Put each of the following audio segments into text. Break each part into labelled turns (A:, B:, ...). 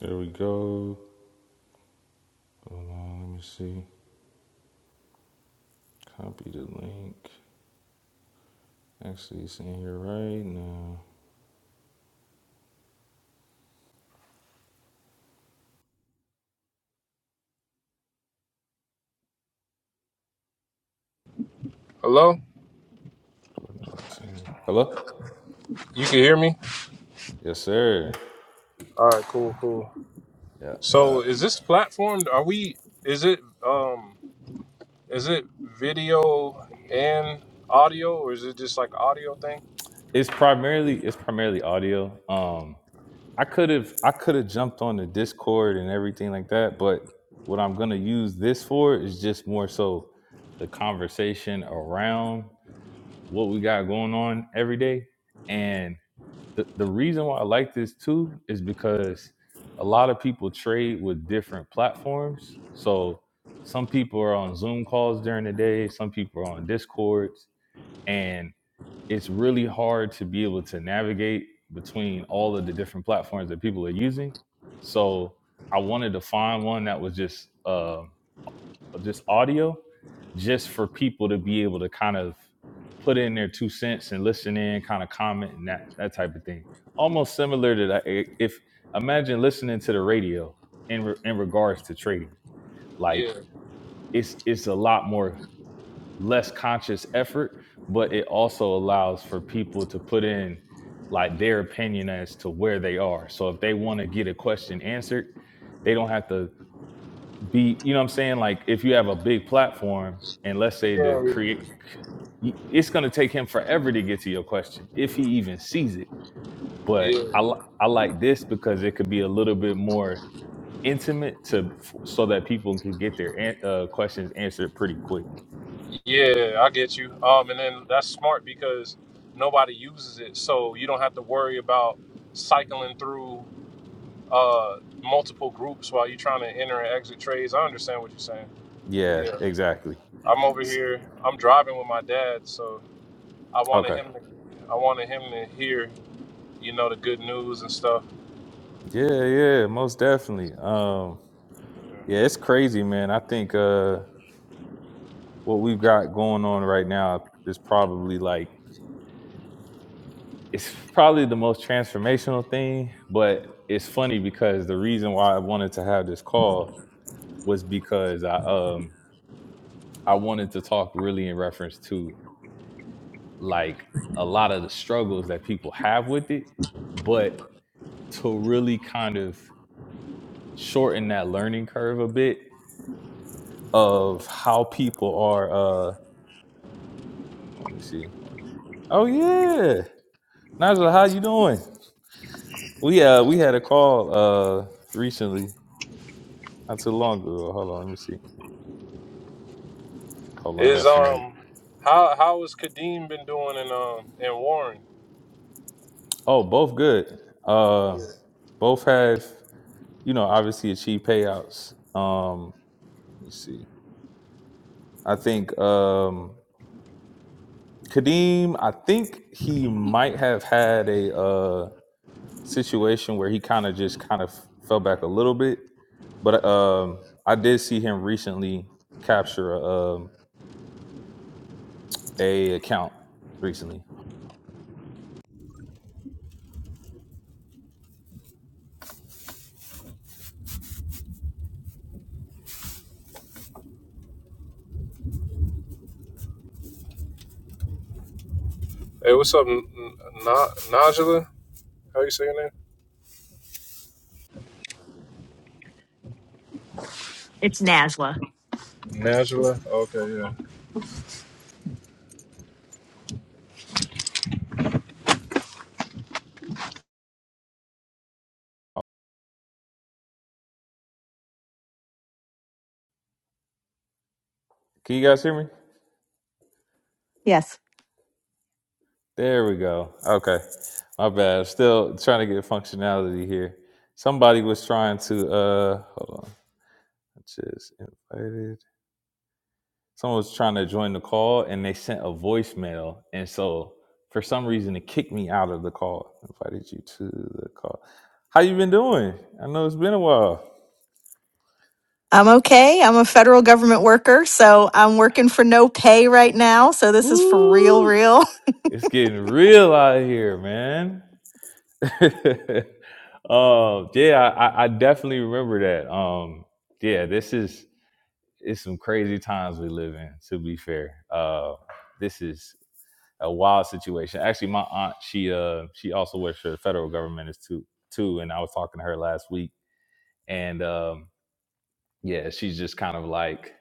A: There we go. Let me see. Copy the link. Actually, it's in here right now.
B: Hello?
A: 419. Hello?
B: You can hear me?
A: Yes, sir.
B: All right, cool, cool.
A: Yeah, yeah.
B: So, is this platform are we is it um is it video and audio or is it just like audio thing?
A: It's primarily it's primarily audio. Um, I could have I could have jumped on the Discord and everything like that, but what I'm gonna use this for is just more so the conversation around what we got going on every day. and. the, the reason why I like this too is because a lot of people trade with different platforms. So some people are on Zoom calls during the day, some people are on Discords, and it's really hard to be able to navigate between all of the different platforms that people are using. So I wanted to find one that was just um so just audio, just for people to be able to kind of put in their two cents and listen in, kind of comment and that that type of thing. Almost similar to that. i- If imagine listening to the radio in re- in regards to trading, like
B: Yeah.
A: it's it's a lot more less conscious effort, but it also allows for people to put in like their opinion as to where they are. So if they want to get a question answered, they don't have to be you know what i'm saying like if you have a big platform and let's say to
B: Yeah.
A: create it's going to take him forever to get to your question if he even sees it but
B: Yeah.
A: i li- i like this because it could be a little bit more intimate to f- so that people can get their an- uh, questions answered pretty quick
B: Yeah, I get you. Um and then that's smart because nobody uses it, so you don't have to worry about cycling through uh multiple groups while you're trying to enter and exit trades. I understand what you're saying.
A: yeah
B: Yeah.
A: exactly
B: I'm over
A: S-
B: here. I'm driving with my dad, so I wanted
A: okay
B: him to, I wanted him to hear, you know, the good news and stuff.
A: yeah yeah most definitely um yeah it's crazy man i think uh what we've got going on right now is probably like it's probably the most transformational thing, but it's funny because the reason why I wanted to have this call was because I um I wanted to talk really in reference to like a lot of the struggles that people have with it, but to really kind of shorten that learning curve a bit of how people are uh oh, let me see. Oh yeah. Nigel, how you doing? We uh we had a call uh recently, not too long ago. Hold on, let me see. Hold on, I
B: Is
A: got somebody.
B: um, how how has Kadeem been doing in um in Warren?
A: Oh, both good. Uh, both have you know obviously achieved payouts. Um, let me see. I think um, Kadeem. I think he might have had a uh, situation where he kind of just kind of fell back a little bit, but um, I did see him recently capture a, um, a account recently.
B: Hey, what's up, N- N- Na- Najla? How you say your name?
C: It's NASLA.
B: Najla. Okay, yeah.
A: Can you guys hear me?
C: Yes.
A: There we go. Okay. My bad. Still trying to get functionality here. Somebody was trying to uh hold on. just invited. Someone was trying to join the call and they sent a voicemail. And so for some reason it kicked me out of the call. Invited you to the call. How you been doing? I know it's been a while.
C: I'm okay. I'm a federal government worker, so I'm working for no pay right now. So this is for real,
A: Whoo!
C: real.
A: It's getting real out here, man. Oh yeah, I I definitely remember that. Um, yeah, this is it's some crazy times we live in. To be fair, uh, this is a wild situation. Actually, my aunt she uh she also works for the federal government is too too, and I was talking to her last week, and um yeah, she's just kind of like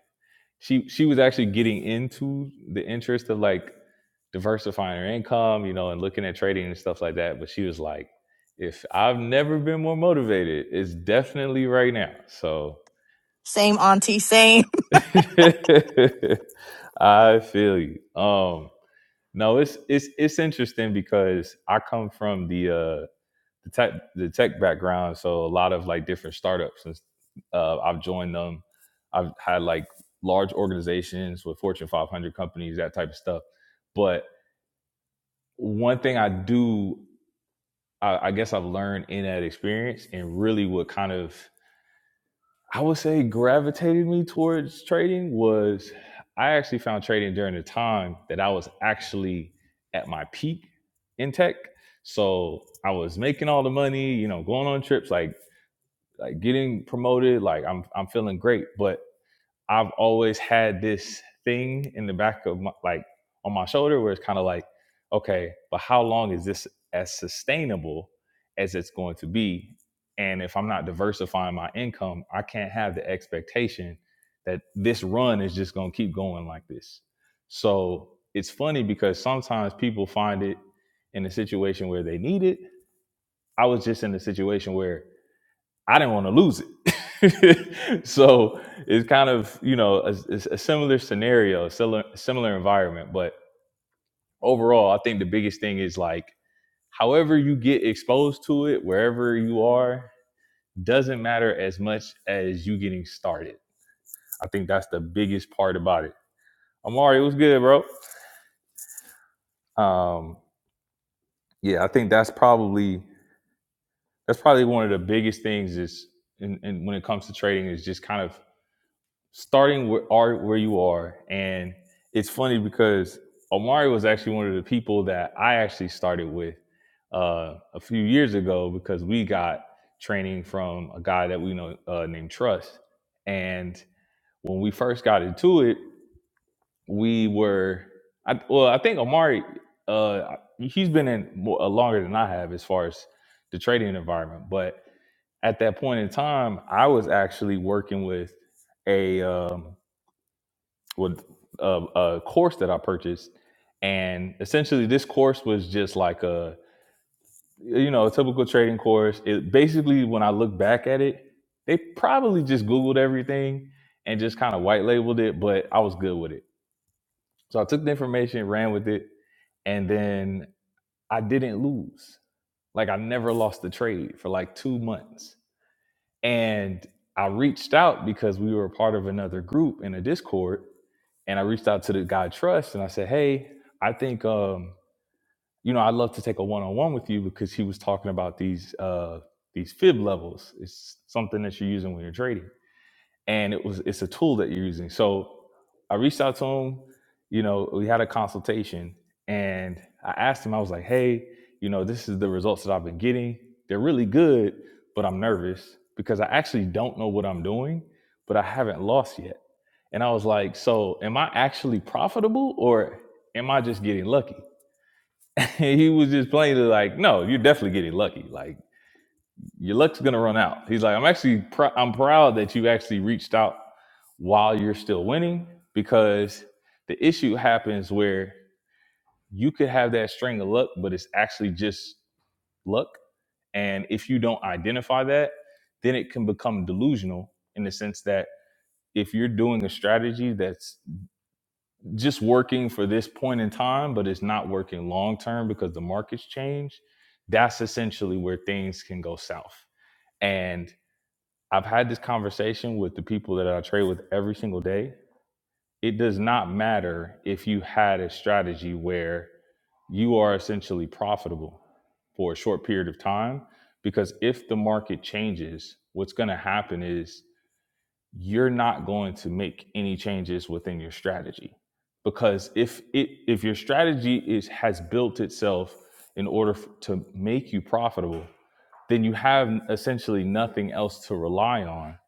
A: she she was actually getting into the interest of like diversifying her income, you know, and looking at trading and stuff like that. But she was like, if I've never been more motivated, it's definitely right now. So
C: Same auntie, same.
A: I feel you. Um, no, it's it's it's interesting because I come from the uh the tech the tech background, so a lot of like different startups and uh, I've joined them. I've had like large organizations with Fortune 500 companies, that type of stuff. But one thing I do, I, I guess I've learned in that experience, and really what kind of I would say gravitated me towards trading was I actually found trading during the time that I was actually at my peak in tech. So I was making all the money, you know, going on trips, like like getting promoted, like I'm I'm feeling great. But I've always had this thing in the back of my, like on my shoulder where it's kind of like, okay, but how long is this as sustainable as it's going to be? And if I'm not diversifying my income, I can't have the expectation that this run is just going to keep going like this. So it's funny because sometimes people find it in a situation where they need it. I was just in a situation where I didn't want to lose it. so it's kind of you know a, a similar scenario, a similar similar environment. But overall, I think the biggest thing is like however you get exposed to it, wherever you are, doesn't matter as much as you getting started. I think that's the biggest part about it. Amari, it was good, bro. Um, yeah, I think that's probably that's probably one of the biggest things is in, in when it comes to trading is just kind of starting with art where you are and it's funny because omari was actually one of the people that i actually started with uh, a few years ago because we got training from a guy that we know uh, named trust and when we first got into it we were I, well i think omari uh, he's been in more, uh, longer than i have as far as the trading environment but at that point in time i was actually working with a um, with a, a course that I purchased, and essentially this course was just like a you know a typical trading course. It basically, when I look back at it, they probably just Googled everything and just kind of white labeled it, but I was good with it. So I took the information, ran with it, and then I didn't lose. Like I never lost the trade for like two months, and I reached out because we were a part of another group in a Discord and I reached out to the guy I trust and I said, "Hey, I think um, you know I'd love to take a one-on-one with you because he was talking about these uh, these fib levels. It's something that you're using when you're trading." and it was it's a tool that you're using. So I reached out to him, you know, we had a consultation and I asked him, I was like, hey, you know, this is the results that I've been getting. They're really good, but I'm nervous because I actually don't know what I'm doing, but I haven't lost yet. And I was like, so am I actually profitable or am I just getting lucky? And he was just plainly like, no, you're definitely getting lucky. Like your luck's gonna run out. He's like, I'm actually pr- I'm proud that you actually reached out while you're still winning because the issue happens where you could have that string of luck, but it's actually just luck. And if you don't identify that, then it can become delusional in the sense that if you're doing a strategy that's just working for this point in time, but it's not working long term because the markets change, that's essentially where things can go south. And I've had this conversation with the people that I trade with every single day. It does not matter if you had a strategy where you are essentially profitable for a short period of time, because if the market changes, what's going to happen is you're not going to make any changes within your strategy. Because if it if your strategy is has built itself in order f- to make you profitable, then you have essentially nothing else to rely on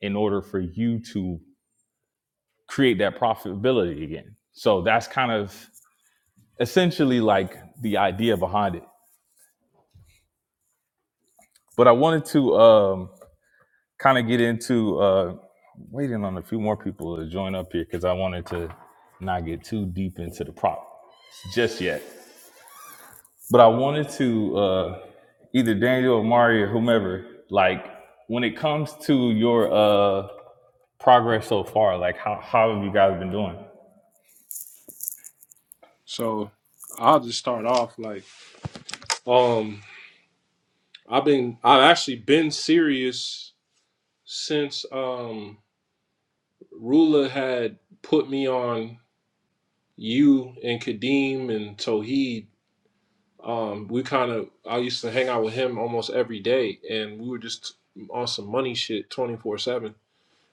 A: in order for you to create that profitability again. So that's kind of essentially like the idea behind it. But I wanted to um, kind of get into uh, waiting on a few more people to join up here because I wanted to not get too deep into the prop just yet. But I wanted to uh, either Daniel or Mari or whomever, like when it comes to your uh, progress so far? Like how how have you guys been doing?
B: So I'll just start off like um, I've been I've actually been serious since um Rula had put me on you and Kadeem and Toheed um, we kind of I used to hang out with him almost every day, and we were just on some money shit twenty four seven.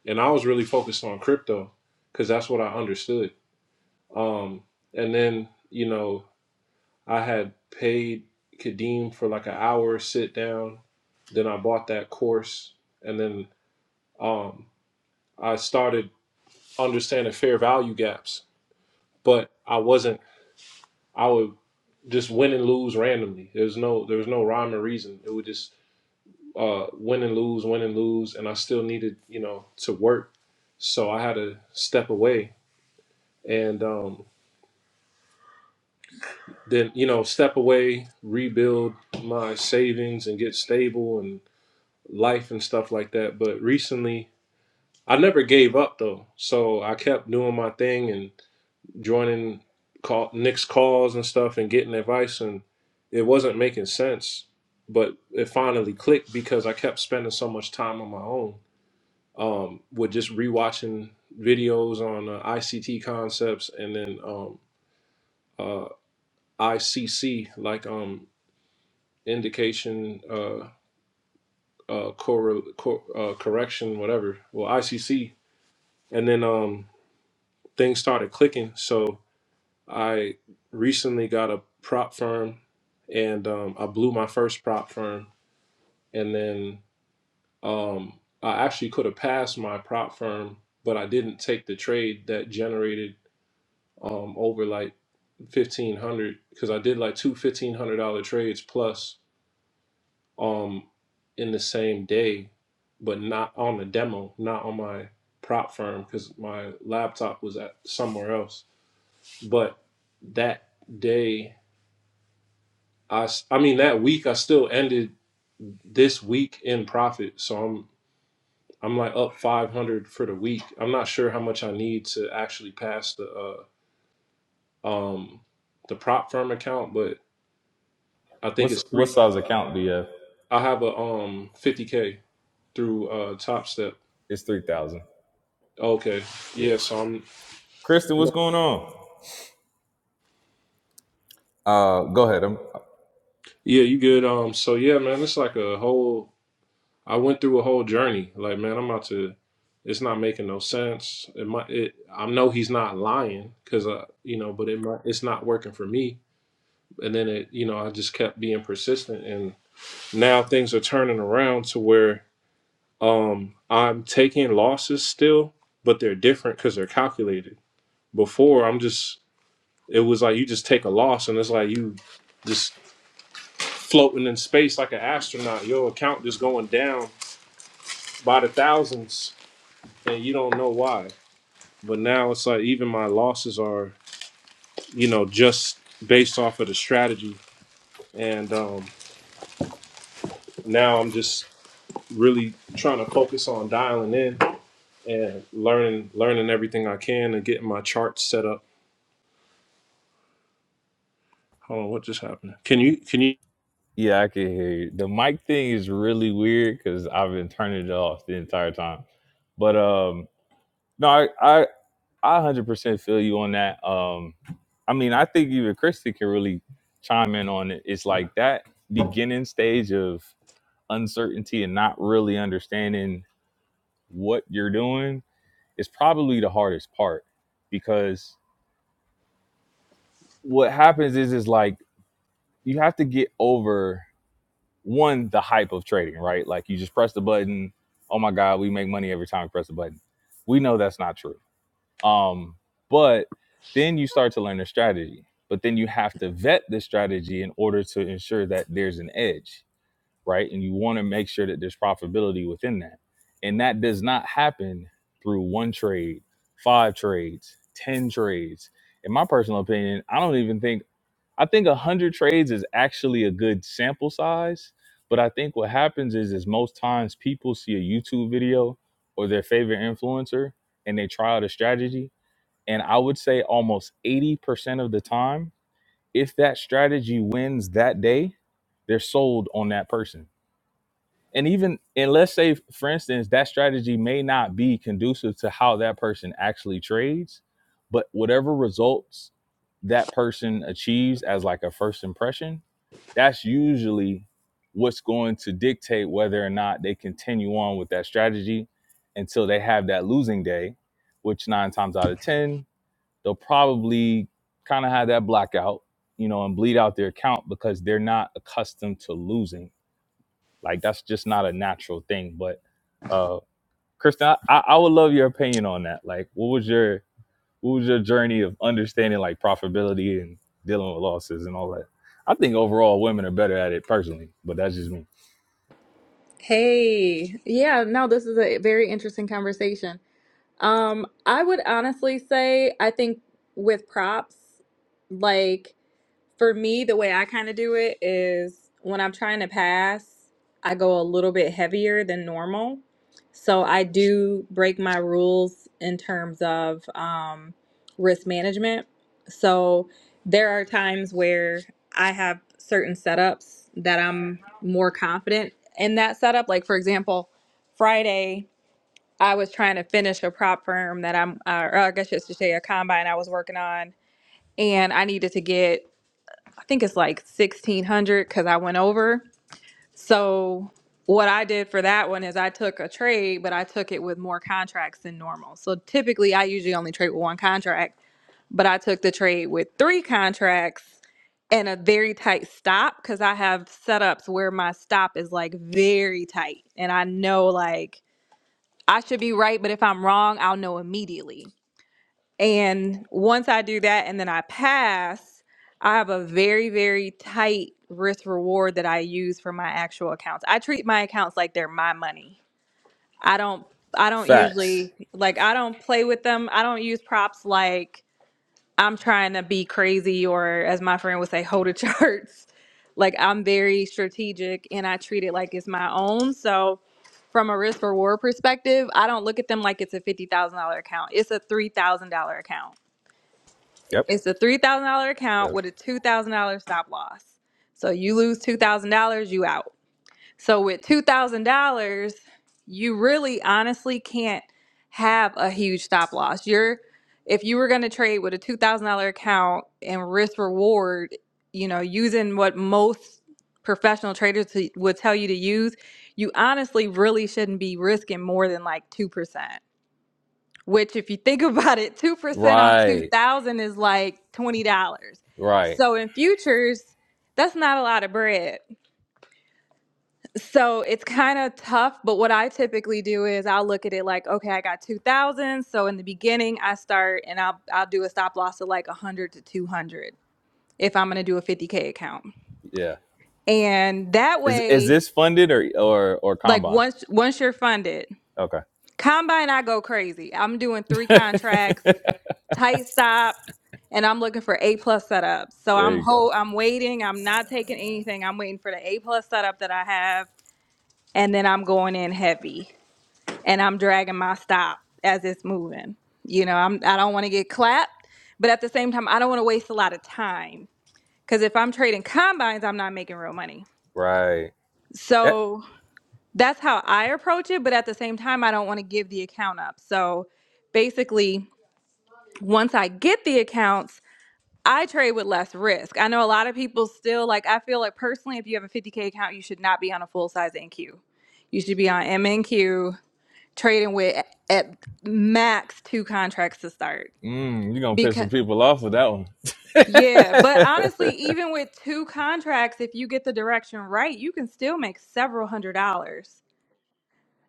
B: And I was really focused on crypto because that's what I understood. Um, and then you know I had paid Kadeem for like an hour sit down. Then I bought that course, and then um, I started understanding fair value gaps. But I wasn't. I would just win and lose randomly. There's no there was no rhyme or reason. It would just uh, win and lose, win and lose, and I still needed, you know, to work. So I had to step away and um, then, you know, step away, rebuild my savings and get stable and life and stuff like that. But recently, I never gave up though. So I kept doing my thing and joining call, Nick's calls and stuff and getting advice. And it wasn't making sense, but it finally clicked because I kept spending so much time on my own um, with just rewatching videos on uh, ICT concepts and then um, uh, ICC, like um, indication, uh, uh, corre- cor- uh, correction, whatever. Well, ICC, and then um, things started clicking. So I recently got a prop firm, and um, I blew my first prop firm, and then um, I actually could have passed my prop firm, but I didn't take the trade that generated um, over like fifteen hundred because I did like two fifteen hundred dollar trades plus um in the same day, but not on the demo, not on my prop firm because my laptop was at somewhere else. But that day, I s- I mean that week, I still ended this week in profit. So I'm I'm like up 500 for the week. I'm not sure how much I need to actually pass the uh um the prop firm account, but I think
A: What's
B: it's
A: what
B: three.
A: size account do you have?
B: I have a um 50k through uh Top Step.
A: It's three thousand.
B: Okay. Yeah,
A: Yes.
B: so I'm
A: Kristen, what's going on? Uh go ahead. I'm
B: Yeah, you good. Um so yeah, man, it's like a whole I went through a whole journey. Like, man, I'm about to it's not making no sense. It might it I know he's not lying cuz uh you know, but it might it's not working for me. And then it, you know, I just kept being persistent and now things are turning around to where um I'm taking losses still, but they're different cuz they're calculated. Before, I'm just it was like you just take a loss and it's like you just floating in space like an astronaut your account just going down by the thousands and you don't know why but now it's like even my losses are you know just based off of the strategy and um, now i'm just really trying to focus on dialing in and learning learning everything i can and getting my charts set up hold on what just happened can you can you
A: yeah, I can hear you. The mic thing is really weird because I've been turning it off the entire time. But um no, I I I one hundred percent feel you on that. Um I mean I think even Kristen can really chime in on it. It's like that beginning stage of uncertainty and not really understanding what you're doing is probably the hardest part because what happens is is like you have to get over one the hype of trading, right? Like you just press the button. Oh my God, we make money every time we press the button. We know that's not true. Um, but then you start to learn a strategy. But then you have to vet the strategy in order to ensure that there's an edge right? And you want to make sure that there's profitability within that. And that does not happen through one trade, five trades, 10 trades. In my personal opinion, I don't even think, I think 100 trades is actually a good sample size. But I think what happens is, is most times people see a YouTube video or their favorite influencer and they try out a strategy. And I would say almost 80% of the time, if that strategy wins that day, they're sold on that person and even and let's say for instance that strategy may not be conducive to how that person actually trades but whatever results that person achieves as like a first impression that's usually what's going to dictate whether or not they continue on with that strategy until they have that losing day which nine times out of ten they'll probably kind of have that blackout you know and bleed out their account because they're not accustomed to losing like that's just not a natural thing. But uh Kristen, I, I would love your opinion on that. Like what was your what was your journey of understanding like profitability and dealing with losses and all that? I think overall women are better at it personally, but that's just me.
D: Hey, yeah, no, this is a very interesting conversation. Um, I would honestly say I think with props, like for me, the way I kind of do it is when I'm trying to pass, I go a little bit heavier than normal. So I do break my rules in terms of um, risk management. So there are times where I have certain setups that I'm more confident in that setup. Like, for example, Friday, I was trying to finish a prop firm that I'm, uh, or I guess I should say a combine I was working on and I needed to get I think it's like 1600 because I went over. So what I did for that one is I took a trade, but I took it with more contracts than normal. So typically I usually only trade with one contract, but I took the trade with three contracts and a very tight stop because I have setups where my stop is like very tight and I know like I should be right, but if I'm wrong, I'll know immediately. And once I do that and then I pass, I have a very, very tight risk reward that I use for my actual accounts. I treat my accounts like they're my money. I don't I don't
A: Facts.
D: usually like I don't play with them. I don't use props like I'm trying to be crazy or as my friend would say, hold a charts. Like I'm very strategic and I treat it like it's my own. So from a risk reward perspective, I don't look at them like it's a fifty thousand dollar account. It's a three thousand dollar account
A: Yep.
D: it's a three thousand dollar account
A: Yep.
D: with a two thousand dollar stop loss. So you lose two thousand dollars, you out. So with two thousand dollars, you really honestly can't have a huge stop loss. You're if you were gonna trade with a two thousand dollar account and risk reward, you know, using what most professional traders t- would tell you to use, you honestly really shouldn't be risking more than like 2% which if you think about it, 2% on
A: Right.
D: 2000 is like $20.
A: Right.
D: So in futures, that's not a lot of bread. So it's kind of tough, but what I typically do is I'll look at it like, okay, I got 2000, so in the beginning I start and I'll I'll do a stop loss of like 100 to 200 if I'm going to do a 50k account.
A: Yeah.
D: And that
A: Is is
D: way,
A: this funded or or or
D: like
A: combine?
D: once once you're funded,
A: Okay.
D: combine I go crazy. I'm doing 3 contracts tight stop and I'm looking for A plus setups. So
A: there
D: I'm
A: you go.
D: ho I'm waiting. I'm not taking anything. I'm waiting for the A plus setup that I have. And then I'm going in heavy. And I'm dragging my stop as it's moving. You know, I'm I don't want to get clapped, but at the same time, I don't want to waste a lot of time. Cause if I'm trading combines, I'm not making real money.
A: Right. That
D: So that's how I approach it. But at the same time, I don't want to give the account up. So basically, once I get the accounts, I trade with less risk. I know a lot of people still like. I feel like personally, if you have a 50k account, you should not be on a full size NQ. You should be on MNQ trading with at max two contracts to start.
A: mm, you're gonna piss
D: Because
A: some people off with that one.
D: yeah, but honestly, even with two contracts, if you get the direction right, you can still make several hundred dollars.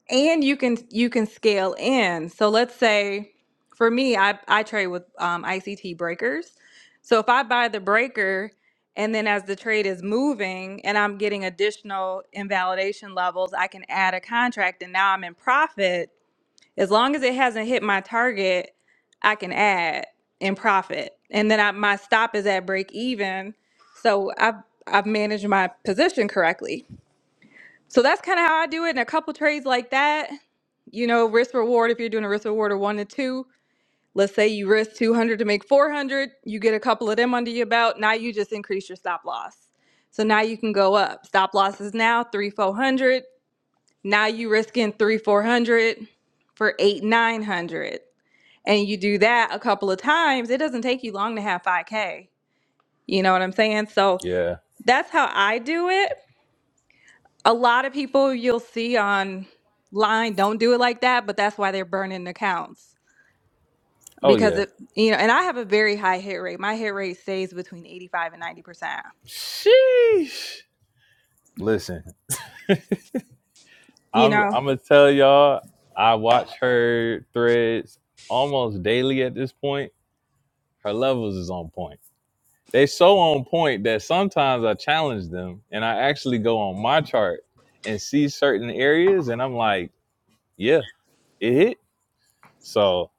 D: and you can you can scale in so let's say for me i i trade with um, ict breakers so if i buy the breaker and then as the trade is moving and i'm getting additional invalidation levels i can add a contract and now i'm in profit as long as it hasn't hit my target i can add in profit and then I, my stop is at break even so i've i've managed my position correctly so that's kind of how I do it. And a couple trades like that, you know, risk reward. If you're doing a risk reward of one to two, let's say you risk 200 to make 400, you get a couple of them under your belt. Now you just increase your stop loss. So now you can go up. Stop loss is now three, 400. Now you risk in three, 400 for eight, 900. And you do that a couple of times. It doesn't take you long to have 5K. You know what I'm saying? So
A: yeah.
D: that's how I do it. a lot of people you'll see online don't do it like that, but that's why they're burning accounts
A: Oh
D: because
A: yeah.
D: it, you know, and I have a very high hit rate. My hit rate stays between 85 and 90%.
A: Sheesh. Listen,
D: You
A: I'm
D: know,
A: I'm gonna tell y'all. I watch her threads almost daily at this point. Her levels is on point. They so on point that sometimes I challenge them, and I actually go on my chart and see certain areas, and I'm like, yeah, it hit. So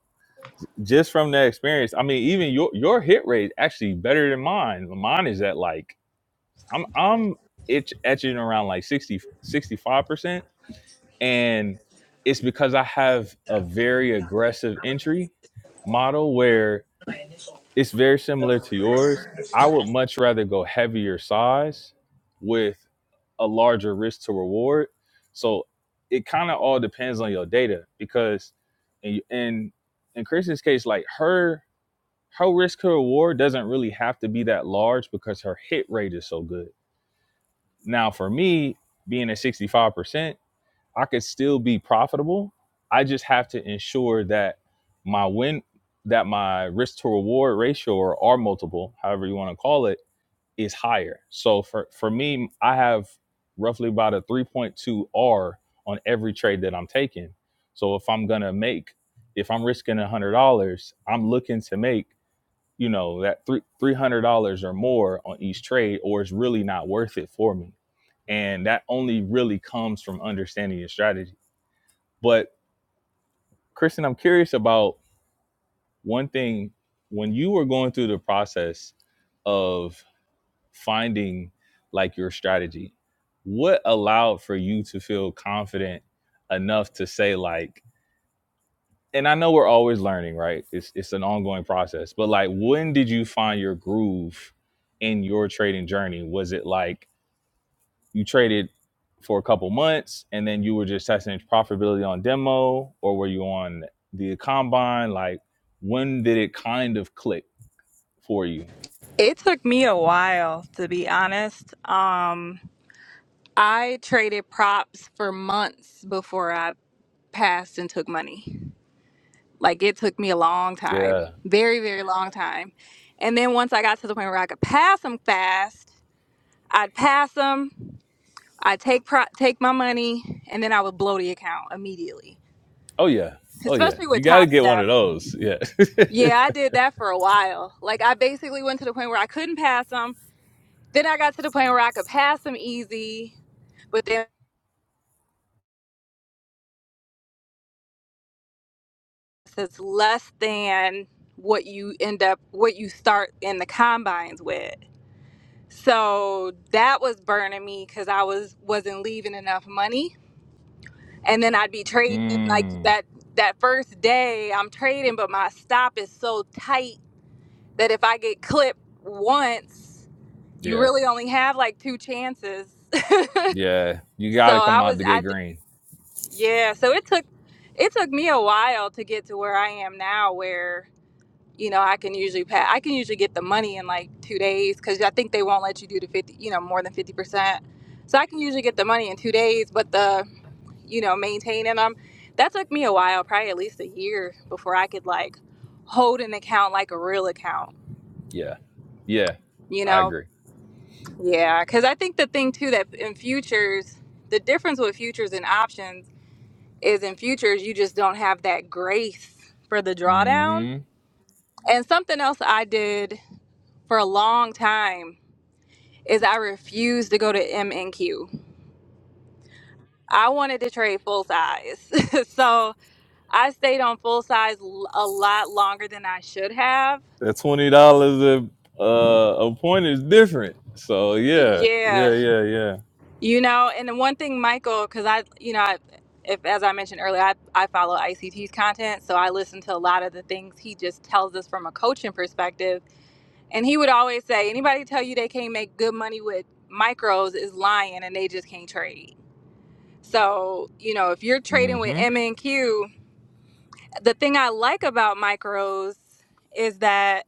A: just from that experience, I mean, even your your hit rate actually better than mine. Mine is at like I'm I'm itch etching around like 60 65 percent and it's because I have a very aggressive entry model where it's very similar to yours. I would much rather go heavier size with a larger risk to reward. So it kind of all depends on your data because in in, in Kristen's case, like her her risk to reward doesn't really have to be that large because her hit rate is so good. Now for me, being at sixty five percent. I could still be profitable. I just have to ensure that my win, that my risk to reward ratio or R multiple, however you want to call it, is higher. So for, for me, I have roughly about a 3.2 R on every trade that I'm taking. So if I'm going to make, if I'm risking $100, I'm looking to make, you know, that three, $300 or more on each trade, or it's really not worth it for me and that only really comes from understanding your strategy but Kristen, I'm curious about one thing. When you were going through the process of finding like your strategy, what allowed for you to feel confident enough to say like, and I know we're always learning, right? It's it's an ongoing process. But like when did you find your groove in your trading journey? Was it like you traded for a couple months and then you were just testing profitability on demo or were you on the combine like when did it kind of click for you
D: it took me a while to be honest. Um, I traded props for months before I passed and took money. Like it took me a long
A: yeah
D: time, very, very long time. And then once I got to the point where I could pass them fast, I'd pass them. I take pro- take my money and then I would blow the account immediately.
A: oh yeah oh yeah
D: Especially
A: you
D: with
A: got to
D: Top
A: get one of
D: Step.
A: those yeah
D: Yeah, I did that for a while. Like I basically went to the point where I couldn't pass them. Then I got to the point where I could pass them easy, but then it's less than what you end up what you start in the combines with. So that was burning me cuz I was wasn't leaving enough money. And then I'd be trading in like
A: mm,
D: that that first day I'm trading but my stop is so tight that if I get clipped once, you
A: yeah
D: really only have like two chances.
A: yeah you
D: so
A: got to come
D: I
A: out
D: was,
A: the gate
D: I,
A: green
D: yeah. So it took, it took me a while to get to where I am now, where you know I can usually pay, I can usually get the money in like two days because I think they won't let you do the fifty, you know, more than fifty percent. So I can usually get the money in two days, but the, you know, maintaining them, that took me a while, probably at least a year before I could like hold an account like a real account
A: yeah yeah
D: you
A: i
D: know
A: agree
D: Yeah, because I think the thing too that in futures, the difference with futures and options is in futures, you just don't have that grace for the drawdown.
A: hmm
D: And something else I did for a long time is I refused to go to M and Q. I wanted to trade full size. so I stayed on full size l- a lot longer than I should have.
A: that $20 a, uh, a point is different so yeah
D: Yeah,
A: yeah yeah yeah
D: You know, and the one thing, Michael, because I, you know, I, if as I mentioned earlier, I, I follow ICT's content, so I listen to a lot of the things he just tells us from a coaching perspective. And he would always say, anybody tell you they can't make good money with micros is lying, and they just can't trade. So you know, if you're trading with
A: hmm
D: M and Q, the thing I like about micros is that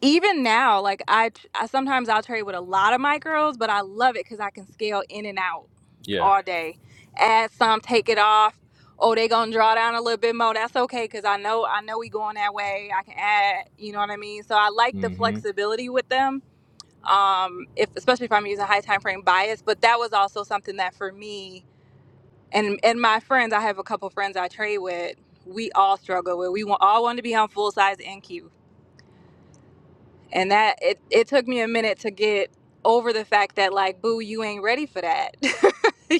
D: even now, like I, I sometimes I'll trade with a lot of my girls, but I love it because I can scale in and out
A: yeah
D: all day. Add some, take it off. Oh, they gonna draw down a little bit more. That's okay because I know I know we going that way. I can add, you know what I mean. So I like the
A: hmm
D: flexibility with them. Um, if especially if I'm using high time frame bias, but that was also something that for me and and my friends, I have a couple friends I trade with. We all struggle with. We want, all want to be on full size NQ and that it, it took me a minute to get over the fact that like boo you ain't ready for that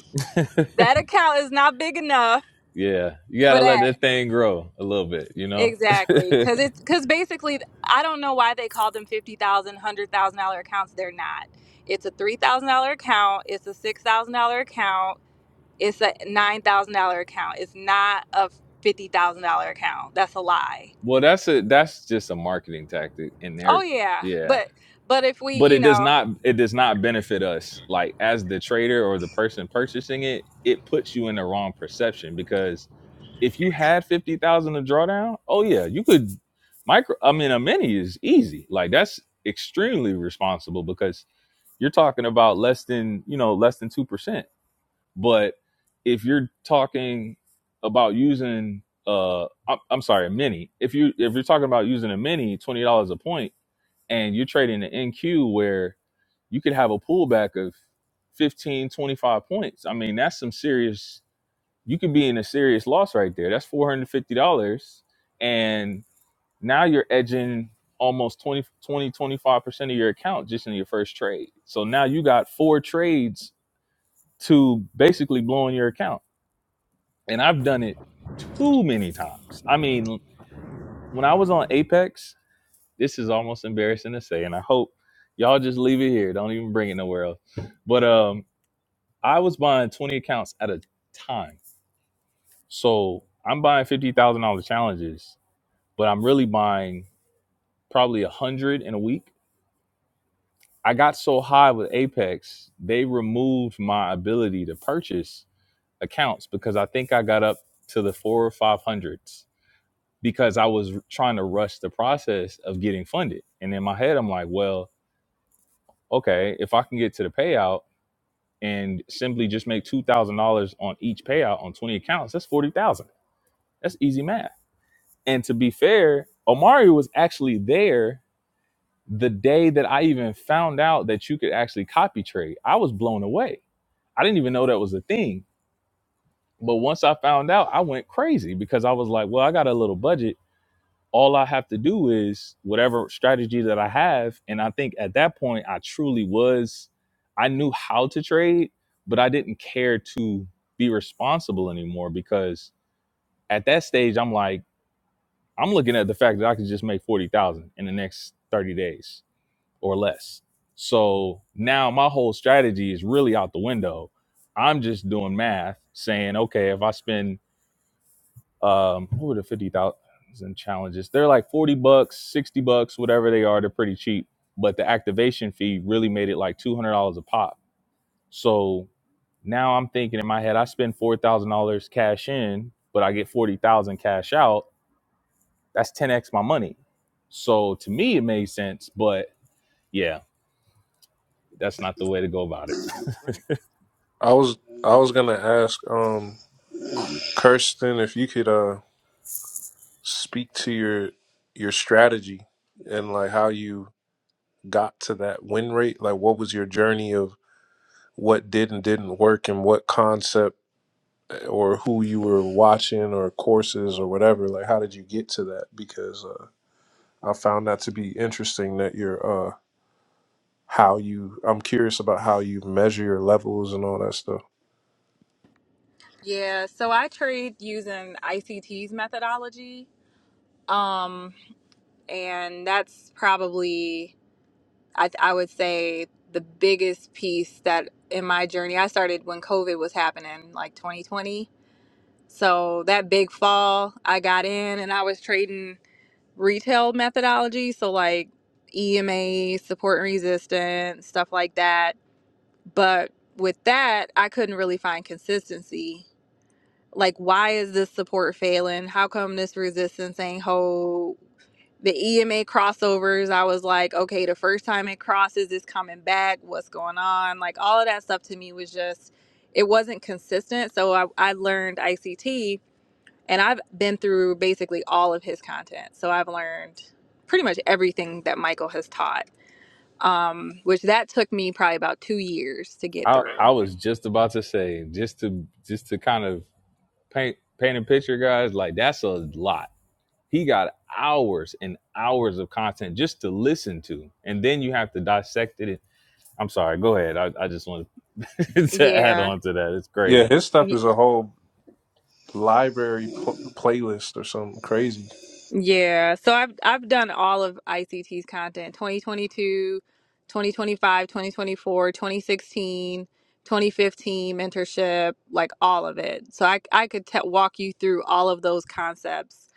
D: that account is not big enough
A: Yeah, you
D: for
A: gotta let
D: that
A: that thing grow a little bit, you know.
D: exactly because it's because basically i don't know why they call them $50000 dollar accounts they're not it's a $3000 account it's a $6000 account it's a $9000 account it's not a $50000 account that's a lie
A: well, that's a that's just a marketing tactic in
D: oh
A: there.
D: yeah
A: Yeah,
D: but but if we
A: but it
D: you
A: does
D: know
A: not it does not benefit us. Like as the trader or the person purchasing it, it puts you in the wrong perception because if you had fifty thousand to draw down, oh yeah, you could micro. I mean, a mini is easy. Like that's extremely responsible because you're talking about less than you know less than 2% But if you're talking about using, uh, I'm, I'm sorry, a mini. If you if you're talking about using a mini, twenty dollars a point, and you're trading an NQ where you could have a pullback of 15, 25 points. I mean, that's some serious. You could be in a serious loss right there. That's four hundred fifty dollars, and now you're edging almost twenty, twenty, twenty five percent of your account just in your first trade. So now you got four trades to basically blowing your account and I've done it too many times. I mean, when I was on Apex, this is almost embarrassing to say, and I hope y'all just leave it here. Don't even bring it nowhere else. But um, I was buying 20 accounts at a time. So I'm buying $50,000 challenges, but I'm really buying probably 100 in a week. I got so high with Apex, they removed my ability to purchase accounts because I think I got up to the four or 500s because I was trying to rush the process of getting funded. And in my head, I'm like, well, okay, if I can get to the payout and simply just make two thousand dollars on each payout on 20 accounts, that's forty thousand. That's easy math. And to be fair, Omari was actually there the day that I even found out that you could actually copy trade. I was blown away. I didn't even know that was a thing. But once I found out, I went crazy because I was like, well, I got a little budget all I have to do is whatever strategy that I have. And I think at that point, I truly was, I knew how to trade, but I didn't care to be responsible anymore because at that stage, I'm like, I'm looking at the fact that I could just make 40,000 in the next 30 days or less. So now my whole strategy is really out the window. I'm just doing math saying, okay, if I spend um, what were the fifty thousand challenges? They're like forty bucks, sixty bucks, whatever they are. They're pretty cheap, but the activation fee really made it like two hundred dollars a pop. So now I'm thinking in my head, I spend four thousand dollars cash in, but I get forty thousand cash out. That's ten x my money. So to me, it made sense, but yeah, that's not the way to go about it.
B: i was i was gonna ask um kirsten if you could speak to your your strategy and like how you got to that win rate like what was your journey of what did and didn't work and what concept or who you were watching or courses or whatever like how did you get to that because uh, i found that to be interesting that your uh how you i'm curious about how you measure your levels and all that stuff
D: Yeah, so I trade using ICT's methodology. Um, and that's probably, I, I would say, the biggest piece that in my journey, I started when COVID was happening, like 2020. So that big fall, I got in and I was trading retail methodology. So, like EMA, support and resistance, stuff like that. But with that, I couldn't really find consistency Like, why is this support failing? How come this resistance ain't whole? The EMA crossovers, I was like, okay, the first time it crosses, it's coming back. What's going on? Like, all of that stuff to me was just, it wasn't consistent. So I, I learned ICT and I've been through basically all of his content. So I've learned pretty much everything that Michael has taught, um, which that took me probably about two years to get
A: I
D: through.
A: I was just about to say, just to just to kind of paint paint a picture, guys. Like that's a lot. He got hours and hours of content just to listen to, and then you have to dissect it. I'm sorry. Go ahead. I, I just want to add
D: Yeah.
A: on to that. It's
B: yeah
A: crazy.
B: his stuff is a whole library pl- playlist or something crazy
D: Yeah, so I've I've done all of ICT's content twenty twenty two, twenty twenty five, twenty twenty four, twenty sixteen, twenty fifteen 2025, mentorship, like all of it. So I I could te- walk you through all of those concepts.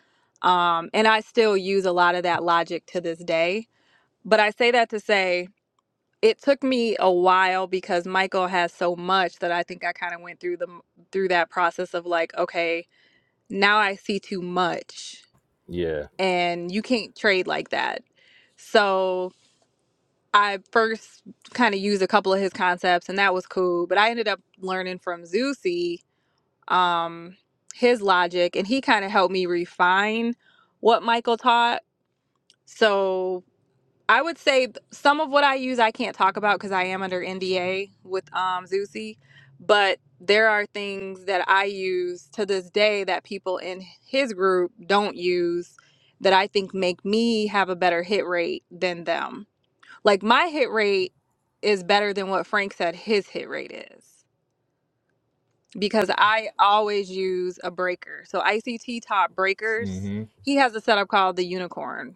D: Um and I still use a lot of that logic to this day. But I say that to say it took me a while because Michael has so much that I think I kind of went through the through that process of like, okay, now I see too much
A: Yeah.
D: and you can't trade like that. So I first kind of used a couple of his concepts, and that was cool. But I ended up learning from Zusi um, his logic, and he kind of helped me refine what Michael taught. So I would say th- some of what I use I can't talk about because I am under NDA with um, Zusi, but there are things that I use to this day that people in his group don't use that I think make me have a better hit rate than them. Like my hit rate is better than what Frank said his hit rate is because I always use a breaker. So ICT taught breakers.
A: mm
D: He has a setup called the unicorn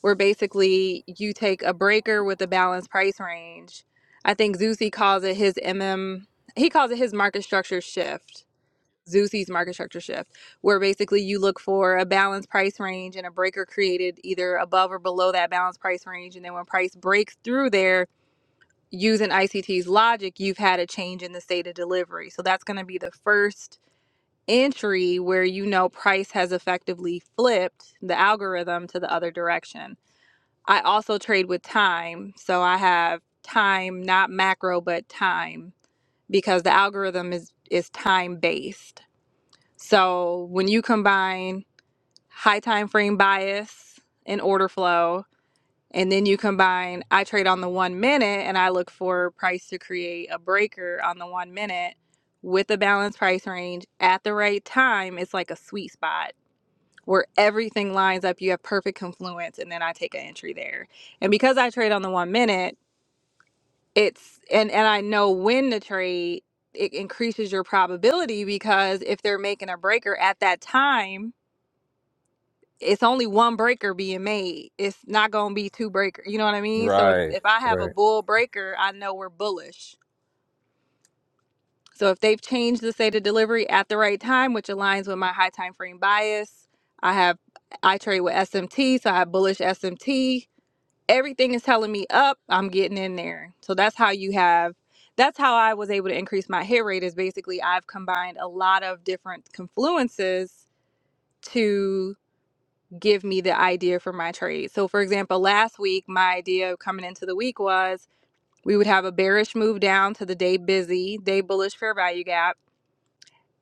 D: where basically you take a breaker with a balanced price range. I think Zusi calls it his MM, he calls it his market structure shift, Zusi's market structure shift, where basically you look for a balanced price range and a breaker created either above or below that balanced price range. And then when price breaks through there, using ICT's logic, you've had a change in the state of delivery. So that's going to be the first entry where you know price has effectively flipped the algorithm to the other direction. I also trade with time. So I have time, not macro, but time because the algorithm is is time based. So when you combine high time frame bias and order flow, and then you combine I trade on the one minute and I look for price to create a breaker on the one minute with a balanced price range at the right time, it's like a sweet spot where everything lines up. You have perfect confluence, and then I take an entry there. And because I trade on the one minute, it's and and I know when to trade. It increases your probability because if they're making a breaker at that time, it's only one breaker being made. It's not going to be two breaker. You know what I
A: hmm
D: mean? So if,
A: Right.
D: if I have a
A: Right.
D: bull breaker, I know we're bullish. So if they've changed the state of delivery at the right time, which aligns with my high time frame bias, I have I trade with SMT, so I have bullish SMT everything is telling me up, I'm getting in there. So that's how you have that's how I was able to increase my hit rate is basically I've combined a lot of different confluences to give me the idea for my trade. So for example, last week my idea coming into the week was we would have a bearish move down to the day busy, day bullish fair value gap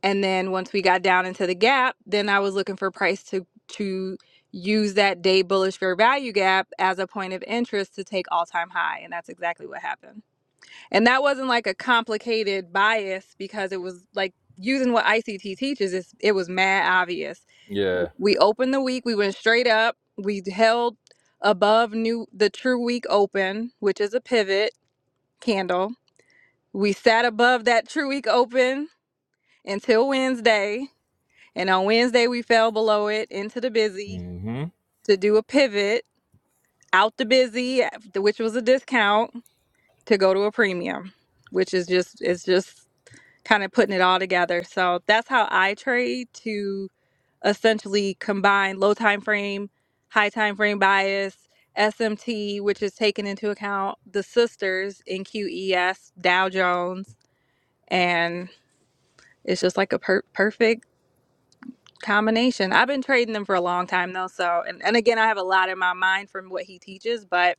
D: and then once we got down into the gap, then I was looking for price to to use that day bullish fair value gap as a point of interest to take all time high. And that's exactly what happened. And that wasn't like a complicated bias because it was like using what ICT teaches, it's, it was mad obvious.
A: Yeah.
D: We opened the week, we went straight up, we held above new the true week open, which is a pivot candle. We sat above that true week open until Wednesday and on Wednesday, we fell below it into the busy
A: mm hmm
D: to do a pivot out the busy, which was a discount, to go to a premium, which is just it's just kind of putting it all together. So that's how I trade to essentially combine low time frame, high time frame bias, SMT, which is taking into account the sisters in QES, Dow Jones, and it's just like a per- perfect combination. I've been trading them for a long time though, so and, and again I have a lot in my mind from what he teaches, but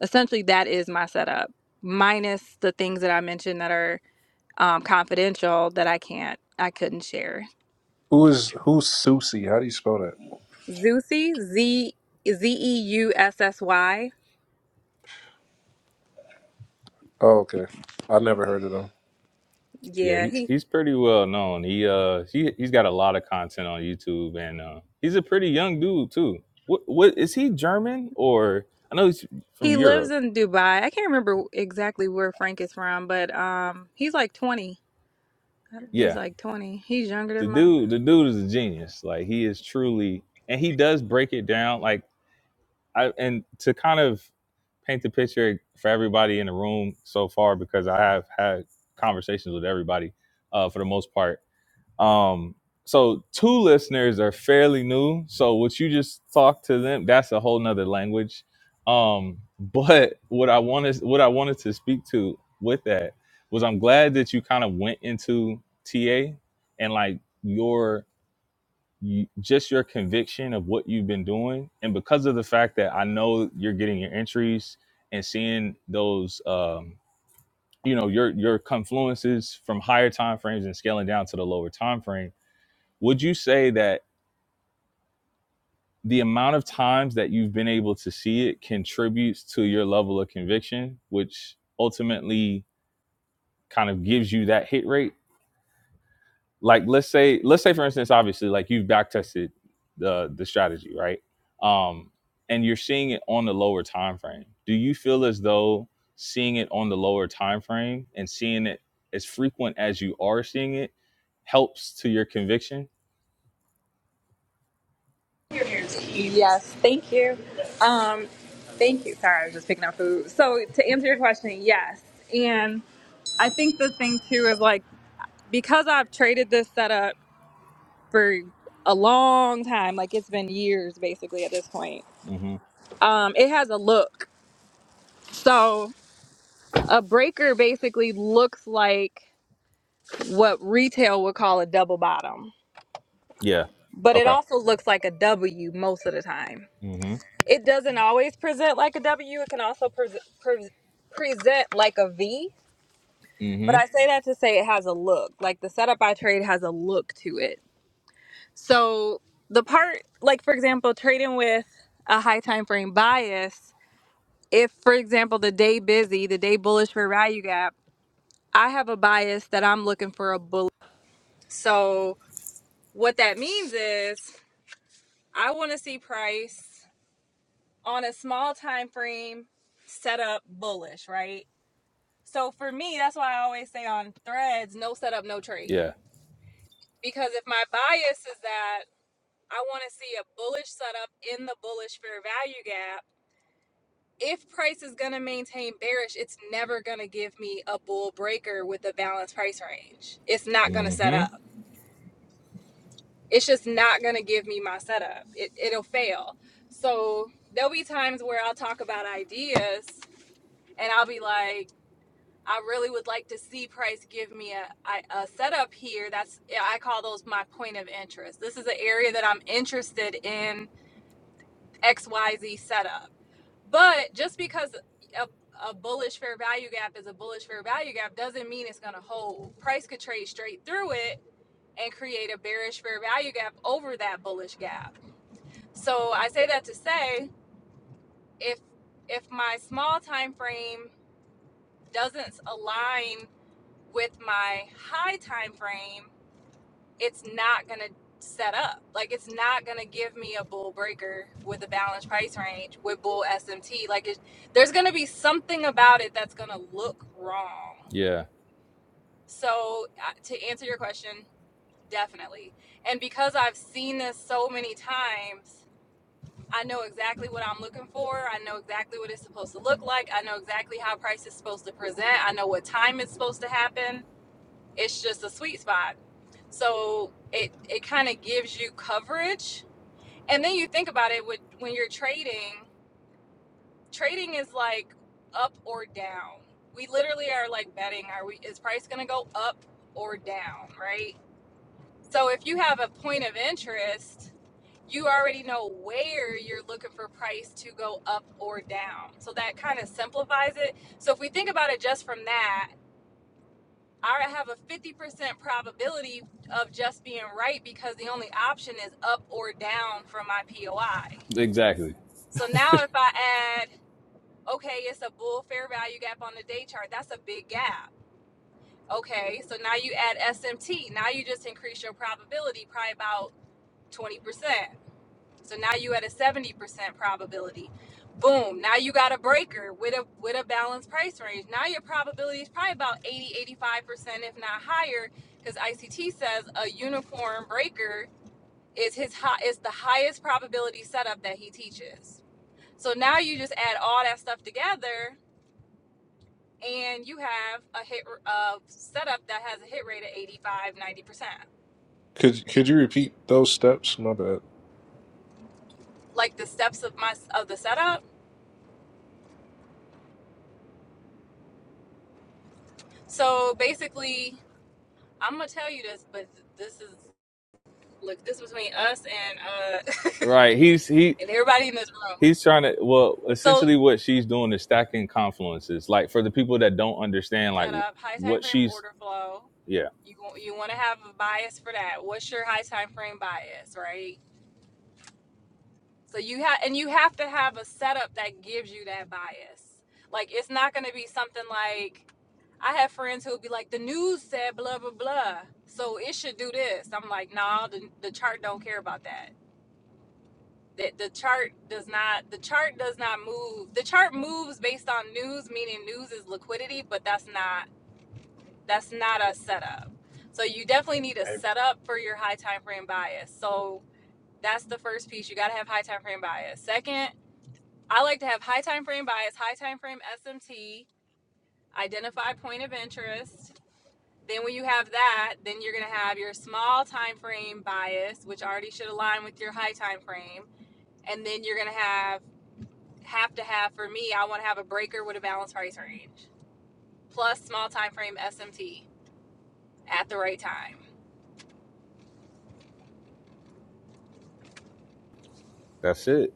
D: essentially that is my setup. Minus the things that I mentioned that are um, confidential that I can't I couldn't share.
B: who is who's susie how do you spell that
D: Zeusy Z Z E U S S Y.
B: Oh, okay. I never heard of them.
A: Yeah.
D: Yeah,
A: He,
D: he
A: he's pretty well known. He uh he he's got a lot of content on YouTube, and uh, he's a pretty young dude too. What what is he German or? I know he's from
D: he lives
A: Europe.
D: in Dubai. I can't remember exactly where Frank is from, but um he's like 20.
A: Yeah.
D: He's like 20. He's younger
A: the
D: than mine.
A: dude the dude is a genius like he is truly and he does break it down like i and to kind of paint the picture for everybody in the room so far because i have had conversations with everybody uh, for the most part um so two listeners are fairly new so what you just talked to them that's a whole nother language um but what i wanted what i wanted to speak to with that was i'm glad that you kind of went into ta and like your you, just your conviction of what you've been doing and because of the fact that i know you're getting your entries and seeing those um, you know your your confluences from higher time frames and scaling down to the lower time frame would you say that the amount of times that you've been able to see it contributes to your level of conviction which ultimately kind of gives you that hit rate like let's say let's say for instance obviously like you've back tested the the strategy right um and you're seeing it on the lower time frame do you feel as though seeing it on the lower time frame and seeing it as frequent as you are seeing it helps to your conviction
D: Yes, thank you. Um, thank you. Sorry, I was just picking up food. So to answer your question, yes. And I think the thing too is like because I've traded this setup for a long time, like it's been years basically at this point.
A: mm-hmm
D: Um, it has a look. So a breaker basically looks like what retail would call a double bottom,
A: yeah
D: but it
A: okay
D: also looks like a W most of the time.
A: mm-hmm
D: It doesn't always present like a W. It can also pres pres present like a V. But
A: mm-hmm
D: I say that to say it has a look. Like the setup I trade has a look to it. So the part, like for example, trading with a high time frame bias. If, for example, the day busy, the day bullish for value gap, I have a bias that I'm looking for a bull. So what that means is I want to see price on a small time frame set up bullish, right? So for me, that's why I always say on threads, no setup, no trade.
A: yeah
D: Because if my bias is that I want to see a bullish setup in the bullish fair value gap, if price is going to maintain bearish, it's never going to give me a bull breaker with a balanced price range. It's not going to set
A: mm-hmm
D: up. It's just not going to give me my setup. It, it'll fail. So there'll be times where I'll talk about ideas and I'll be like, I really would like to see Price give me a a setup here. That's yeah, I call those my point of interest. This is an area that I'm interested in XYZ setup. But just because a, a bullish fair value gap is a bullish fair value gap doesn't mean it's going to hold. Price could trade straight through it and create a bearish fair value gap over that bullish gap. So I say that to say if if my small time frame doesn't align with my high time frame, it's not gonna set up. Like it's not gonna give me a bull breaker with a balanced price range with bull SMT. Like it, there's gonna be something about it that's gonna look wrong.
A: yeah
D: So uh, to answer your question, definitely. And because I've seen this so many times, I know exactly what I'm looking for. I know exactly what it's supposed to look like. I know exactly how price is supposed to present. I know what time it's supposed to happen. It's just a sweet spot So it it kind of gives you coverage. And then you think about it with, when you're trading, trading is like up or down. We literally are like betting are we is price going to go up or down, right? So if you have a point of interest, you already know where you're looking for price to go up or down. So that kind of simplifies it. So if we think about it just from that, I have a 50% probability of just being right because the only option is up or down from my POI.
A: exactly
D: So now if I add, okay, it's a bull fair value gap on the day chart, that's a big gap. Okay, so now you add SMT, now you just increase your probability probably about 20%. So now you at a 70% probability. Boom. Now you got a breaker with a with a balanced price range. Now your probability is probably about eighty eighty five percent if not higher, because ICT says a uniform breaker is his high is the highest probability setup that he teaches. So now you just add all that stuff together and you have a hit a setup that has a hit rate of eighty five ninety percent
B: Could could you repeat those steps? My bad.
D: Like the steps of my of the setup. So basically I'm gonna tell you this, but this is look this is between us and uh
A: right he's he
D: and everybody in this room.
A: He's trying to well,
D: So
A: essentially what she's doing is stacking confluences. Like for the people that don't understand like
D: set up high time
A: what
D: frame
A: she's
D: order flow.
A: yeah,
D: You go, you want to have a bias for that. What's your high time frame bias, right? So you have and you have to have a setup that gives you that bias. Like it's not gonna be something like I have friends who'll be like the news said blah blah blah, so it should do this. I'm like, no, nah, the, the chart don't care about that that the chart does not the chart does not move the chart moves based on news meaning news is liquidity but that's not that's not a setup so you definitely need a
E: Hey,
D: setup for your high time frame bias so that's the first piece you got to have high time frame bias second i like to have high time frame bias high time frame smt identify point of interest then when you have that then you're going to have your small time frame bias which already should align with your high time frame and then you're going to have have to have for me, I want to have a breaker with a balanced price range plus small time frame SMT at the right time.
A: that's it.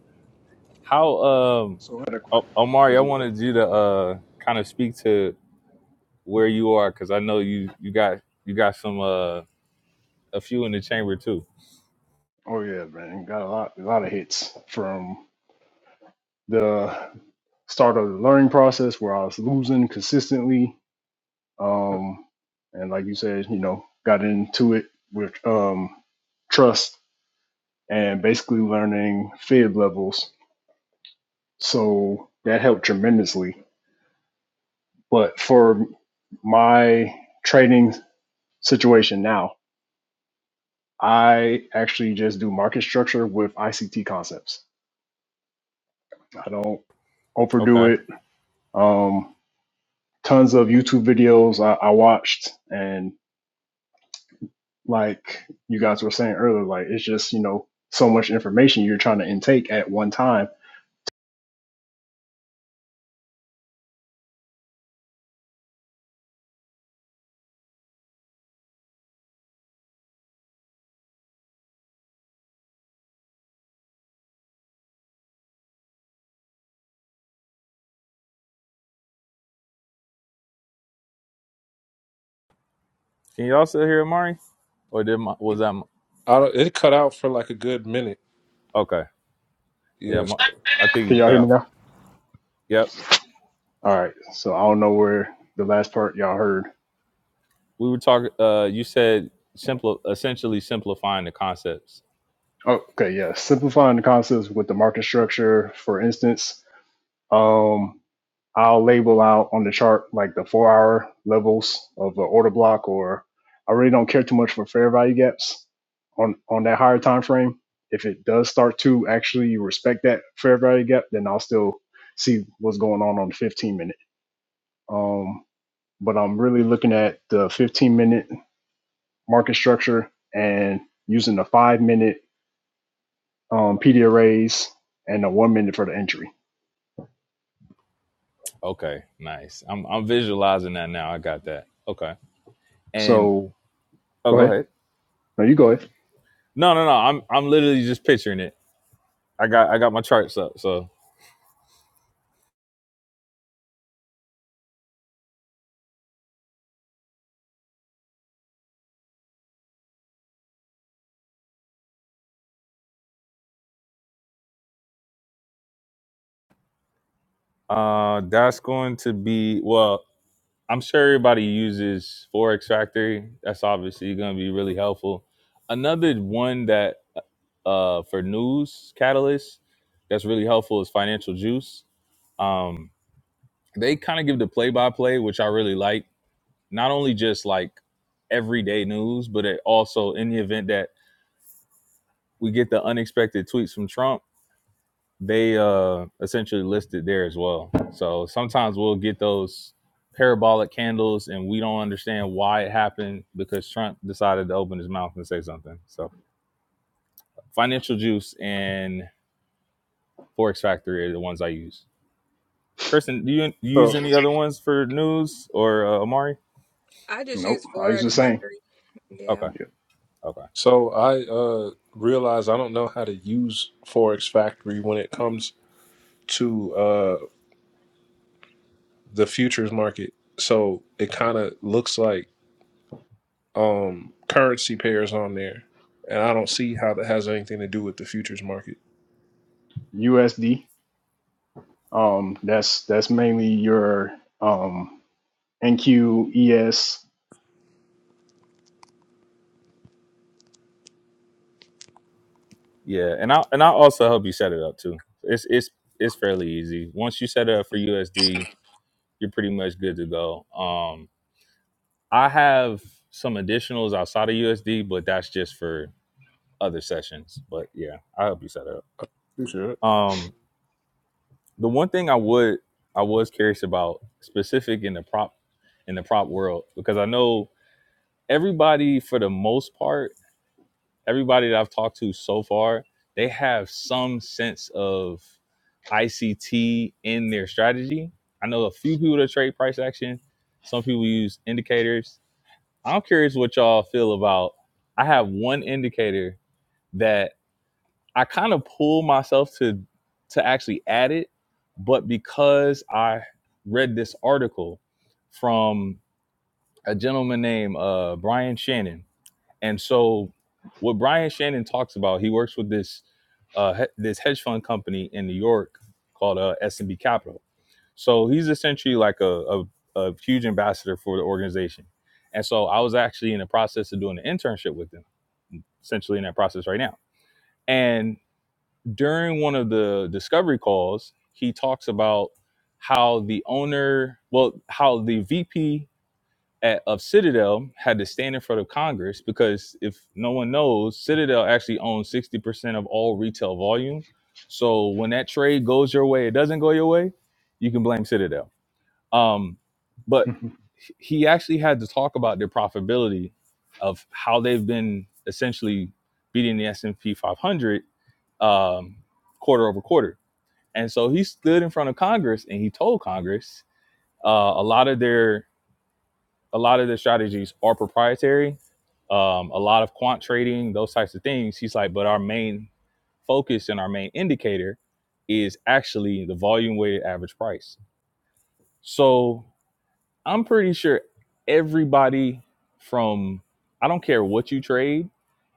A: How um
E: So had a
A: O-
E: question
A: Omari, I
E: as well.
A: wanted you to uh kind of speak to where you are cuz I know you you got you got some uh a few in the chamber too.
E: Oh yeah, man, got a lot, a lot of hits from the start of the learning process where I was losing consistently, um, and like you said, you know, got into it with um, trust and basically learning fib levels. So that helped tremendously. But for my trading situation now, I actually just do market structure with ICT concepts. I don't. overdo
A: Okay.
E: it. Um, tons of YouTube videos I, I watched, and like you guys were saying earlier, like it's just you know so much information you're trying to intake at one time.
A: Can you also hear Omari Or did my, was that my,
B: I don't- it cut out for like a good minute.
A: okay. Yeah,
B: Yes.
A: my, I think
E: Can
A: you
E: y'all
A: cut
E: hear me
A: off.
E: now?
A: Yep.
E: All right, so I don't know where the last part y'all heard.
A: We were talking uh you said simple essentially simplifying the concepts.
E: Oh, okay, yeah, simplifying the concepts with the market structure, for instance. Um, I'll label out on the chart like the four hour levels of the order block, or I really don't care too much for fair value gaps on on that higher time frame. If it does start to actually respect that fair value gap, then I'll still see what's going on on the 15 minute. Um, but I'm really looking at the 15 minute market structure and using the five minute um, PD arrays and the one minute for the entry.
A: Okay, nice. I'm I'm visualizing that now. I got that. Okay. And
E: So
A: oh,
E: go
A: go
E: ahead.
A: ahead.
E: No, you go ahead.
A: No, no, no. I'm I'm literally just picturing it. I got I got my charts up. So uh, that's going to be well. I'm sure everybody uses Forex Factory. That's obviously going to be really helpful. Another one that uh uh, for news catalysts that's really helpful is Financial Juice. Um, they kind of give the play by play, which I really like not only just like everyday news, but it also in the event that we get the unexpected tweets from Trump, they uh essentially listed there as well. So sometimes we'll get those parabolic candles and we don't understand why it happened because Trump decided to open his mouth and say something. So financial juice and Forex Factory are the ones I use. Kristen, do you,
B: So
A: use any other ones for news or uh, Amari?
D: I just
E: Nope.
D: use
E: I was just
D: Forex
E: saying
D: Factory. Yeah.
A: Okay, okay.
B: so I uh realize I don't know how to use Forex Factory when it comes to uh the futures market. So it kind of looks like um currency pairs on there, and I don't see how that has anything to do with the futures market.
E: USD Um, that's that's mainly your um, NQES.
A: Yeah, and I and I also help you set it up too. It's it's it's fairly easy. Once you set it up for USD, you're pretty much good to go. Um, I have some additionals outside of USD, but that's just for other sessions. But yeah, I help you set it up.
B: You should.
A: Um, the one thing I would I was curious about specific in the prop in the prop world because I know everybody for the most part everybody that I've talked to so far, they have some sense of ICT in their strategy. I know a few people that trade price action. Some people use indicators. I'm curious what y'all feel about. I have one indicator that I kind of pull myself to to actually add it, but because I read this article from a gentleman named uh, Brian Shannon, and so, what Brian Shannon talks about, he works with this uh, he- this hedge fund company in New York called uh, S and B Capital. So he's essentially like a, a a huge ambassador for the organization. And so I was actually in the process of doing an internship with him, essentially in that process right now. And during one of the discovery calls, he talks about how the owner, well, how the VP at, of Citadel had to stand in front of Congress because if no one knows, Citadel actually owns 60% of all retail volume. So when that trade goes your way, it doesn't go your way, you can blame Citadel. Um, but he actually had to talk about their profitability of how they've been essentially beating the S&P 500 um, quarter over quarter. And so he stood in front of Congress and he told Congress uh, a lot of their a lot of the strategies are proprietary. Um, a lot of quant trading, those types of things. He's like, but our main focus and our main indicator is actually the volume weighted average price. So I'm pretty sure everybody from, I don't care what you trade,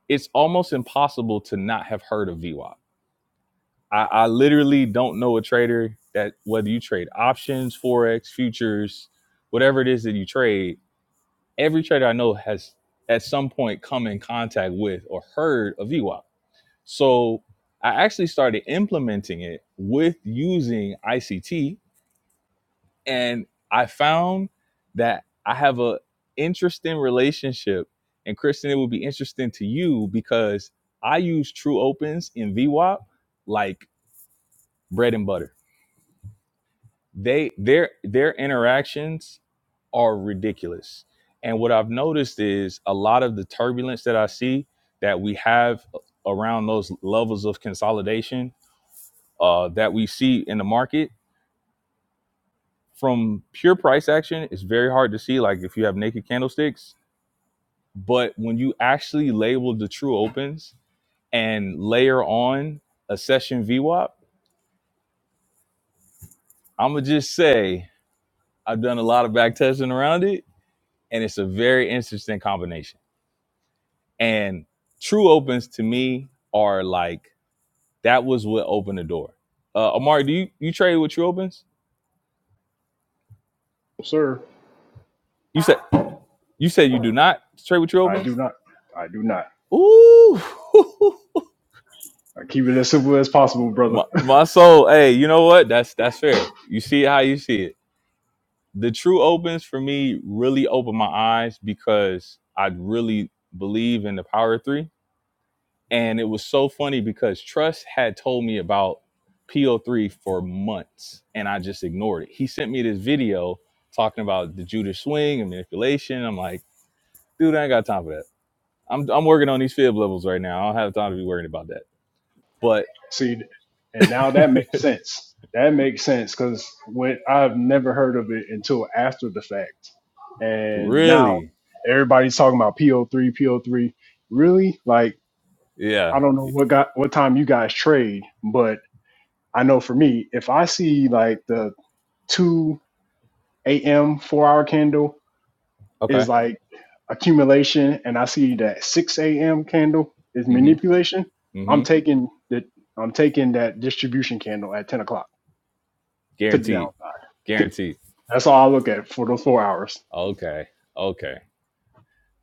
A: it's almost impossible to not have heard of VWAP. I, I literally don't know a trader that, whether you trade options, Forex, futures, whatever it is that you trade, every trader I know has at some point come in contact with or heard of EWAP. So I actually started implementing it with using ICT and I found that I have a interesting relationship and Kristen it would be interesting to you because I use true opens in VWAP like bread and butter they their their interactions are ridiculous and what i've noticed is a lot of the turbulence that i see that we have around those levels of consolidation uh, that we see in the market from pure price action it's very hard to see like if you have naked candlesticks but when you actually label the true opens and layer on a session vwap i'm gonna just say i've done a lot of back testing around it and it's a very interesting combination And true opens to me are like that was what opened the door. Uh Amari, do you you trade with true opens?
E: Sir,
A: You said you said you do not trade with true
E: I do
A: opens?
E: not. I do not.
A: Ooh.
E: I keep it as simple as possible, brother.
A: my, my soul, hey, you know what? That's that's fair. You see it how you see it. The true opens for me really opened my eyes because I really believe in the power of three And it was so funny because Trust had told me about PO3 for months and I just ignored it. He sent me this video talking about the Judas swing and manipulation. I'm like, dude, I ain't got time for that. I'm, I'm working on these fib levels right now. I don't have time to be worrying about that. But
E: See, and now that makes sense. That makes sense because when I've never heard of it until after the fact, and now
A: really,
E: everybody's talking about PO3, PO3. Really, like I
A: yeah.
E: don't know what got what time you guys trade, but I know for me, if I see like the two. a.m. four hour candle
A: Okay.
E: is like accumulation, and I see that six a.m. candle is
A: Mm
E: manipulation.
A: hmm. Mm
E: I'm
A: hmm.
E: taking that. I'm taking that distribution candle at ten o'clock to the
A: Guaranteed.
E: downside.
A: Guaranteed.
E: That's all I look at for those four hours.
A: Okay. Okay.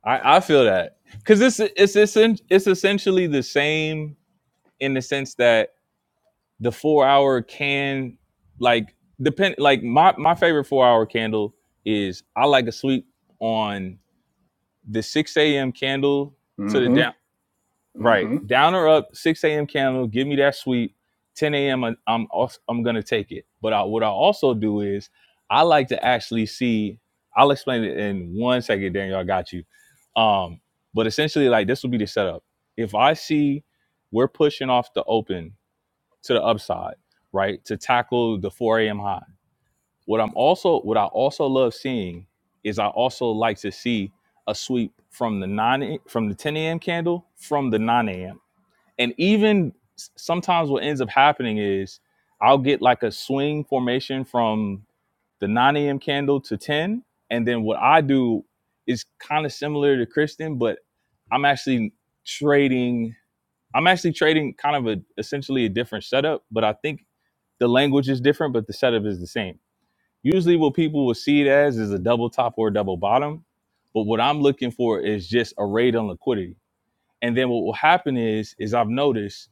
A: I, I feel that because it's it's it's, it's essentially the same in the sense that the four hour can like depend like my my favorite four hour candle is I like to sleep on the six a.m. candle to the
E: Mm-hmm.
A: down right
E: Mm-hmm.
A: down or up six a.m. candle. Give me that sweep. Ten a.m. I- I'm als- I'm gonna take it. But I, what I also do is I like to actually see. I'll explain it in one second, Daniel. I got you. Um, but essentially, like this will be the setup. If I see we're pushing off the open to the upside, right? To tackle the 4 a.m. high. What I'm also what I also love seeing is I also like to see a sweep from the 9 from the 10 a.m. candle from the 9 a.m. And even s- sometimes what ends up happening is I'll get like a swing formation from the 9 a.m. candle to 10. And then what I do is kind of similar to Kristen, but I'm actually trading I'm actually trading kind of a essentially a different setup, but I think the language is different, but the setup is the same. Usually, what people will see it as is a double top or a double bottom, but what I'm looking for is just a raid on liquidity. And then what will happen is, is I've noticed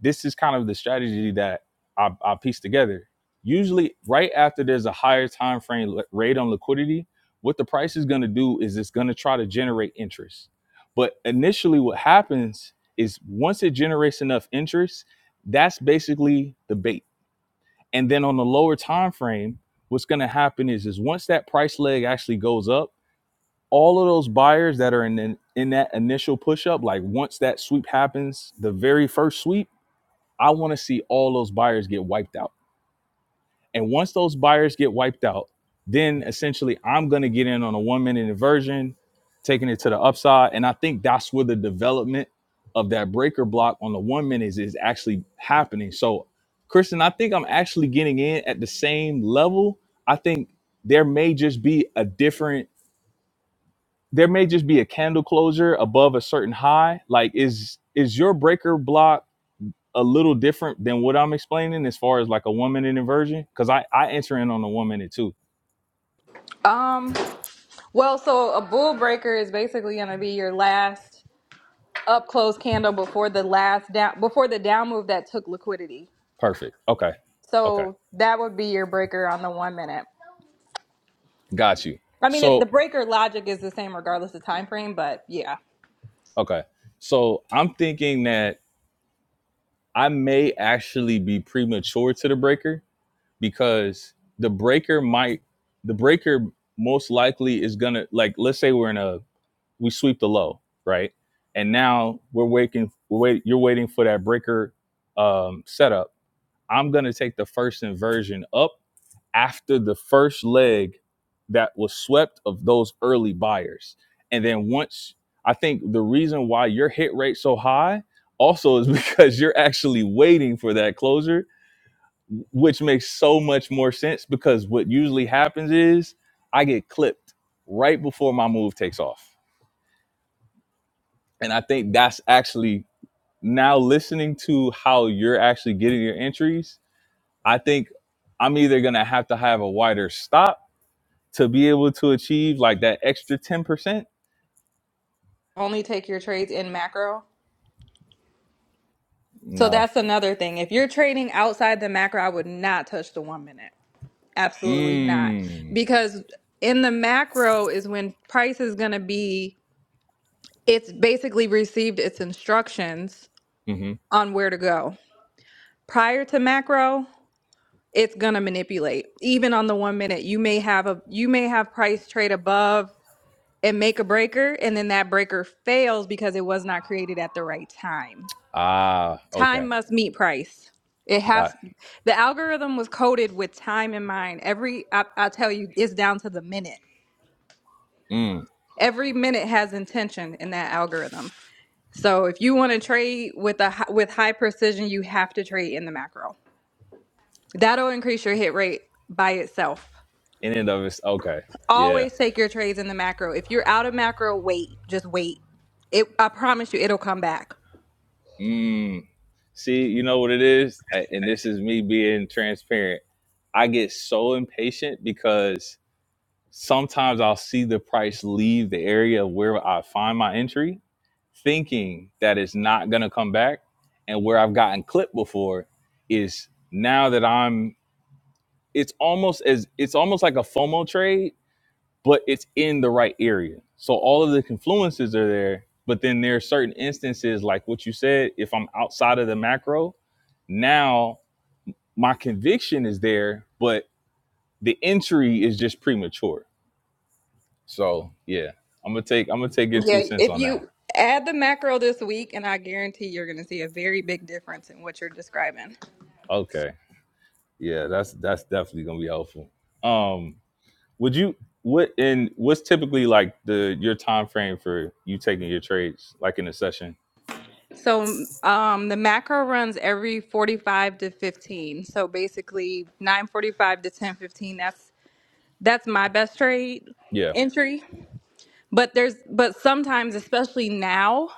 A: this is kind of the strategy that I, I piece together. Usually, right after there's a higher time frame rate on liquidity, what the price is going to do is it's going to try to generate interest. But initially, what happens is once it generates enough interest, that's basically the bait. And then on the lower time frame, what's going to happen is is once that price leg actually goes up, all of those buyers that are in in in that initial push up, like once that sweep happens, the very first sweep I want to see all those buyers get wiped out. And once those buyers get wiped out, then essentially I'm going to get in on a one minute inversion, taking it to the upside. And I think that's where the development of that breaker block on the one minute is, is actually happening. So, Kristen, I think I'm actually getting in at the same level. I think there may just be a different, there may just be a candle closure above a certain high. Like, is is your breaker block? a little different than what I'm explaining as far as like a one minute inversion? Because I, I answer in on the one minute too.
D: Um, well, so a bull breaker is basically going to be your last up close candle before the last down before the down move that took liquidity.
A: Perfect. Okay. Okay.
D: So that would be your breaker on the one minute.
A: Got you.
D: I mean, it, the
A: So,
D: breaker logic is the same regardless of time frame, but yeah,
A: okay. So I'm thinking that I may actually be premature to the breaker because the breaker might, the breaker most likely is going to, like, let's say we're in a, we sweep the low, right? And now we're waiting, we're wait, you're waiting for that breaker um, setup. I'm going to take the first inversion up after the first leg that was swept of those early buyers. And then once I think the reason why your hit rate so high also is because you're actually waiting for that closer, which makes so much more sense because what usually happens is I get clipped right before my move takes off. And I think that's actually now listening to how you're actually getting your entries, I think I'm either going to have to have a wider stop to be able to achieve like that extra 10%?
D: only take your trades in macro. So
A: No.
D: that's another thing. If you're trading outside the macro, I would not touch the one minute. Absolutely not.
A: Mm.
D: Because in the macro is when price is going to be, it's basically received its instructions
A: hmm
D: on where to go. Prior to macro, it's going to manipulate. Even on the one minute, you may have a, you may have price trade above and make a breaker, and then that breaker fails because it was not created at the right time.
A: Ah, okay.
D: Time must meet price. It
A: Got
D: has the algorithm was coded with time in mind. Every I, I tell you, it's down to the minute.
A: it. mm.
D: Every minute has intention in that algorithm. So if you want to trade with a hi- with high precision, you have to trade in the macro. That'll increase your hit rate by itself.
A: In and of it's okay. Yeah.
D: Always take your trades in the macro. If you're out of macro, wait. Just wait. It I promise you, it'll come back.
A: Mm. See, you know what it is? A- And this is me being transparent. I get so impatient because sometimes I'll see the price leave the area where I find my entry, thinking that it's not going to come back. And where I've gotten clipped before is now that I'm it's almost as it's almost like a FOMO trade, but it's in the right area. So all of the confluences are there, but then there are certain instances like what you said. If I'm outside of the macro, now my conviction is there, but the entry is just premature. So yeah, I'm gonna take I'm gonna take your two
D: Yeah,
A: cents
D: if
A: on that one.
D: you add the macro this week, and I guarantee you're going to see a very big difference in what you're describing.
A: Okay, yeah, that's that's definitely gonna be helpful. Um, would you what and what's typically like the your time frame for you taking your trades like in a session?
D: So, um, the macro runs every 45 to 15. So basically, 9:45 to 10:15. That's that's my best trade
A: Yeah.
D: entry. But there's but sometimes, especially now.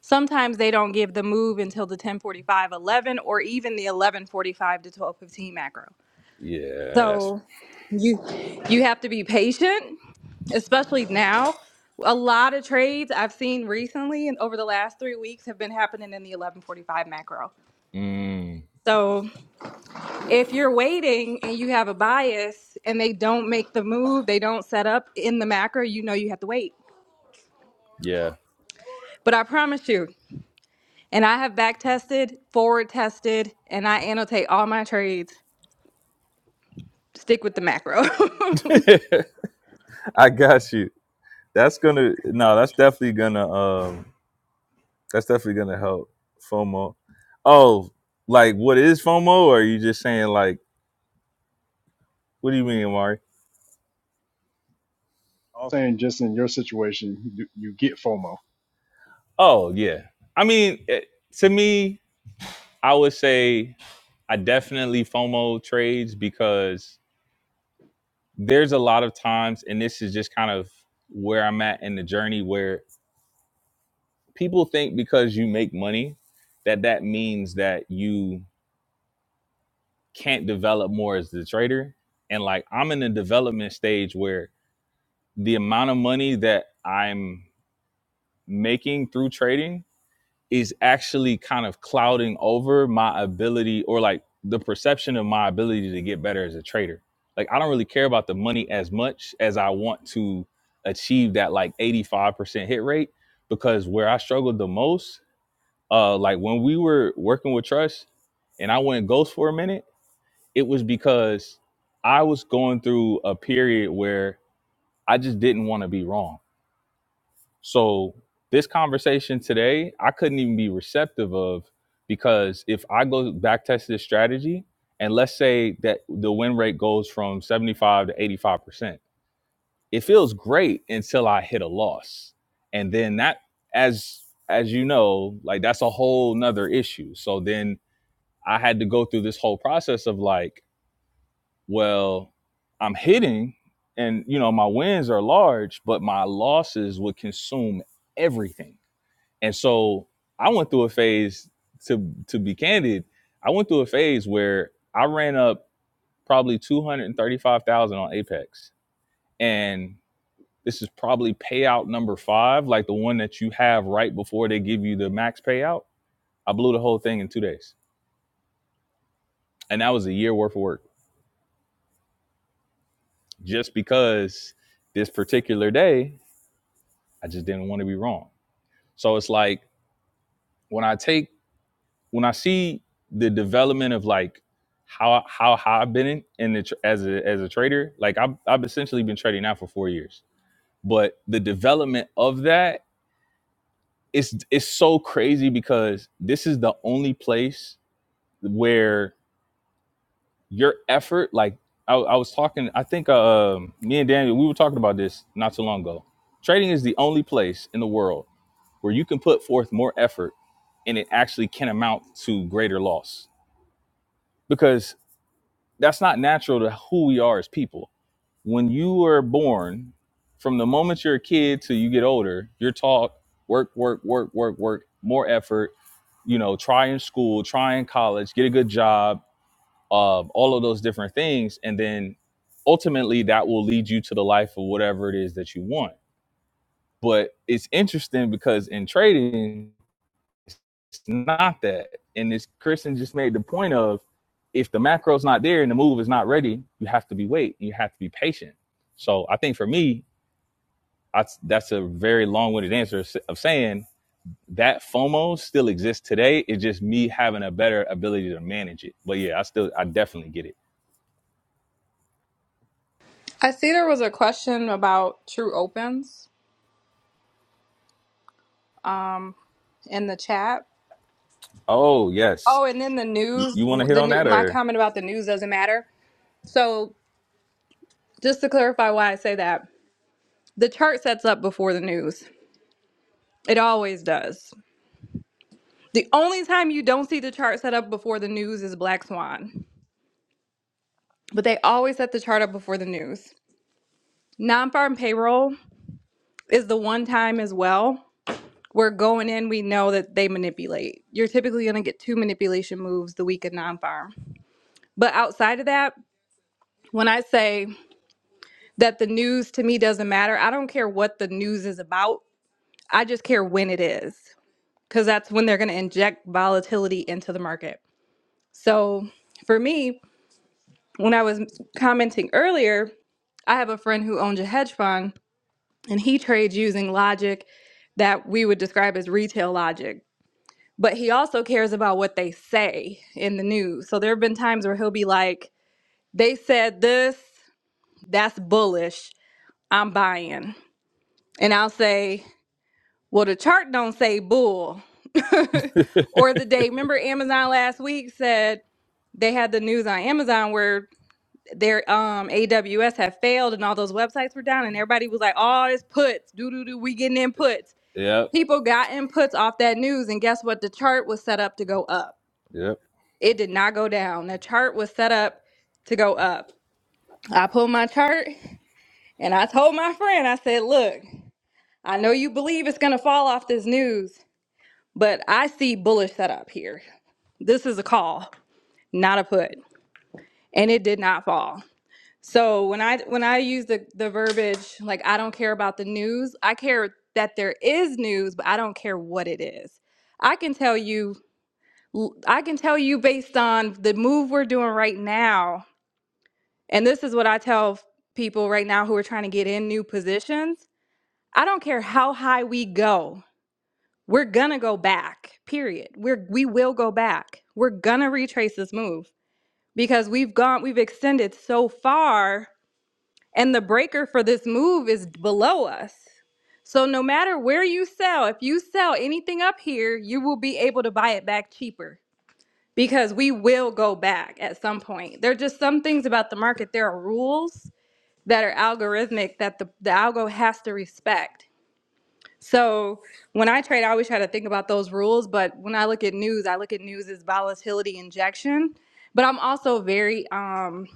D: Sometimes they don't give the move until the 10:45, 11, or even the 11:45 to 12:15 macro.
A: Yes.
D: So you you have to be patient, especially now. A lot of trades I've seen recently and over the last three weeks have been happening in the 1145 macro.
A: Mm,
D: So if you're waiting and you have a bias and they don't make the move, they don't set up in the macro, you know you have to wait.
A: yeah.
D: But I promise you, and I have back tested, forward tested, and I annotate all my trades. Stick with the macro.
A: I got you. That's gonna no, that's definitely gonna um that's definitely gonna help FOMO. Oh, like what is FOMO? Or are you just saying like what do you mean, Amari?
E: I'm saying just in your situation, you, you get FOMO.
A: Oh yeah. I mean it, to me, I would say I definitely FOMO trades because there's a lot of times, and this is just kind of where I'm at in the journey where people think because you make money that that means that you can't develop more as the trader and like i'm in a development stage where the amount of money that i'm making through trading is actually kind of clouding over my ability or like the perception of my ability to get better as a trader like i don't really care about the money as much as i want to achieve that like 85% hit rate because where i struggled the most uh like when we were working with trust and i went ghost for a minute it was because i was going through a period where i just didn't want to be wrong so this conversation today i couldn't even be receptive of because if i go back test this strategy and let's say that the win rate goes from 75 to 85 percent it feels great until i hit a loss and then that as as you know like that's a whole nother issue so then I had to go through this whole process of like, well, I'm hitting and you know my wins are large, but my losses would consume everything. And so I went through a phase to to be candid, I went through a phase where I ran up probably 235,000 on Apex. And this is probably payout number 5, like the one that you have right before they give you the max payout. I blew the whole thing in 2 days. And that was a year worth of work just because this particular day I just didn't want to be wrong. So it's like when I take when I see the development of like how how high I've been in, in the as a as a trader, like I've I've essentially been trading now for four years. But the development of that is it's so crazy because this is the only place where your effort, like I, I was talking, I think uh, um, me and Daniel, we were talking about this not too long ago. Trading is the only place in the world where you can put forth more effort and it actually can amount to greater loss because that's not natural to who we are as people. When you are born, from the moment you're a kid till you get older, you're taught work, work, work, work, work, more effort, you know, try in school, try in college, get a good job, uh, all of those different things. And then ultimately that will lead you to the life of whatever it is that you want. But it's interesting because in trading, It's not that. And as Kristen just made the point of, if the macro's not there and the move is not ready, you have to be wait. You have to be patient. So I think for me, I, that's a very long-winded answer of saying that FOMO still exists today. It's just me having a better ability to manage it. But yeah, I still, I definitely get it.
D: I see there was a question about true opens. in the chat.
A: Oh yes,
D: Oh, and then the
A: you, you
D: news,
A: want to hit
D: the
A: on
D: new
A: that
D: my
A: or?
D: comment about the news doesn't matter. So, just to clarify why I say that, the chart sets up before the news. It always does. The only time you don't see the chart set up before the news is Black Swan. But they always set the chart up before the news. Non-farm payroll is the one time as well where going in we know that they manipulate. You're typically going to get two manipulation moves the week of non-farm. But outside of that, when I say that the news to me doesn't matter. I don't care what the news is about. I just care when it is because that's when they're going to inject volatility into the market. So for me, when I was commenting earlier, I have a friend who owns a hedge fund and he trades using logic that we would describe as retail logic. But he also cares about what they say in the news. So there have been times where he'll be like, they said this, that's bullish, I'm buying. And I'll say, Well, the chart don't say bull. or the day, remember Amazon last week said they had the news on Amazon where their um AWS had failed and all those websites were down and everybody was like, "Oh, it's puts. Doo doo doo, we getting inputs."
A: Yep.
D: People got inputs off that news and guess what? The chart was set up to go up.
A: Yep.
D: It did not go down. The chart was set up to go up. I pulled my chart and I told my friend, I said, "Look, I know you believe it's going to fall off this news, But I see bullish setup here. This is a call, not a put, and it did not fall. So when I when I use the the verbiage like I don't care about the news, I care that there is news, but I don't care what it is. I can tell you I can tell you based on the move we're doing right now, and this is what I tell people right now who are trying to get in new positions. I don't care how high we go. We're gonna go back. Period. We're we will go back. We're gonna retrace this move because we've gone we've extended so far and the breaker for this move is below us. So no matter where you sell, if you sell anything up here, you will be able to buy it back cheaper because we will go back at some point. There are just some things about the market. There are rules that are algorithmic that the, the algo has to respect so when I trade, I always try to think about those rules. But when I look at news, I look at news as volatility injection. But I'm also very, um,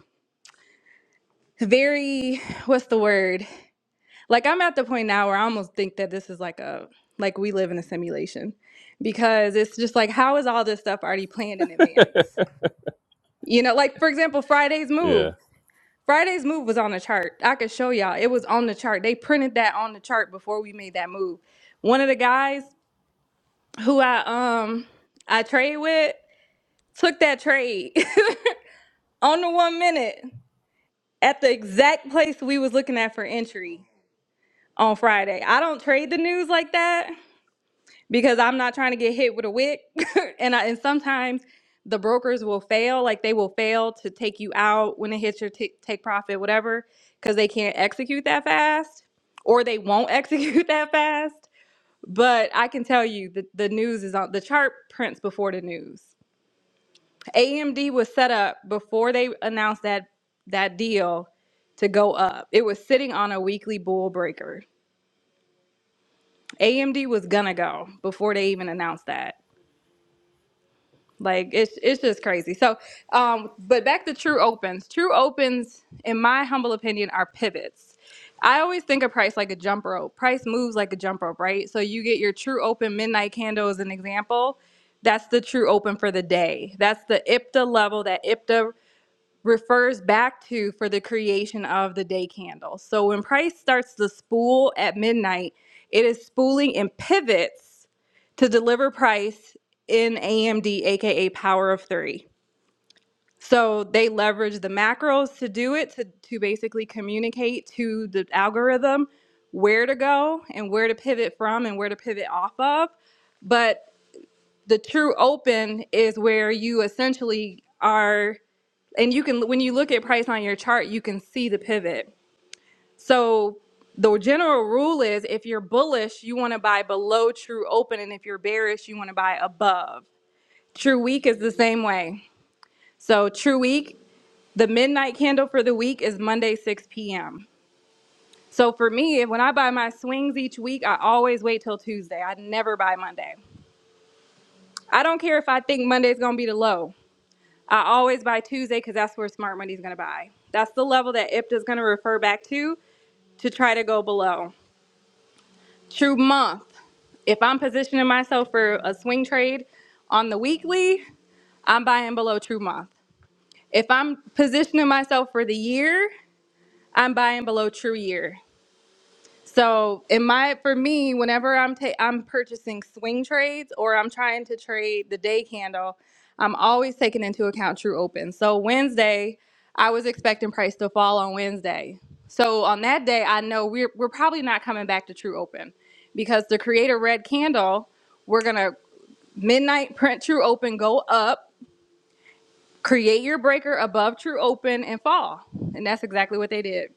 D: very, what's the word? Like I'm at the point now where I almost think that this is like a, like we live in a simulation because it's just like, how is all this stuff already planned in advance? You know, like for example, Friday's
A: Yeah.
D: move. Friday's move was on the chart. I could show y'all. It was on the chart. They printed that on the chart before we made that move one of the guys who I um I trade with took that trade on the one minute at the exact place we was looking at for entry on Friday. I don't trade the news like that because I'm not trying to get hit with a wick and I, and sometimes the brokers will fail like they will fail to take you out when it hits your t- take profit whatever cuz they can't execute that fast or they won't execute that fast. But I can tell you that the news is on the chart prints before the news. AMD was set up before they announced that that deal to go up. It was sitting on a weekly bull breaker. AMD was gonna go before they even announced that. Like it's it's just crazy. So, um, but back to true opens. True opens, in my humble opinion, are pivots. I always think of price like a jump rope. Price moves like a jump rope, right? So you get your true open midnight candle as an example. That's the true open for the day. That's the IPTA level, that IPTA refers back to for the creation of the day candle. So when Christ starts the spool at midnight, it is spooling and pivots to deliver price in AMD, aka Power of Three. So they leverage the macros to do it to, to basically communicate to the algorithm where to go and where to pivot from and where to pivot off of. But the true open is where you essentially are and you can when you look at price on your chart you can see the pivot so the general rule is if you're bullish you want to buy below true open and if you're bearish you want to buy above true week is the same way so true week the midnight candle for the week is monday 6 p.m so for me when i buy my swings each week i always wait till tuesday i never buy monday i don't care if i think monday's going to be the low I always buy Tuesday because that's where smart money's going to buy. That's the level that IPTA is going to refer back to to try to go below. True month. If I'm positioning myself for a swing trade on the weekly, I'm buying below true month. If I'm positioning myself for the year, I'm buying below true year. So, in my for me, whenever I'm ta- I'm purchasing swing trades or I'm trying to trade the day candle, I'm always taking into account true open. So Wednesday, I was expecting price to fall on Wednesday. So on that day, I know we're we're probably not coming back to true open because the creator red candle, we're gonna midnight print true open, go up, create your breaker above true open, and fall. And that's exactly what they did.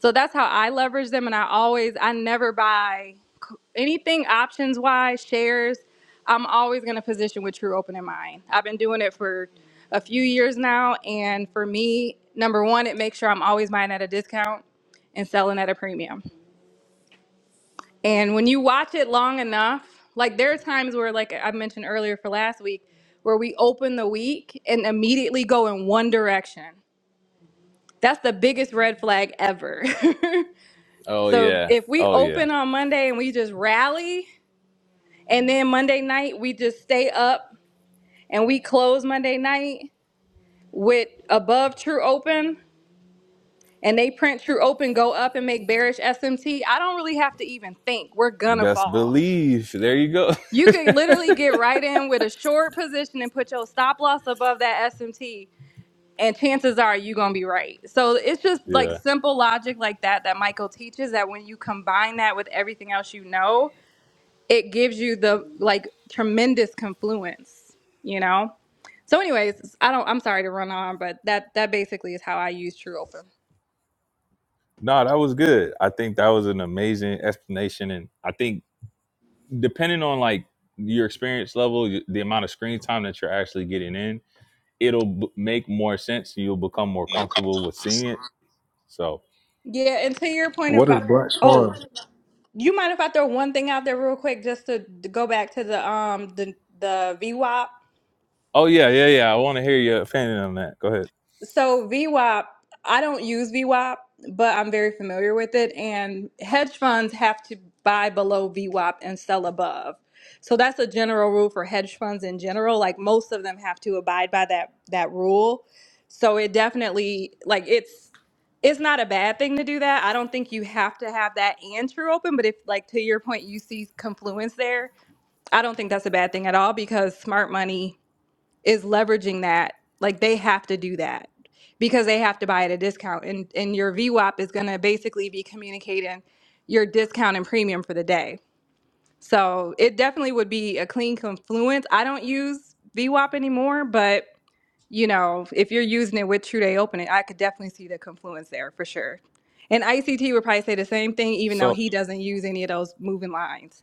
D: So that's how I leverage them. And I always, I never buy anything options wise, shares. I'm always going to position with true open in mind. I've been doing it for a few years now. And for me, number one, it makes sure I'm always buying at a discount and selling at a premium. And when you watch it long enough, like there are times where, like I mentioned earlier for last week, where we open the week and immediately go in one direction. That's the biggest red flag ever.
A: Oh
D: So
A: yeah.
D: if we
A: Oh yeah.
D: open on Monday and we just rally, and then Monday night we just stay up and we close Monday night with above true open and they print true open, go up and make bearish SMT, I don't really have to even think. We're
A: You
D: gonna
A: best
D: fall.
A: believe. There you go.
D: You can literally get right in with a short position and put your stop loss above that SMT, and chances are you're gonna be right. So it's just like
A: Yeah.
D: simple logic like that that Michael teaches that when you combine that with everything else you know, it gives you the like tremendous confluence, you know? So anyways, I don't I'm sorry to run on, but that that basically is how I use True Open.
A: No, that was good. I think that was an amazing explanation, and I think depending on like your experience level, y- the amount of screen time that you're actually getting in, it'll b- make more sense. You'll become more comfortable with seeing it. So,
D: Yeah, and to your point
B: What is
D: about
B: Black
D: oh,
B: Swan?
D: you mind if I throw one thing out there real quick just to, to go back to the um the the VWAP?
A: oh yeah, yeah, yeah. I want to hear your opinion on that. Go ahead.
D: So V WAP, I don't use V WAP, but I'm very familiar with it. And hedge funds have to buy below V WAP and sell above. So that's a general rule for hedge funds in general. Like most of them have to abide by that that rule. So it definitely like it's it's not a bad thing to do that. I don't think you have to have that and true open, but if like to your point you see confluence there, I don't think that's a bad thing at all because smart money is leveraging that. Like they have to do that because they have to buy at a discount. And and your VWAP is gonna basically be communicating your discount and premium for the day. So it definitely would be a clean confluence. I don't use VWAP anymore, but you know, if you're using it with True Day Open It, I could definitely see the confluence there for sure. And ICT would probably say the same thing, even though
A: So
D: he doesn't use any of those moving lines.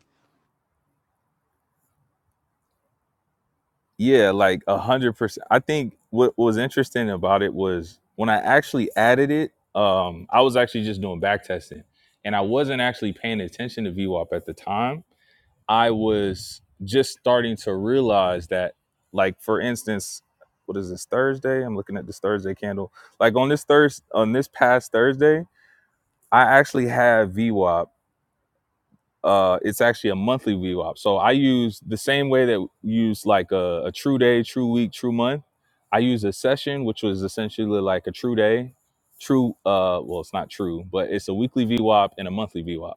A: yeah, like a hundred percent. I think what was interesting about it was when I actually added it. Um, I was actually just doing back testing, and I wasn't actually paying attention to V VWAP at the time I was just starting to realize that, like for instance, what is this Thursday? I'm looking at this Thursday candle. Like on this Thursday, on this past Thursday, I actually had V WAP uh, it's actually a monthly VWAP. So I use the same way that you use like a, a true day, true week, true month. I use a session, which was essentially like a true day, true. Uh, well, it's not true, but it's a weekly VWAP and a monthly VWAP,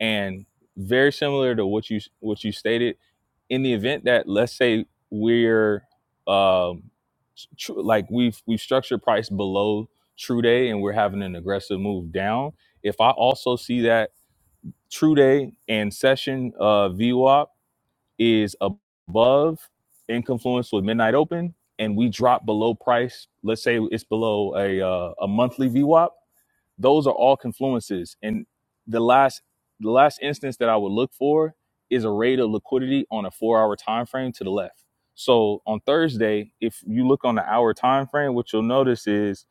A: and very similar to what you what you stated. In the event that let's say we're um, tr- like we've we've structured price below true day and we're having an aggressive move down. If I also see that True Day and Session uh, VWAP is above in confluence with Midnight Open, and we drop below price. Let's say it's below a uh, a monthly VWAP those are all confluences and the last the last instance that i would look for is a rate of liquidity on a four hour time frame to the left so on thursday if you look on the hour time frame what you'll notice is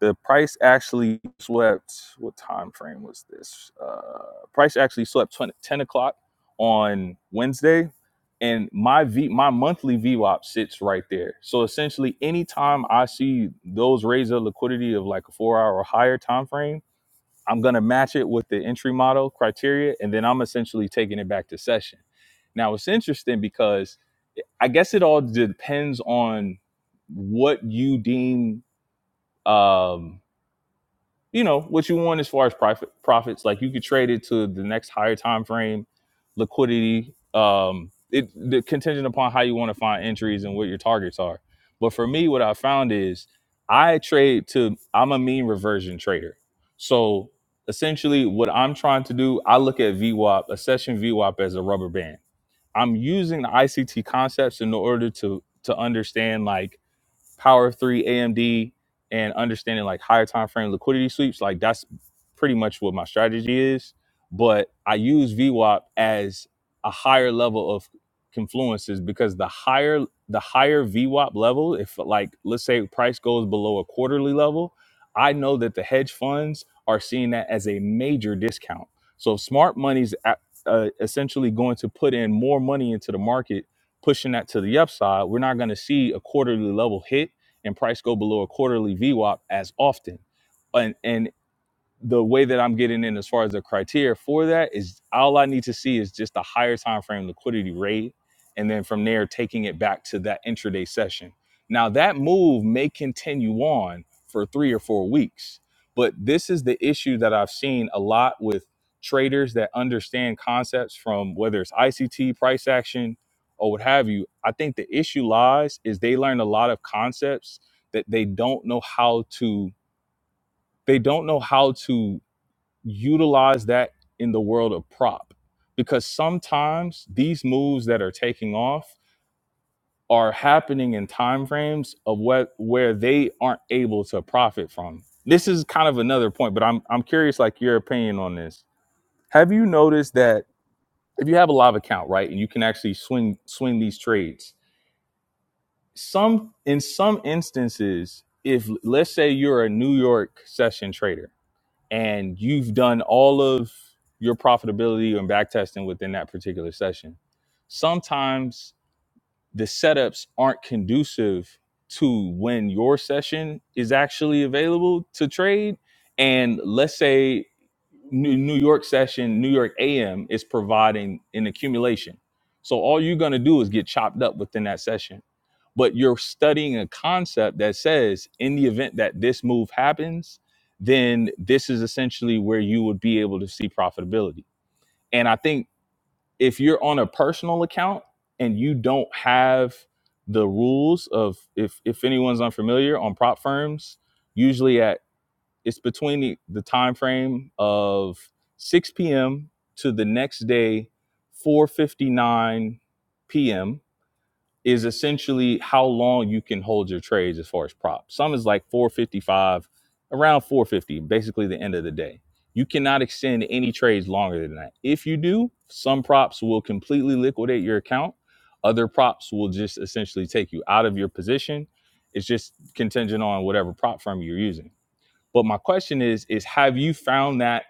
A: the price actually swept what time frame was this uh, price actually swept 20, 10 o'clock on wednesday and my v my monthly VWAP sits right there. So essentially, anytime I see those raise of liquidity of like a four hour or higher time frame, I'm going to match it with the entry model criteria, and then I'm essentially taking it back to session. Now, it's interesting because I guess it all depends on what you deem. Um, you know what you want as far as profit profits like you could trade it to the next higher time frame liquidity um it the contingent upon how you want to find entries and what your targets are but for me what i found is i trade to i'm a mean reversion trader so essentially what i'm trying to do i look at V WAP, a session V WAP as a rubber band i'm using the ict concepts in order to to understand like Power of Three, AMD, and understanding like higher time frame liquidity sweeps, like that's pretty much what my strategy is. But I use VWAP as a higher level of confluences because the higher the higher VWAP level, if like let's say price goes below a quarterly level, I know that the hedge funds are seeing that as a major discount. So if smart money's at, uh, essentially going to put in more money into the market pushing that to the upside, we're not going to see a quarterly level hit and price go below a quarterly VWAP as often. and and the way that I'm getting in as far as the criteria for that is all I need to see is just a higher time frame liquidity rate and then from there taking it back to that intraday session. Now that move may continue on for 3 or 4 weeks. But this is the issue that I've seen a lot with traders that understand concepts from whether it's ICT, price action or what have you. I think the issue lies is they learn a lot of concepts that they don't know how to they don't know how to utilize that in the world of prop because sometimes these moves that are taking off are happening in time frames of what where they aren't able to profit from. This is kind of another point, but I'm I'm curious like your opinion on this. Have you noticed that if you have a live account, right, and you can actually swing swing these trades, some in some instances, if let's say you're a New York session trader and you've done all of your profitability and back testing within that particular session. Sometimes the setups aren't conducive to when your session is actually available to trade. And let's say New New York session, New York AM is providing an accumulation. So all you're going to do is get chopped up within that session. But you're studying a concept that says, in the event that this move happens, then this is essentially where you would be able to see profitability. And I think if you're on a personal account and you don't have the rules of if if anyone's unfamiliar on prop firms, usually at it's between the, the time frame of 6 p.m. to the next day 4:59 p.m is essentially how long you can hold your trades as far as props. Some is like 455, around 450, basically the end of the day. You cannot extend any trades longer than that. If you do, some props will completely liquidate your account. Other props will just essentially take you out of your position. It's just contingent on whatever prop firm you're using. But my question is is have you found that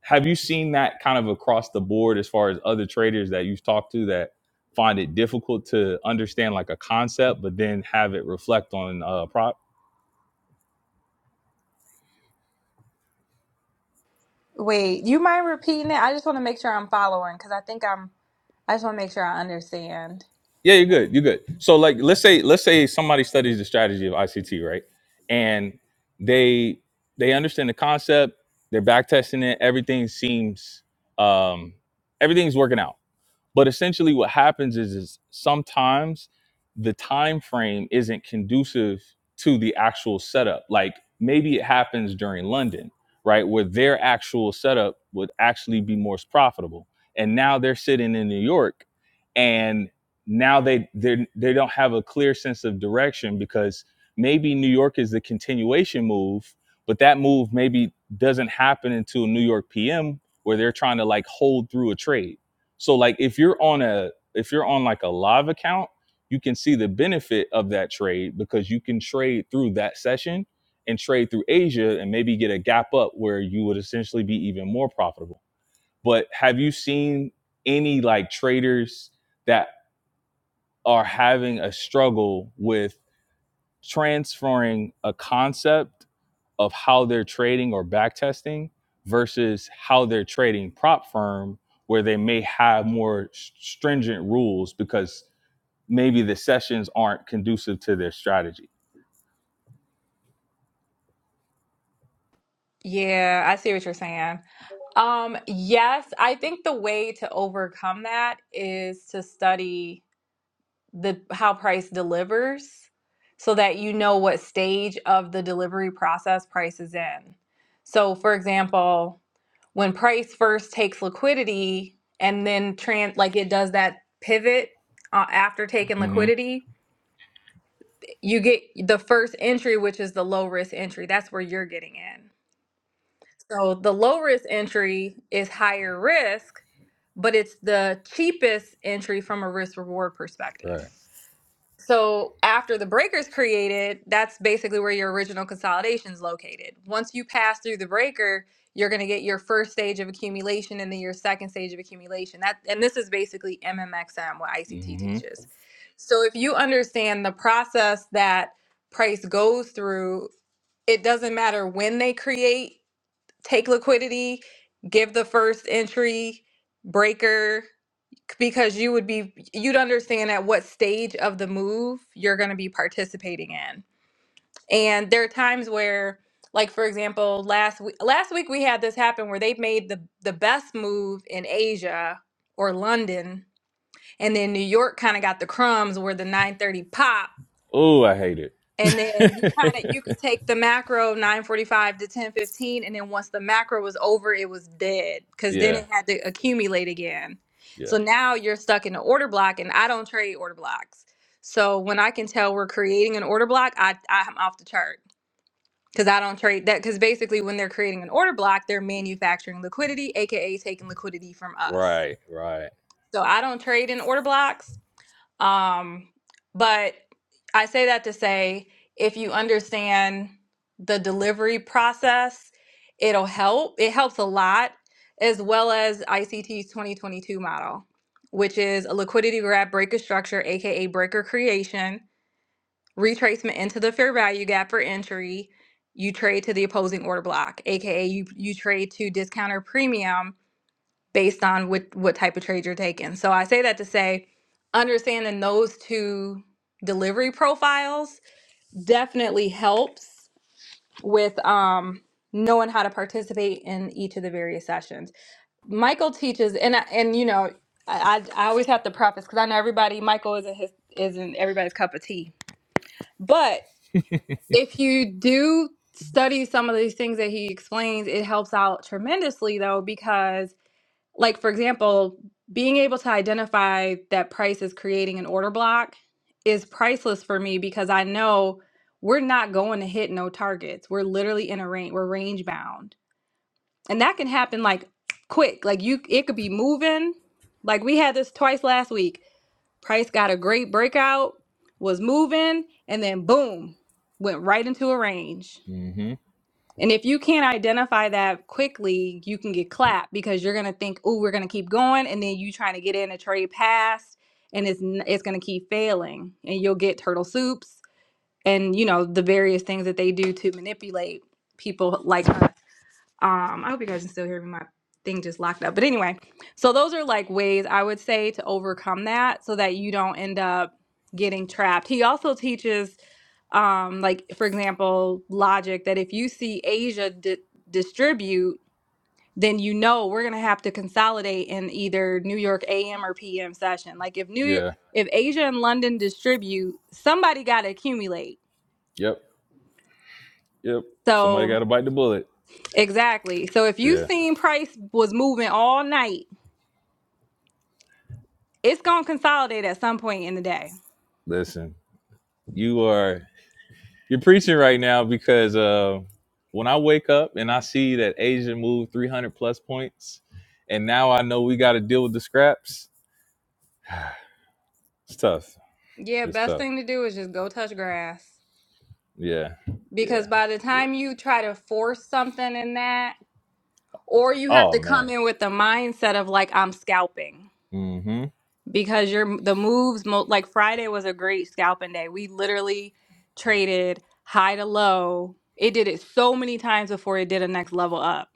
A: have you seen that kind of across the board as far as other traders that you've talked to that find it difficult to understand like a concept but then have it reflect on uh prop
D: Wait, you mind repeating it? I just want to make sure I'm following because I think I'm I just want to make sure I understand.
A: yeah you're good you're good so like let's say let's say somebody studies the strategy of ict right and they they understand the concept they're back testing it everything seems um everything's working out But essentially, what happens is, is sometimes the time frame isn't conducive to the actual setup. Like maybe it happens during London, right, where their actual setup would actually be more profitable, and now they're sitting in New York, and now they they they don't have a clear sense of direction because maybe New York is the continuation move, but that move maybe doesn't happen until New York PM, where they're trying to like hold through a trade so like if you're on a if you're on like a live account, you can see the benefit of that trade because you can trade through that session and trade through Asia and maybe get a gap up where you would essentially be even more profitable. But have you seen any like traders that are having a struggle with transferring a concept of how they're trading or back testing versus how they're trading prop firm where they may have more stringent rules because maybe the sessions aren't conducive to their strategy
D: Yeah, I see what you're saying. Um, yes, I think the way to overcome that is to study the how price delivers so that you know what stage of the delivery process price is in. So for example, when price first takes liquidity and then trans like it does that pivot uh, after taking
A: hmm
D: liquidity, you get the first entry which is the low risk entry. That's where you're getting in. So the low risk entry is higher risk, but it's the cheapest entry from a risk reward
A: right
D: perspective. So after the breaker's created, that's basically where your original consolidation is located. Once you pass through the breaker, you're going to get your first stage of accumulation and then your second stage of accumulation. That and this is basically MMXM what ICT
A: hmm
D: teaches. So if you understand the process that price goes through, it doesn't matter when they create take liquidity, give the first entry breaker because you would be you'd understand at what stage of the move you're going to be participating in. And there are times where like for example, last week last week we had this happen where they made the the best move in Asia or London and then New York kind of got the crumbs where the 930 pop
A: oh i hate it
D: and then you kind of you could take the macro 945 to 1015 and then once the macro was over it was dead because then
A: yeah
D: it had to accumulate again
A: yeah
D: so now you're stuck in the order block and i don't trade order blocks so when i can tell we're creating an order block i i'm off the chart because i don't trade that because basically when they're creating an order block they're manufacturing liquidity aka taking liquidity from us
A: right right
D: so i don't trade in order blocks um, but I say that to say if you understand the delivery process, it'll help. It helps a lot, as well as ICT's 2022 model, which is a liquidity grab breaker structure, aka breaker creation, retracement into the fair value gap for entry. You trade to the opposing order block, aka you, you trade to discount or premium based on what what type of trade you're taking. So I say that to say understanding those two delivery profiles definitely helps with um knowing how to participate in each of the various sessions. Michael teaches and I- and you know I, I I always have to preface because I know everybody Michael isn't his isn't everybody's cup of tea. But if you do study some of these things that he explains, it helps out tremendously though because like for example, being able to identify that price is creating an order block is priceless for me because I know we're not going to hit no targets. We're literally in a range, we're range bound. And that can happen like quick. Like you it could be moving. Like we had this twice last week. Price got a great breakout, was moving, and then boom, went right into a range
A: hmm
D: and if you can't identify that quickly, you can get clapped because you're gonna think, "Oh, we're gonna keep going," and then you trying to get in a trade pass, and it's n- it's gonna keep failing, and you'll get turtle soups and you know the various things that they do to manipulate people like us. Um, I hope you guys can still hear me. My thing just locked up, but anyway, so those are like ways I would say to overcome that so that you don't end up getting trapped. He also teaches um like for example logic that if you see asia di- distribute then you know we're going to have to consolidate in either new york am or pm session like if new york
A: yeah
D: if asia and london distribute somebody got to accumulate
A: yep yep somebody got
D: so
A: to bite the bullet
D: exactly so if you
A: yeah
D: seen price was moving all night it's going to consolidate at some point in the day
A: listen you are You're preaching right now because uh, when I wake up and I see that Asia moved 300 plus points, and now I know we got to deal with the scraps. It's tough.
D: yeah
A: It's
D: best
A: tough.
D: thing to do is just go touch grass
A: Yeah. Yeah.
D: because by the
A: Yeah.
D: time you try to force something in that Or you have
A: Oh
D: to come
A: man.
D: in with the mindset of like I'm scalping
A: Mm-hmm.
D: because you're the moves mo- like Friday was a great scalping day. We literally traded high to low. It did it so many times before it did a next level up.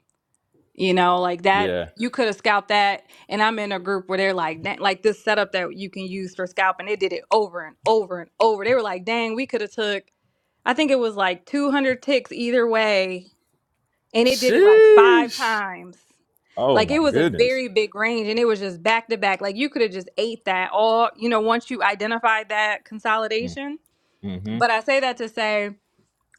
D: You know, like that
A: Yeah.
D: you could have scalped that and I'm in a group where they're like "Dang," like this setup that you can use for scalping. They did it over and over and over. They were like, "Dang, we could have took I think it was like 200 ticks either way and it did it like five
A: Sheesh.
D: times.
A: Oh
D: Like
A: my
D: it was a
A: goodness.
D: very big range and it was just back to back. Like you could have just ate that all, you know, once you identified that consolidation.
A: Mm-hmm.
D: But I say that to say,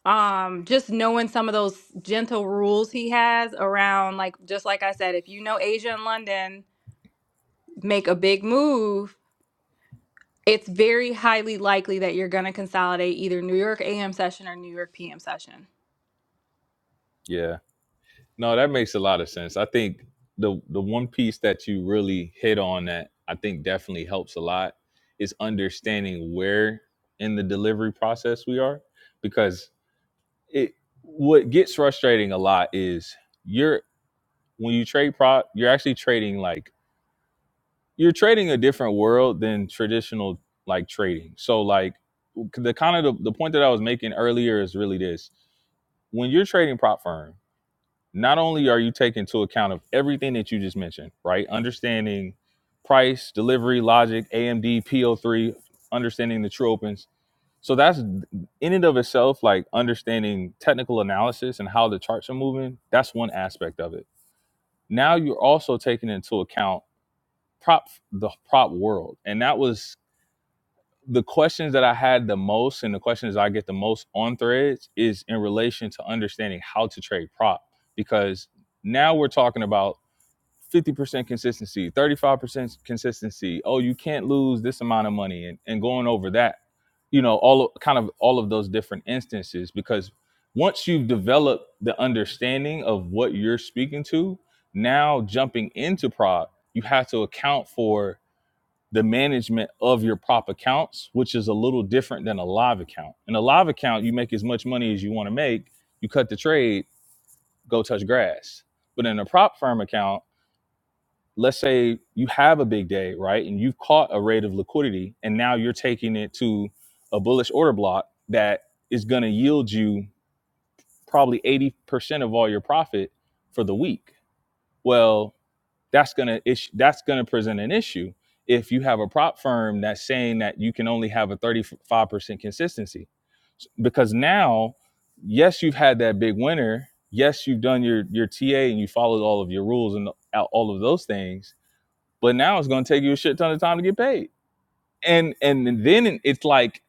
D: um, just knowing some of those gentle rules he has around, like, just like I said, if you know Asia and London make a big move, it's very highly likely that you're going to consolidate either New York AM session or New York PM session
A: Yeah. No, that makes a lot of sense. I think the the one piece that you really hit on that I think definitely helps a lot is understanding where in the delivery process we are because it what gets frustrating a lot is you're when you trade prop you're actually trading like you're trading a different world than traditional like trading. So like the kind of the, the point that I was making earlier is really this. When you're trading prop firm. not only are you taking into account of everything that you just mentioned, right? Understanding price, delivery, logic, AMD, PO3, understanding the true opens. So that's in and of itself, like understanding technical analysis and how the charts are moving. That's one aspect of it. Now you're also taking into account prop the prop world. And that was the questions that I had the most and the questions I get the most on threads is in relation to understanding how to trade prop because now we're talking about 50% consistency, 35% consistency. Oh, you can't lose this amount of money and, and going over that, you know, all of, kind of all of those different instances because once you've developed the understanding of what you're speaking to, now jumping into prop, you have to account for the management of your prop accounts, which is a little different than a live account. In a live account, you make as much money as you want to make, you cut the trade, go touch grass. But in a prop firm account, let's say you have a big day, right? And you've caught a rate of liquidity and now you're taking it to a bullish order block that is going to yield you probably 80% of all your profit for the week. Well, that's going to issue that's going to present an issue if you have a prop firm that's saying that you can only have a 35% consistency because now yes you've had that big winner yes you've done your your ta and you followed all of your rules and all of those things but now it's going to take you a shit ton of time to get paid and and then it's like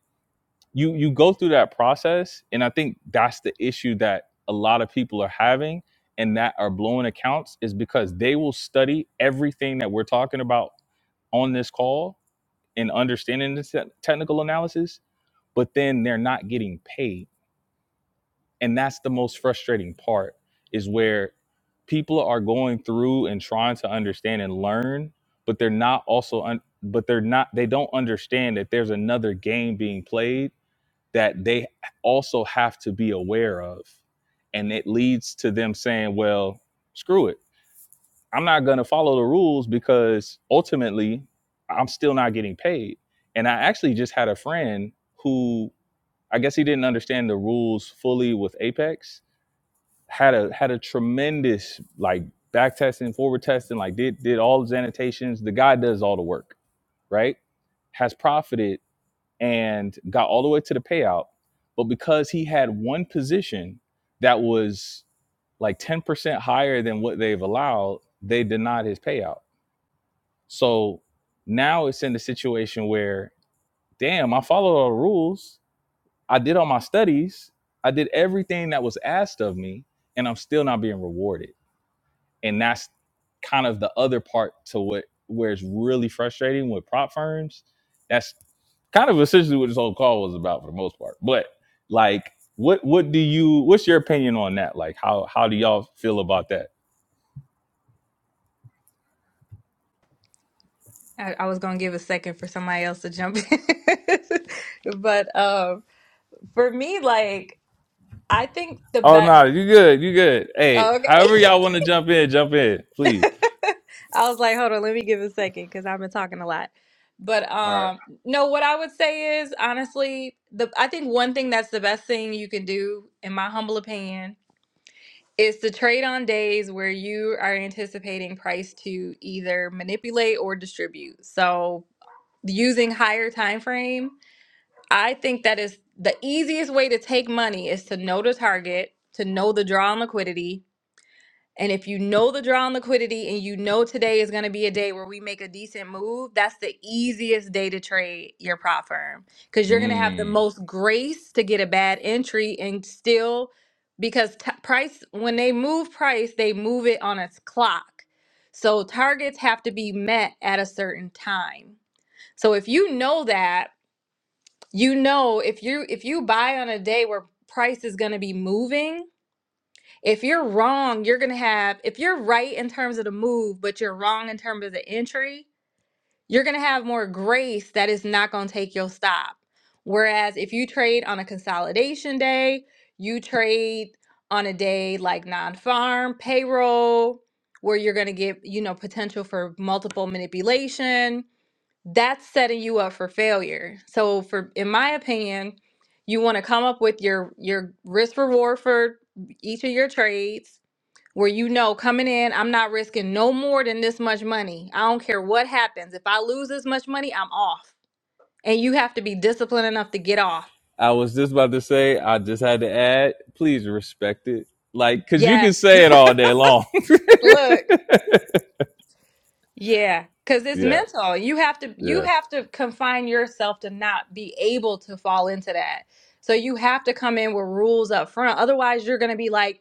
A: you you go through that process and i think that's the issue that a lot of people are having and that are blowing accounts is because they will study everything that we're talking about on this call and understanding this te- technical analysis but then they're not getting paid and that's the most frustrating part is where people are going through and trying to understand and learn but they're not also un- but they're not they don't understand that there's another game being played that they also have to be aware of and it leads to them saying well screw it i'm not going to follow the rules because ultimately i'm still not getting paid and i actually just had a friend who i guess he didn't understand the rules fully with apex had a had a tremendous like back testing, forward testing, like did did all his annotations. The guy does all the work, right? Has profited and got all the way to the payout, but because he had one position that was like ten percent higher than what they've allowed, they denied his payout. So now it's in the situation where, damn, I followed all the rules. I did all my studies. I did everything that was asked of me, and I'm still not being rewarded and that's kind of the other part to what where it's really frustrating with prop firms. That's kind of essentially what this whole call was about for the most part. But like, what what do you? What's your opinion on that? Like, how how do y'all feel about that?
D: I, I was gonna give a second for somebody else to jump in, but um, for me, like I think the
A: Oh
D: best.
A: no, you good, you good. Hey,
D: Okay,
A: however y'all want to jump in, jump in, please.
D: I was like, hold on, let me give a second because I've been talking a lot. But
E: All right.
D: um, no, what I would say is honestly, the I think one thing that's the best thing you can do, in my humble opinion, is to trade on days where you are anticipating price to either manipulate or distribute. So using higher time frame I think that is the easiest way to take money is to know the target, to know the draw on liquidity. And if you know the draw on liquidity and you know today is going to be a day where we make a decent move, that's the easiest day to trade your prop firm because you're going to have the
A: Mm,
D: most grace to get a bad entry and still because t- price, when they move price, they move it on a clock. So targets have to be met at a certain time. So if you know that, you know if you if you buy on a day where price is going to be moving if you're wrong you're going to have if you're right in terms of the move but you're wrong in terms of the entry you're going to have more grace that is not going to take your stop whereas if you trade on a consolidation day you trade on a day like non-farm payroll where you're going to get you know potential for multiple manipulation that's setting you up for failure. So for in my opinion, you want to come up with your your risk reward for each of your trades where you know coming in, I'm not risking no more than this much money. I don't care what happens. If I lose this much money, I'm off. And you have to be disciplined enough to get off.
A: I was just about to say, I just had to add, please respect it. Like, cause you can
D: Yes.
A: say it all day long.
D: Look. Yeah, because it's
A: Yeah,
D: mental. You have to you
A: yeah.
D: have to confine yourself to not be able to fall into that. So you have to come in with rules up front. Otherwise, you're going to be like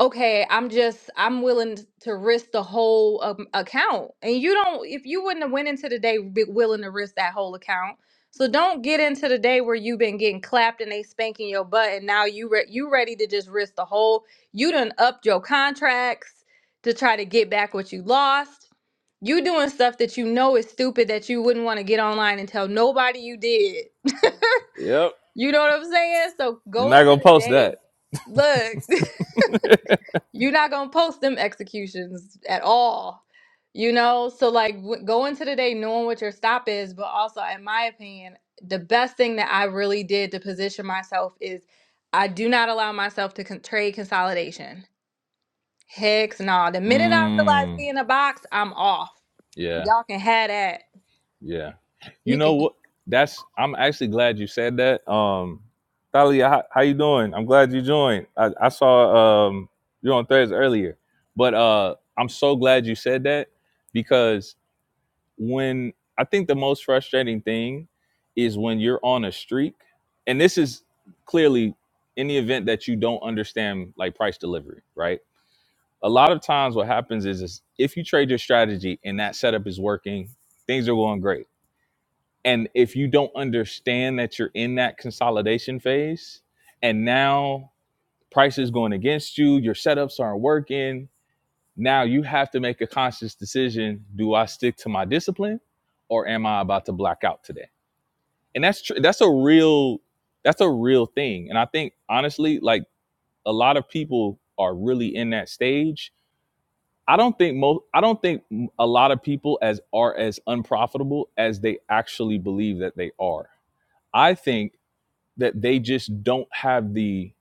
D: okay, I'm just I'm willing to risk the whole um, account. And you don't if you wouldn't have went into the day be willing to risk that whole account. So don't get into the day where you've been getting clapped and they spanking your butt, and now you re- you ready to just risk the whole. You done upped your contracts to try to get back what you lost. You doing stuff that you know is stupid that you wouldn't want to get online and tell nobody you did.
A: yep.
D: You know what I'm saying? So
A: You're
D: go
A: not
D: into
A: gonna
D: the
A: post that.
D: day. Look. You're not gonna post them executions at all. You know, so like w- go into the day knowing what your stop is, but also, in my opinion, the best thing that I really did to position myself is I do not allow myself to con- trade consolidation. Hex, nah. The minute I realize
A: Mm,
D: we in a box, I'm off.
A: yeah,
D: Y'all can have that.
A: yeah. You
D: You
A: know
D: can.
A: what? That's. I'm actually glad you said that. Um, Thalia, how, how you doing? I'm glad you joined. I, I saw um you on threads earlier, but uh, I'm so glad you said that because when I think the most frustrating thing is when you're on a streak, and this is clearly in the event that you don't understand like price delivery, right? a lot of times what happens is, is if you trade your strategy and that setup is working, things are going great. And if you don't understand that you're in that consolidation phase and now price is going against you, your setups aren't working, now you have to make a conscious decision, do I stick to my discipline or am I about to black out today? And that's tr- that's a real that's a real thing. And I think honestly like a lot of people are really in that stage I don't think most I don't think a lot of people as are as unprofitable as they actually believe that they are. I think that they just don't have the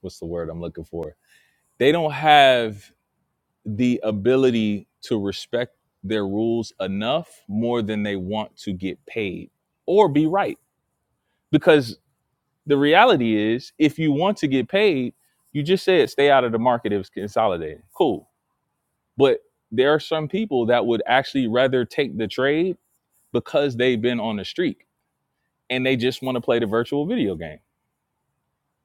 A: what's the word I'm looking for? They don't have the ability to respect their rules enough more than they want to get paid or be right. Because the reality is if you want to get paid, you just said stay out of the market if it's consolidating. Cool But there are some people that would actually rather take the trade because they've been on the streak and they just want to play the virtual video game.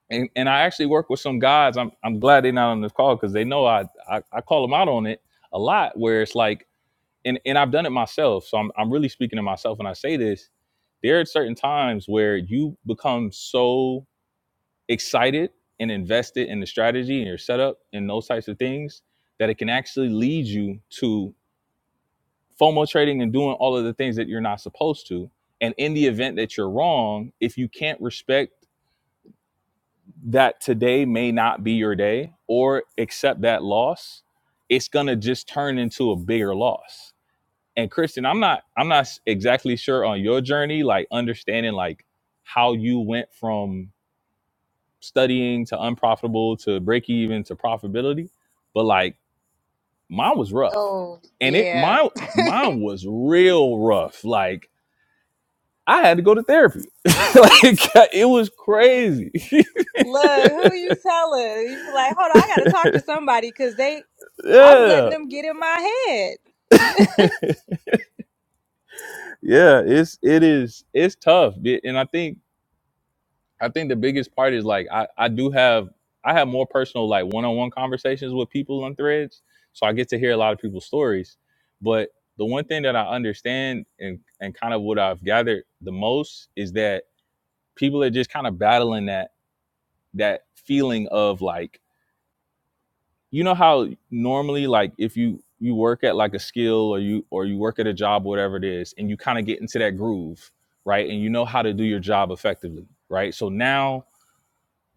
A: And and I actually work with some guys. I'm I'm glad they're not on this call because they know I, I I call them out on it a lot. Where it's like, and and I've done it myself. So I'm I'm really speaking to myself when I say this. There are certain times where you become so excited and invested in the strategy and your setup and those types of things that it can actually lead you to. FOMO trading and doing all of the things that you're not supposed to. And in the event that you're wrong, if you can't respect that today may not be your day or accept that loss, it's going to just turn into a bigger loss. And Kristen, I'm not I'm not exactly sure on your journey like understanding like how you went from studying to unprofitable to break even to profitability, but like mine was rough.
D: Oh
A: And it
D: yeah.
A: my mine was real rough. Like I had to go to therapy. like it was crazy.
D: Look, who you telling? You be like, hold on, I gotta talk to somebody because they, I'm
A: yeah.
D: letting them get in my head.
A: yeah, it's it is it's tough. Be- And I think I think the biggest part is like I I do have I have more personal like one-on-one conversations with people on threads. So I get to hear a lot of people's stories. But the one thing that I understand and and kind of what I've gathered the most is that people are just kind of battling that that feeling of like you know how normally like if you you work at like a skill or you or you work at a job whatever it is and you kind of get into that groove right and you know how to do your job effectively right so now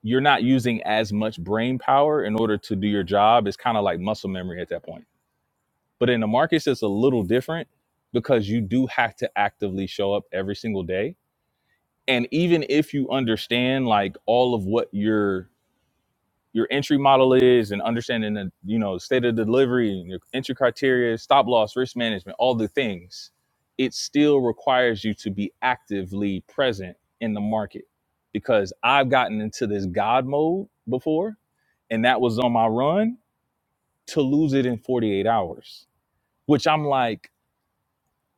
A: you're not using as much brain power in order to do your job it's kind of like muscle memory at that point but in the markets it's a little different because you do have to actively show up every single day and even if you understand like all of what you're your entry model is and understanding the you know state of delivery and your entry criteria stop loss risk management all the things it still requires you to be actively present in the market because i've gotten into this god mode before and that was on my run to lose it in 48 hours which i'm like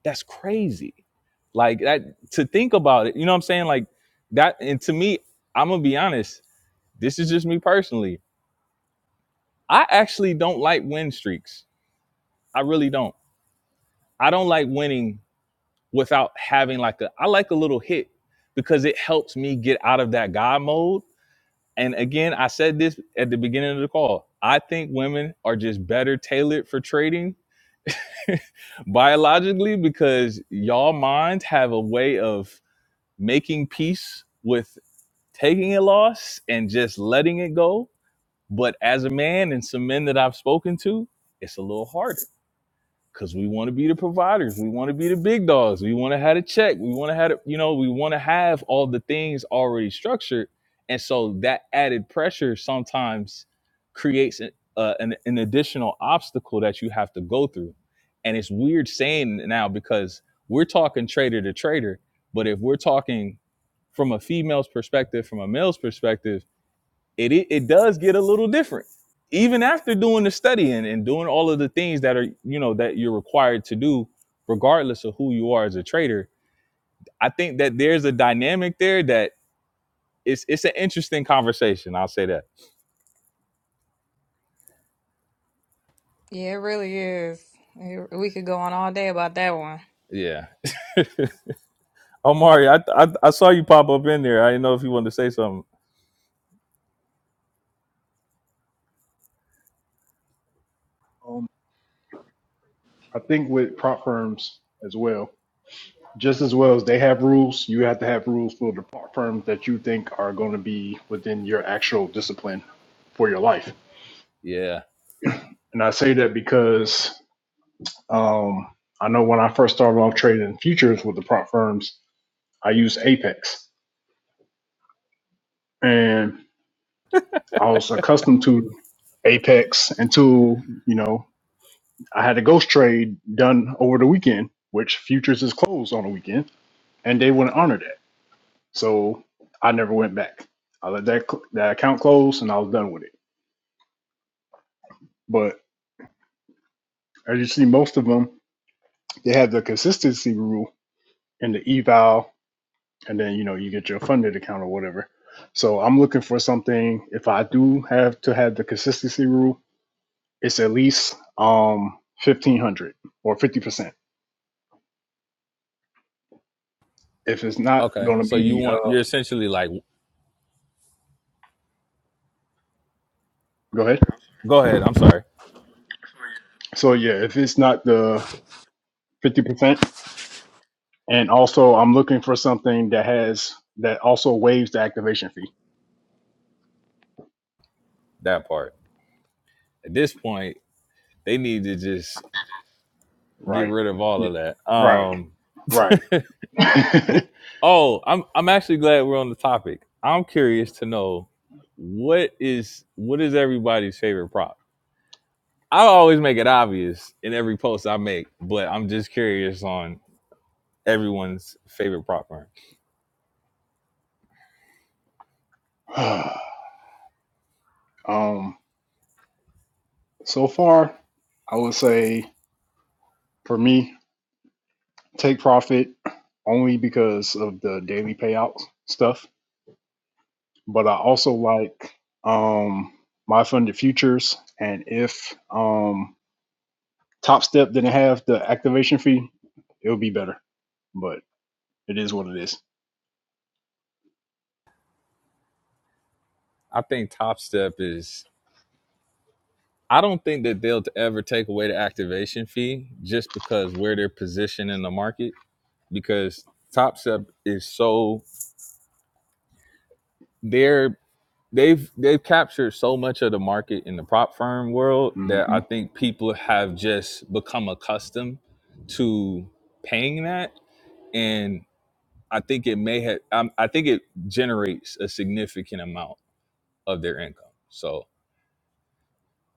A: that's crazy like that to think about it you know what i'm saying like that and to me i'm gonna be honest this is just me personally I actually don't like win streaks. I really don't. I don't like winning without having like a I like a little hit because it helps me get out of that God mode. And again, I said this at the beginning of the call. I think women are just better tailored for trading biologically because y'all minds have a way of making peace with taking a loss and just letting it go. But as a man and some men that I've spoken to, it's a little harder because we want to be the providers. We want to be the big dogs. We want to have a check. We want to have, the- you know, we want to have all the things already structured. And so that added pressure sometimes creates an, uh, an, an additional obstacle that you have to go through. And it's weird saying it now because we're talking trader to trader, but if we're talking from a female's perspective, from a male's perspective, it i- it does get a little different even after doing the studying and, and doing all of the things that are you know that you're required to do regardless of who you are as a trader i think that there's a dynamic there that it's it's an interesting conversation i'll say that
D: Yeah, it really is. It- We could go on all day about that one.
A: yeah omari i i, I saw you pop up in there i didn't know if you wanted to say something
E: Um, I think with prop firms as well, just as well as they have rules, you have to have rules for the prop firms that you think are going to be within your actual discipline for your life
A: yeah
E: And I say that because um, I know when I first started off trading futures with the prop firms, I used Apex. And I was accustomed to Apex until, you know, I had a ghost trade done over the weekend, which futures is closed on the weekend, and they wouldn't honor that. So I never went back. I let that, cl- that account close and I was done with it. But as you see, most of them, they have the consistency rule in the eval and then you know you get your funded account or whatever. So I'm looking for something. If I do have to have the consistency rule, it's at least um fifteen hundred or fifty percent. If it's not
A: okay
E: going to
A: so you
E: be, uh,
A: want you're essentially like
E: go ahead.
A: go ahead i'm sorry
E: So yeah, if it's not the fifty percent, and also I'm looking for something that has that also waives the activation fee.
A: that part at this point they need to just get
E: Right.
A: rid of all
E: Yeah.
A: of that
E: Right.
A: um
E: Right.
A: What? Oh, I'm I'm actually glad we're on the topic. I'm curious to know what is what is everybody's favorite prop. I always make it obvious in every post I make, but I'm just curious on everyone's favorite prop firm.
E: um. So far, I would say for me, take profit only because of the daily payout stuff. But I also like um, my funded futures, and if um, Top Step didn't have the activation fee, it would be better. But it is what it is.
A: I think Top Step is. I don't think that they'll ever take away the activation fee just because where they're positioned in the market. Because Top Step is so their they've they've captured so much of the market in the prop firm world that
E: Mm-hmm.
A: I think people have just become accustomed to paying that, and I think it may have um, I think it generates a significant amount of their income. So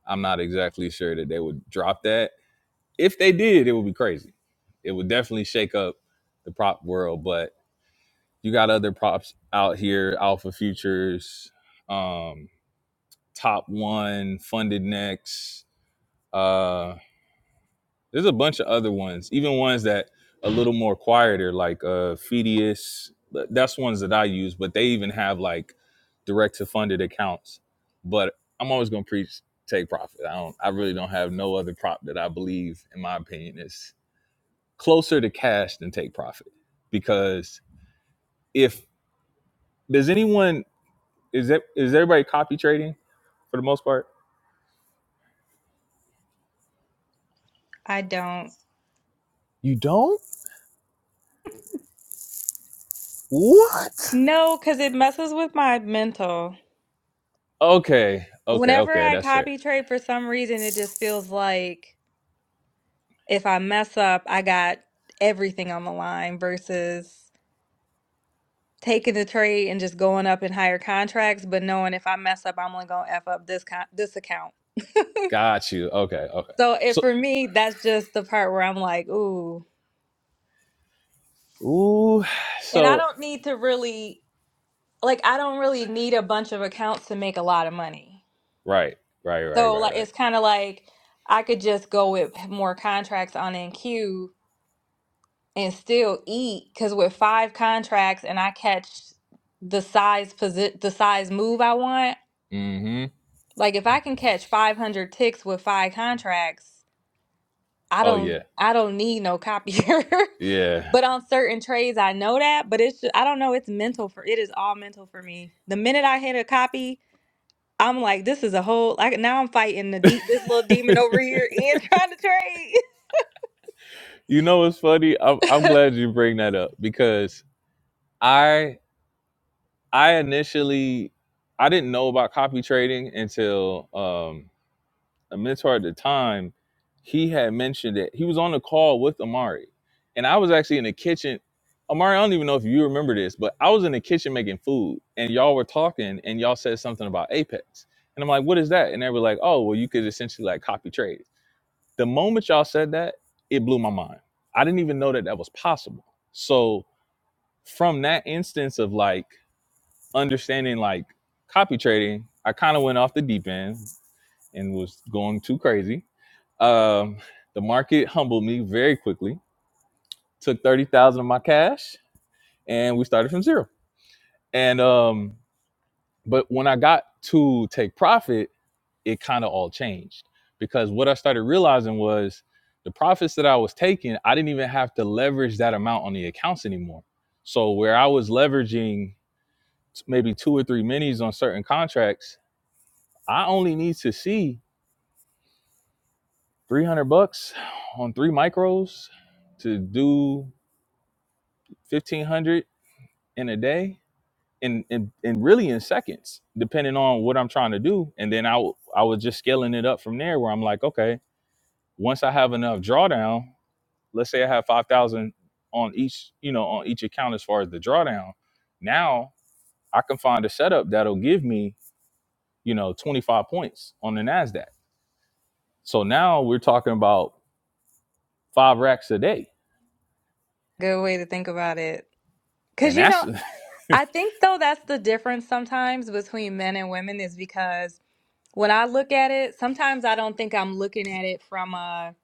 A: I'm not exactly sure that they would drop that. If they did, it would be crazy. It would definitely shake up the prop world, but you got other props out here, Alpha Futures, um, Top One, Funded Next Uh, there's a bunch of other ones, even ones that a little more quieter, like uh, Fedius. That's ones that I use, but they even have like direct to funded accounts. But I'm always gonna preach take profit. I don't. I really don't have no other prop that I believe, in my opinion, is closer to cash than take profit. Because if does anyone is that is everybody copy trading for the most part?
D: I don't.
A: You don't? What?
D: No, because it messes with my mental.
A: Okay, okay,
D: Whenever
A: okay.
D: I
A: That's fair.
D: copy trade, for some reason, it just feels like if I mess up, I got everything on the line versus taking the trade and just going up in higher contracts, but knowing if I mess up, I'm only gonna F up this con this account.
A: Got you. Okay. Okay.
D: So it
A: So,
D: for me, that's just the part where I'm like, ooh.
A: ooh.
D: And I
A: So,
D: don't need to really. like I don't really need a bunch of accounts to make a lot of money.
A: right. Right. Right.
D: So
A: Right.
D: like
A: Right.
D: it's kind of like I could just go with more contracts on NQ and still eat because with five contracts and I catch the size posi- the size move I want.
A: Mm-hmm.
D: Like if I can catch 500 ticks with five contracts, I
A: Oh
D: don't
A: yeah.
D: I don't need no copier.
A: Yeah.
D: but on certain trades I know that, but it's just, I don't know, it's mental for it is all mental for me. The minute I hit a copy, I'm like, this is a whole like now I'm fighting the deep this little demon over here and trying to trade.
A: You know what's funny? I'm I'm glad you bring that up because I I initially I didn't know about copy trading until um a mentor at the time, he had mentioned it. He was on the call with Amari, and I was actually in the kitchen. Amari, I don't even know if you remember this, but I was in the kitchen making food, and y'all were talking, and y'all said something about Apex, and I'm like, "What is that?" And they were like, "Oh, well, you could essentially like copy trades." The moment y'all said that, it blew my mind. I didn't even know that that was possible. So from that instance of like understanding like copy trading, I kind of went off the deep end and was going too crazy. Um, the market humbled me very quickly. Took thirty thousand of my cash, and we started from zero. And um, but when I got to take profit, it kind of all changed because what I started realizing was the profits that I was taking, I didn't even have to leverage that amount on the accounts anymore. So where I was leveraging maybe two or three minis on certain contracts, I only need to see. 300 bucks on three micros to do 1500 in a day and, and and really in seconds depending on what i'm trying to do and then i w- i was just scaling it up from there where i'm like okay once i have enough drawdown let's say i have 5000 on each you know on each account as far as the drawdown now i can find a setup that'll give me you know 25 points on the nasdaq so now we're talking about five racks a day
D: Good way to think about it. Cause
A: and
D: you
A: that's
D: know, I think though that's the difference sometimes between men and women is because when I look at it, sometimes I don't think I'm looking at it from a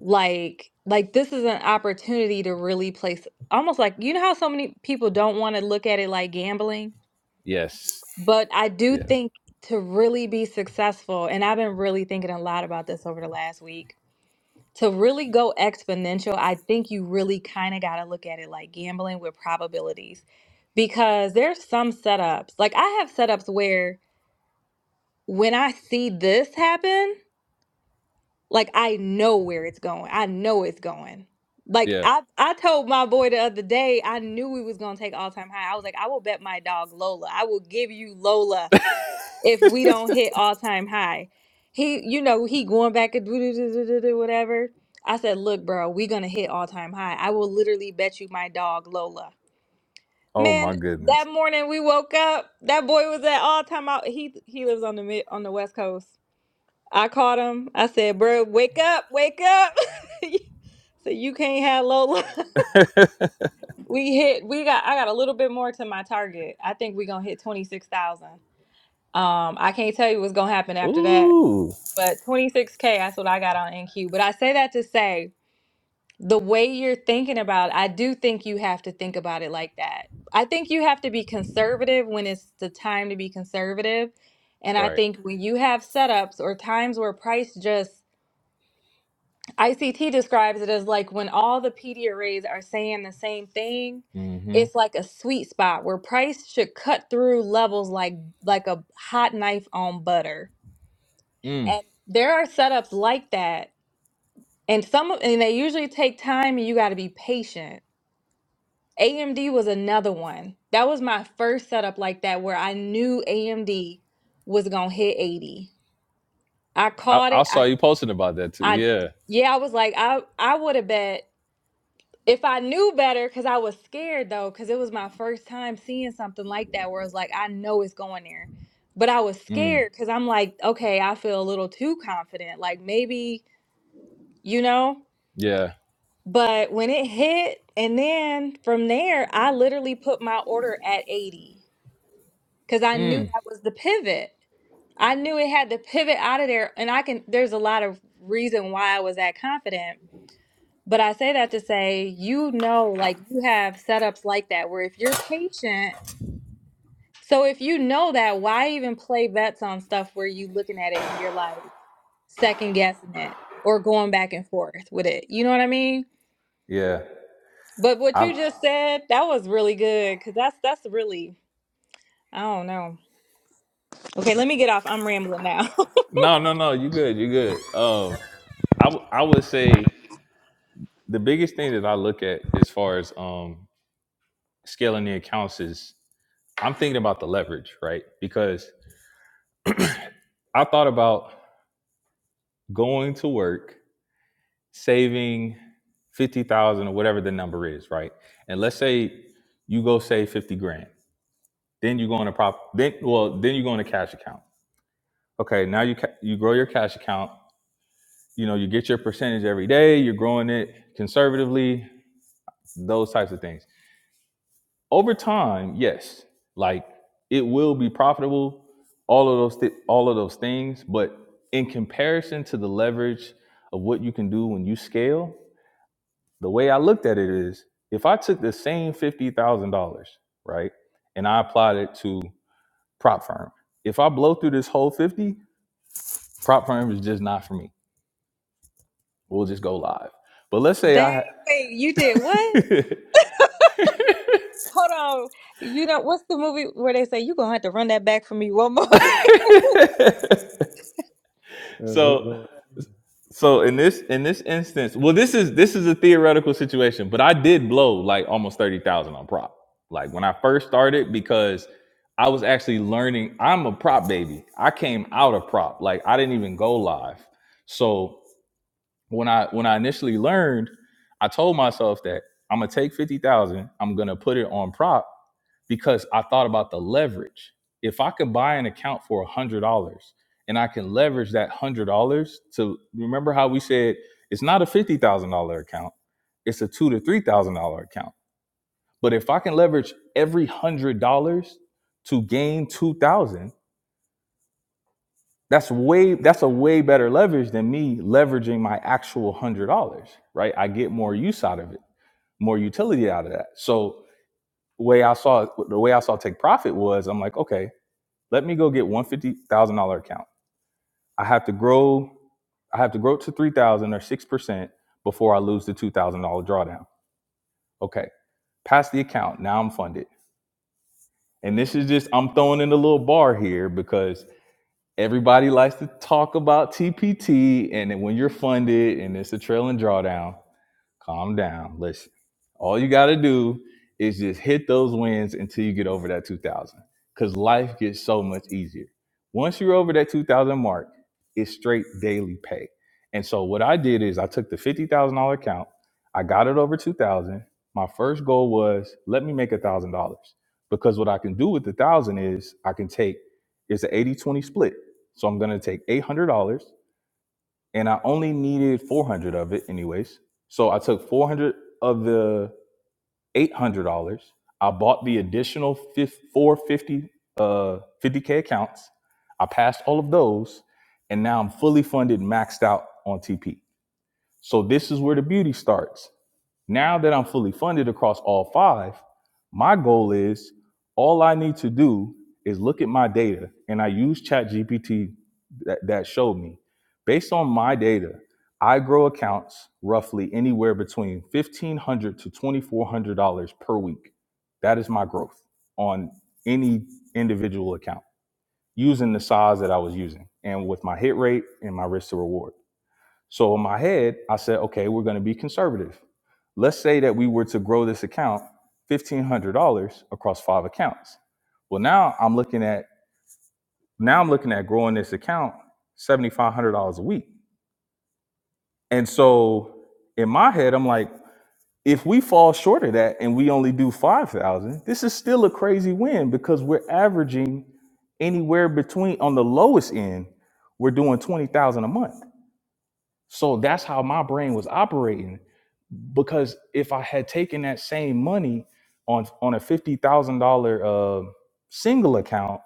D: like like this is an opportunity to really place almost like you know how so many people don't want to look at it like gambling,
A: yes
D: but I do
A: Yes.
D: think to really be successful, and I've been really thinking a lot about this over the last week to really go exponential, I think you really kind of got to look at it like gambling with probabilities because there's some setups. Like I have setups where when I see this happen, like I know where it's going. I know it's going. Like
A: Yeah.
D: I I told my boy the other day, I knew we was going to take all-time high. I was like, I will bet my dog Lola. I will give you Lola if we don't hit all time high. He, you know, he going back and do do do do do do whatever. I said, look, bro, we gonna hit all time high. I will literally bet you my dog Lola.
A: Oh my
D: Man,
A: goodness.
D: that morning we woke up. That boy was at all time out. He he lives on the mid on the west coast. I called him. I said, bro, wake up, wake up. so you can't have Lola. we hit. We got. I got a little bit more to my target. I think we gonna hit twenty six thousand. Um, I can't tell you what's gonna happen after that
A: Ooh.
D: but 26K, that's what I got on NQ. But I say that to say the way you're thinking about it, I do think you have to think about it like that. I think you have to be conservative when it's the time to be conservative. And I
A: Right.
D: think when you have setups or times where price just, ICT describes it as like when all the PD arrays are saying the same thing.
A: Mm-hmm.
D: It's like a sweet spot where price should cut through levels like like a hot knife on butter.
A: Mm.
D: And there are setups like that And some of- and they usually take time and you got to be patient. AMD was another one. That was my first setup like that where I knew AMD was going to hit 80. I
A: I,
D: caught
A: I
D: it.
A: saw
D: I
A: you posting about that too.
D: I
A: Yeah.
D: yeah, I was like I I would have bet if I knew better cuz I was scared though cuz it was my first time seeing something like that where it's like I know it's going there. But I was
A: Mm.
D: scared cuz I'm like, okay, I feel a little too confident. Like maybe, you know?
A: Yeah.
D: But when it hit, and then from there, I literally put my order at 80 because I knew
A: Mm.
D: that was the pivot. I knew it had to pivot out of there. And I can, there's a lot of reason why I was that confident. But I say that to say, you know, like you have setups like that where if you're patient, so if you know that, why even play bets on stuff where you looking at it and you're like second guessing it or going back and forth with it? You know what I mean?
A: Yeah.
D: But what
A: I'm
D: you just said, that was really good because that's that's really I don't know. Okay, let me get off. I'm rambling now.
A: no, no, no. You good. You good. Um, I w- I would say the biggest thing that I look at as far as um scaling the accounts is I'm thinking about the leverage, right? Because I thought about going to work saving 50,000 or whatever the number is, right? And let's say you go save 50 grand. Then you go on a prop then well, then you go on a cash account. Okay, now you ca- you grow your cash account, you know, you get your percentage every day, you're growing it conservatively, those types of things. Over time, yes, like it will be profitable, all of those thi- all of those things, but in comparison to the leverage of what you can do when you scale, the way I looked at it is if I took the same $50,000, right, and I applied it to prop firm, if I blow through this whole 50, prop firm is just not for me. We'll just go live. But let's say
D: Dang,
A: I
D: wait, you did what?
A: ha-
D: Hold on. You know what's the movie where they say you gonna have to run that back for me one more again?
B: Yeah, Nick
A: so
B: going.
A: So in this in this instance, well, this is this is a theoretical situation, but I did blow like almost thirty thousand on prop. Like when I first started, because I was actually learning. I'm a prop baby. I came out of prop. Like I didn't even go live. So when I when I initially learned, I told myself that I'm gonna take fifty thousand. I'm gonna put it on prop, because I thought about the leverage. If I could buy an account for a hundred dollars and I can leverage that one hundred dollars to remember how we said it's not a fifty thousand dollar account, it's a two thousand to three thousand dollar account. But if I can leverage every one hundred dollars to gain two thousand, dollars, that's way that's a way better leverage than me leveraging my actual one hundred dollars, right? I get more use out of it, more utility out of that. So way I saw the way I saw take profit was I'm like, okay, let me go get one fifty thousand dollar account. I have to grow, I have to grow to three thousand or six percent before I lose the two thousand dollar drawdown. Okay, pass the account. Now I'm funded. And this is just I'm throwing in a little bar here because everybody likes to talk about TPT and when you're funded and it's a trailing drawdown. Calm down. Listen. All you got to do is just hit those wins until you get over that 2000 because life gets so much easier. Once you're over that 2000 mark, it's straight daily pay. And so what I did is I took the $50,000 account, I got it over 2000. My first goal was let me make $1,000 because what I can do with the 1000 is I can take it's an 80 20 split. So I'm going to take $800 and I only needed 400 of it anyways. So I took 400 of the $800. I bought the additional fif- 450 uh 50k accounts. I passed all of those and now I'm fully funded maxed out on TP. So this is where the beauty starts. Now that I'm fully funded across all five, my goal is all I need to do is look at my data and I use ChatGPT that, that showed me. Based on my data, I grow accounts roughly anywhere between $1,500 to $2,400 per week. That is my growth on any individual account using the size that I was using and with my hit rate and my risk to reward. So in my head, I said, okay, we're going to be conservative. Let's say that we were to grow this account $1,500 across five accounts. Well, now I'm looking at now I'm looking at growing this account $7,500 a week. And so in my head, I'm like, if we fall short of that and we only do 5,000, this is still a crazy win because we're averaging anywhere between on the lowest end, we're doing 20,000 a month. So that's how my brain was operating. Because if I had taken that same money on on a fifty thousand thousand dollar uh, single account,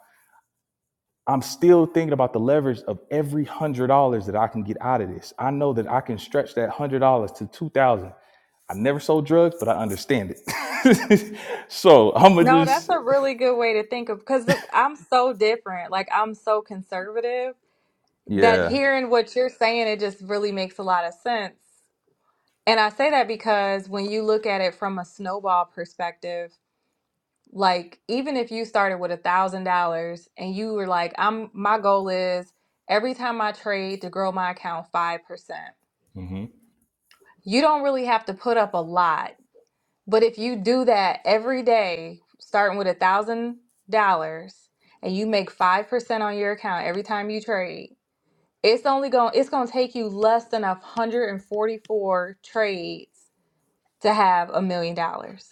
A: I'm still thinking about the leverage of every hundred dollars that I can get out of this. I know that I can stretch that hundred dollars to two thousand. I never sold drugs, but I understand it. so I'ma
D: No, that's
A: just
D: a really good way to think of because I'm so different. Like I'm so conservative that
A: yeah.
D: hearing what you're saying, it just really makes a lot of sense. And I say that because when you look at it from a snowball perspective. like even if you started with a thousand dollars and you were like i'm my goal is every time i trade to grow my account 5%
A: hmm
D: you don't really have to put up a lot but if you do that every day starting with a thousand dollars and you make 5% on your account every time you trade it's only going it's going to take you less than 144 trades to have a million dollars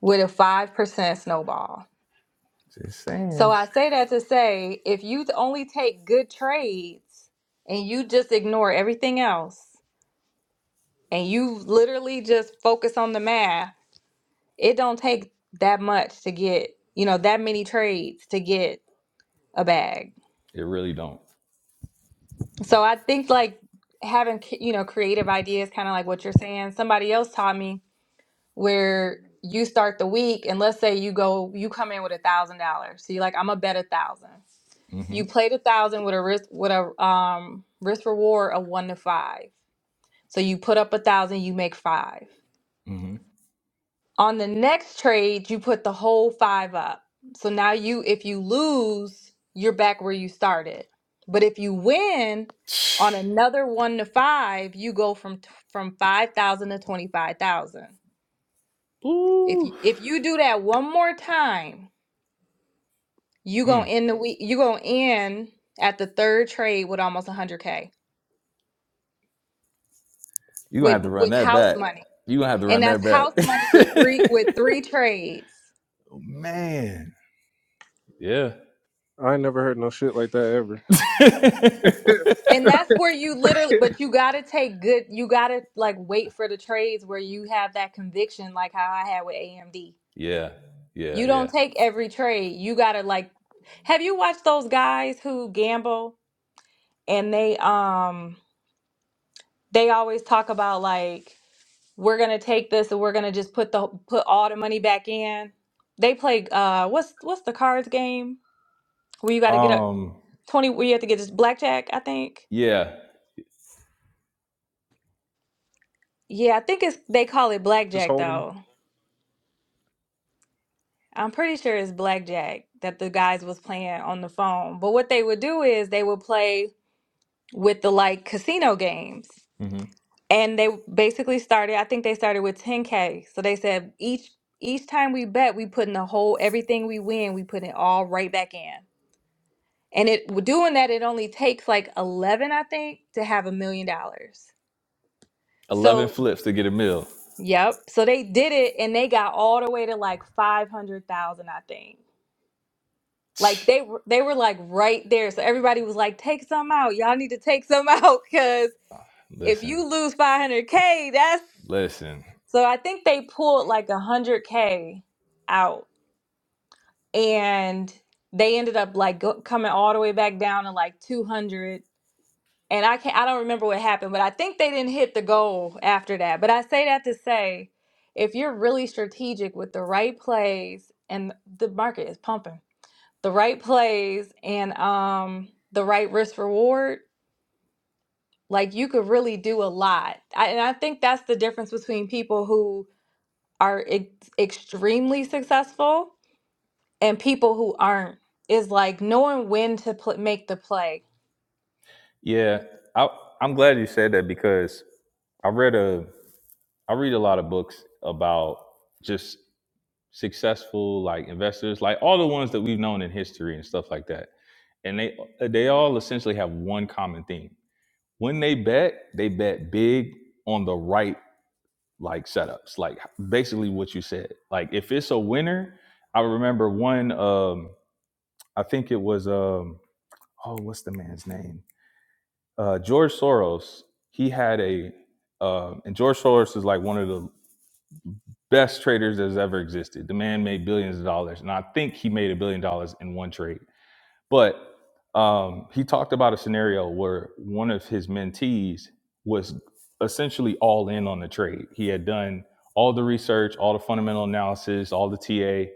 D: with a 5% snowball
A: Just
D: So
A: saying,
D: I say that to say if you t- only take good trades and you just ignore everything else and you literally just focus on the math, it don't take that much to get, you know, that many trades to get a bag.
A: it really don't.
D: So I think like having, c- you know, creative ideas kind of like what you're saying, somebody else taught me where you start the week and let's say you go you come in with a thousand dollars so you're like i'm gonna bet a thousand
A: Mm-hmm.
D: You played a thousand with a risk with a um risk reward of one to five. So you put up a thousand, you make five.
A: Mm-hmm.
D: On the next trade, you put the whole five up. So now you if you lose, you're back where you started. But if you win on another one to five, you go from from five thousand to twenty five thousand. If
A: Ooh.
D: you, if you do that one more time, you
A: Mm.
D: gonna end the week. You gonna end at the third trade with almost a hundred k
A: You're gonna
D: with
A: have to run
D: with
A: that
D: house
A: back.
D: money.
A: You're gonna have to run
D: and
A: that
D: that's house money with three with
A: back.
D: three trades
A: oh, man. Yeah.
B: I ain't never heard no shit like that ever.
D: and that's where you literally but you gotta take good you gotta like wait for the trades where you have that conviction like how i had with amd
A: yeah. Yeah.
D: you
A: Yeah.
D: don't take every trade you gotta like have you watched those guys who gamble and they um they always talk about like we're gonna take this and we're gonna just put the put all the money back in they play uh what's what's the cards game where you gotta get up
A: Um,
D: 20 where you have to get this blackjack i think
A: yeah.
D: Yeah, I think it's they call it
B: Just
D: blackjack
B: hold 'em.
D: though. I'm pretty sure it's blackjack that the guys was playing on the phone. But what they would do is they would play with the like casino games.
A: hmm
D: And they basically started, I think they started with 10K. So they said each each time we bet, we put in the whole everything we win, we put it all right back in. And it doing that, it only takes like 11, I think, to have a million dollars.
A: Eleven
D: So,
A: flips to get a meal.
D: yep. So they did it and they got all the way to like 500,000, I think. Like they were- they were like right there. So everybody was like, take some out. Y'all need to take some out because if
A: Listen,
D: you lose 500k, that's
A: listen.
D: so I think they pulled like 100k out and they ended up like go, coming all the way back down to like 200 and I can't I don't remember what happened, but I think they didn't hit the goal after that. But I say that to say if you're really strategic with the right plays and the market is pumping the right plays and um the right risk reward, like you could really do a lot. I, and I think that's the difference between people who are ex- extremely successful and people who aren't. Is like knowing when to pl- make the play.
A: Yeah, I, I'm glad you said that because I read a I read a lot of books about just successful like investors, like all the ones that we've known in history and stuff like that. And they they all essentially have one common theme. When they bet, they bet big on the right like setups. Like basically what you said. Like if it's a winner, I remember one um I think it was um oh what's the man's name? Uh George Soros. He had a uh, and George Soros is like one of the best traders that's ever existed. The man made billions of dollars, and I think he made a billion dollars in one trade. But um, he talked about a scenario where one of his mentees was essentially all in on the trade. He had done all the research, all the fundamental analysis, all the TA,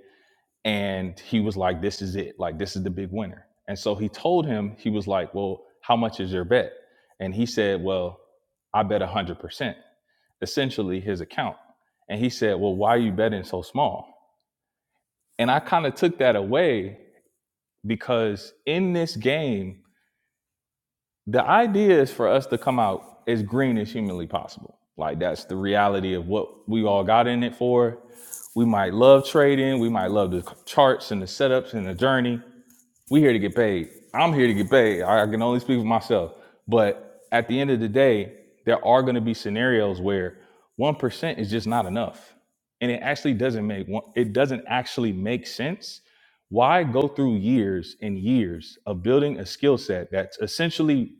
A: and he was like, "This is it. Like this is the big winner." And so he told him, he was like, "Well, how much is your bet?" And he said, "Well, I bet one hundred percent." essentially his account. And he said, Well, why are you betting so small? And I kind of took that away because in this game, the idea is for us to come out as green as humanly possible. Like that's the reality of what we all got in it for. We might love trading, we might love the charts and the setups and the journey, we here to get paid. I'm here to get paid. I I can only speak for myself. But at the end of the day, there are going to be scenarios where one percent is just not enough, and it actually doesn't make one. It doesn't actually make sense. Why go through years and years of building a skill set that's essentially,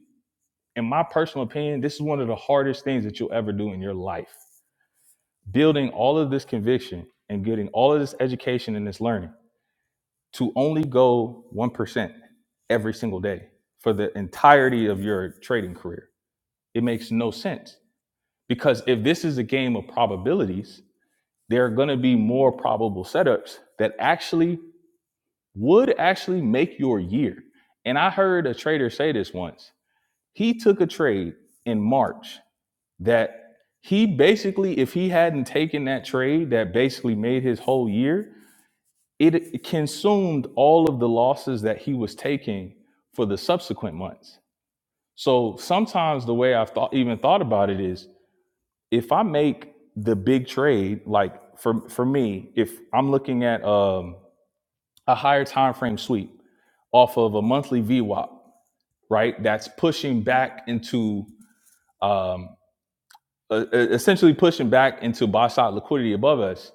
A: in my personal opinion, this is one of the hardest things that you'll ever do in your life. Building all of this conviction and getting all of this education and this learning to only go 1% every single day for the entirety of your trading career. It makes no sense because if this is a game of probabilities, there are going to be more probable setups that actually would actually make your year. And I heard a trader say this once. He took a trade in March that he basically, if he hadn't taken that trade that basically made his whole year, it consumed all of the losses that he was taking for the subsequent months. So sometimes the way I've thought, even thought about it is if I make the big trade, like for, for me, if I'm looking at um, a higher time frame sweep off of a monthly VWAP, right? That's pushing back into um, e- e- essentially pushing back into buy side liquidity above us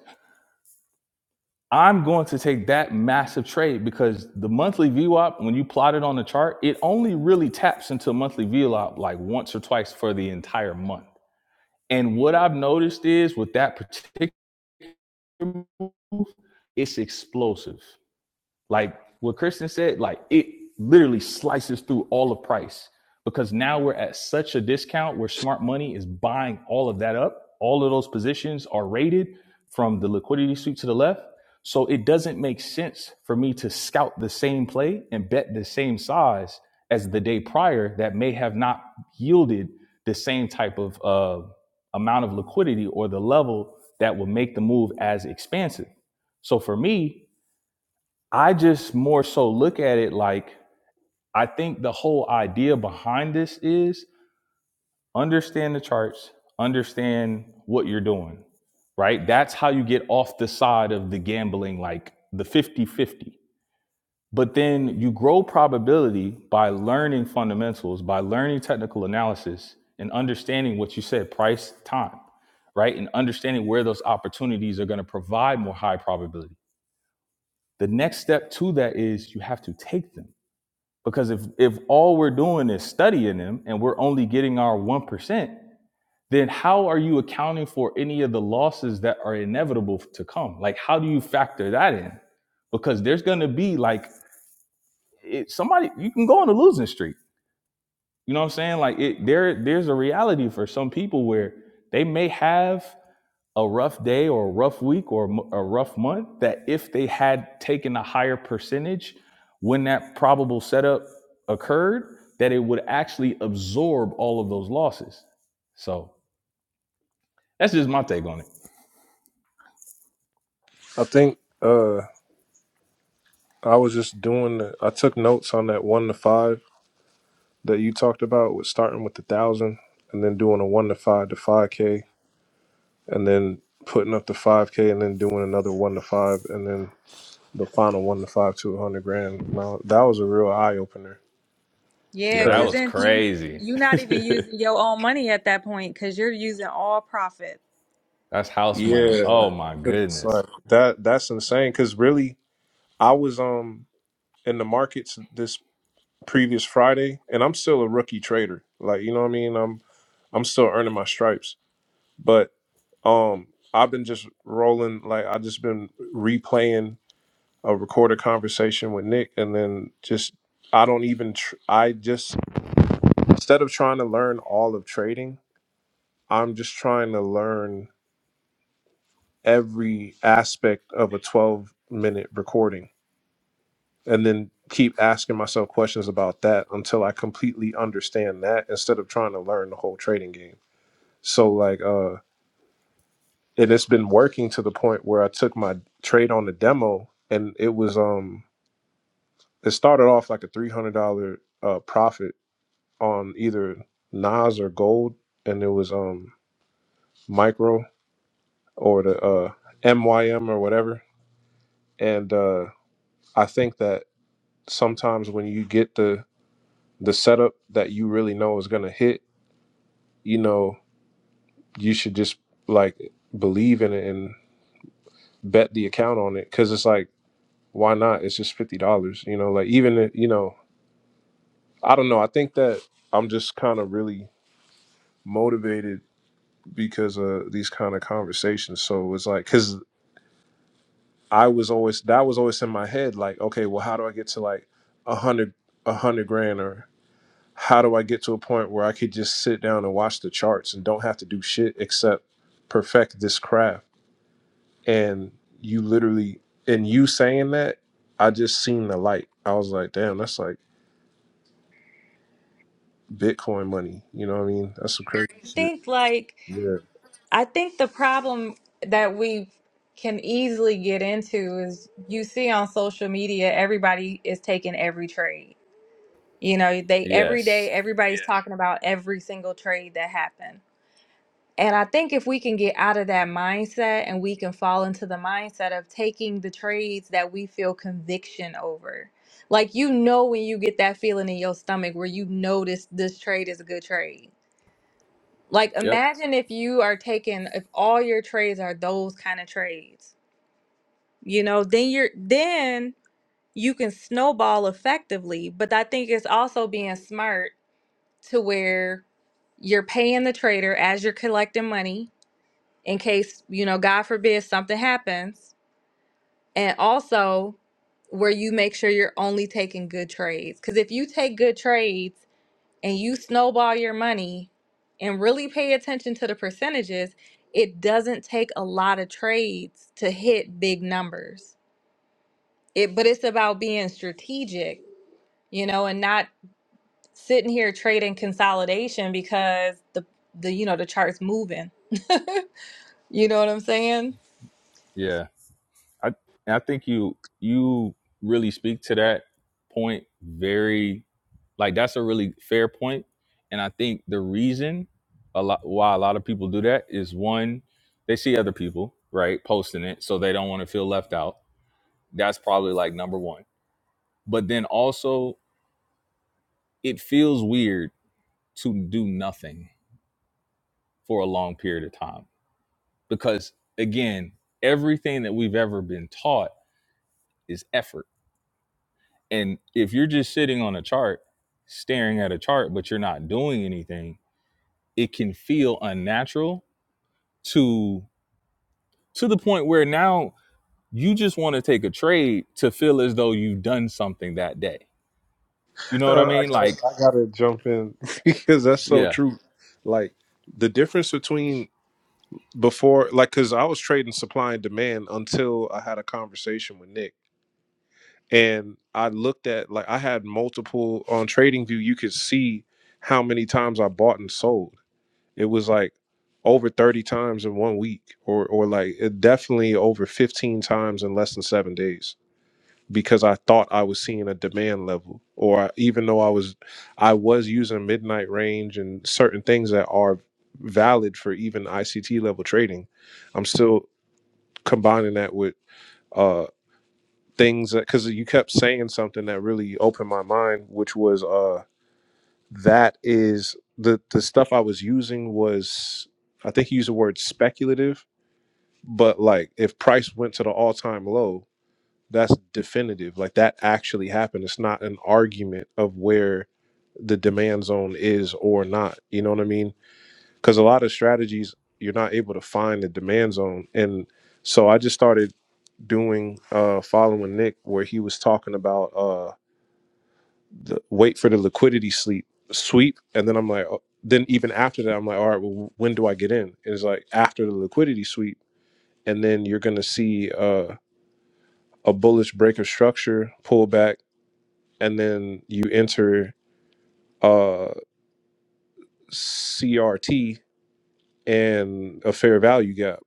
A: I'm going to take that massive trade because the monthly V-WAP, when you plot it on the chart, it only really taps into monthly V-WAP like once or twice for the entire month. And what I've noticed is with that particular move, it's explosive. Like what Kristen said, like it literally slices through all of price because now we're at such a discount where smart money is buying all of that up. All of those positions are rated from the liquidity sweep to the left. So it doesn't make sense for me to scout the same play and bet the same size as the day prior that may have not yielded the same type of uh, amount of liquidity or the level that will make the move as expansive. So for me, I just more so look at it like I think the whole idea behind this is understand the charts, understand what you're doing, right? That's how you get off the side of the gambling, like the fifty-fifty. But then you grow probability by learning fundamentals, by learning technical analysis, and understanding what you said price, time, right? And understanding where those opportunities are going to provide more high probability. The next step to that is you have to take them Because if if all we're doing is studying them and we're only getting our one percent, then how are you accounting for any of the losses that are inevitable to come? Like how do you factor that in? Because there's gonna be like it, somebody you can go on a losing streak. You know what I'm saying? Like it there there's a reality for some people where they may have a rough day or a rough week or a rough month that if they had taken a higher percentage when that probable setup occurred that it would actually absorb all of those losses so that's just my take on it
B: I think uh I was just doing the, I took notes on that one to five that you talked about with starting with the thousand and then doing a one to five to five K and then putting up the five K and then doing another one to five and then the final one to five to a hundred grand. Now that was a real eye opener.
A: yeah
D: Yeah,
A: that
D: because
B: Cause
A: was
D: then you
A: crazy
D: you're not even using your own money at that point because you're using all profit.
A: that's house money
B: yeah.
A: oh my
B: It's
A: goodness
B: like that that's insane. Cause really I was um in the markets this previous Friday and I'm still a rookie trader. Like, you know what I mean? I'm I'm still earning my stripes But um, I've been just rolling. Like I just been replaying a recorded conversation with Nick, and then just I don't even. Tr- I just instead of trying to learn all of trading, I'm just trying to learn every aspect of a 12 minute recording, and then keep asking myself questions about that until I completely understand that instead of trying to learn the whole trading game. So like uh and it's been working to the point where I took my trade on the demo, and it was um it started off like a three hundred dollar uh profit on either Nas or gold, and it was um micro or the uh MYM or whatever, and uh I think that sometimes when you get the the setup that you really know is gonna hit, you know, you should just like believe in it and bet the account on it because it's like why not? It's just fifty dollars, you know. Like even if- you know, I don't know. I think that I'm just kind of really motivated because of these kind of conversations. So it's like because I was always that was always in my head. Like, okay, well, how do I get to like a hundred a hundred grand or how do I get to a point where I could just sit down and watch the charts and don't have to do shit except perfect this craft? And you literally, and you saying that, I just seen the light. I was like, damn, that's like Bitcoin money. You know what I mean? That's some crazy shit.
D: Think like.
B: Yeah.
D: I think the problem that we can easily get into is you see on social media everybody is taking every trade. You know, they every
A: yes
D: day everybody's Yeah. talking about every single trade that happened. And I think if we can get out of that mindset and we can fall into the mindset of taking the trades that we feel conviction over. Like you know when you get that feeling in your stomach where you notice this this trade is a good trade like
A: Yep.
D: imagine if you are taking if all your trades are those kind of trades. You know, then you're then you can snowball effectively, but I think it's also being smart to where you're paying the trader as you're collecting money in case, you know, God forbid something happens. And also where you make sure you're only taking good trades. Cuz if you take good trades and you snowball your money and really pay attention to the percentages, it doesn't take a lot of trades to hit big numbers. It but it's about being strategic, you know, and not sitting here trading consolidation because the the you know the chart's moving. You know what I'm saying?
A: Yeah. I and I think you you really speak to that point very like that's a really fair point point. and I think the reason a lot why a lot of people do that is one they see other people right posting it so they don't want to feel left out that's probably like number 1 but then also it feels weird to do nothing for a long period of time because again everything that we've ever been taught is effort And if you're just sitting on a chart, staring at a chart, but you're not doing anything, it can feel unnatural to to the point where now you just want to take a trade to feel as though you've done something that day. You know what
B: Uh,
A: I
B: I
A: mean?
B: gotta
A: Like,
B: I gotta jump in because that's so
A: yeah,
B: true. Like the difference between before like cause I was trading supply and demand until I had a conversation with Nick. And I looked at like I had multiple on Trading View, you could see how many times I bought and sold. It was like over 30 times in one week or or like it definitely over 15 times in less than seven days because I thought I was seeing a demand level, or I- even though I was, I was using midnight range and certain things that are valid for even ICT level trading, I'm still combining that with uh, things that because you kept saying something that really opened my mind, which was uh, that is the the stuff I was using was I think you used the word speculative, but like if price went to the all time low, that's definitive like that actually happened it's not an argument of where the demand zone is or not you know what i mean because a lot of strategies you're not able to find the demand zone and so i just started doing uh following nick where he was talking about uh the wait for the liquidity sleep sweep and then i'm like oh, then even after that i'm like all right well when do i get in And it's like after the liquidity sweep and then you're gonna see uh a bullish break of structure pullback and then you enter uh CRT and a fair value gap.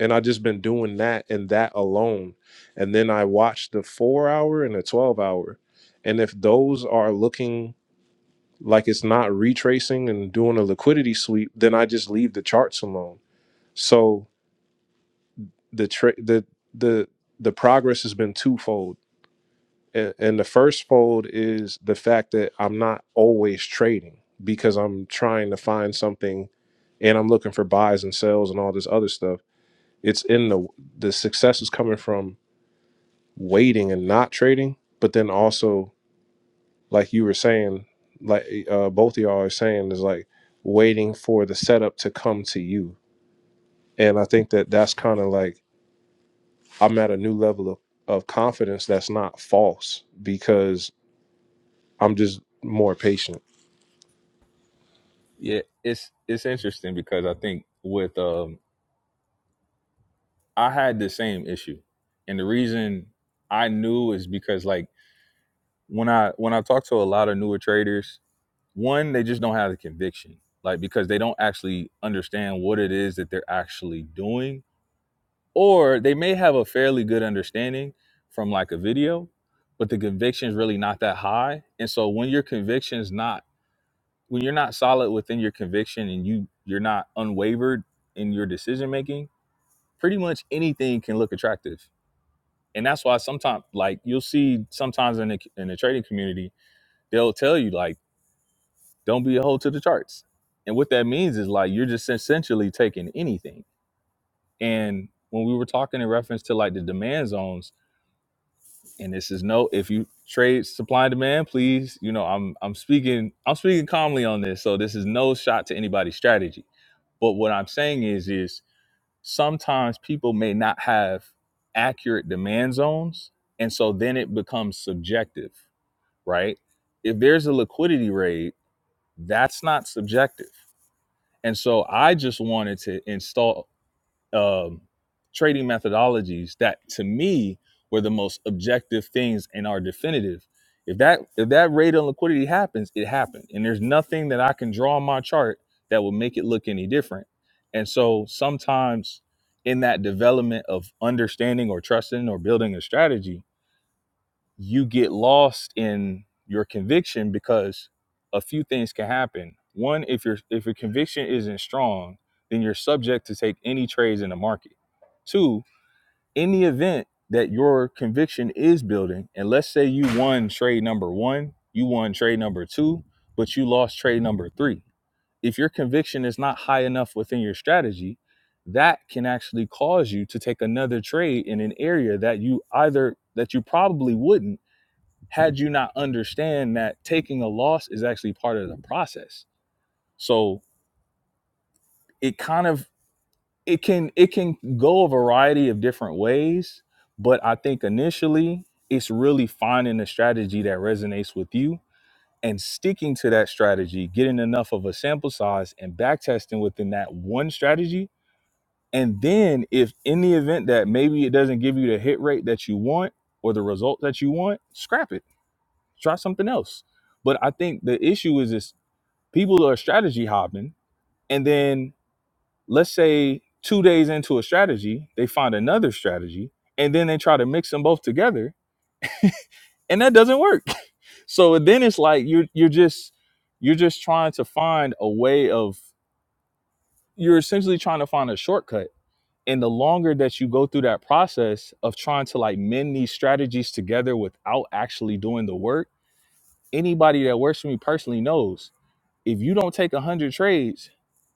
B: And I just been doing that and that alone. And then I watched the four hour and the twelve hour. And if those are looking like it's not retracing and doing a liquidity sweep, then I just leave the charts alone. So the tra- the the the progress has been twofold And, and the first fold is the fact that I'm not always trading because I'm trying to find something and I'm looking for buys and sells and all this other stuff. It's in the the success is coming from waiting and not trading, but then also like you were saying, like eh, uh, both of y'all are saying is like waiting for the setup to come to you. And I think that that's kind of like I'm at a new level of, of confidence that's not false because I'm just more patient
A: yeah. It's it's interesting because I think with um I had the same issue. And the reason I knew is because like when I when I talk to a lot of newer traders One, they just don't have the conviction, like because they don't actually understand what it is that they're actually doing, or they may have a fairly good understanding from like a video, but the conviction's really not that high. And so when your conviction's not when you're not solid within your conviction and you you're not unwavered in your decision making, pretty much anything can look attractive. And that's why sometimes like you'll see sometimes in the in the trading community, they'll tell you like don't be a hoe to the charts. And what that means is like you're just essentially taking anything. And when we were talking in reference to like the demand zones, and this is no, if you trade supply and demand, please, you know, I'm I'm speaking I'm speaking calmly on this, so this is no shot to anybody's strategy. But what I'm saying is is sometimes people may not have accurate demand zones, and so then it becomes subjective, right? If there's a liquidity raid, that's not subjective And so I just wanted to install um, trading methodologies that to me were the most objective things and are definitive. If that if that rate on liquidity happens, it happened. And there's nothing that I can draw on my chart that will make it look any different. And so sometimes in that development of understanding or trusting or building a strategy, you get lost in your conviction because a few things can happen. One, if your if your conviction isn't strong, then you're subject to take any trades in the market. Two, in the event that your conviction is building, and let's say you won trade number one, you won trade number two, but you lost trade number three. If your conviction is not high enough within your strategy, that can actually cause you to take another trade in an area that you either that you probably wouldn't had you not understand that taking a loss is actually part of the process so it kind of it can it can go a variety of different ways but i think initially it's really finding a strategy that resonates with you and sticking to that strategy getting enough of a sample size and back testing within that one strategy and then if in the event that maybe it doesn't give you the hit rate that you want or the result that you want scrap it try something else but i think the issue is is People are strategy hopping, and then let's say two days into a strategy, they find another strategy, and then they try to mix them both together, and that doesn't work. so then it's like you're you're just you're just trying to find a way of you're essentially trying to find a shortcut and the longer that you go through that process of trying to like mend these strategies together without actually doing the work anybody that works for me personally knows if you don't take 100 trades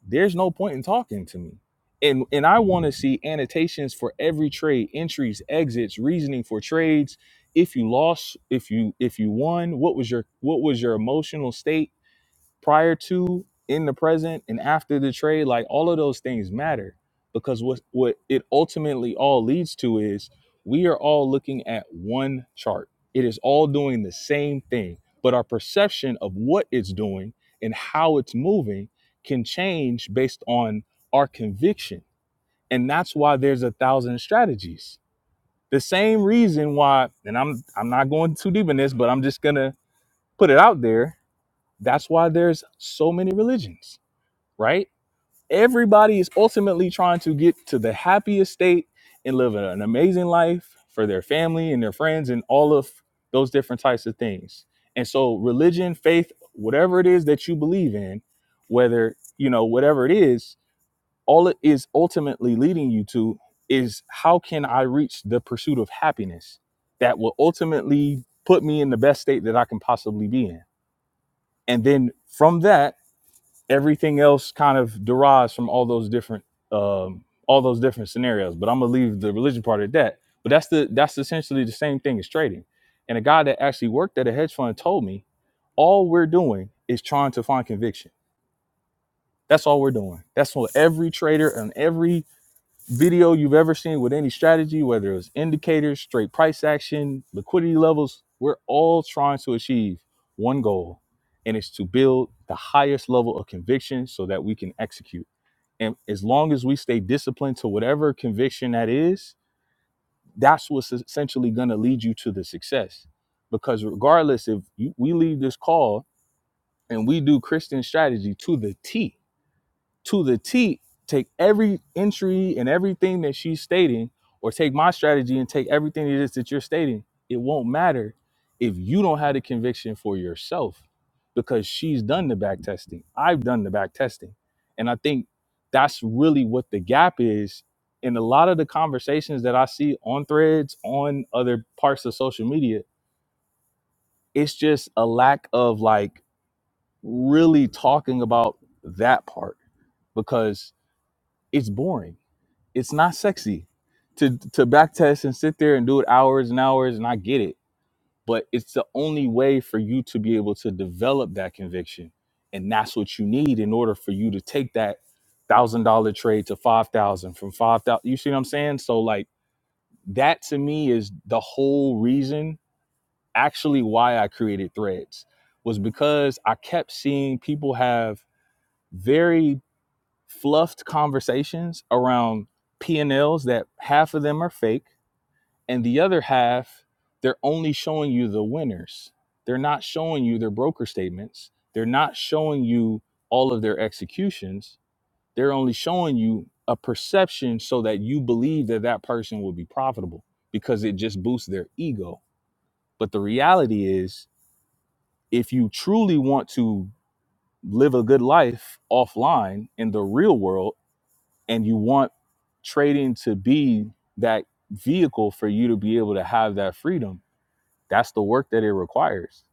A: there's no point in talking to me and and i want to see annotations for every trade entries exits reasoning for trades if you lost if you if you won what was your what was your emotional state prior to, in the present, and after the trade, like all of those things matter because what what it ultimately all leads to is we are all looking at one chart. It is all doing the same thing, but our perception of what it's doing and how it's moving can change based on our conviction. And that's why there's a thousand strategies. The same reason why, and I'm I'm not going too deep in this, but I'm just gonna put it out there. That's why there's so many religions right? Everybody is ultimately trying to get to the happiest state and live an amazing life for their family and their friends and all of those different types of things. And so religion, faith, whatever it is that you believe in, whether, you know, whatever it is, all it is ultimately leading you to is how can I reach the pursuit of happiness that will ultimately put me in the best state that I can possibly be in? And then from that, everything else kind of derives from all those different um, all those different scenarios. But I'm gonna leave the religion part at that. But that's the that's essentially the same thing as trading. And a guy that actually worked at a hedge fund told me, all we're doing is trying to find conviction. That's all we're doing. That's what every trader and every video you've ever seen with any strategy, whether it was indicators, straight price action, liquidity levels, we're all trying to achieve one goal, and it's to build the highest level of conviction so that we can execute. And as long as we stay disciplined to whatever conviction that is, that's what's essentially going to lead you to the success. Because regardless, if you, we leave this call and we do Christian strategy to the T, to the T, take every entry and everything that she's stating, or take my strategy and take everything it is that you're stating. It won't matter if you don't have the conviction for yourself because she's done the back testing. I've done the back testing. And I think that's really what the gap is in a lot of the conversations that I see on threads, on other parts of social media. It's just a lack of like really talking about that part because it's boring it's not sexy to to back test and sit there and do it hours and hours and I get it but it's the only way for you to be able to develop that conviction and that's what you need in order for you to take that thousand dollar trade to five thousand from five thousand you see what I'm saying so like that to me is the whole reason actually why I created threads was because I kept seeing people have very fluffed conversations around P&Ls that half of them are fake and the other half they're only showing you the winners. They're not showing you their broker statements. They're not showing you all of their executions. They're only showing you a perception so that you believe that that person will be profitable because it just boosts their ego. But the reality is if you truly want to live a good life offline in the real world, and you want trading to be that vehicle for you to be able to have that freedom. That's the work that it requires.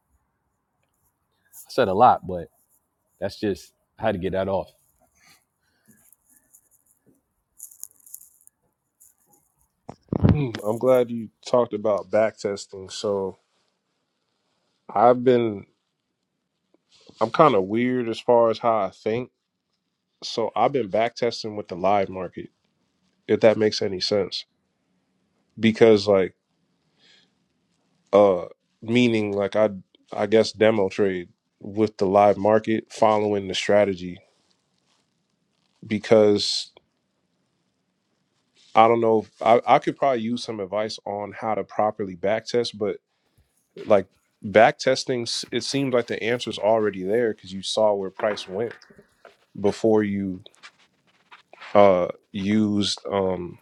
A: I said a lot, but that's just how to get that off.
B: Hmm, I'm glad you talked about back testing. So I've been I'm kind of weird as far as how I think. So I've been back testing with the live market, if that makes any sense. Because like uh meaning like I I guess demo trade with the live market following the strategy because I don't know I, I could probably use some advice on how to properly back test, but like back testing s- it seems like the answer's already there because you saw where price went before you uh used um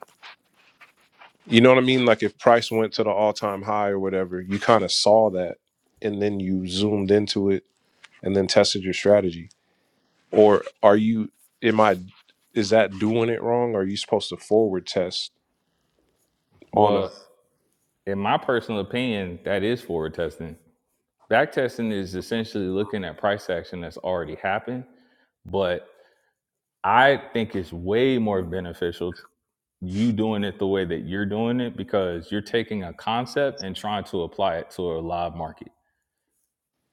B: you know what i mean like if price went to the all-time high or whatever you kind of saw that and then you zoomed into it and then tested your strategy or are you am i is that doing it wrong are you supposed to forward test on a
A: Well, in my personal opinion, that is forward testing. Back testing is essentially looking at price action that's already happened, but I think it's way more beneficial you doing it the way that you're doing it because you're taking a concept and trying to apply it to a live market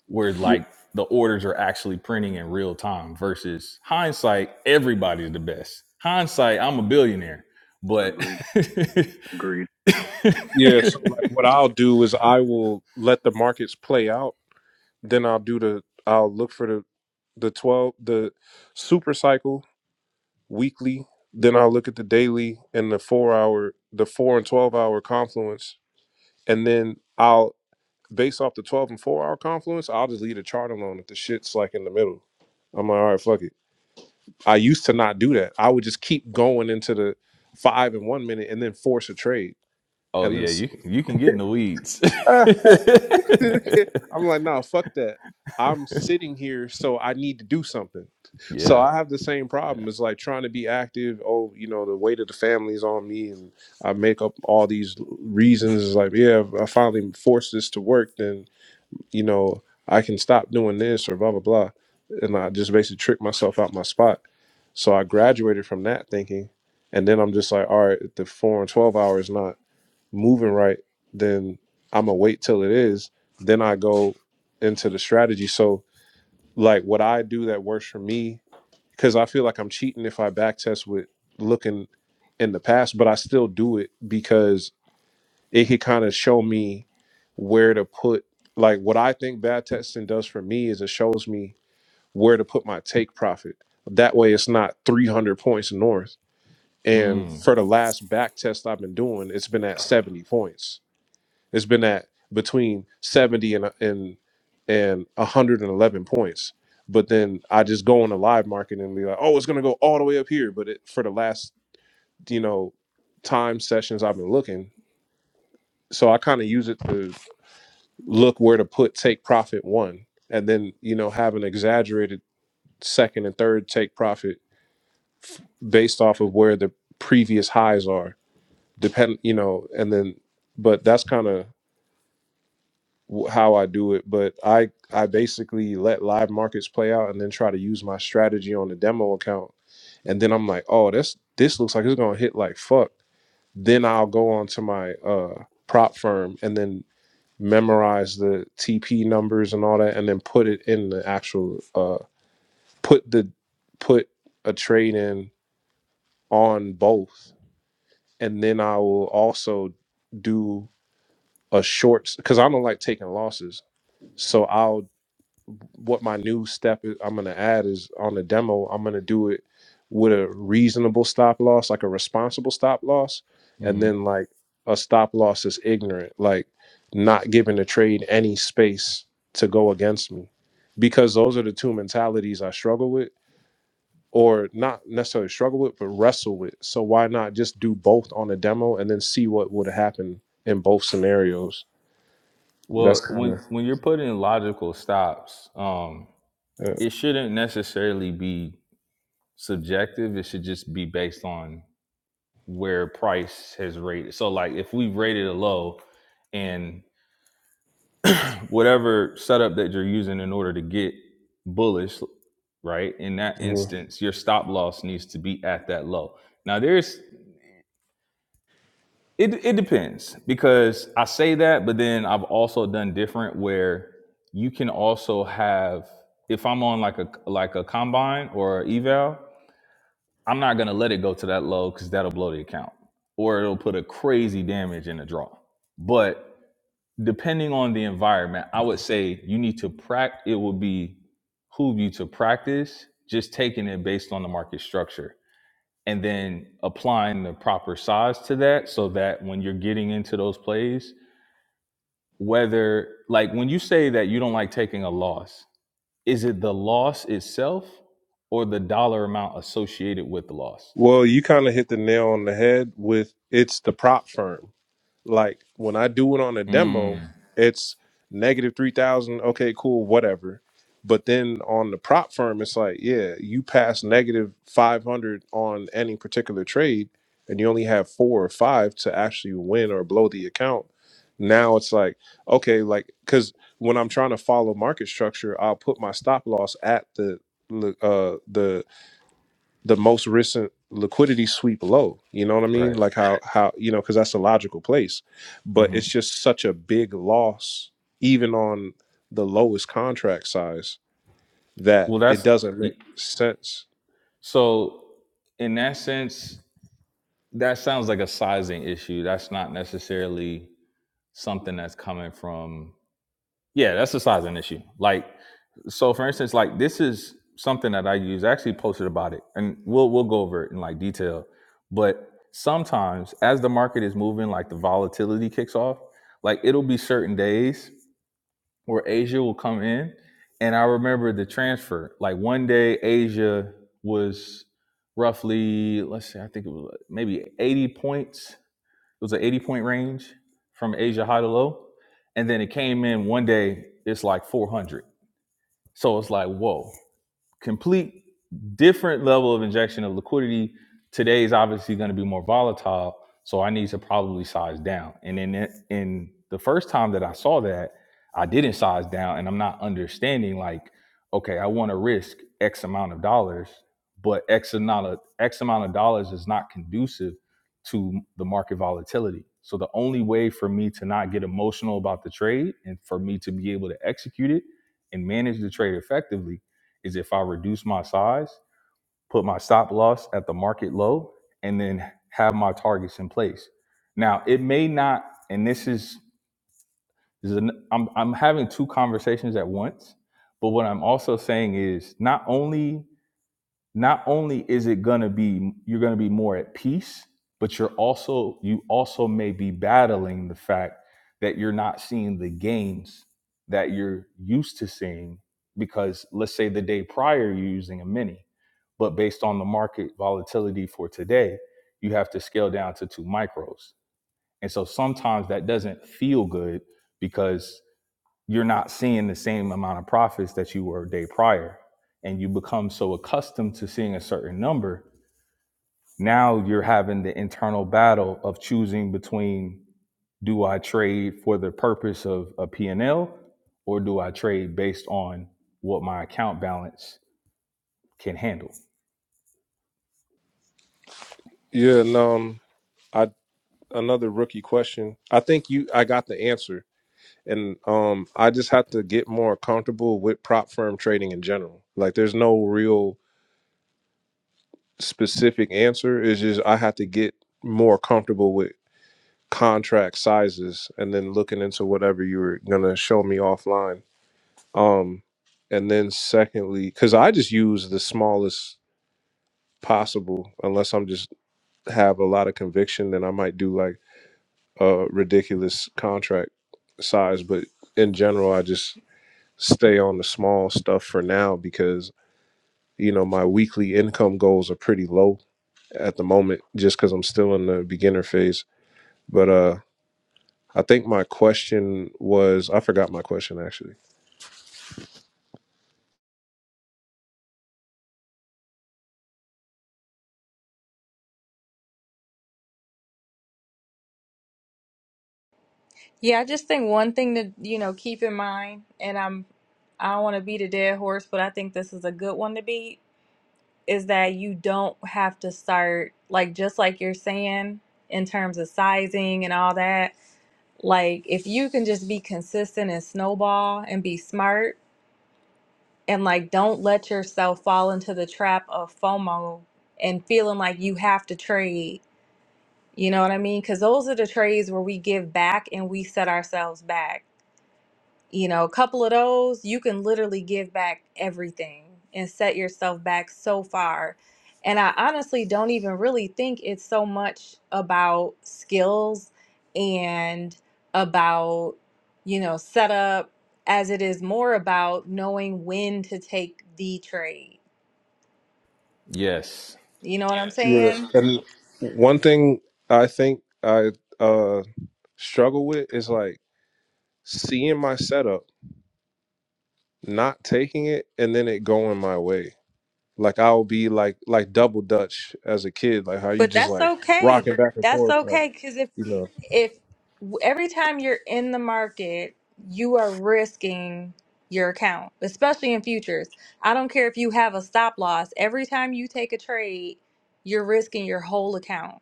A: where
B: Y-
A: like the orders are actually printing in real time versus hindsight everybody's the best hindsight i'm a billionaire but
E: Agreed. Agreed.
B: yeah so like what i'll do is i will let the markets play out then i'll do the i'll look for the the 12 the super cycle weekly. Then I'll look at the daily and the four hour, the four and 12 hour confluence. And then I'll, based off the 12 and four hour confluence, I'll just leave the chart alone if the shit's like in the middle. I'm like, all right, fuck it. I used to not do that. I would just keep going into the five and and and one minute, then then. force a trade,
A: oh
B: And
A: yeah you
B: then,
A: you can get in the weeds
B: I'm like, nah, fuck that. I'm sitting here, so I need to do something. So
A: yeah
B: I have the same
A: yeah
B: problem. It's like trying to be active. Oh, you know, the weight of the family is on me, and I make up all these reasons. It's like, yeah, if I finally force this to work, then you know I can stop doing this or blah blah blah. And I just basically trick myself out my spot. So I graduated from that thinking, and then I'm just like, all right, the four and twelve hours. not moving right, then I'm gonna wait till it is. Then I go into the strategy. So like what I do that works for me, because I feel like I'm cheating if I back test with looking in the past, but I still do it because it could kind of show me where to put like what I think bad testing does for me is it shows me where to put my take profit. That way it's not 300 points north. And
A: mm,
B: for the last back test I've been doing, it's been at 70 points. It's been at between 70 and and and 111 points. But then I just go on the live market and be like, oh, it's gonna go all the way up here. But it, for the last you know time sessions I've been looking, so I kind of use it to look where to put take profit one, and then you know have an exaggerated second and third take profit based off of where the previous highs are. Depend, you know, and then but that's kind of w- how I do it, but I I basically let live markets play out and then try to use my strategy on the demo account, and then I'm like, oh, this this looks like it's gonna hit like fuck. Then I'll go on to my uh, prop firm and then memorize the TP numbers and all that, and then put it in the actual uh, put the put a trade in on both, and then I will also do a short because I don't like taking losses. So I'll what my new step is, I'm going to add is on the demo, I'm going to do it with a reasonable stop loss, like a responsible stop loss, and
A: hmm
B: then like a stop loss is ignorant, like not giving the trade any space to go against me. Because those are the two mentalities I struggle with, or not necessarily struggle with, but wrestle with. So why not just do both on a demo and then see what would happen in both scenarios? That's
A: well
B: kind
A: when when you're putting logical stops um
B: of.
A: it shouldn't necessarily be subjective it should just be based on where price has rated. So like if we have rated a low and whatever setup that you're using in order to get bullish, right? In that
B: yeah.
A: instance, your stop loss needs to be at that low. Now there's it it depends because I say that, but then I've also done different where you can also have if I'm on like a like a combine or eval, I'm not gonna let it go to that low because that'll blow the account or it'll put a crazy damage in the draw. But depending on the environment, I would say you need to practice. It would be who you to practice just taking it based on the market structure and then applying the proper size to that so that when you're getting into those plays, whether like when you say that you don't like taking a loss, is it the loss itself or the dollar amount associated with the loss?
B: Well, you kind of hit the nail on the head with it's the prop firm. Like when I do it on a demo,
A: Mm,
B: it's negative 3,000. Okay, cool, whatever. But then on the prop firm, it's like, yeah, you pass negative 500 on any particular trade and you only have four or five to actually win or blow the account. Now it's like, okay, like, because when I'm trying to follow market structure, I'll put my stop loss at the, uh, the the most recent liquidity sweep low. You know what I mean?
A: right.
B: Like how how you know because that's a logical place, but
A: hmm
B: it's just such a big loss even on the lowest contract size that
A: Well,
B: it
A: that's
B: doesn't make sense.
A: so. In that sense, that sounds like a sizing issue. That's not necessarily something that's coming from. Yeah, that's a sizing issue. Like, so for instance, like this is something that I use. I actually posted about it, and we'll we'll go over it in like detail. But sometimes, as the market is moving, like the volatility kicks off. Like it'll be certain days where Asia will come in. And I remember the transfer. Like one day, Asia was roughly, let's see, I think it was like, maybe 80 points. It was an 80 point range from Asia high to low. And then it came in one day, it's like 400. So it's like, whoa complete different level of injection of liquidity. Today is obviously going to be more volatile, so I need to probably size down. And in it- in the first time that I saw that, I didn't size down, and I'm not understanding like, okay, I want to risk X amount of dollars, but X amount of X amount of dollars is not conducive to the market volatility. So the only way for me to not get emotional about the trade and for me to be able to execute it and manage the trade effectively is if I reduce my size, put my stop loss at the market low, and then have my targets in place. Now, it may not, and this is, this is an, I'm, I'm having two conversations at once, but what I'm also saying is not only not only is it going to be you're going to be more at peace but you're also you also may be battling the fact that you're not seeing the gains that you're used to seeing because let's say the day prior you're using a mini but based on the market volatility for today you have to scale down to two micros and so sometimes that doesn't feel good because you're not seeing the same amount of profits that you were a day prior. And you become so accustomed to seeing a certain number. Now you're having the internal battle of choosing between do I trade for the purpose of a P&L or do I trade based on what my account balance can handle?
B: Yeah, and um, I another rookie question. I think you I got the answer. And um, I just have to get more comfortable with prop firm trading in general. Like, there's no real specific answer. It's just I have to get more comfortable with contract sizes and then looking into whatever you were going to show me offline um and then secondly cuz I just use the smallest possible unless I'm just have a lot of conviction then I might do like a ridiculous contract size but in general I just stay on the small stuff for now because you know my weekly income goals are pretty low at the moment just cuz I'm still in the beginner phase but uh I think my question was I forgot my question actually.
D: Yeah, I just think one thing to, you know, keep in mind and I'm I don't want to beat a dead horse, but I think this is a good one to beat is that you don't have to start like just like you're saying in terms of sizing and all that like if you can just be consistent and snowball and be smart and like don't let yourself fall into the trap of FOMO and feeling like you have to trade you know what I mean? Because those are the trades where we give back and we set ourselves back you know a couple of those you can literally give back everything and set yourself back so far and i honestly don't even really think it's so much about skills and about you know setup as it is more about knowing when to take the trade
A: Yes.
D: you know what i'm Yes.
B: Yeah.
D: saying
B: And one thing I think I uh struggle with is like seeing my setup, not taking it, and then it going my way. Like I'll be like like double Dutch as a kid, like how you
D: But
B: just
D: that's
B: like
D: okay.
B: rocking back and
D: That's
B: forth, like
D: okay because if
B: you know.
D: if every time you're in the market, you are risking your account, especially in futures. I don't care if you have a stop loss. Every time you take a trade, you're risking your whole account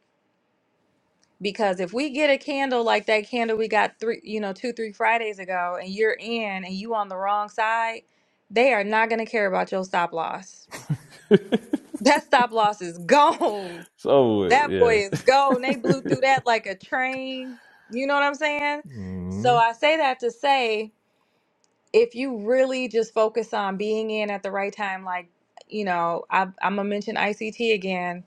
D: because if we get a candle like that candle we got three, you know, two, three Fridays ago, and you're in and you on the wrong side, they are not going to care about your stop loss. That stop loss is gone
A: So
D: that
A: yeah,
D: boy is gone. They blew through that like a train. You know what I'm saying?
A: hmm
D: So I say that to say if you really just focus on being in at the right time, like, you know, I, I'm going to mention ICT again,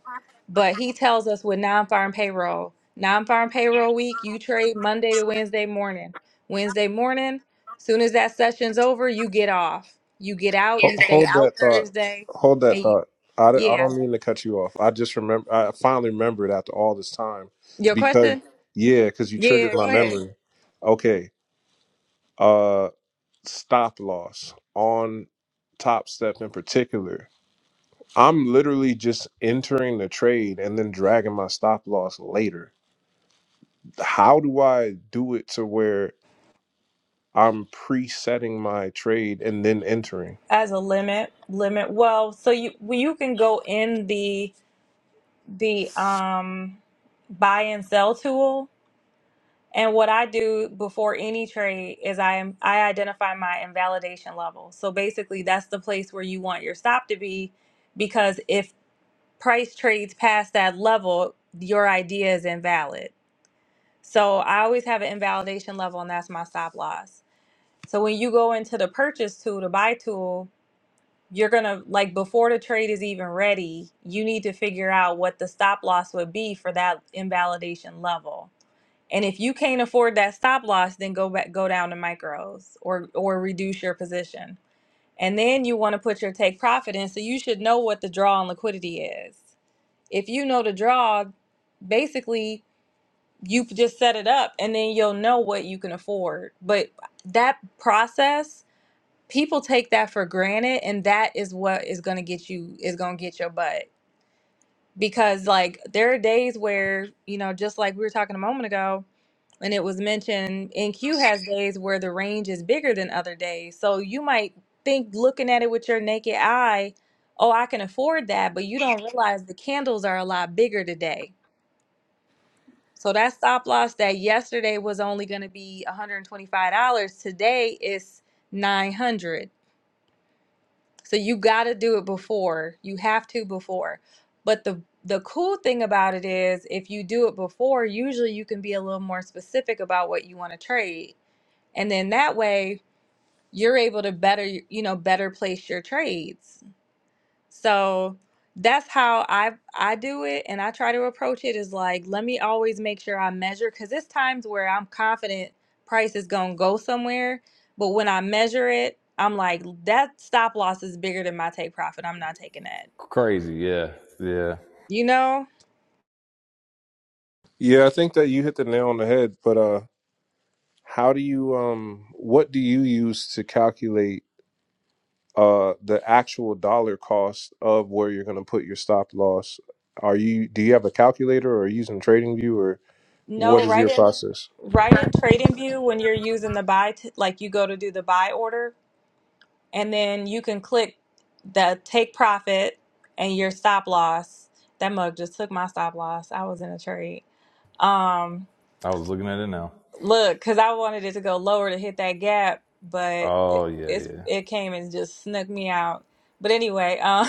D: but he tells us with non farm payroll, non farm payroll week, you trade Monday to Wednesday morning. Wednesday morning, soon as that session's over, you get off. You get out,
B: Ho-
D: you stay
B: Hold
D: out
B: that thought.
D: Thursday.
B: Hold that
D: And you,
B: thought. I, d- I
D: yeah.
B: don't mean to cut you off. I just remember. I finally remembered after all this time
D: Your
B: because
D: question?
B: yeah, because you triggered
D: Yeah,
B: my
D: go ahead.
B: memory. Okay. Uh, stop loss on Top Step in particular. I'm literally just entering the trade and then dragging my stop loss later. How do I do it to where I'm presetting my trade and then entering?
D: as a limit limit well so you well, you can go in the the um buy and sell tool and what i do before any trade is i am i identify my invalidation level so basically that's the place where you want your stop to be because if price trades past that level your idea is invalid so i always have an invalidation level and that's my stop loss so when you go into the purchase tool the buy tool you're going to like before the trade is even ready, you need to figure out what the stop loss would be for that invalidation level. And if you can't afford that stop loss, then go back go down to micros or or reduce your position. And then you want to put your take profit in so you should know what the draw on liquidity is. If you know the draw, basically you just set it up and then you'll know what you can afford. But that process people take that for granted and that is what is going to get you is going to get your butt because like there are days where you know just like we were talking a moment ago and it was mentioned NQ has days where the range is bigger than other days so you might think looking at it with your naked eye oh I can afford that but you don't realize the candles are a lot bigger today so that stop loss that yesterday was only going to be $125 today is 900 So you got to do it before. You have to before. But the the cool thing about it is if you do it before, usually you can be a little more specific about what you want to trade. And then that way you're able to better, you know, better place your trades. So that's how I I do it and I try to approach it is like let me always make sure I measure cuz it's times where I'm confident price is going to go somewhere, but when I measure it, I'm like that stop loss is bigger than my take profit. I'm not taking that.
A: crazy. Yeah, yeah.
D: You know?
B: Yeah, I think that you hit the nail on the head. But uh, How do you um what do you use to calculate uh the actual dollar cost of where you're going to put your stop loss? Are you do you have a calculator or are you using TradingView or what
D: No,
B: is
D: right
B: your
D: in
B: process?
D: right in trading view when you're using the buy t- like you go to do the buy order and then you can click the take profit and your stop loss. That mug just took my stop loss. I was in a trade. Um,
A: I was looking at it now.
D: look, because I wanted it to go lower to hit that gap, but
A: Oh
D: it,
A: yeah,
D: it's
A: yeah.
D: it came and just snuck me out. But anyway, um,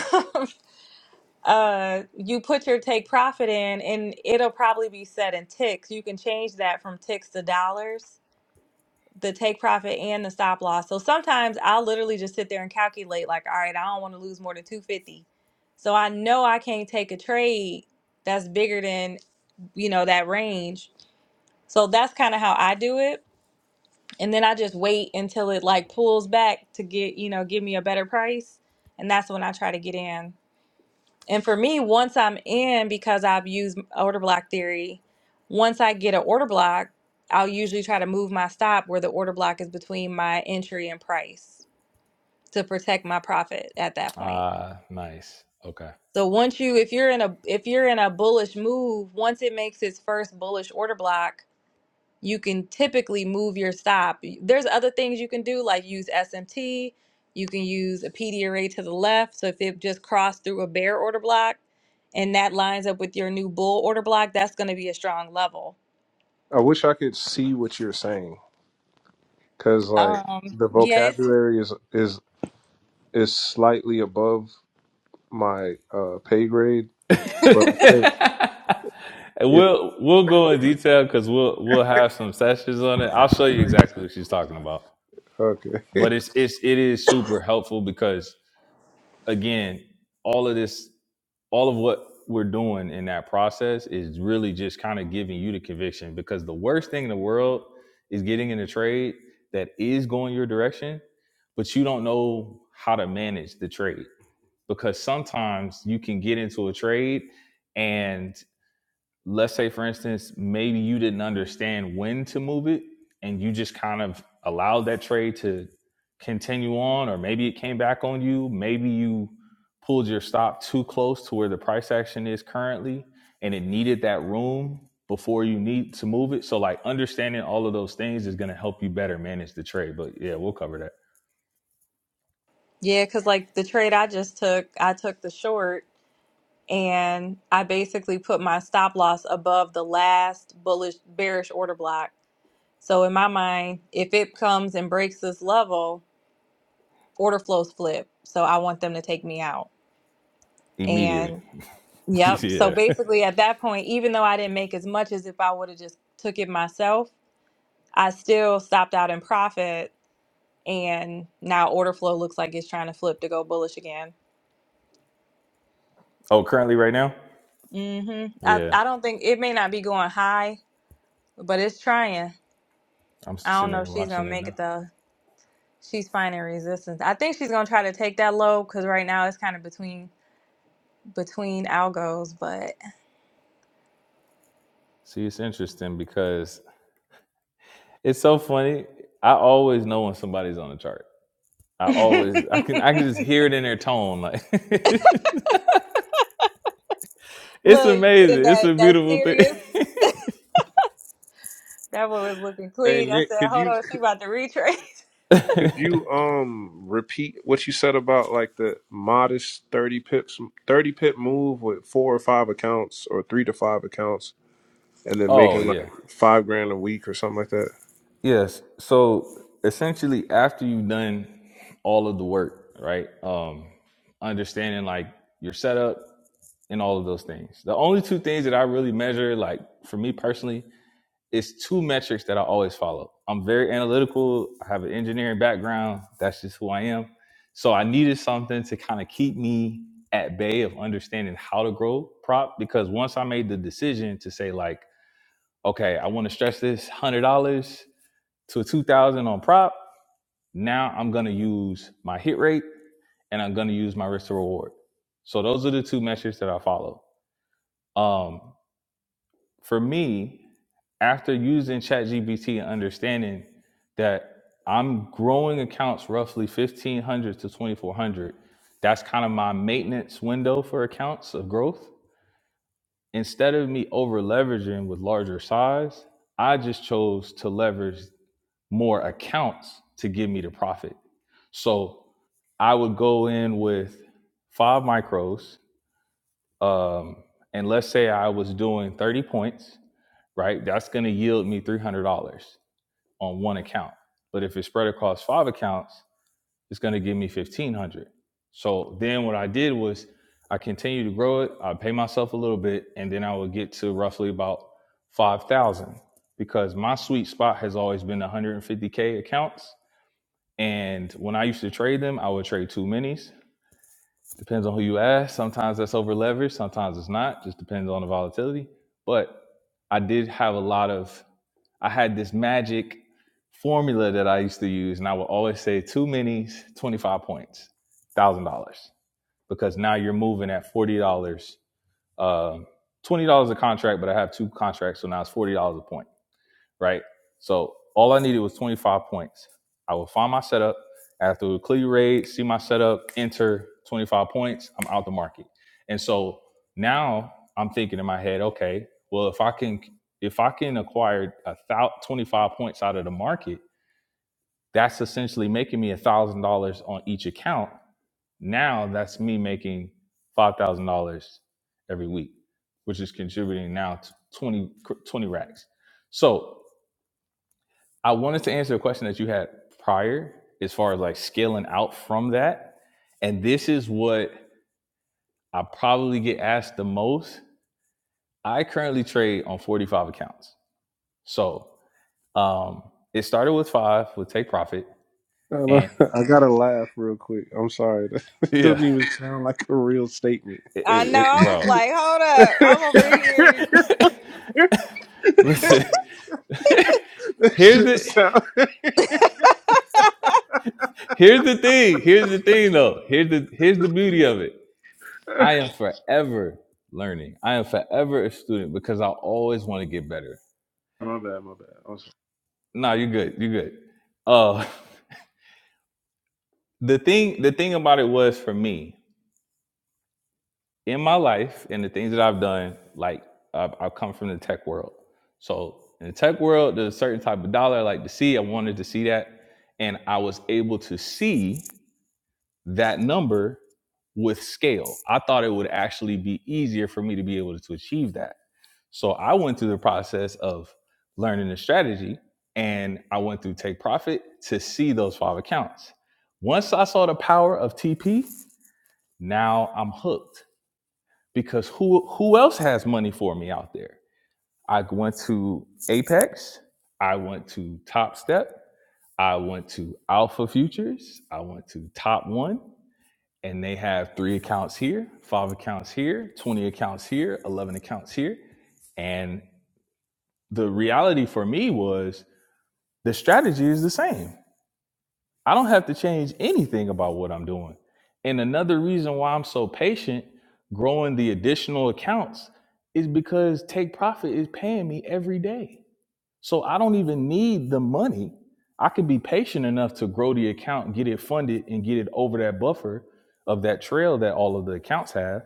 D: uh, you put your take profit in, and it'll probably be set in ticks. You can change that from ticks to dollars, the take profit and the stop loss. So sometimes I'll literally just sit there and calculate, like, all right, I don't want to lose more than two fifty, so I know I can't take a trade that's bigger than you know that range. So that's kind of how I do it and then I just wait until it like pulls back to get, you know, give me a better price. And that's when I try to get in. And for me, once I'm in, because I've used order block theory, once I get an order block, I'll usually try to move my stop where the order block is between my entry and price to protect my profit at that
A: Ah,
D: point.
A: uh, nice. Okay.
D: So once you if you're in a if you're in a bullish move, once it makes its first bullish order block, you can typically move your stop. There's other things you can do, like use SMT. You can use a PDRA to the left. So if it just crossed through a bear order block and that lines up with your new bull order block, that's going to be a strong level.
B: I wish I could see what you're saying cuz like
D: Um,
B: the
D: yes.
B: vocabulary is is is slightly above my uh pay grade, but I think
A: And
B: it
A: we'll we'll go in detail because we'll we'll have some sessions on it. I'll show you exactly what she's talking about.
B: okay.
A: But it's it's it is super helpful because again, all of this, all of what we're doing in that process is really just kind of giving you the conviction because the worst thing in the world is getting in a trade that is going your direction, but you don't know how to manage the trade because sometimes you can get into a trade and let's say for instance maybe you didn't understand when to move it and you just kind of allowed that trade to continue on or maybe it came back on you maybe you pulled your stop too close to where the price action is currently and it needed that room before you need to move it so like understanding all of those things is going to help you better manage the trade but yeah we'll cover that
D: Yeah, because like the trade I just took, I took the short and I basically put my stop loss above the last bullish bearish order block. So in my mind, if it comes and breaks this level, order flows flip. So I want them to take me out.
A: immediately
D: And yep. So
A: yeah
D: basically at that point, even though I didn't make as much as if I would have just took it myself, I still stopped out in profit and now order flow looks like it's trying to flip to go bullish again.
A: oh currently right now
D: hmm I,
A: yeah
D: I don't think it may not be going high, but it's trying.
A: i'm
D: I don't
A: sitting
D: know if
A: there
D: she's
A: watching
D: gonna
A: it
D: make
A: now
D: it though. She's finding resistance. I think she's gonna try to take that low because right now it's kind of between between algos, but
A: see it's interesting because It's so funny. I always know when somebody's on the chart. I always I can I can just hear it in their tone. Like it's
D: Look, you getting
A: amazing. It's
D: that
A: a
D: that
A: beautiful thing.
D: serious? That boy was looking
B: hey
D: clean. I
B: Nick,
D: said,
B: could
D: "Hold
B: you
D: on, she about to retrace."
B: Could you um repeat what you said about like the modest thirty pips, thirty pip move with four or five accounts or three to five accounts, and then
A: oh
B: making like
A: yeah.
B: five grand a week or something like that?
A: Yes. So essentially after you've done all of the work, right? Um understanding like your setup and all of those things. The only two things that I really measure, like for me personally, it's two metrics that I always follow. I'm very analytical. I have an engineering background. That's just who I am. So I needed something to kind of keep me at bay of understanding how to grow prop because once I made the decision to say like, okay, I want to stretch this one hundred dollars to two thousand dollars on prop. Now I'm gonna use my hit rate and I'm gonna use my risk to reward. So those are the two metrics that I follow. Um, for me, after using ChatGPT and understanding that I'm growing accounts roughly 1500 to 2400, that's kind of my maintenance window for accounts of growth. Instead of me over leveraging with larger size, I just chose to leverage more accounts to give me the profit. So I would go in with five micros, um, and let's say I was doing 30 points right? That's going to yield me $300 on one account. But if it's spread across five accounts, it's going to give me 1500. So then what I did was I continued to grow it. I pay myself a little bit and then I would get to roughly about 5000 because my sweet spot has always been 150k accounts and when I used to trade them, I would trade two minis Depends on who you ask. Sometimes that's over leveraged, sometimes it's not. Just depends on the volatility. But I did have a lot of, I had this magic formula that I used to use, and I would always say two minis, 25 points, $1,000. Because now you're moving at $40, um, $20 a contract, but I have two contracts, so now it's $40 a point right? So all I needed was 25 points. I would find my setup after the clear raid, see my setup, enter 25 points, I'm out the market. And so now I'm thinking in my head, okay, well if I can if I can acquire a thou 25 points out of the market, that's essentially making me a thousand dollars on each account. Now that's me making five thousand dollars every week, which is contributing now to 20 20 racks. So I wanted to answer a question that you had prior as far as like scaling out from that. And this is what I probably get asked the most. I currently trade on 45 accounts. So um, it started with five with take profit.
B: I, don't know.
A: And
B: I gotta laugh real quick. I'm sorry. That
A: yeah,
B: doesn't even sound like a real statement.
A: it,
D: I
A: it,
D: know.
A: it
D: I was
A: bro.
D: like, "Hold up, I'm over
B: that
D: here,
A: Listen, here's
B: shit
A: the
B: sound.
A: here's the thing. Here's the thing though. Here's the here's the beauty of it.
B: my
A: I am forever learning. I am forever a student because I always want to get better.
B: bad. My bad. I'm sorry.
A: No, you're good. You're good. Uh, the thing, the thing about it was for me in my life and the things that I've done, like I've, I've come from the tech world. So in the tech world, there's a certain type of dollar I like to see. I wanted to see that, and I was able to see that number with scale. I thought it would actually be easier for me to be able to achieve that So I went through the process of learning the strategy and I went through take profit to see those five accounts. Once I saw the power of TP, now I'm hooked because who who else has money for me out there? I went to Apex, I went to Top Step, I went to Alpha Futures, I went to Top One, and they have three accounts here, five accounts here, 20 accounts here, 11 accounts here and. the reality for me was the strategy is the same. I don't have to change anything about what I'm doing. And another reason why I'm so patient growing the additional accounts is because Take Profit is paying me every day. So I don't even need the money. I can be patient enough to grow the account, get it funded, and get it over that buffer of that trail that all of the accounts have.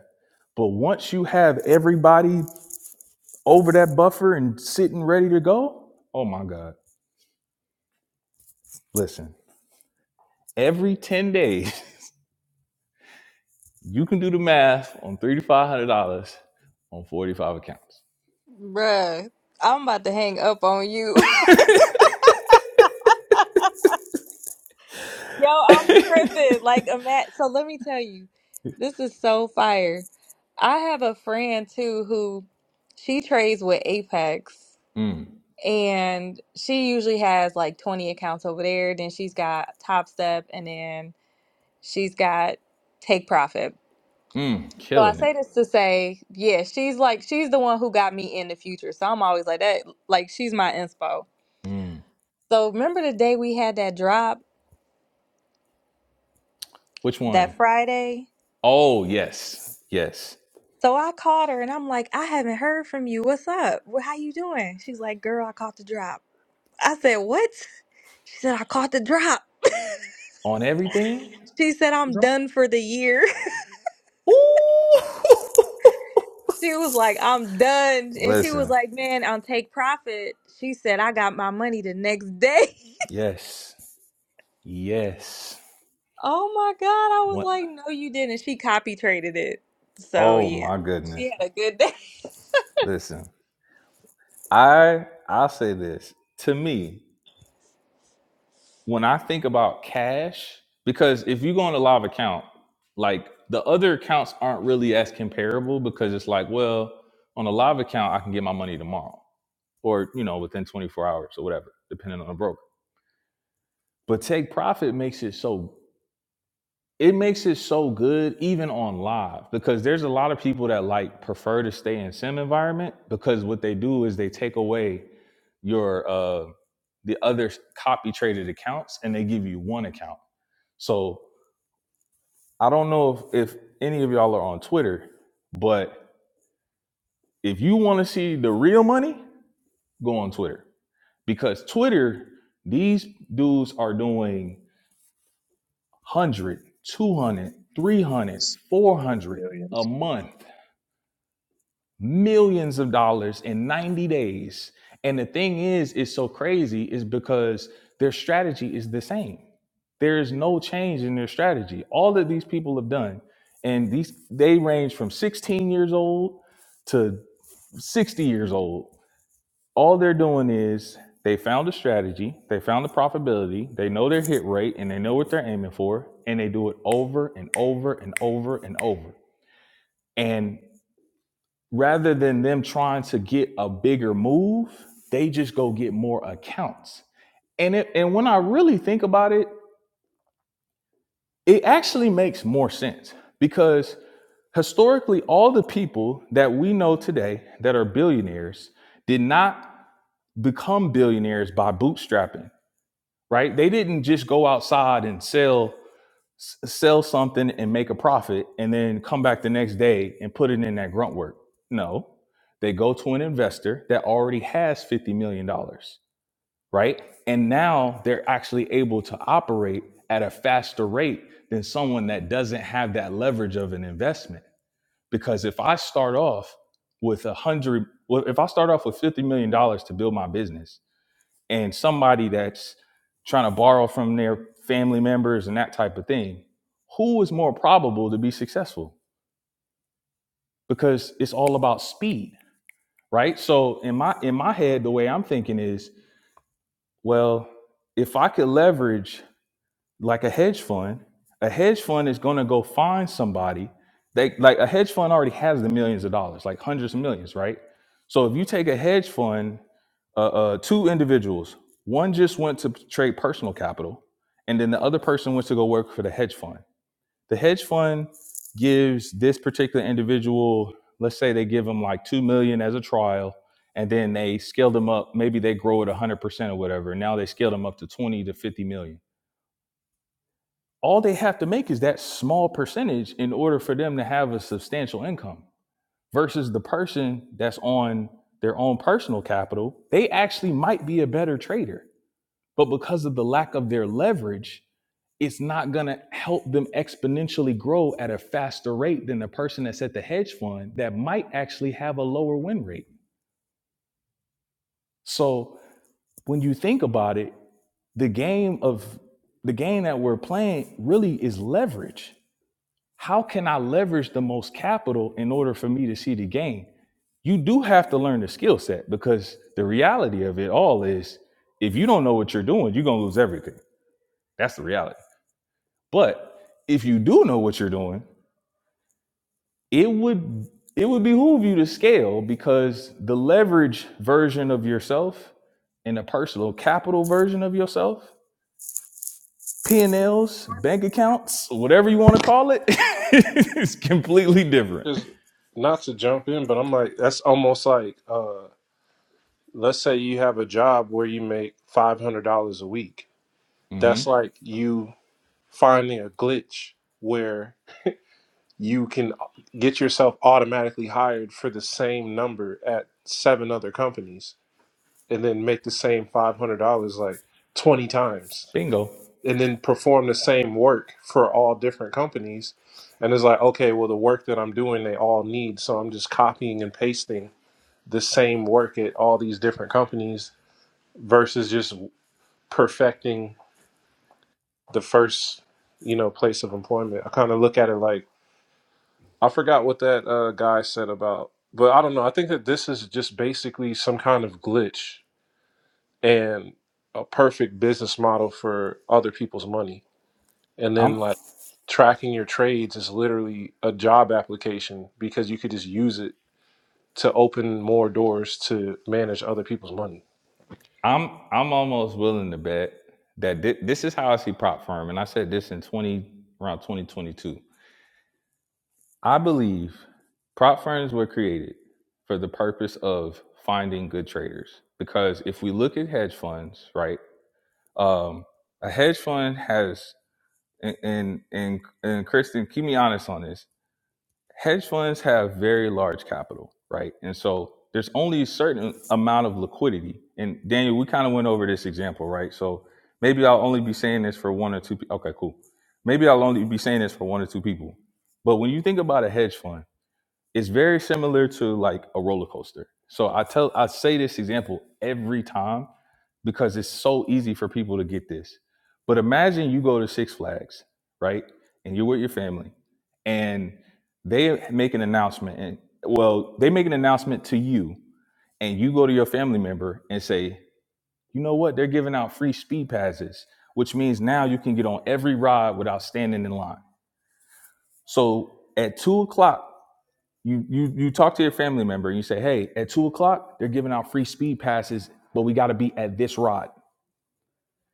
A: But once you have everybody over that buffer and sitting ready to go, oh my God Listen, every 10 days, you can do the math on $3,500 on 45 accounts.
D: bruh. I'm about to hang up on you." Yo, I'm tripping. Like a mat. So let me tell you, this is so fire. I have a friend too who she trades with Apex.
A: mm,
D: And she usually has like 20 accounts over there. Then she's got Top Step, and then she's got Take Profit.
A: mm,
D: So I
A: killing it.
D: say this to say, yeah, she's like she's the one who got me in the future. So I'm always like that, like she's my inspo.
A: Mm.
D: So remember the day we had that drop
A: Which one?
D: that Friday?
A: Oh, yes, yes.
D: So I called her and I'm like, I haven't heard from you. What's up? Wh- How you doing? She's like, girl, I caught the drop. I said, what? She said, I caught the drop.
A: On everything?
D: She said, I'm done for the year.
A: Ooh!
D: she was like, I'm done. And she was
A: Listen,
D: like, man, on Take Profit, she said, I got my money the next day.
A: yes, yes.
D: Oh my God. I was
A: What?
D: like, no, you didn't. She copy traded it. So
A: Oh
D: yeah,
A: my
D: she
A: goodness.
D: had a good day.
A: Listen, I I'll say this. To me, when I think about cash, because if you go on a live account, like the other accounts aren't really as comparable because it's like, well, on a live account, I can get my money tomorrow or, you know, within 24 hours or whatever, depending on the broker. But take profit makes it so it makes it so good even on live because there's a lot of people that like prefer to stay in sim environment because what they do is they take away your uh the other copy traded accounts and they give you one account so i don't know if, if any of y'all are on twitter but if you want to see the real money go on twitter because twitter these dudes are doing one hundred, two hundred, three hundred,
E: It's
A: four hundred a
E: millions.
A: month millions of dollars in 90 days. And the thing is, it's so crazy is because their strategy is the same. There is no change in their strategy. All that these people have done, and these they range from 16 years old to 60 years old. All they're doing is they found a strategy, they found the profitability, they know their hit rate, and they know what they're aiming for, and they do it over and over and over and over. And rather than them trying to get a bigger move, they just go get more accounts. And it, and when I really think about it, it actually makes more sense because historically all the people that we know today that are billionaires did not become billionaires by bootstrapping, right? They didn't just go outside and sell s- sell something and make a profit and then come back the next day and put it in that grunt work. No, they go to an investor that already has $50 million, dollars, right? And now they're actually able to operate at a faster rate than someone that doesn't have that leverage of an investment. Because if I start off with a hundred, well, if I start off with $50 million dollars to build my business, and somebody that's trying to borrow from their family members and that type of thing, who is more probable to be successful? Because it's all about speed, right? So in my in my head, the way I'm thinking is, well, if I could leverage like a hedge fund, a hedge fund is going to go find somebody. They like a hedge fund already has the millions of dollars, like hundreds of millions, right? So if you take a hedge fund, uh, uh, two individuals, one just went to trade personal capital, and then the other person went to go work for the hedge fund. The hedge fund gives this particular individual, let's say they give them like two million as a trial, and then they scale them up. Maybe they grow at one hundred percent or whatever. Now they scale them up to twenty to fifty million all they have to make is that small percentage in order for them to have a substantial income versus the person that's on their own personal capital they actually might be a better trader but because of the lack of their leverage it's not going to help them exponentially grow at a faster rate than the person that's at the hedge fund that might actually have a lower win rate so when you think about it the game of the game that we're playing really is leverage how can I leverage the most capital in order for me to see the gain? You do have to learn the skill set because the reality of it all is if you don't know what you're doing, you're going to lose everything. That's the reality. But if you do know what you're doing, it would it would behoove you to scale because the leverage version of yourself and the personal capital version of yourself, P&Ls, bank accounts, whatever you want to call it, is completely different.
B: 'Cause not to jump in, but I'm like that's almost like uh, let's say you have a job where you make five hundred dollars a week That's
A: Mhm.
B: like you finding a glitch where you can get yourself automatically hired for the same number at seven other companies and then make the same $500 like 20 times
A: Bingo.
B: and then perform the same work for all different companies. And it's like, okay, well, the work that I'm doing, they all need. So I'm just copying and pasting the same work at all these different companies versus just perfecting the first you know place of employment i kind of look at it like i forgot what that uh, guy said about but i don't know i think that this is just basically some kind of glitch and a perfect business model for other people's money and
A: I'm
B: then like tracking your trades is literally a job application because you could just use it to open more doors to manage other people's money
A: I'm I'm almost willing to bet that thi- this is how I see prop firm, and I said this in twenty around twenty twenty two. I believe prop firms were created for the purpose of finding good traders because if we look at hedge funds, right, um, a hedge fund has and and and, and Kristen, keep me honest on this. hedge funds have very large capital, right? And so there's only a certain amount of liquidity. And Daniel, we kind of went over this example, right? So maybe I'll only be saying this for one or two. Pe- okay, cool. Maybe I'll only be saying this for one or two people. But when you think about a hedge fund, it's very similar to like a roller coaster. So I tell I say this example every time because it's so easy for people to get this. But imagine you go to Six Flags, right? And you're with your family and they make an announcement and well, they make an announcement to you and you go to your family member and say, "You know what? They're giving out free speed passes, which means now you can get on every ride without standing in line." So at two o'clock you you you talk to your family member and you say, hey, at two o'clock, they're giving out free speed passes, but we gotta be at this rod.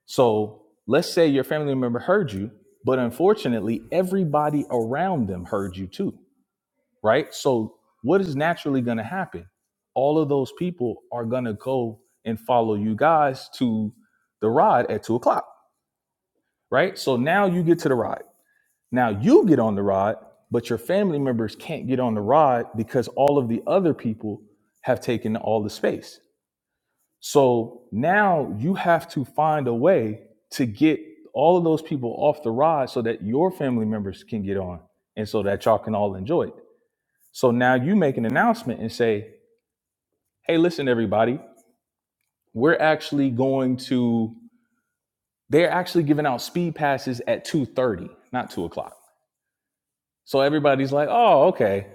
A: So let's say your family member heard you, but unfortunately, everybody around them heard you too, right? So what is naturally gonna happen? All of those people are gonna go and follow you guys to the rod at two o'clock, right? So now you get to the rod. Now you get on the rod, but your family members can't get on the rod because all of the other people have taken all the space. So now you have to find a way to get all of those people off the rod so that your family members can get on and so that y'all can all enjoy it. So now you make an announcement and say, hey, listen, everybody, we're actually going to, they're actually giving out speed passes at 2.30, not 2 o'clock. So everybody's like, oh, okay.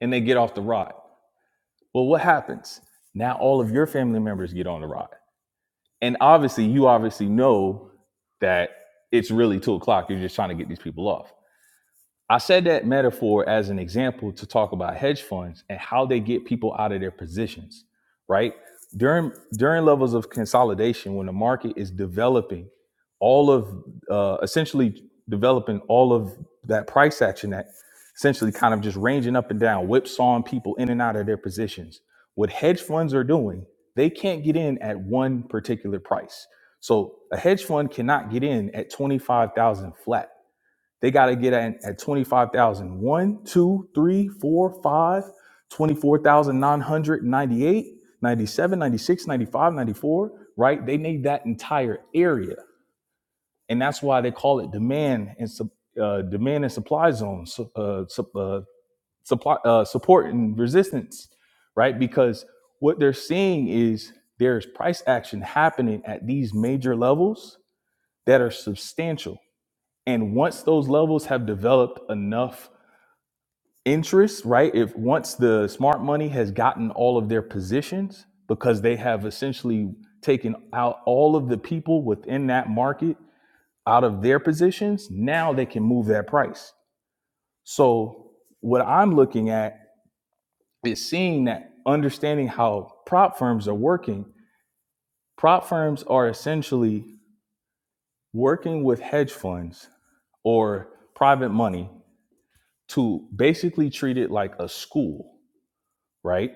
A: And they get off the rod. Well, what happens? Now all of your family members get on the ride. And obviously, you obviously know that it's really two o'clock. You're just trying to get these people off. I said that metaphor as an example to talk about hedge funds and how they get people out of their positions, right? During during levels of consolidation, when the market is developing all of uh, essentially developing all of that price action that essentially kind of just ranging up and down, whipsawing people in and out of their positions. What hedge funds are doing, they can't get in at one particular price. So a hedge fund cannot get in at twenty five thousand flat they got to get at, at 25,000. One, two, three, four, five, twenty-four thousand nine hundred ninety-eight, ninety-seven, ninety-six, ninety-five, ninety-four, right? They need that entire area. And that's why they call it demand and sup- uh, demand and supply zones, su- uh, sup- uh, supply, uh, support and resistance, right? Because what they're seeing is there's price action happening at these major levels that are substantial. And once those levels have developed enough interest, right? If once the smart money has gotten all of their positions because they have essentially taken out all of the people within that market out of their positions, now they can move that price. So, what I'm looking at is seeing that understanding how prop firms are working. Prop firms are essentially working with hedge funds or private money to basically treat it like a school right?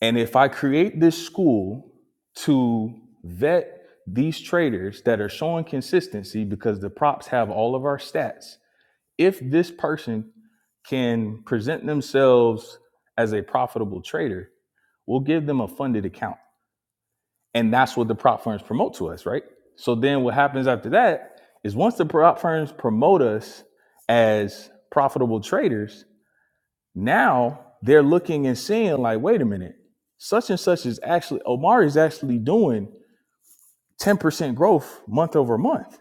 A: And if I create this school to vet these traders that are showing consistency because the props have all of our stats, if this person can present themselves as a profitable trader, we'll give them a funded account. And that's what the prop firms promote to us, right? So then what happens after that is once the prop firms promote us as profitable traders, now they're looking and seeing like, wait a minute, such and such is actually Omari is actually doing 10% growth month over month.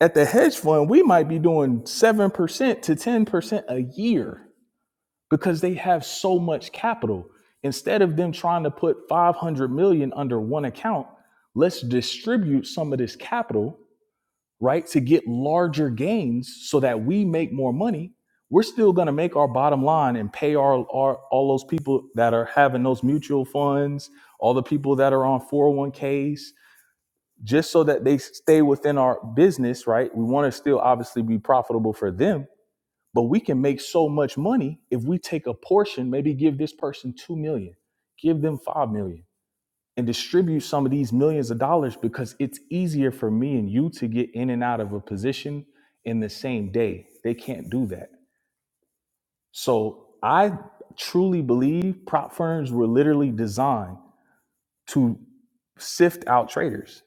A: At the hedge fund, we might be doing 7% to 10% a year because they have so much capital. Instead of them trying to put 500 million under one account, let's distribute some of this capital right? To get larger gains so that we make more money, we're still going to make our bottom line and pay our, our all those people that are having those mutual funds, all the people that are on 401ks, just so that they stay within our business, right? We want to still obviously be profitable for them, but we can make so much money if we take a portion, maybe give this person 2 million, give them 5 million and distribute some of these millions of dollars because it's easier for me and you to get in and out of a position in the same day. They can't do that. So I truly believe prop firms were literally designed to sift out traders,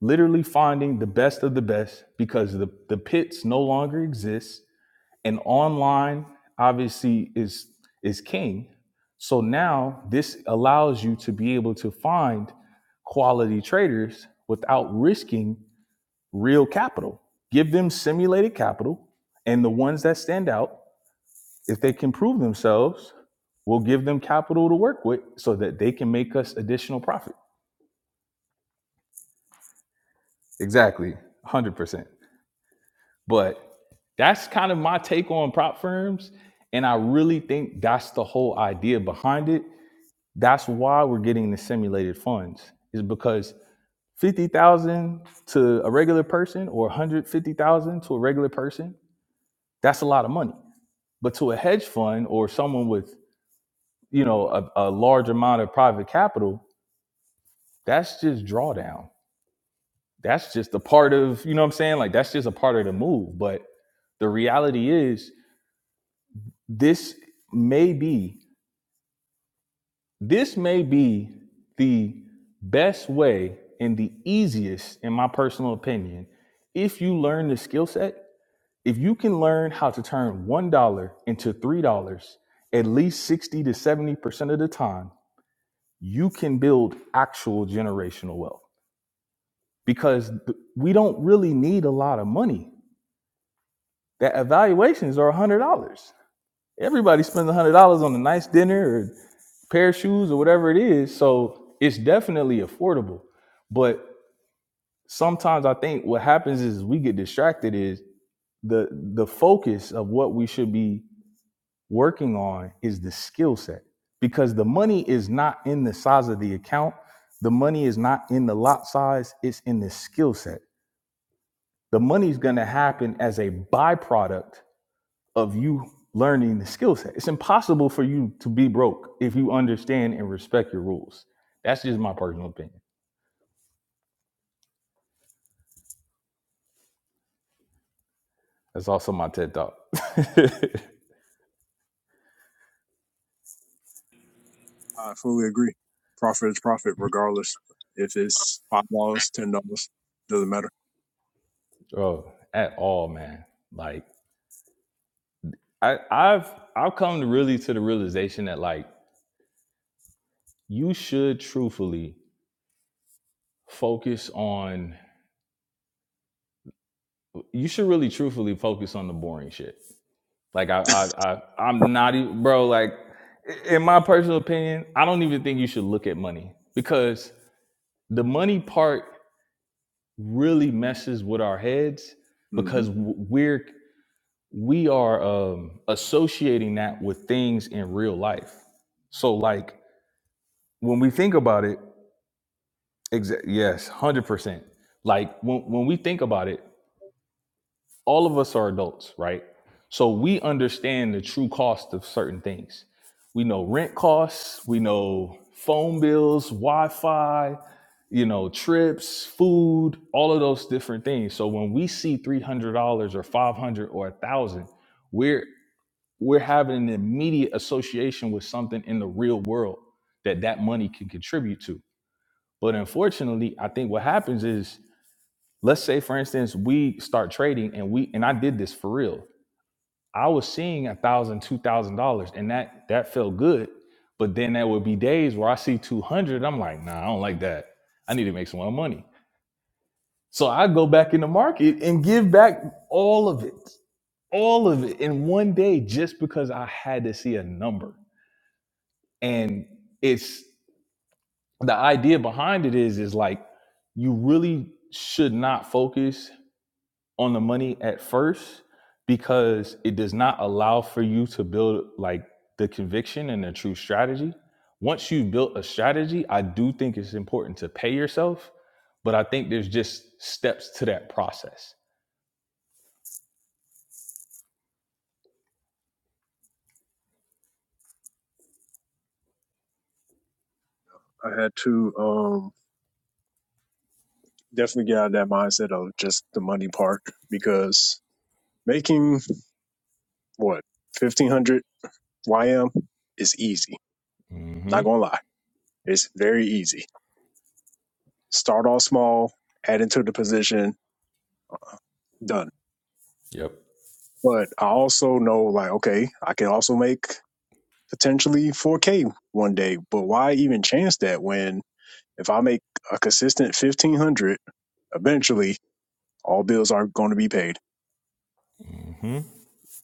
A: literally finding the best of the best because the, the pits no longer exist and online obviously is is king so now this allows you to be able to find quality traders without risking real capital give them simulated capital and the ones that stand out if they can prove themselves we'll give them capital to work with so that they can make us additional profit exactly 100% but that's kind of my take on prop firms and i really think that's the whole idea behind it That's why we're getting the simulated funds is because 50,000 to a regular person or 150,000 to a regular person, that's a lot of money. But to a hedge fund or someone with, you know, a, a large amount of private capital, that's just drawdown. That's just a part of, you know what I'm saying? Like that's just a part of the move, but the reality is this may be This may be the best way and the easiest, in my personal opinion, if you learn the skill set. If you can learn how to turn $1 into $3 at least 60 to 70% of the time, you can build actual generational wealth because we don't really need a lot of money. That evaluations are $100. Everybody spends $100 on a nice dinner or pair of shoes or whatever it is. So it's definitely affordable. But sometimes I think what happens is we get distracted is the the focus of what we should be working on is the skill set because the money is not in the size of the account. The money is not in the lot size, it's in the skill set. The money's going to happen as a byproduct of you learning the skill set. It's impossible for you to be broke if you understand and respect your rules. That's just my personal opinion. That's also my TED talk.
E: I fully agree. Profit is profit, regardless if it's five dollars, ten dollars, doesn't matter.
A: Bro, at all, man. Like I, I've I've come to really to the realization that like you should truthfully focus on you should really truthfully focus on the boring shit. Like I I, I I'm not even bro, like in my personal opinion, I don't even think you should look at money because the money part really messes with our heads
E: hmm
A: because we're we are um, associating that with things in real life. So like when we think about it, exa- yes, one hundred percent. Like when when we think about it, all of us are adults, right? So we understand the true cost of certain things. We know rent costs, we know phone bills, Wi Fi, you know, trips, food, all of those different things. So when we see $300 or 500 or 1000 we're we're having an immediate association with something in the real world that that money can contribute to. But unfortunately, I think what happens is let's say for instance we start trading and we and I did this for real I was seeing a thousand, two thousand dollars, and that that felt good. But then there would be days where I see two hundred, I'm like, nah, I don't like that. I need to make some more money. So I go back in the market and give back all of it, all of it in one day, just because I had to see a number. And it's the idea behind it is is like you really should not focus on the money at first because it does not allow for you to build like the conviction and the true strategy. Once you've built a strategy, I do think it's important to pay yourself, but I think there's just steps to that process.
E: I had to um, definitely get out of that mindset of just the money part because. making what 1500 ym is easy I'm
A: Mm-hmm.
E: not gonna lie it's very easy start off small add into the position done
A: Yep.
E: but i also know like okay i can also make potentially 4k one day but why even chance that when if i make a consistent 1500 eventually all bills are going to be paid
A: Mm-hmm.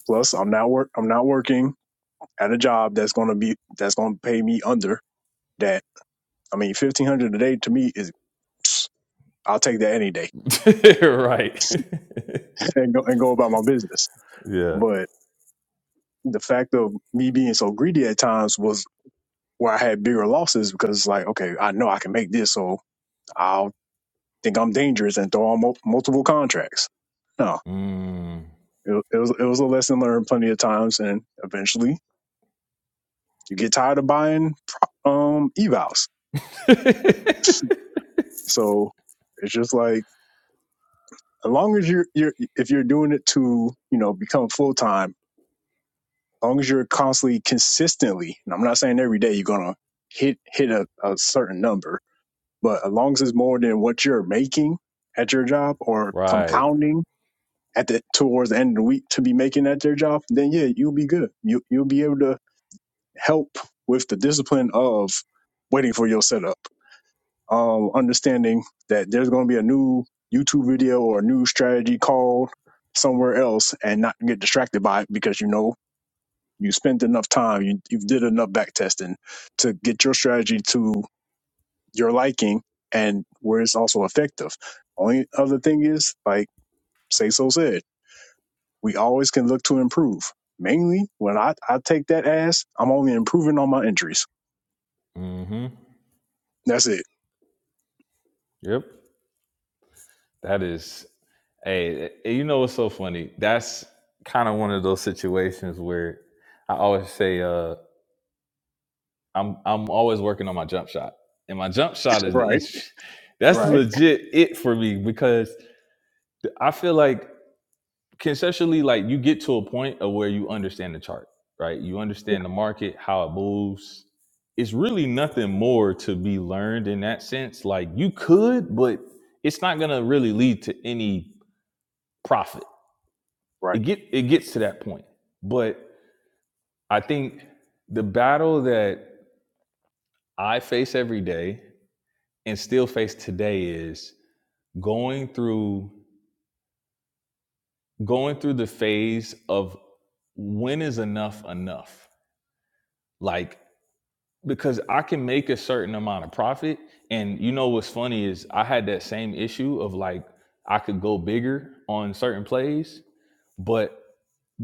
E: plus i'm not work i'm not working at a job that's going to be that's going to pay me under that i mean 1500 a day to me is I'll take that any day.
A: right.
E: and go, and go about my business.
A: yeah.
E: But the fact of me being so greedy at times was where I had bigger losses because it's like, okay, I know I can make this, so I'll think I'm dangerous and throw on mul- multiple contracts. No,
A: Mm.
E: it, it was it was a lesson learned plenty of times, and eventually you get tired of buying um evals. So it's just like as long as you're you're if you're doing it to you know become full time long as you're constantly consistently, and I'm not saying every day you're gonna hit hit a, a certain number, but as long as it's more than what you're making at your job or
A: right.
E: compounding at the towards the end of the week to be making at their job, then yeah, you'll be good. You you'll be able to help with the discipline of waiting for your setup. Um, understanding that there's gonna be a new YouTube video or a new strategy called somewhere else and not get distracted by it because you know you spent enough time, you, you did enough back testing to get your strategy to your liking and where it's also effective. Only other thing is, like Say So said, we always can look to improve. Mainly when I, I take that as, I'm only improving on my injuries.
A: Mm-hmm.
E: That's it.
A: Yep. That is, hey, eh, you know what's so funny? That's kind of one of those situations where I always say, uh, I'm I'm always working on my jump shot, and my jump shot is the
E: Right,
A: inch. That's
E: right,
A: legit it for me because I feel like conceptually, like you get to a point of where you understand the chart, right? You understand the market, how it moves. It's really nothing more to be learned in that sense. Like you could, but it's not gonna really lead to any profit it
E: right.
A: get it gets to that point. But I think the battle that I face every day and still face today is going through going through the phase of when is enough enough? Like because I can make a certain amount of profit and you know what's funny is I had that same issue of like I could go bigger on certain plays, but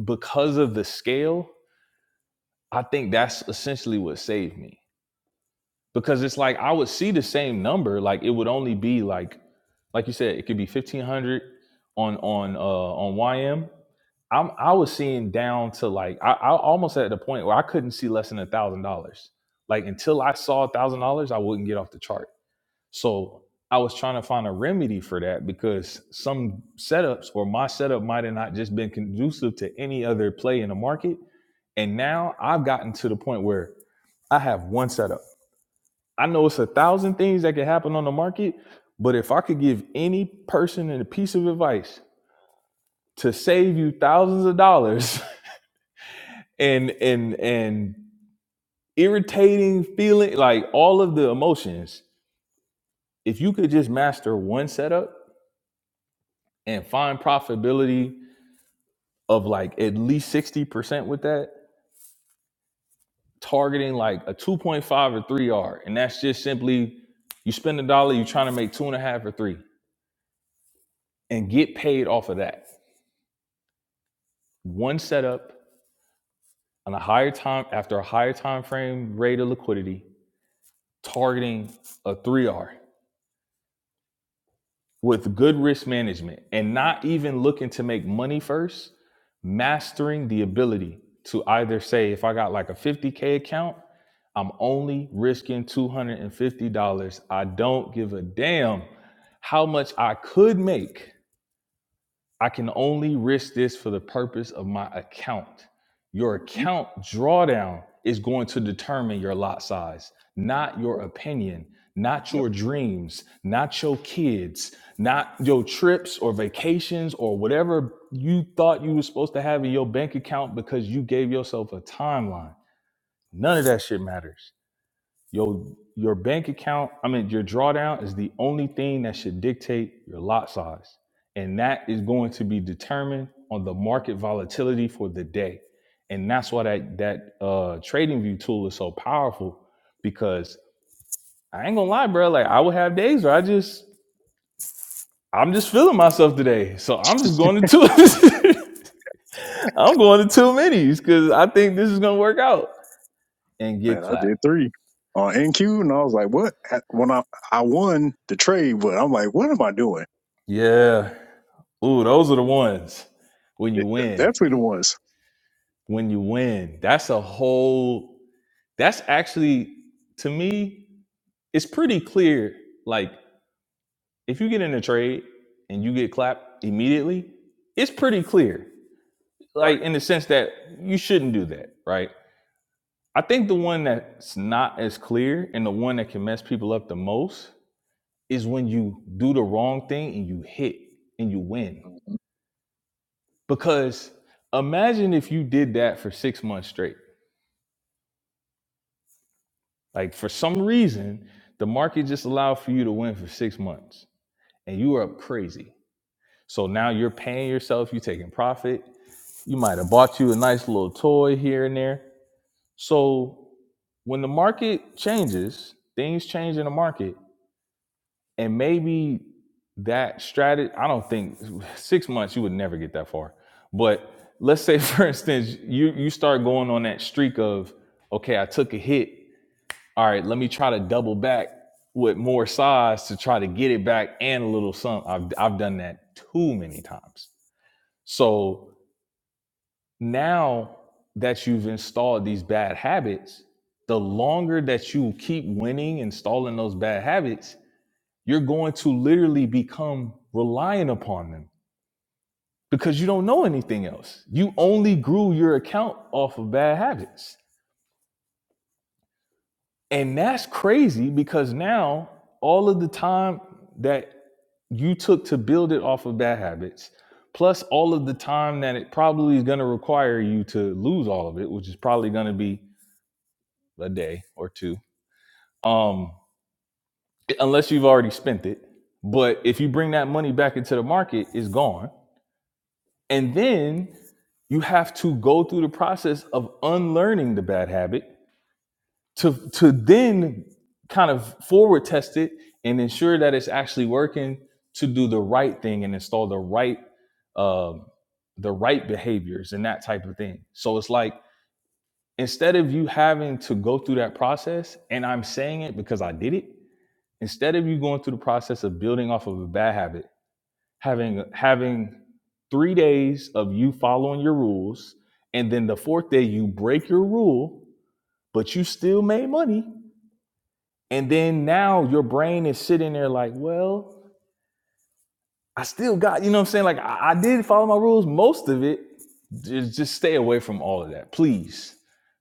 A: because of the scale, I think that's essentially what saved me because it's like I would see the same number, like it would only be like, like you said, it could be fifteen hundred on on uh on YM. I'm I was seeing down to like I, I almost at the point where I couldn't see less than a thousand dollars. Like until I saw a thousand dollars, I wouldn't get off the chart. So I was trying to find a remedy for that because some setups or my setup might have not just been conducive to any other play in the market. And now I've gotten to the point where I have one setup. I know it's a thousand things that can happen on the market, but if I could give any person a piece of advice to save you thousands of dollars and and and irritating feeling like all of the emotions, if you could just master one setup and find profitability of like at least 60% with that, targeting like a 2.5 or 3 R. And that's just simply you spend a dollar, you're trying to make two and a half or three and get paid off of that. One setup on a higher time after a higher time frame rate of liquidity targeting a 3r with good risk management and not even looking to make money first mastering the ability to either say if i got like a 50k account i'm only risking $250 i don't give a damn how much i could make I can only risk this for the purpose of my account. Your
E: Mm,
A: account drawdown is going to determine your lot size, not your opinion, not
E: Yep.
A: your dreams, not your kids, not your trips or vacations or whatever you thought you were supposed to have in your bank account because you gave yourself a timeline. None of that shit matters. Your your bank account, I mean your drawdown is the only thing that should dictate your lot size. And that is going to be determined on the market volatility for the day. And that's why that that uh trading view tool is so powerful because I ain't gonna lie, bro. Like I would have days where I just I'm just feeling myself today. So I'm just going to two I'm going to two minis because I think this is gonna work out and get
E: Man, I
A: clapped.
E: did three on NQ, and I was like, "What?" When I I won the trade, but I'm like, "What am I doing?"
A: Yeah. Ooh, those are the ones when you
E: Th- th-
A: win.
E: That's what it was,
A: when you win. That's a whole that's actually to me, it's pretty clear. Like if you get in a trade and you get clapped immediately, it's pretty clear.
E: right?
A: Like in the sense that you shouldn't do that, right? I think the one that's not as clear and the one that can mess people up the most is when you do the wrong thing and you hit and you win. Because imagine if you did that for six months straight. Like for some reason, the market just allowed for you to win for six months and you were up crazy. So now you're paying yourself, you're taking profit. You might have bought you a nice little toy here and there. So when the market changes, things change in the market, and maybe that strategy, I don't think six months you would never get that far. But let's say, for instance, you you start going on that streak of, okay, I took a hit all right, let me try to double back with more size to try to get it back and a little something. I've, I've done that too many times. So now that you've installed these bad habits, the longer that you keep winning, installing those bad habits, you're going to literally become reliant upon them because you don't know anything else. You only grew your account off of bad habits. And that's crazy because now all of the time that you took to build it off of bad habits, plus all of the time that it probably is going to require you to lose all of it, which is probably going to be a day or two, um, unless you've already spent it. But if you bring that money back into the market, it's gone. And then you have to go through the process of unlearning the bad habit to to then kind of forward test it and ensure that it's actually working to do the right thing and install the right um, the right behaviors and that type of thing. So it's like instead of you having to go through that process, and I'm saying it because I did it. Instead of you going through the process of building off of a bad habit, having having three days of you following your rules, and then the fourth day you break your rule, but you still made money and then now your brain is sitting there like, well, I still got, you know what I'm saying? Like, I, I did follow my rules, most of it. Just, just stay away from all of that, please.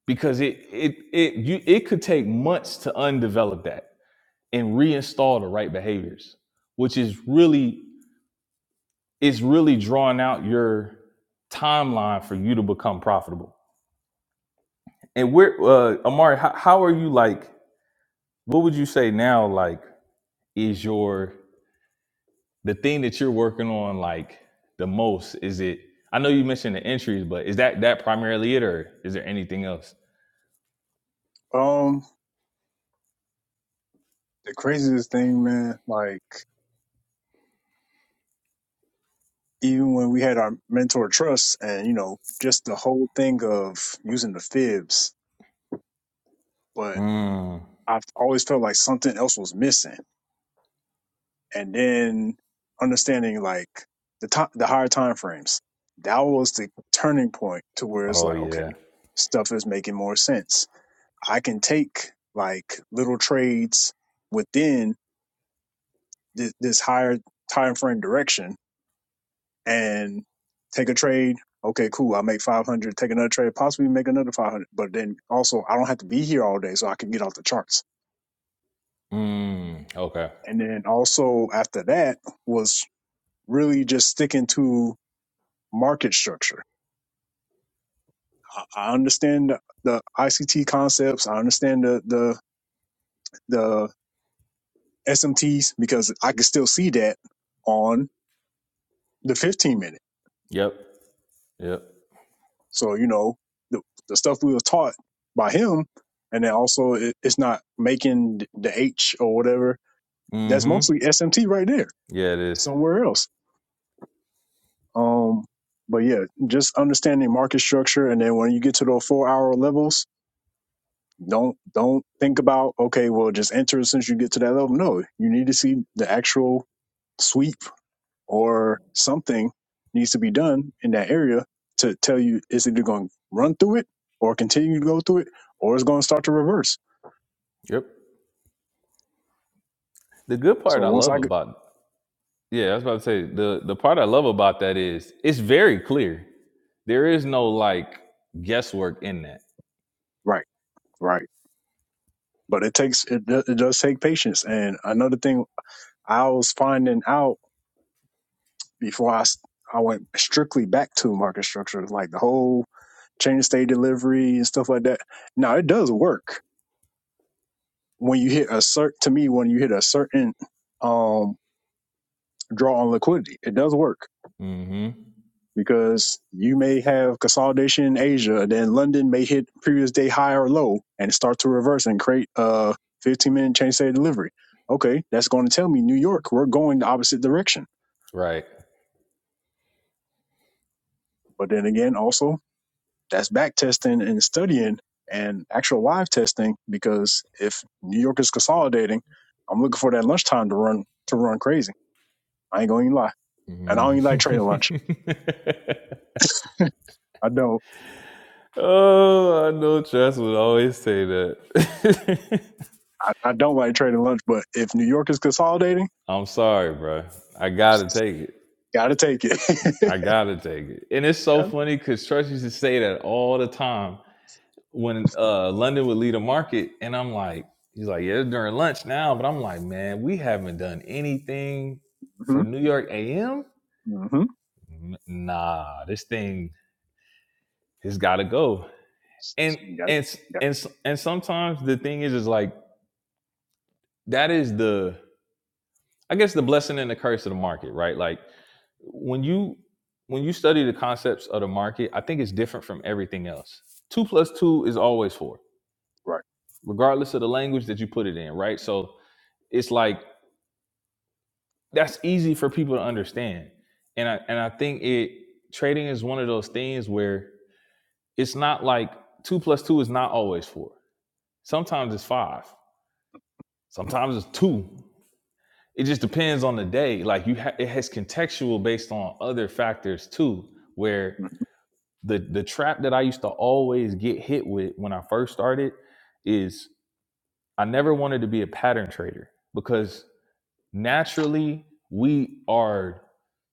A: Because it it it you it could take months to undevelop that and reinstall the right behaviors, which is really it's really drawing out your timeline for you to become profitable. And where uh Amari, how, how are you like, what would you say now like is your the thing that you're working on like the most is it i know you mentioned the entries but is that that primarily it or is there anything else
E: Um, the craziest thing, man, like even when we had our mentor trust and, you know, just the whole thing of using the fibs, but
A: mm.
E: I've always felt like something else was missing. And then understanding like the top, the higher time frames, that was the turning point to where it's
A: oh
E: like, okay,
A: yeah
E: stuff is making more sense. I can take like little trades within this, this higher time frame direction and take a trade. Okay, cool. I make 500, take another trade, possibly make another 500. But then also, I don't have to be here all day, so I can get off the charts.
A: mm. okay
E: And then also after that was really just sticking to market structure. I I understand the the ICT concepts. I understand the, the, the SMTs because I can still see that on the 15 minute.
A: yep yep
E: So you know the the stuff we was taught by him, and then also it, it's not making the H or whatever. That's
A: mm-hmm
E: mostly SMT right there,
A: yeah it is
E: somewhere else. Um, but yeah, just understanding market structure, and then when you get to those four hour levels, don't don't think about okay, well just enter since you get to that level. No, you need to see the actual sweep or something needs to be done in that area to tell you it's either going to run through it or continue to go through it or it's going to start to reverse.
A: yep the good part
E: So
A: i
E: once
A: love
E: I g-
A: about yeah i was about to say the the part i love about that is it's very clear there is no like guesswork in that
E: right, right. But it takes, it, do- it does take patience. And another thing I was finding out before I, s- I went strictly back to market structure, like the whole chain of state delivery and stuff like that. Now it does work when you hit a cert, to me, when you hit a certain, um, draw on liquidity, it does work
A: mm-hmm
E: because you may have consolidation in Asia, and then London may hit previous day high or low and start to reverse and create a 15 minute change state delivery. Okay, that's going to tell me New York, we're going the opposite direction.
A: right
E: But then again, also that's back testing and studying and actual live testing because if New York is consolidating, I'm looking for that lunchtime to run to run crazy. I ain't going to lie, and I don't even like trading lunch.
A: mm-hmm.
E: I don't.
A: Oh, I know Tress would always say that.
E: I, I don't like trading lunch, but if New York is consolidating.
A: I'm sorry, bro. I gotta take it.
E: Got to take it.
A: I gotta take it. And it's so funny because Tress used to say that all the time when uh London would lead a market, and I'm like, he's like, yeah, it's during lunch now, but I'm like, man, we haven't done anything
E: mm-hmm.
A: for New York AM.
E: Mm-hmm.
A: Nah, this thing has got to go. And
E: Got
A: and s-
E: it. Got it.
A: and s- and sometimes the thing is, is like that is the I guess the blessing and the curse of the market, right? Like when you when you study the concepts of the market, I think it's different from everything else. Two plus two is always four,
E: Right.
A: regardless of the language that you put it in, right? So it's like that's easy for people to understand. And I and I think it trading is one of those things where it's not like two plus two is not always four. Sometimes it's five. Sometimes it's two. it just depends on the day like you ha- it has contextual based on other factors too where the the trap that i used to always get hit with when i first started is i never wanted to be a pattern trader because naturally we are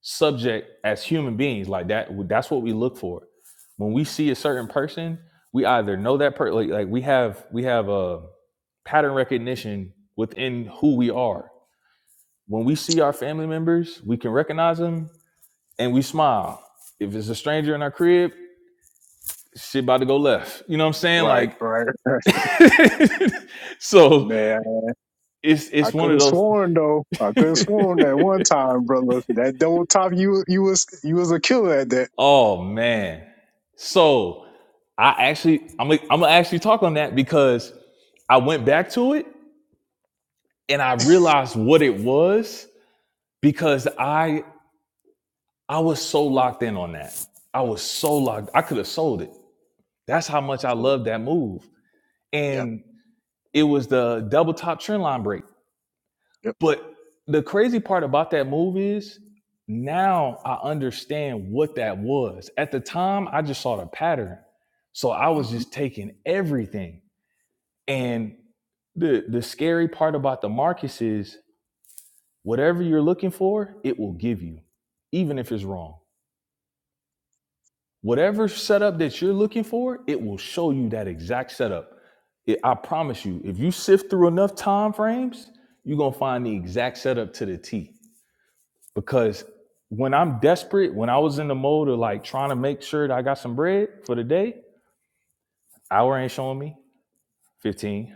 A: subject as human beings like that that's what we look for when we see a certain person we either know that person like, like we have we have a pattern recognition within who we are when we see our family members, we can recognize them and we smile. If it's a stranger in our crib, shit about to go left. You know what I'm saying?
E: Right.
A: Like,
E: Right. Right.
A: so
E: Man,
A: it's
E: I
A: it's one
E: could
A: of
E: have
A: those.
E: sworn though. I could have sworn that one time, brother. That double top, you you was you was a killer at that.
A: oh man. So I actually I'm gonna- I'm gonna actually talk on that because I went back to it and I realized what it was because I I was so locked in on that. I was so locked. I could have sold it. That's how much I loved that move.
E: Yeah.
A: and it was the double top trend line break.
E: Yep.
A: But the crazy part about that move is now I understand what that was. At the time, I just saw the pattern. So I
E: hmm
A: was just taking everything. And the the scary part about the markets is whatever you're looking for, it will give you, even if it's wrong. Whatever setup that you're looking for, it will show you that exact setup. It- I promise you, if you sift through enough time frames, you're gonna find the exact setup to the T. Because when I'm desperate, when I was in the mode of like trying to make sure that I got some bread for the day, hour ain't showing me 15,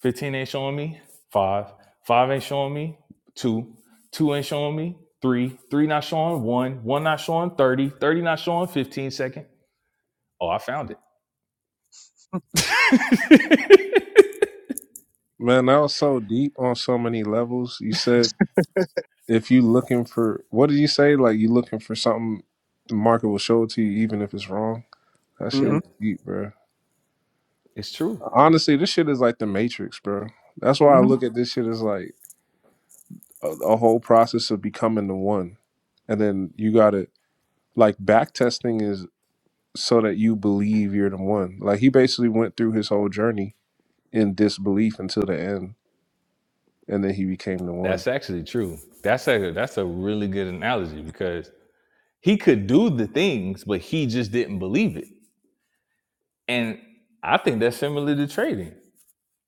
A: 15 ain't showing me five. Five ain't showing me two. Two ain't showing me three. Three not showing one. One not showing 30, 30 not showing 15 second. Oh, I found it.
B: Man, that was so deep on so many levels. You said if you looking for what did you say? Like you looking for something the market will show it to you even if it's wrong. That shit
A: yeah,
E: hmm
B: was deep, bro.
A: it's true.
B: Honestly, this shit is like the Matrix, bro. That's
E: hmm
B: why I look at this shit as like a, a whole process of becoming the one. And then you gotta like back testing is so that you believe you're the one. Like he basically went through his whole journey in disbelief until the end and then he became the one.
A: That's actually true. That's a that's a really good analogy because he could do the things, but he just didn't believe it. And I think that's similar to trading.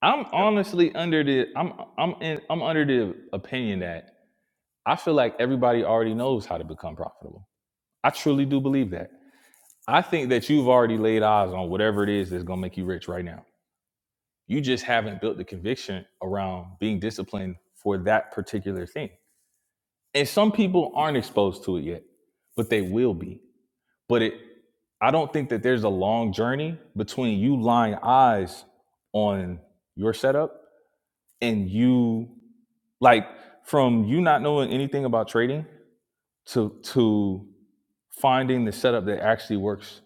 A: I'm
E: Yep. I
A: honestly under the I'm I'm in, I'm under the opinion that I feel like everybody already knows how to become profitable. I truly do believe that. I think that you've already laid eyes on whatever it is that's gonna make you rich right now. You just haven't built the conviction around being disciplined for that particular thing. and some people aren't exposed to it yet but they will be but it i don't think that there's a long journey between you lying eyes on your setup and you like from you not knowing anything about trading to to finding the setup that actually works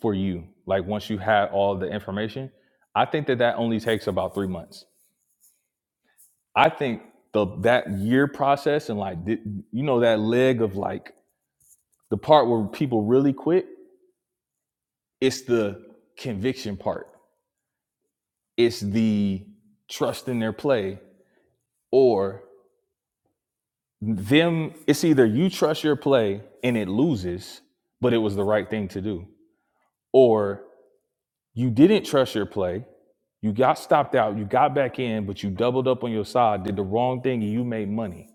A: for you like once you have all the information i think that that only takes about three months i think the that year process and like you know that leg of like The part where people really quit, it's the conviction part. It's the trust in their play or them it's either you trust your play and it loses, but it was the right thing to do. Or you didn't trust your play, you got stopped out, you got back in, but you doubled up on your side, did the wrong thing, and you made money.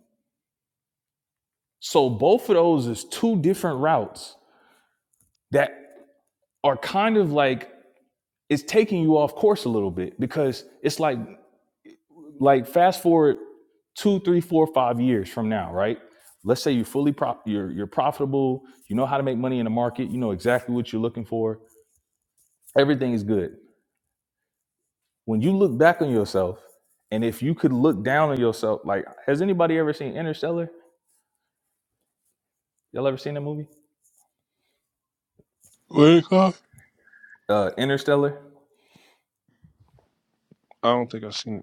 A: So both of those is two different routes that are kind of like it's taking you off course a little bit because it's like like fast forward two, three, four, five years from now, right? Let's say you're fully prop, you're you're profitable. You know how to make money in the market. You know exactly what you're looking for. Everything is good. When you look back on yourself, and if you could look down on yourself, like has anybody ever seen Interstellar? Y'all ever seen that movie?
B: What do you call it
A: Uh, Interstellar.
B: I don't think I've seen it.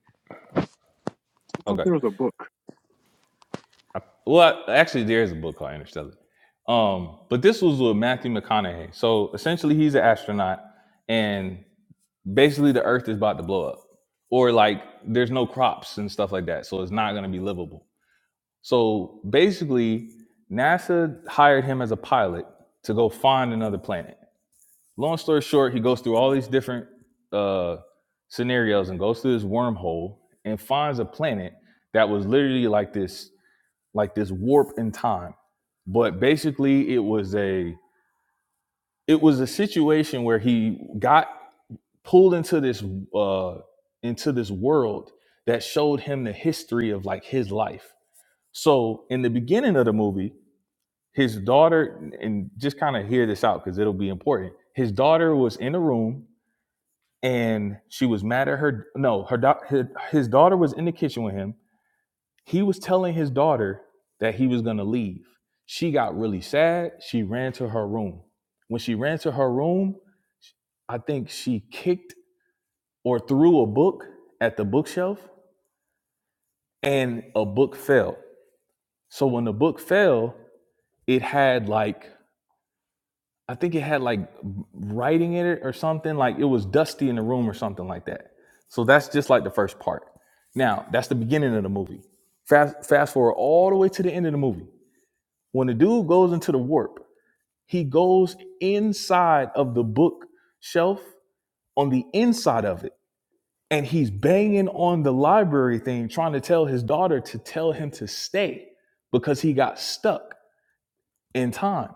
E: thought
A: Okay.
E: there was a book.
A: I- Well, I- actually, there is a book called Interstellar. Um, but this was with Matthew McConaughey. So essentially, he's an astronaut, and basically the earth is about to blow up or like there's no crops and stuff like that so it's not going to be livable so basically nasa hired him as a pilot to go find another planet long story short he goes through all these different uh, scenarios and goes through this wormhole and finds a planet that was literally like this like this warp in time but basically it was a it was a situation where he got pulled into this uh into this world that showed him the history of like his life so in the beginning of the movie his daughter and just kind of hear this out because it'll be important his daughter was in a room and she was mad at her no her, da- her his daughter was in the kitchen with him he was telling his daughter that he was going to leave she got really sad she ran to her room when she ran to her room I think she kicked or threw a book at the bookshelf and a book fell. So when the book fell, it had like I think it had like writing in it or something like it was dusty in the room or something like that. So that's just like the first part. Now, that's the beginning of the movie. Fast fast forward all the way to the end of the movie. When the dude goes into the warp, he goes inside of the bookshelf on the inside of it and he's banging on the library thing trying to tell his daughter to tell him to stay because he got stuck in time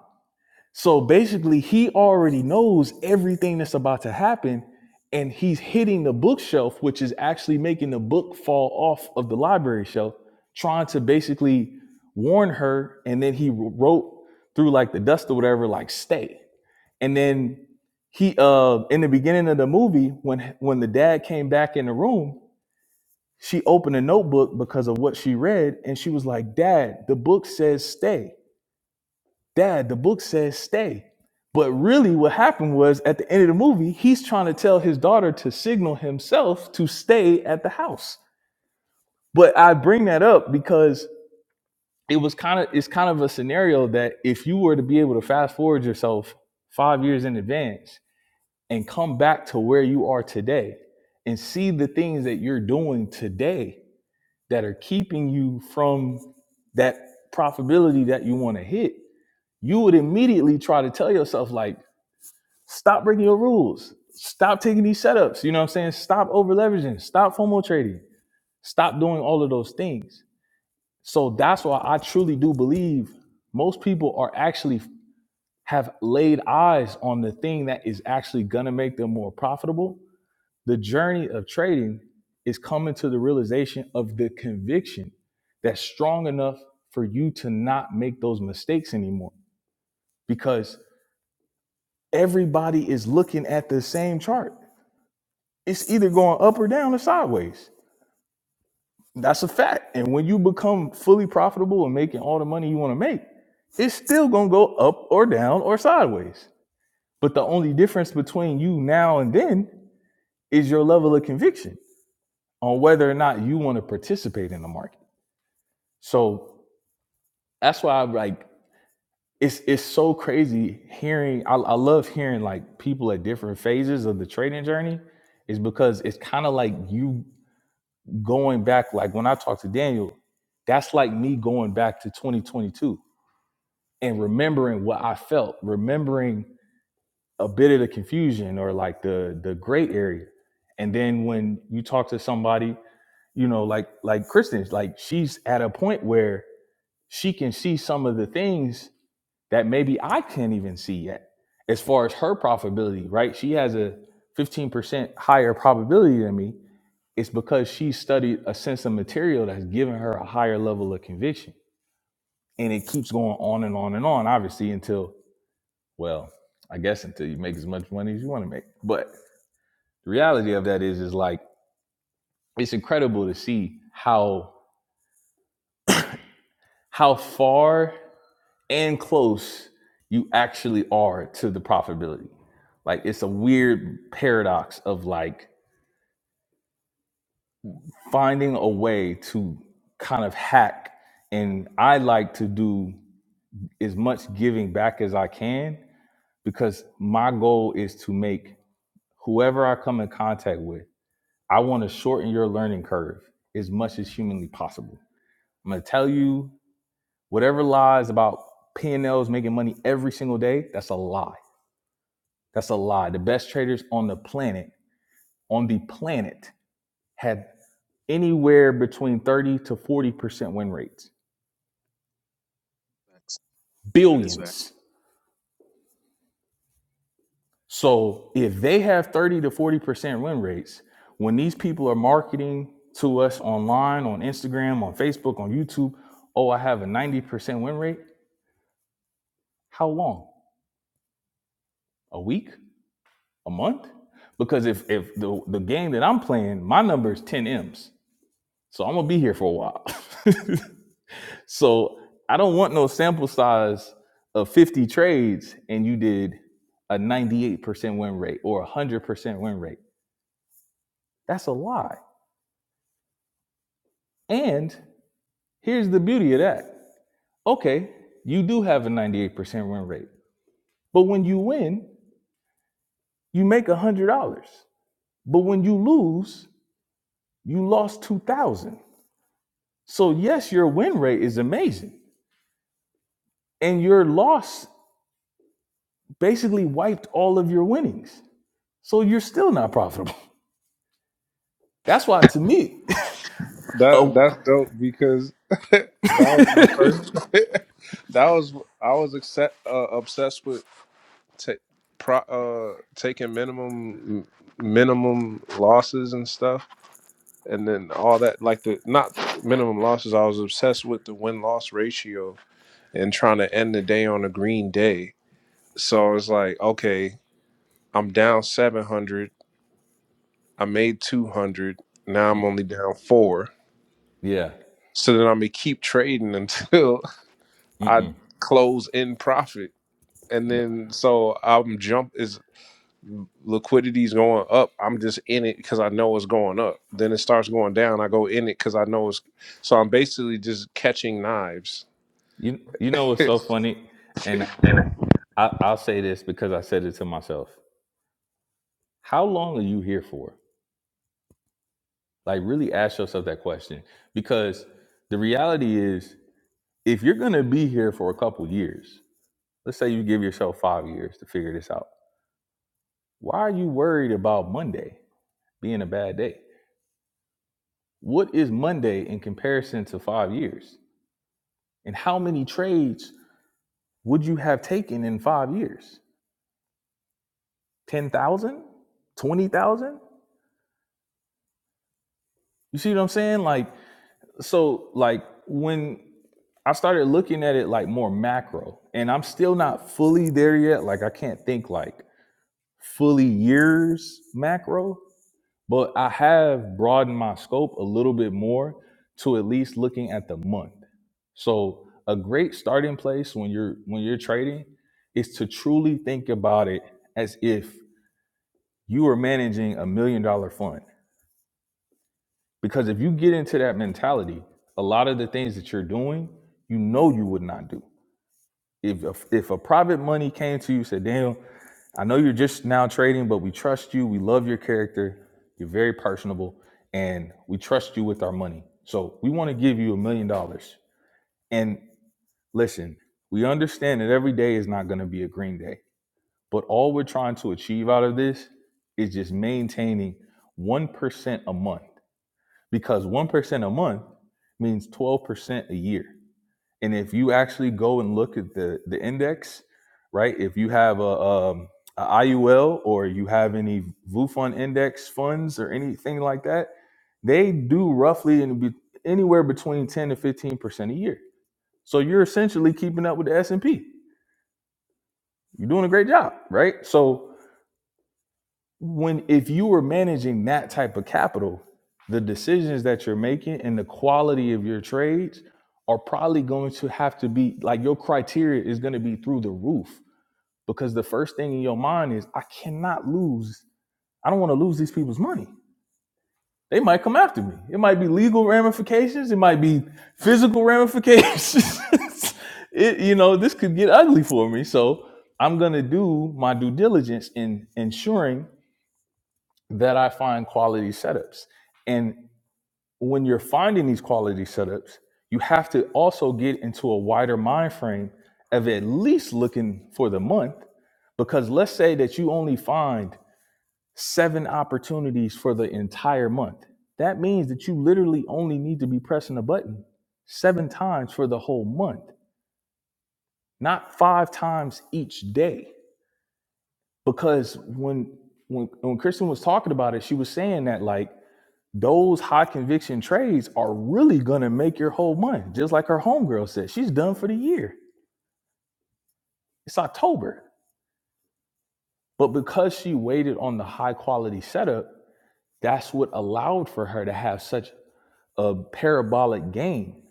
A: so basically he already knows everything that's about to happen and he's hitting the bookshelf which is actually making the book fall off of the library shelf trying to basically warn her and then he wrote through like the dust or whatever like stay and then he uh in the beginning of the movie when when the dad came back in the room she opened a notebook because of what she read, and she was like, Dad, the book says stay. Dad, the book says stay. But really, what happened was at the end of the movie, he's trying to tell his daughter to signal himself to stay at the house. But I bring that up because it was kind of it's kind of a scenario that if you were to be able to fast forward yourself five years in advance and come back to where you are today and see the things that you're doing today that are keeping you from that profitability that you want to hit, you would immediately try to tell yourself, like, stop breaking your rules. Stop taking these setups. You know what I'm saying? Stop over leveraging. Stop FOMO trading. Stop doing all of those things. So that's why I truly do believe most people are actually have laid eyes on the thing that is actually gonna make them more profitable the journey of trading is coming to the realization of the conviction that's strong enough for you to not make those mistakes anymore because everybody is looking at the same chart. It's either going up or down or sideways. That's a fact. And when you become fully profitable and making all the money you want to make, it's still going to go up or down or sideways. But the only difference between you now and then is your level of conviction on whether or not you want to participate in the market. So that's why I'm like it's it's so crazy hearing I, I love hearing like people at different phases of the trading journey is because it's kind of like you going back like when I talk to Daniel, that's like me going back to 2022 and remembering what I felt, remembering a bit of the confusion or like the the gray area. And then when you talk to somebody, you know, like like Kristen's like she's at a point where she can see some of the things that maybe I can't even see yet as far as her profitability, right? She has a 15% higher probability than me. It's because she studied a sense of material that's given her a higher level of conviction. And it keeps going on and on and on, obviously, until, well, I guess until you make as much money as you want to make. But the reality of that is, is like, it's incredible to see how how far and close you actually are to the profitability. Like it's a weird paradox of like finding a way to kind of hack. And I like to do as much giving back as I can because my goal is to make whoever I come in contact with, I want to shorten your learning curve as much as humanly possible. I'm going to tell you whatever lies about P&Ls making money every single day, that's a lie That's a lie. The best traders on the planet, on the planet, had anywhere between 30 to 40% win rates.
E: That is facts.
A: Billions. So if they have 30 to 40% win rates, when these people are marketing to us online, on Instagram, on Facebook, on YouTube, oh, I have a 90% win rate, how long? A week? A month? Because if if the, the game that I'm playing, my number is 10 M's. So I'm gonna be here for a while. So I don't want no sample size of 50 trades and you did a 98% win rate or a 100% win rate. That's a lie. And here's the beauty of that. Okay, you do have a 98% win rate. But when you win, you make $100. But when you lose, you lost 2000. So yes, your win rate is amazing. And your loss basically wiped all of your winnings. So you're still not profitable. That's why, to me,
B: That
A: oh,
B: that's dope because that was my first. that was I was accept, uh, obsessed with ta- pro, uh, taking minimum minimum losses and stuff, and then all that like the not minimum losses. I was obsessed with the win loss ratio and trying to end the day on a green day. So it's like, okay, I'm down seven hundred. I made two hundred. Now I'm only down four.
A: yeah,
B: So then I'm gonna keep trading until. I
A: Mm-mm.
B: close in profit, and
A: No.
B: then so I'm jump is liquidity's going up. I'm just in it because I know it's going up. Then it starts going down. I go in it because I know it's. So I'm basically just catching knives.
A: you you know what's so funny, and I, I'll say this because I said it to myself. How long are you here for? Like, really ask yourself that question because the reality is, if you're gonna be here for a couple years, let's say you give yourself five years to figure this out. Why are you worried about Monday being a bad day? What is Monday in comparison to five years? And how many trades would you have taken in five years? 10,000? 20,000? You see what I'm saying? Like, so, like, when I started looking at it like more macro, and I'm still not fully there yet, like, I can't think like fully years macro, but I have broadened my scope a little bit more to at least looking at the month. So, a great starting place when you're when you're trading is to truly think about it as if you are managing a million dollar fund. Because if you get into that mentality, a lot of the things that you're doing, you know you would not do. If a, if a private money came to you and said, Daniel, I know you're just now trading, but we trust you. We love your character. You're very personable, and we trust you with our money. So we want to give you a million dollars. And listen, we understand that every day is not going to be a green day, but all we're trying to achieve out of this is just maintaining 1% a month. because 1% a month means 12% a year. And if you actually go and look at the, the index, right, if you have a, um, a IUL or you have any VUFUN index funds or anything like that, they do roughly in, be, anywhere between 10 to 15% a year. So you're essentially keeping up with the S&P. You're doing a great job, right? So when if you were managing that type of capital, the decisions that you're making and the quality of your trades are probably going to have to be like your criteria is going to be through the roof because the first thing in your mind is I cannot lose. I don't want to lose these people's money. They might come after me. It might be legal ramifications. It might be physical ramifications. it, you know, this could get ugly for me. So I'm going to do my due diligence in ensuring that I find quality setups. And when you're finding these quality setups, you have to also get into a wider mind frame of at least looking for the month. Because let's say that you only find seven opportunities for the entire month. That means that you literally only need to be pressing a button seven times for the whole month, not five times each day. Because when when when Kristen was talking about it, she was saying that like Those high conviction trades are really gonna make your whole month. Just like her homegirl said, she's done for the year. It's October. But because she waited on the high quality setup, that's what allowed for her to have such a parabolic gain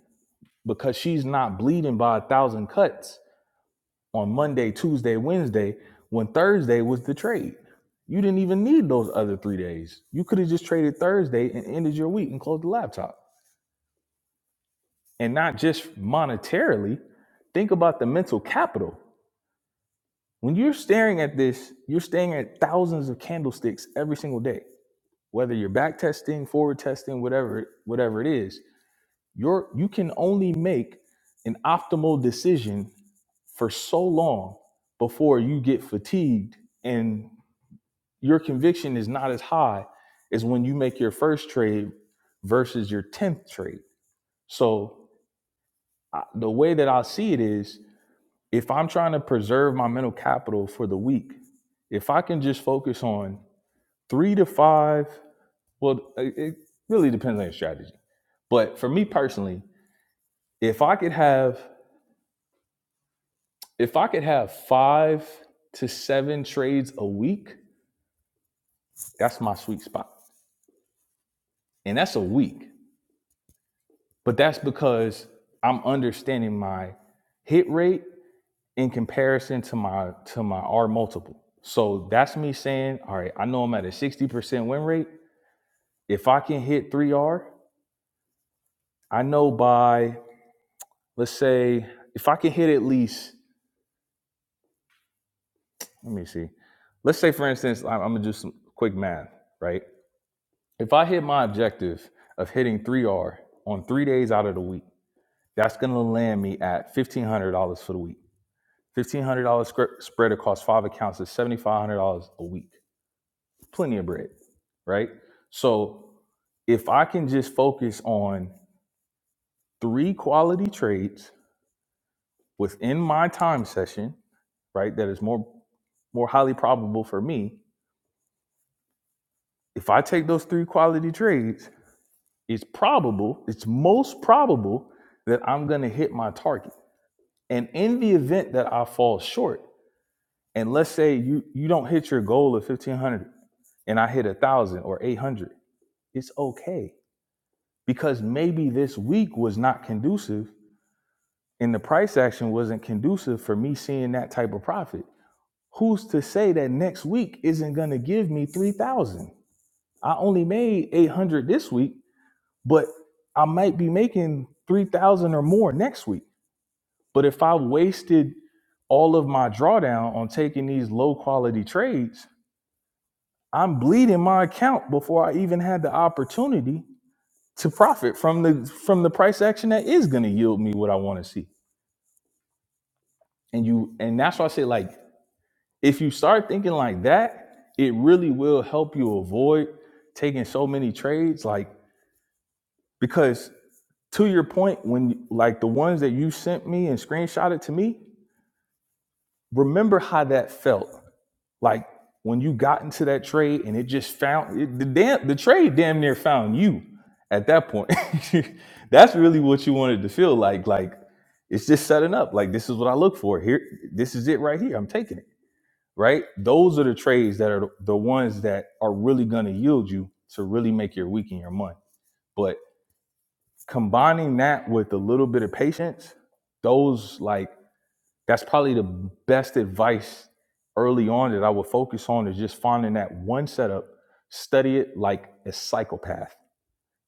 A: because she's not bleeding by a thousand cuts on Monday, Tuesday, Wednesday, when Thursday was the trade. You didn't even need those other three days. You could have just traded Thursday and ended your week and closed the laptop. and not just monetarily, think about the mental capital. When you're staring at this, you're staring at thousands of candlesticks every single day. Whether you're back testing, forward testing, whatever whatever it is, you're you can only make an optimal decision for so long before you get fatigued and your conviction is not as high as when you make your first trade versus your 10th trade. So I- the way that I see it is if I'm trying to preserve my mental capital for the week, if I can just focus on three to five, well, it really depends on your strategy. But for me personally, if I could have if I could have five to seven trades a week, that's my sweet spot. And that's a week. But that's because I'm understanding my hit rate in comparison to my to my R multiple. So that's me saying, all right, I know I'm at a 60% win rate. If I can hit 3R, I know by, let's say, if I can hit at least, let me see. Let's say, for instance, I'm, I'm going to do some quick math, right? If I hit my objective of hitting 3R on three days out of the week, that's going to land me at $1,500 for the week. $1,500 spread across five accounts is $7,500 a week. Plenty of bread, right? So if I can just focus on three quality trades within my time session, right? That is more more highly probable for me. If I take those three quality trades, it's probable, it's most probable that I'm going to hit my target. And in the event that I fall short, and let's say you you don't hit your goal of 1500 and I hit a 1000 or 800, it's okay because maybe this week was not conducive and the price action wasn't conducive for me seeing that type of profit. Who's to say that next week isn't going to give me 3000? I only made 800 this week, but I might be making 3,000 or more next week. But if I wasted all of my drawdown on taking these low quality trades, I'm bleeding my account before I even had the opportunity to profit from the from the price action that is going to yield me what I want to see. And you and that's why I say like if you start thinking like that, it really will help you avoid taking so many trades like because to your point, when like the ones that you sent me and screenshotted to me, remember how that felt. Like when you got into that trade and it just found it, the damn the trade damn near found you at that point. That's really what you wanted to feel like. Like it's just setting up. Like this is what I look for. Here, this is it right here. I'm taking it. Right? Those are the trades that are the ones that are really gonna yield you to really make your week and your month. But combining that with a little bit of patience, those like that's probably the best advice early on that I would focus on is just finding that one setup, study it like a psychopath,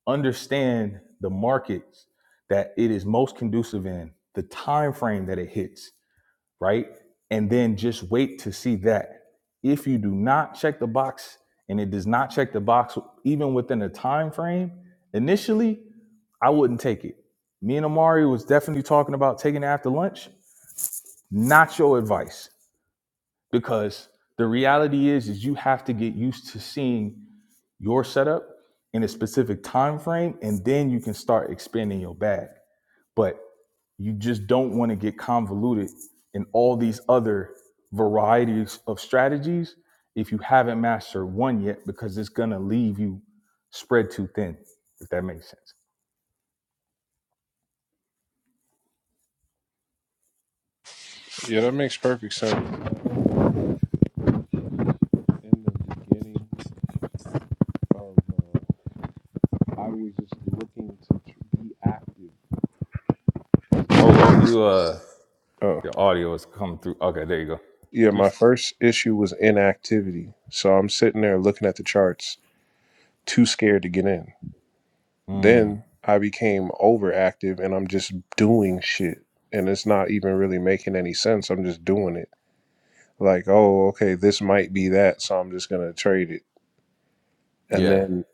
A: understand the markets that it is most conducive in, the time frame that it hits, right? And then just wait to see that. If you do not check the box and it does not check the box even within a time frame, initially, I wouldn't take it. Me and Amari was definitely talking about taking it after lunch. Not your advice. Because the reality is is you have to get used to seeing your setup in a specific time frame and then you can start expanding your bag but you just don't want to get convoluted in all these other varieties of strategies if you haven't mastered one yet because it's going to leave you spread too thin if that makes sense
B: Yeah, that makes perfect sense. In the beginning of, uh, I was just looking to be active.
A: Hold on, you uh,
B: Oh
A: your audio is coming through. Okay, there you go.
B: yeah,
A: You
B: my
A: s-
B: first issue was inactivity. So I'm sitting there looking at the charts, too scared to get in.
A: Mm,
B: Then I became overactive and I'm just doing shit. And it's not even really making any sense. I'm just doing it. Like, oh, okay, this might be that. So I'm just going to trade it. And
A: yeah,
B: then,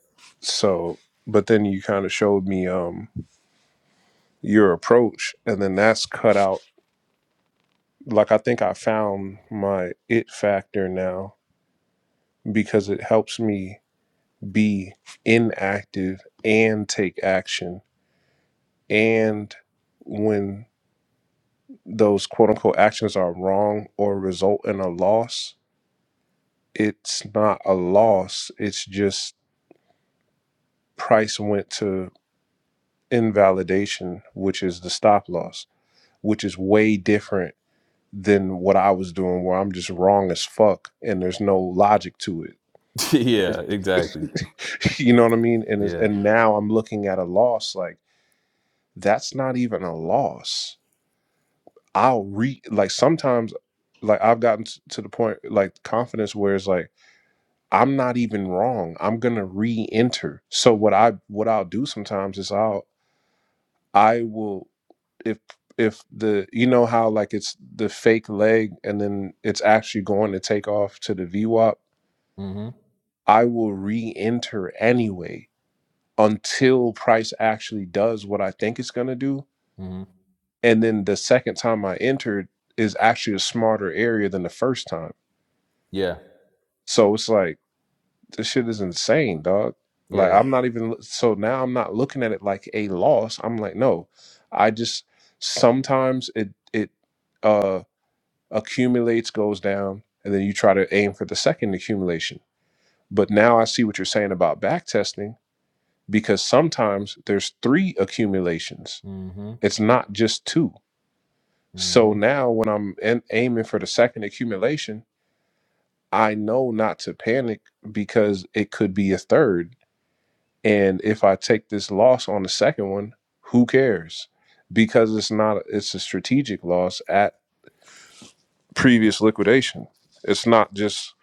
B: so, but then you kind of showed me um your approach. And then that's cut out. Like, I think I found my it factor now because it helps me be inactive and take action. And when those quote unquote actions are wrong or result in a loss, it's not a loss. It's just price went to invalidation, which is the stop loss, which is way different than what I was doing, where I'm just wrong as fuck and there's no logic to it.
A: yeah, exactly.
B: you know what I mean? And it's,
A: Yeah.
B: and now I'm looking at a loss like that's not even a loss. I'll re like sometimes like I've gotten t- to the point like confidence where it's like I'm not even wrong. I'm gonna re-enter. So what I what I'll do sometimes is I'll I will if if the you know how like it's the fake leg and then it's actually going to take off to the v VWAP,
A: Mm-hmm.
B: I will re-enter anyway until price actually does what I think it's gonna do.
A: Mm-hmm.
B: And then the second time I entered is actually a smarter area than the first time.
A: Yeah.
B: So it's like this shit is insane, dog. Like
A: Yeah.
B: I'm not even so now I'm not looking at it like a loss. I'm like, no, I just sometimes it it uh accumulates, goes down, and then you try to aim for the second accumulation. But now I see what you're saying about back testing because sometimes there's three accumulations.
A: Mm-hmm.
B: It's not just two. So
A: Mm-hmm.
B: now when I'm in, aiming for the second accumulation, I know not to panic because it could be a third And if I take this loss on the second one, who cares? Because it's not it's a strategic loss at previous liquidation. It's not just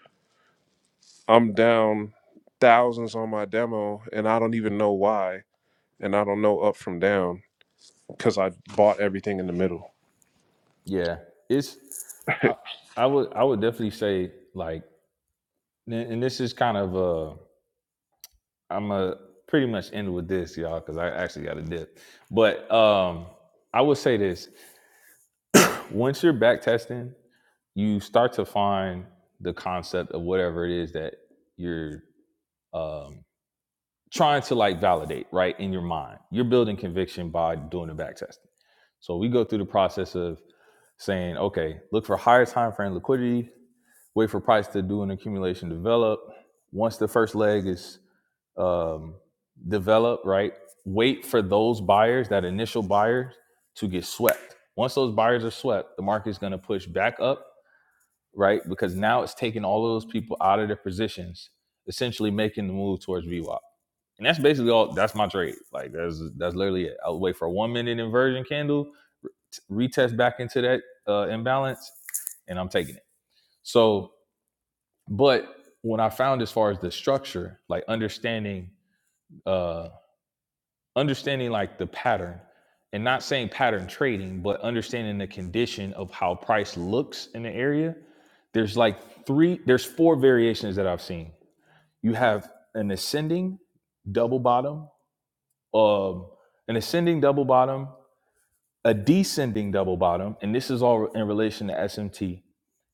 B: I'm down thousands on my demo and I don't even know why and I don't know up from down cuz I bought everything in the middle.
A: Yeah. It's I I would I would definitely say like And this is kind of uh I'm a pretty much end with this, y'all, because I actually got a dip. But um I would say this once you're back testing, you start to find the concept of whatever it is that you're um trying to like validate, right? In your mind. You're building conviction by doing the back testing. So we go through the process of saying, okay, look for higher time frame liquidity, wait for price to do an accumulation develop. Once the first leg is um, develop, right? Wait for those buyers, that initial buyers, to get swept. Once those buyers are swept, the market is going to push back up, right? Because now it's taking all of those people out of their positions, essentially making the move towards VWAP. And that's basically all. That's my trade. Like that's that's literally it. I'll wait for a one minute inversion candle, retest back into that uh, imbalance, and I'm taking it. So, but what I found as far as the structure, like understanding uh, understanding like the pattern and not saying pattern trading, but understanding the condition of how price looks in the area. There's like three, there's four variations that I've seen. You have an ascending double bottom, um, an ascending double bottom, a descending double bottom, and this is all in relation to SMT.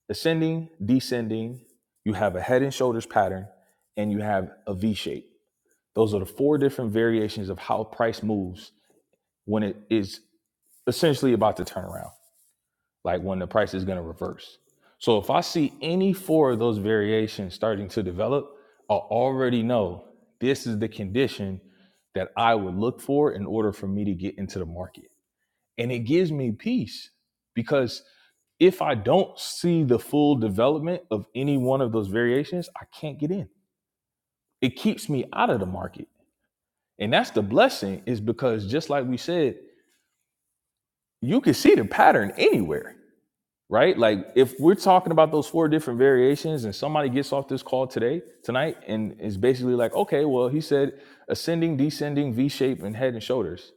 A: Ascending, descending, you have a head and shoulders pattern, and you have a V shape. Those are the four different variations of how price moves when it is essentially about to turn around, like when the price is going to reverse. So if I see any four of those variations starting to develop, I already know this is the condition that I would look for in order for me to get into the market. And it gives me peace because if I don't see the full development of any one of those variations, I can't get in. It keeps me out of the market. And that's the blessing is because just like we said, you can see the pattern anywhere right? Like if we're talking about those four different variations and somebody gets off this call today, tonight, and is basically like, okay, well, he said ascending, descending, V shape, and head and shoulders.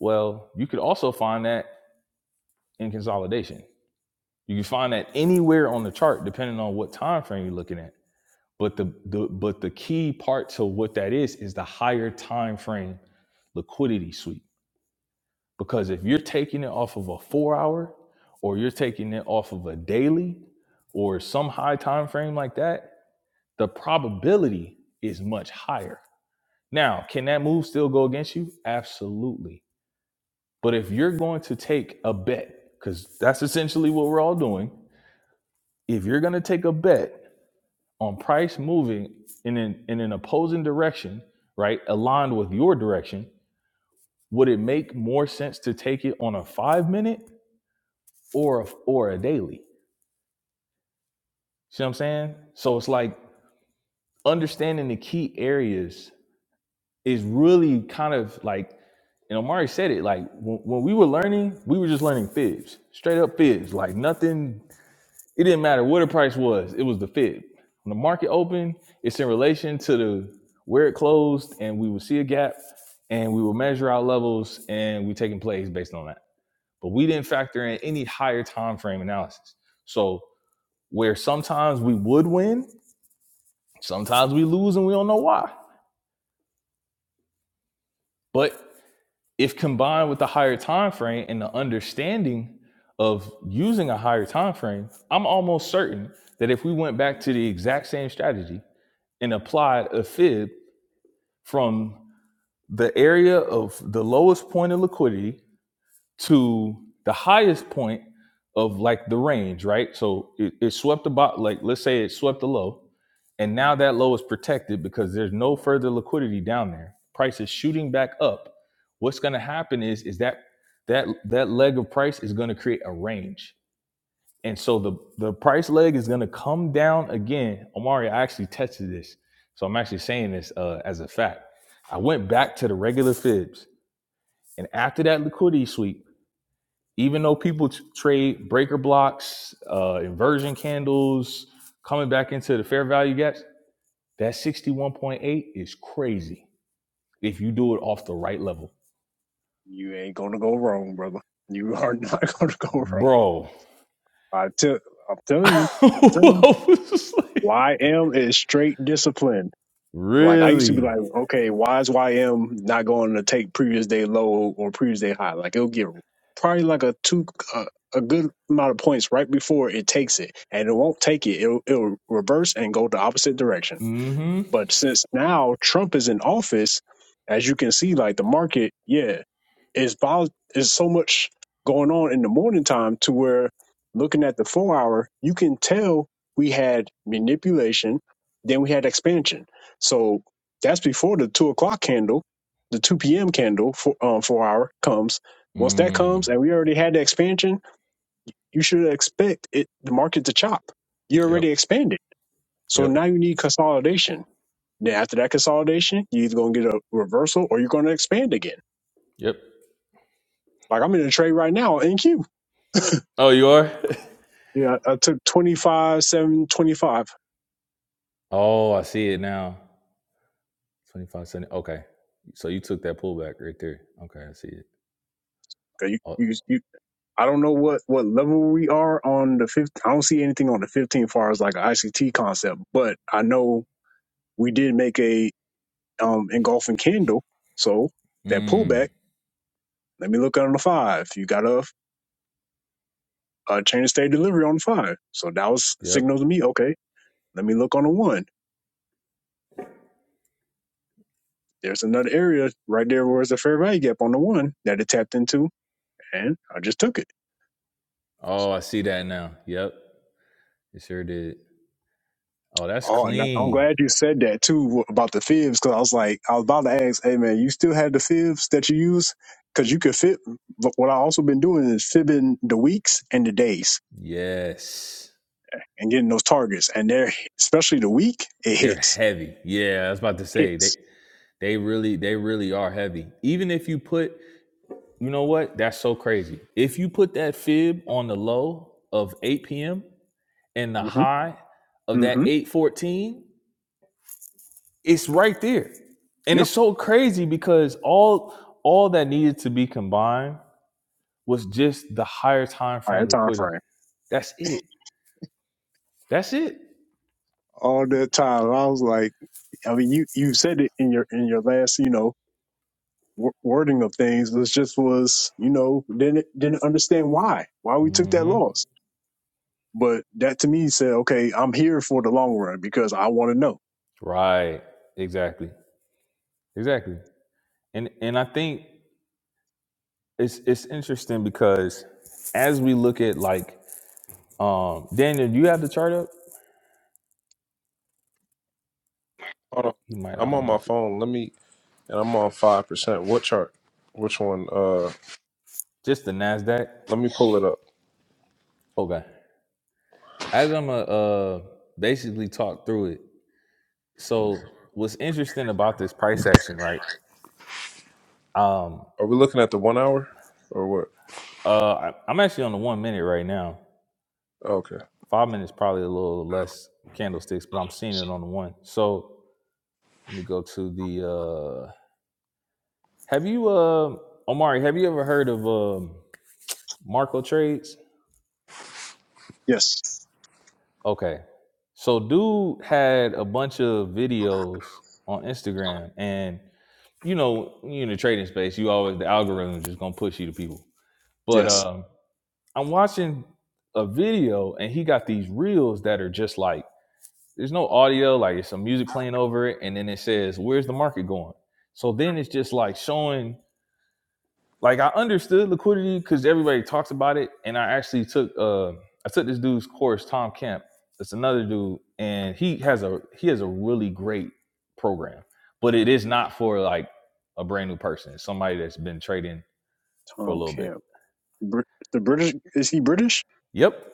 A: Well, you could also find that in consolidation. You can find that anywhere on the chart, depending on what time frame you're looking at. But the, the but the key part to what that is is the higher time frame liquidity sweep Because if you're taking it off of a four hour or you're taking it off of a daily or some high time frame like that, the probability is much higher. Now, can that move still go against you? Absolutely. But if you're going to take a bet, because that's essentially what we're all doing, if you're going to take a bet on price moving in an, in an opposing direction, right, aligned with your direction, would it make more sense to take it on a five minute or a, or a daily. See what I'm saying? So it's like understanding the key areas is really kind of like, and Omari said it, like when, when we were learning, we were just learning fibs, straight up fibs, like nothing, it didn't matter what the price was, it was the fib. When the market opened, it's in relation to the where it closed and we would see a gap and we would measure our levels and we taking plays based on that. But we didn't factor in any higher time frame analysis. So where sometimes we would win, sometimes we lose and we don't know why. But if combined with the higher time frame and the understanding of using a higher time frame, I'm almost certain that if we went back to the exact same strategy and applied a fib from the area of the lowest point of liquidity to the highest point of like the range, right? So it, it swept the bot, like let's say it swept the low, and now that low is protected because there's no further liquidity down there. Price is shooting back up. What's going to happen is is that that that leg of price is going to create a range, and so the the price leg is going to come down again. Omari, I actually tested this, so I'm actually saying this uh, as a fact. I went back to the regular fibs, and after that liquidity sweep even though people t- trade breaker blocks, uh, inversion candles, coming back into the fair value gaps, that 61.8 is crazy if you do it off the right level.
E: You ain't gonna go wrong, brother. You are not gonna go wrong.
A: Bro.
E: I tell. I'm telling you.
A: I
E: I'm telling you.
A: was just like,
E: YM is straight discipline. Like I used to be like,
A: really?
E: okay, why is YM not going to take previous day low or previous day high? Like it'll get probably like a two a, a good amount of points right before it takes it, and it won't take it. It'll, it'll reverse and go the opposite direction.
A: Mm-hmm.
E: But since now Trump is in office, as you can see, like the market, yeah. Is vol is so much going on in the morning time to where looking at the four hour, you can tell we had manipulation, then we had expansion. So that's before the two o'clock candle, the two p.m. candle for um four hour comes. Once that
A: Mm.
E: comes, and we already had the expansion, you should expect it the market to chop. You
A: Yep.
E: already expanded, so
A: Yep.
E: now you need consolidation. Then after that consolidation, you're either gonna get a reversal or you're gonna expand again.
A: Yep.
E: Like I'm in a trade right now in NQ.
A: Oh, you are?
E: Yeah, I I took 25, 7, 25.
A: oh, I see it now. Twenty-five seventy. Okay. So you took that pullback right there. Okay, I see it.
E: Okay, You,
A: Oh.
E: you, you, I don't know what, what level we are on the fifth. I don't see anything on the 15 as far as like an ICT concept, but I know we did make a um, engulfing candle. So that
A: Mm.
E: pullback, let me look on the five. You got a, a change of state delivery on the five. So that was
A: Yep.
E: signal to me. Okay, let me look on the one. There's another area right there where it's a fair value gap on the one that it tapped into, and I just took it.
A: Oh, I see that now. Yep. It sure did. Oh, that's
E: Oh, and I'm
A: clean.
E: glad you said that too about the fibs, because I was like, I was about to ask, hey man, you still have the fibs that you use? Because you could fib. But what I also been doing is fibbing the weeks and the days
A: Yes.
E: and getting those targets, and they're especially the week, it
A: They're
E: hits,
A: heavy. Yeah, I was about to say they
E: hits.
A: they really they really are heavy. Even if you put, you know what? That's so crazy. If you put that fib on the low of 8 p.m. and the
E: Mm-hmm.
A: high of that
E: Mm-hmm.
A: 814, it's right there. And it's
E: Yep.
A: so crazy because all all that needed to be combined was just the higher time
E: All right,
A: frame
E: time
A: liquidity.
E: frame.
A: That's it. That's it.
E: All that time, I was like, I mean, you you said it in your in your last, you know. wo- Wording of things It was just was you know didn't didn't understand why why we took that
A: Hmm.
E: loss But that to me said, okay, I'm here for the long run because I want to know.
A: Right. Exactly. Exactly. And and I think it's it's interesting because as we look at like um Daniel, do you have the chart up?
B: Hold on.
A: You might I
B: I'm
A: don't
B: on
A: know
B: my
A: if
B: phone. Let me and I'm on 5%. What chart? Which one? Uh
A: just the Nasdaq.
B: let me pull it up.
A: Okay. As I'm going uh basically talk through it. So what's interesting about this price action, right? Um
B: Are we looking at the 1 hour or what?
A: uh I, I'm actually on the 1 minute right now.
B: Okay.
A: 5 minutes probably a little less candlesticks, but I'm seeing it on the 1. So let me go to the uh, Have you, uh, Omari? Have you ever heard of um, Marco Trades?
E: Yes,
A: Okay, so dude had a bunch of videos on Instagram, and you know, when you're in the trading space, you always the algorithm is just gonna push you to people. But
E: yes,
A: um, I'm watching a video, and he got these reels that are just like there's no audio, like it's some music playing over it, and then it says, "Where's the market going?" So then it's just like showing like I understood liquidity because everybody talks about it, and I actually took uh I took this dude's course, Tom Kemp. It's another dude, and he has a he has a really great program, but it is not for like a brand new person. It's somebody that's been trading for a
E: Tom
A: little bit.
E: Camp. Br- the British, is he British?
A: Yep,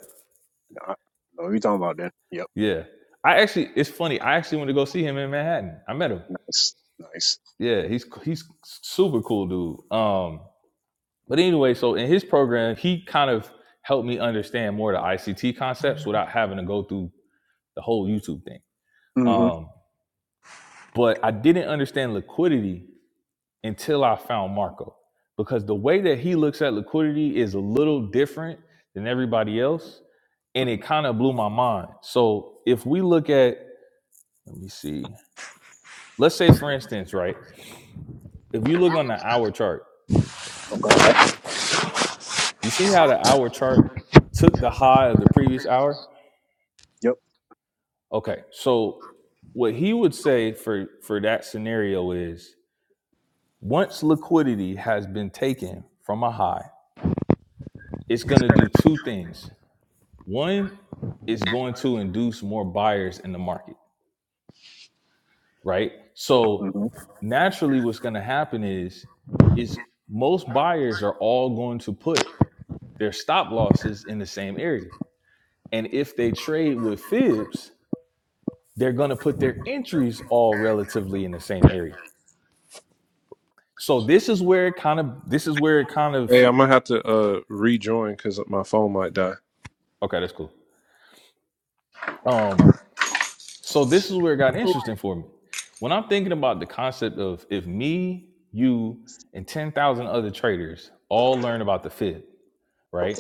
E: No, no. you talking about then. Yep,
A: yeah. I actually, it's funny. I actually went to go see him in Manhattan. I met him.
E: nice, nice.
A: Yeah, he's he's super cool dude. Um, but anyway, so in his program, he kind of helped me understand more the ICT concepts without having to go through the whole YouTube thing.
E: Mm-hmm.
A: Um, but I didn't understand liquidity until I found Marco because the way that he looks at liquidity is a little different than everybody else. And it
E: hmm
A: kind of blew my mind. So if we look at, let me see, let's say for instance, right? If you look on the hour chart,
E: Okay,
A: you see how the hour chart took the high of the previous hour?
E: yep.
A: Okay. So what he would say for for that scenario is Once liquidity has been taken from a high, it's going to do two things. One, it's going to induce more buyers in the market, right? So
E: Mm-hmm.
A: naturally, what's going to happen is, is most buyers are all going to put their stop losses in the same area, and if they trade with fibs, they're going to put their entries all relatively in the same area. So this is where it kind of, this is where it kind of,
B: Hey, I'm gonna have to uh rejoin because my phone might die.
A: okay, that's cool. Um, So this is where it got interesting for me. When I'm thinking about the concept of if me, you, and 10,000 other traders all learn about the Fib, right?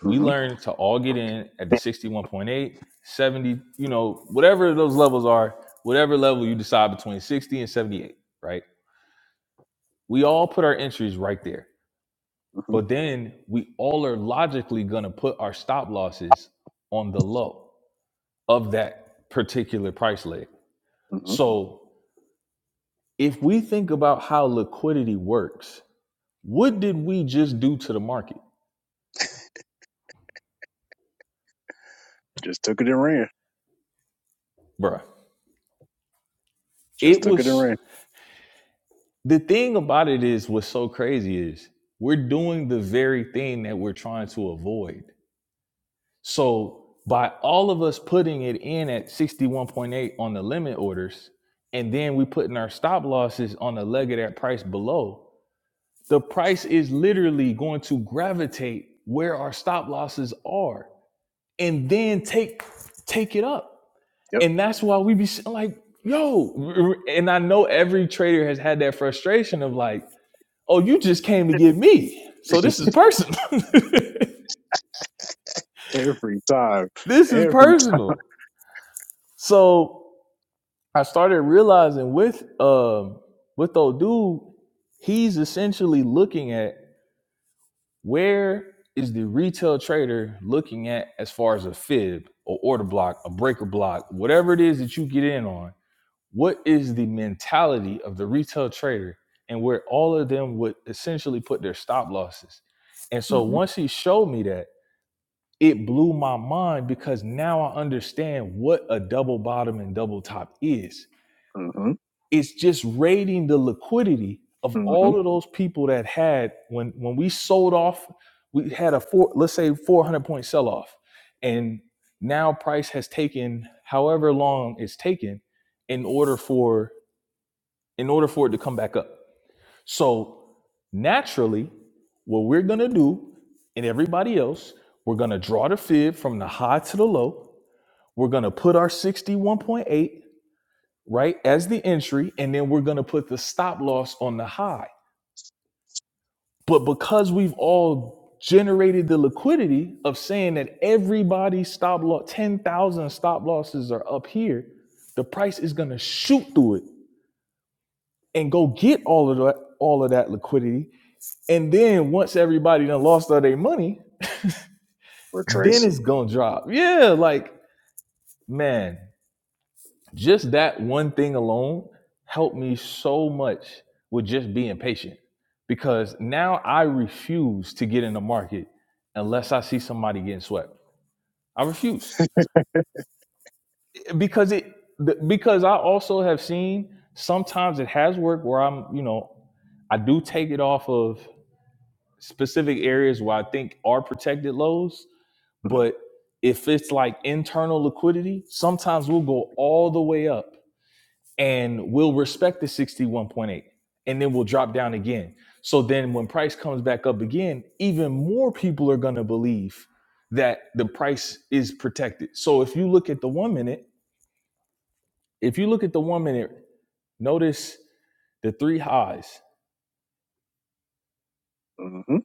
A: We
E: Mm-hmm.
A: learn to all get in at the sixty-one point eight, seventy, you know, whatever those levels are, whatever level you decide between 60 and 78, right? We all put our entries right there.
E: Mm-hmm.
A: But then we all are logically going to put our stop losses on the low of that particular price leg.
E: Mm-hmm.
A: So if we think about how liquidity works, what did we just do to the market,
E: Just ran,
A: bruh?
E: just
A: It was
E: ran.
A: the thing about it is what's so crazy is we're doing the very thing that we're trying to avoid. So by all of us putting it in at 61.8 on the limit orders, and then we putting our stop losses on the leg of that price below, the price is literally going to gravitate where our stop losses are and then take take it up
E: Yep,
A: And that's why we be like, yo. And I know every trader has had that frustration of like, oh, you just came to get me. So this is personal.
E: every time,
A: this is
E: every time.
A: personal. So I started realizing with um with old dude, he's essentially looking at where is the retail trader looking at as far as a fib or order block, a breaker block, whatever it is that you get in on what is the mentality of the retail trader and where all of them would essentially put their stop losses. And so
E: Mm-hmm.
A: once he showed me that, it blew my mind because now I understand what a double bottom and double top is.
E: Mm-hmm.
A: It's just rating the liquidity of
E: Mm-hmm.
A: all of those people that had when when we sold off, we had a four, let's say 400 point sell off. And now price has taken however long it's taken in order for in order for it to come back up. So naturally, what we're gonna do, and everybody else, we're gonna draw the fib from the high to the low. We're gonna put our 61.8 right as the entry, and then we're gonna put the stop loss on the high. But because we've all generated the liquidity of saying that everybody's stop loss, 10,000 stop losses are up here, the price is gonna shoot through it and go get all of that all of that liquidity And then once everybody done lost all their money, then
E: Retrace.
A: it's gonna drop. Yeah, like man, just that one thing alone helped me so much with just being patient because now I refuse to get in the market unless I see somebody getting swept. I refuse because it because I also have seen sometimes it has worked where I'm you know I do take it off of specific areas where I think are protected lows
E: Mm-hmm.
A: But if it's like internal liquidity, sometimes we'll go all the way up and we'll respect the 61.8 and then we'll drop down again. So then when price comes back up again, even more people are going to believe that the price is protected. So if you look at the 1 minute, if you look at the 1 minute, notice the three highs,
E: Mm-hmm.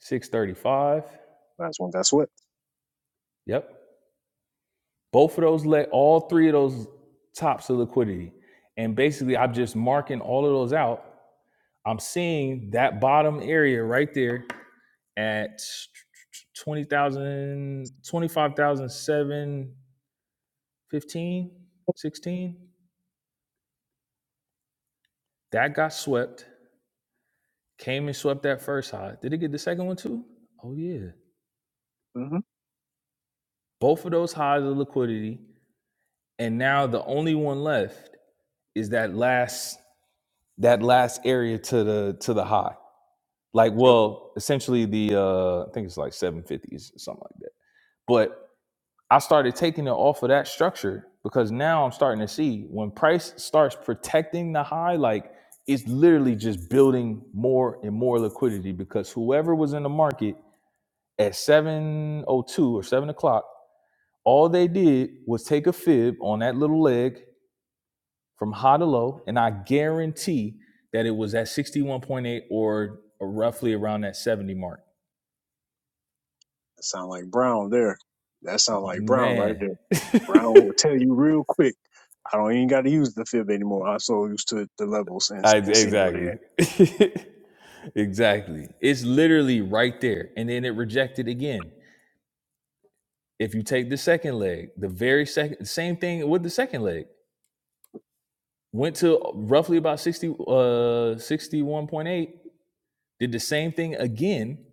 A: 635,
E: That's one. that's what.
A: yep, both of those let all three of those tops of liquidity and basically i'm just marking all of those out i'm seeing that bottom area right there at twenty thousand, twenty-five thousand, seven, fifteen, sixteen. that got swept came and swept that first high did it get the second one too oh yeah
E: Mm-hmm.
A: both of those highs of liquidity and now the only one left is that last that last area to the to the high like
E: yep.
A: well essentially the uh i think it's like 750s or something like that but i started taking it off of that structure because now i'm starting to see when price starts protecting the high like it's literally just building more and more liquidity because whoever was in the market at 702 or 7 o'clock all they did was take a fib on that little leg from high to low and i guarantee that it was at 61.8 or roughly around that 70 mark
E: That sound like Brown there. That sound like Brown right
A: Man.
E: there. Brown will tell you real quick. I don't even got to use the fib anymore. I'm so used to the levels and,
A: I,
E: and seeing where they
A: exactly.
E: at.
A: exactly. It's literally right there. And then it rejected again. If you take the second leg, the very second, same thing with the second leg, went to roughly about 60, uh, 61.8, did the same thing again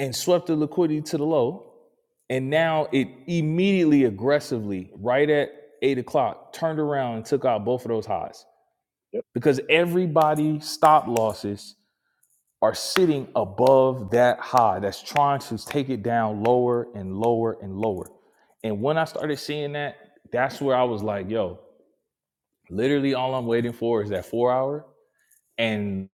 A: and swept the liquidity to the low. And now it immediately aggressively, right at eight o'clock, turned around and took out both of those highs because everybody stop losses are sitting above that high that's trying to take it down lower and lower and lower. And when I started seeing that, that's where I was like, yo, literally all I'm waiting for is that four hour. And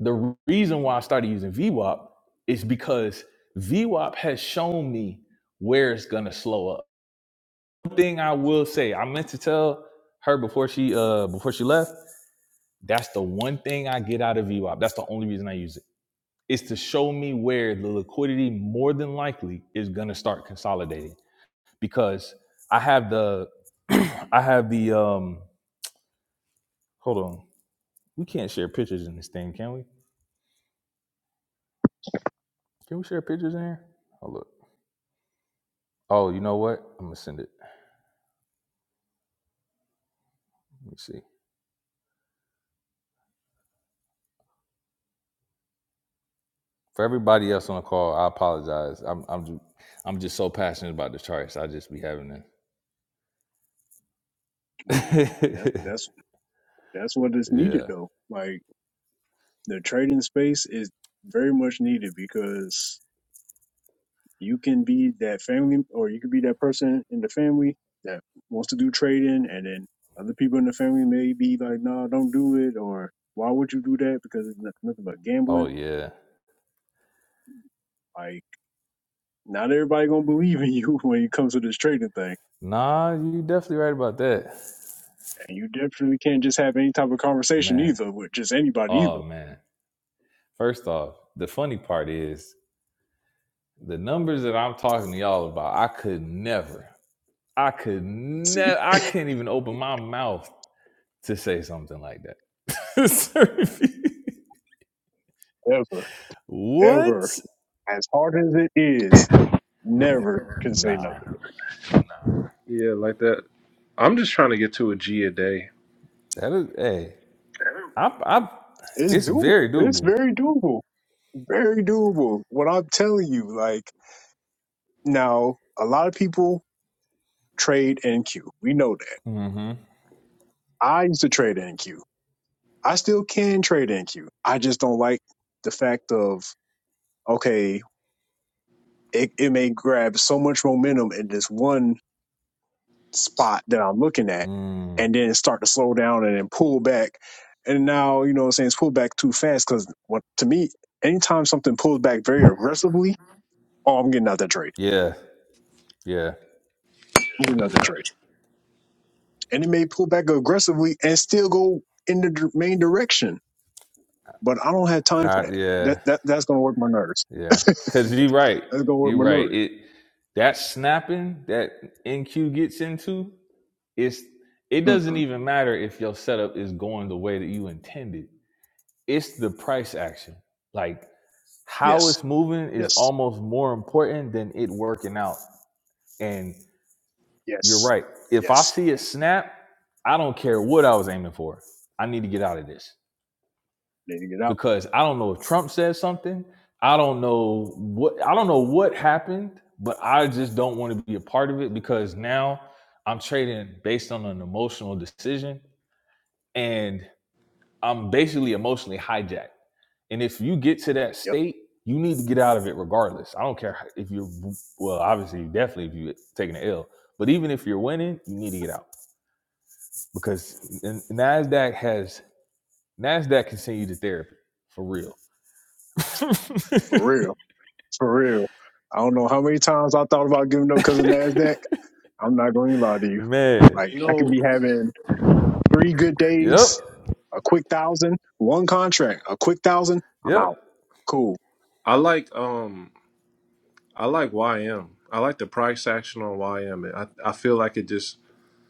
A: the reason why I started using VWAP is because VWAP has shown me where it's gonna slow up. One thing I will say, I meant to tell her before she uh before she left, that's the one thing I get out of VWAP. That's the only reason I use it is to show me where the liquidity more than likely is going to start consolidating because I have the I have the um hold on. We can't share pictures in this thing, can we? Can we share pictures in here? Oh look. Oh, you know what? I'm gonna send it. Let me see. For everybody else on the call, I apologize. I'm I'm just, I'm just so passionate about the charts. I just be having
E: Man, that's
A: it.
E: that's that's what is
A: yeah.
E: needed though. Like the trading space is very much needed because you can be that family or you can be that person in the family that wants to do trading and then other people in the family may be like, no, nah, don't do it or why would you do that? Because it's no- nothing but
A: Oh
E: gambling.
A: yeah.
E: Like Not everybody gonna believe in you when it comes to this trading thing,
A: Nah, you definitely right about that.
E: and you definitely can't just have any type of conversation
A: Man.
E: either with just anybody
A: Oh
E: either.
A: man. First off, the funny part is the numbers that I'm talking to y'all about, I could never, I could
E: See,
A: never, I couldn't even open my mouth to say something like that. Seriously.
E: ever,
A: what?
E: ever, as hard as it is, never can say
A: Nah.
E: nothing.
B: Yeah, like that. I'm just trying to get to a G a day.
A: That is, hey, I, I,
E: It's
A: it's
E: doable.
A: very
E: It's
A: doable.
E: very doable. Very doable. What I'm telling you, like now, a lot of people trade NQ. We know that.
A: Mm-hmm.
E: I used to trade NQ. I still can trade NQ. I just don't like the fact of okay. it, it may grab so much momentum in this one spot that I'm looking at
A: Mm,
E: and then start to slow down and then pull back. And now, you know what I'm saying, it's pulled back too fast because what to me, anytime something pulls back very aggressively, oh, I'm getting out that trade.
A: yeah. Yeah.
E: I'm getting out that trade. And it may pull back aggressively and still go in the dir- main direction. But I don't have time for
A: I,
E: that. That
A: yeah.
E: that that's gonna work my nerves.
A: Yeah. Cause you're right.
E: That's gonna work
A: You're
E: my
A: right.
E: nerves.
A: It, that snapping that NQ gets into, It's it doesn't
E: Mm-mm.
A: even matter if your setup is going the way that you intended. It's the price action. Like how
E: Yes,
A: it's moving is
E: yes,
A: almost more important than it working out. And you're
E: yes,
A: right. If I
E: yes.
A: see it snap, I don't care what I was aiming for. I need to get out of this
E: Need to get out.
A: because I don't know if Trump said something. I don't know what I don't know what happened, but I just don't want to be a part of it because now I'm trading based on an emotional decision and I'm basically emotionally hijacked. And if you get to that
E: Yep,
A: state, you need to get out of it regardless. I don't care if you're well, obviously, definitely if you're taking an L, but even if you're winning, you need to get out because Nasdaq has Nasdaq can send you to therapy for real.
E: for real. For real. I don't know how many times I thought about giving up because of NASDAQ. I'm not going to lie to you.
A: Man,
E: Like,
B: You
E: I could
B: know,
E: be having three good
A: yep,
E: days, a quick thousand, one contract, a quick thousand. I'm
A: yep,
E: out. Cool.
B: I like um, I like YM. I like the price action on YM. I I feel like it just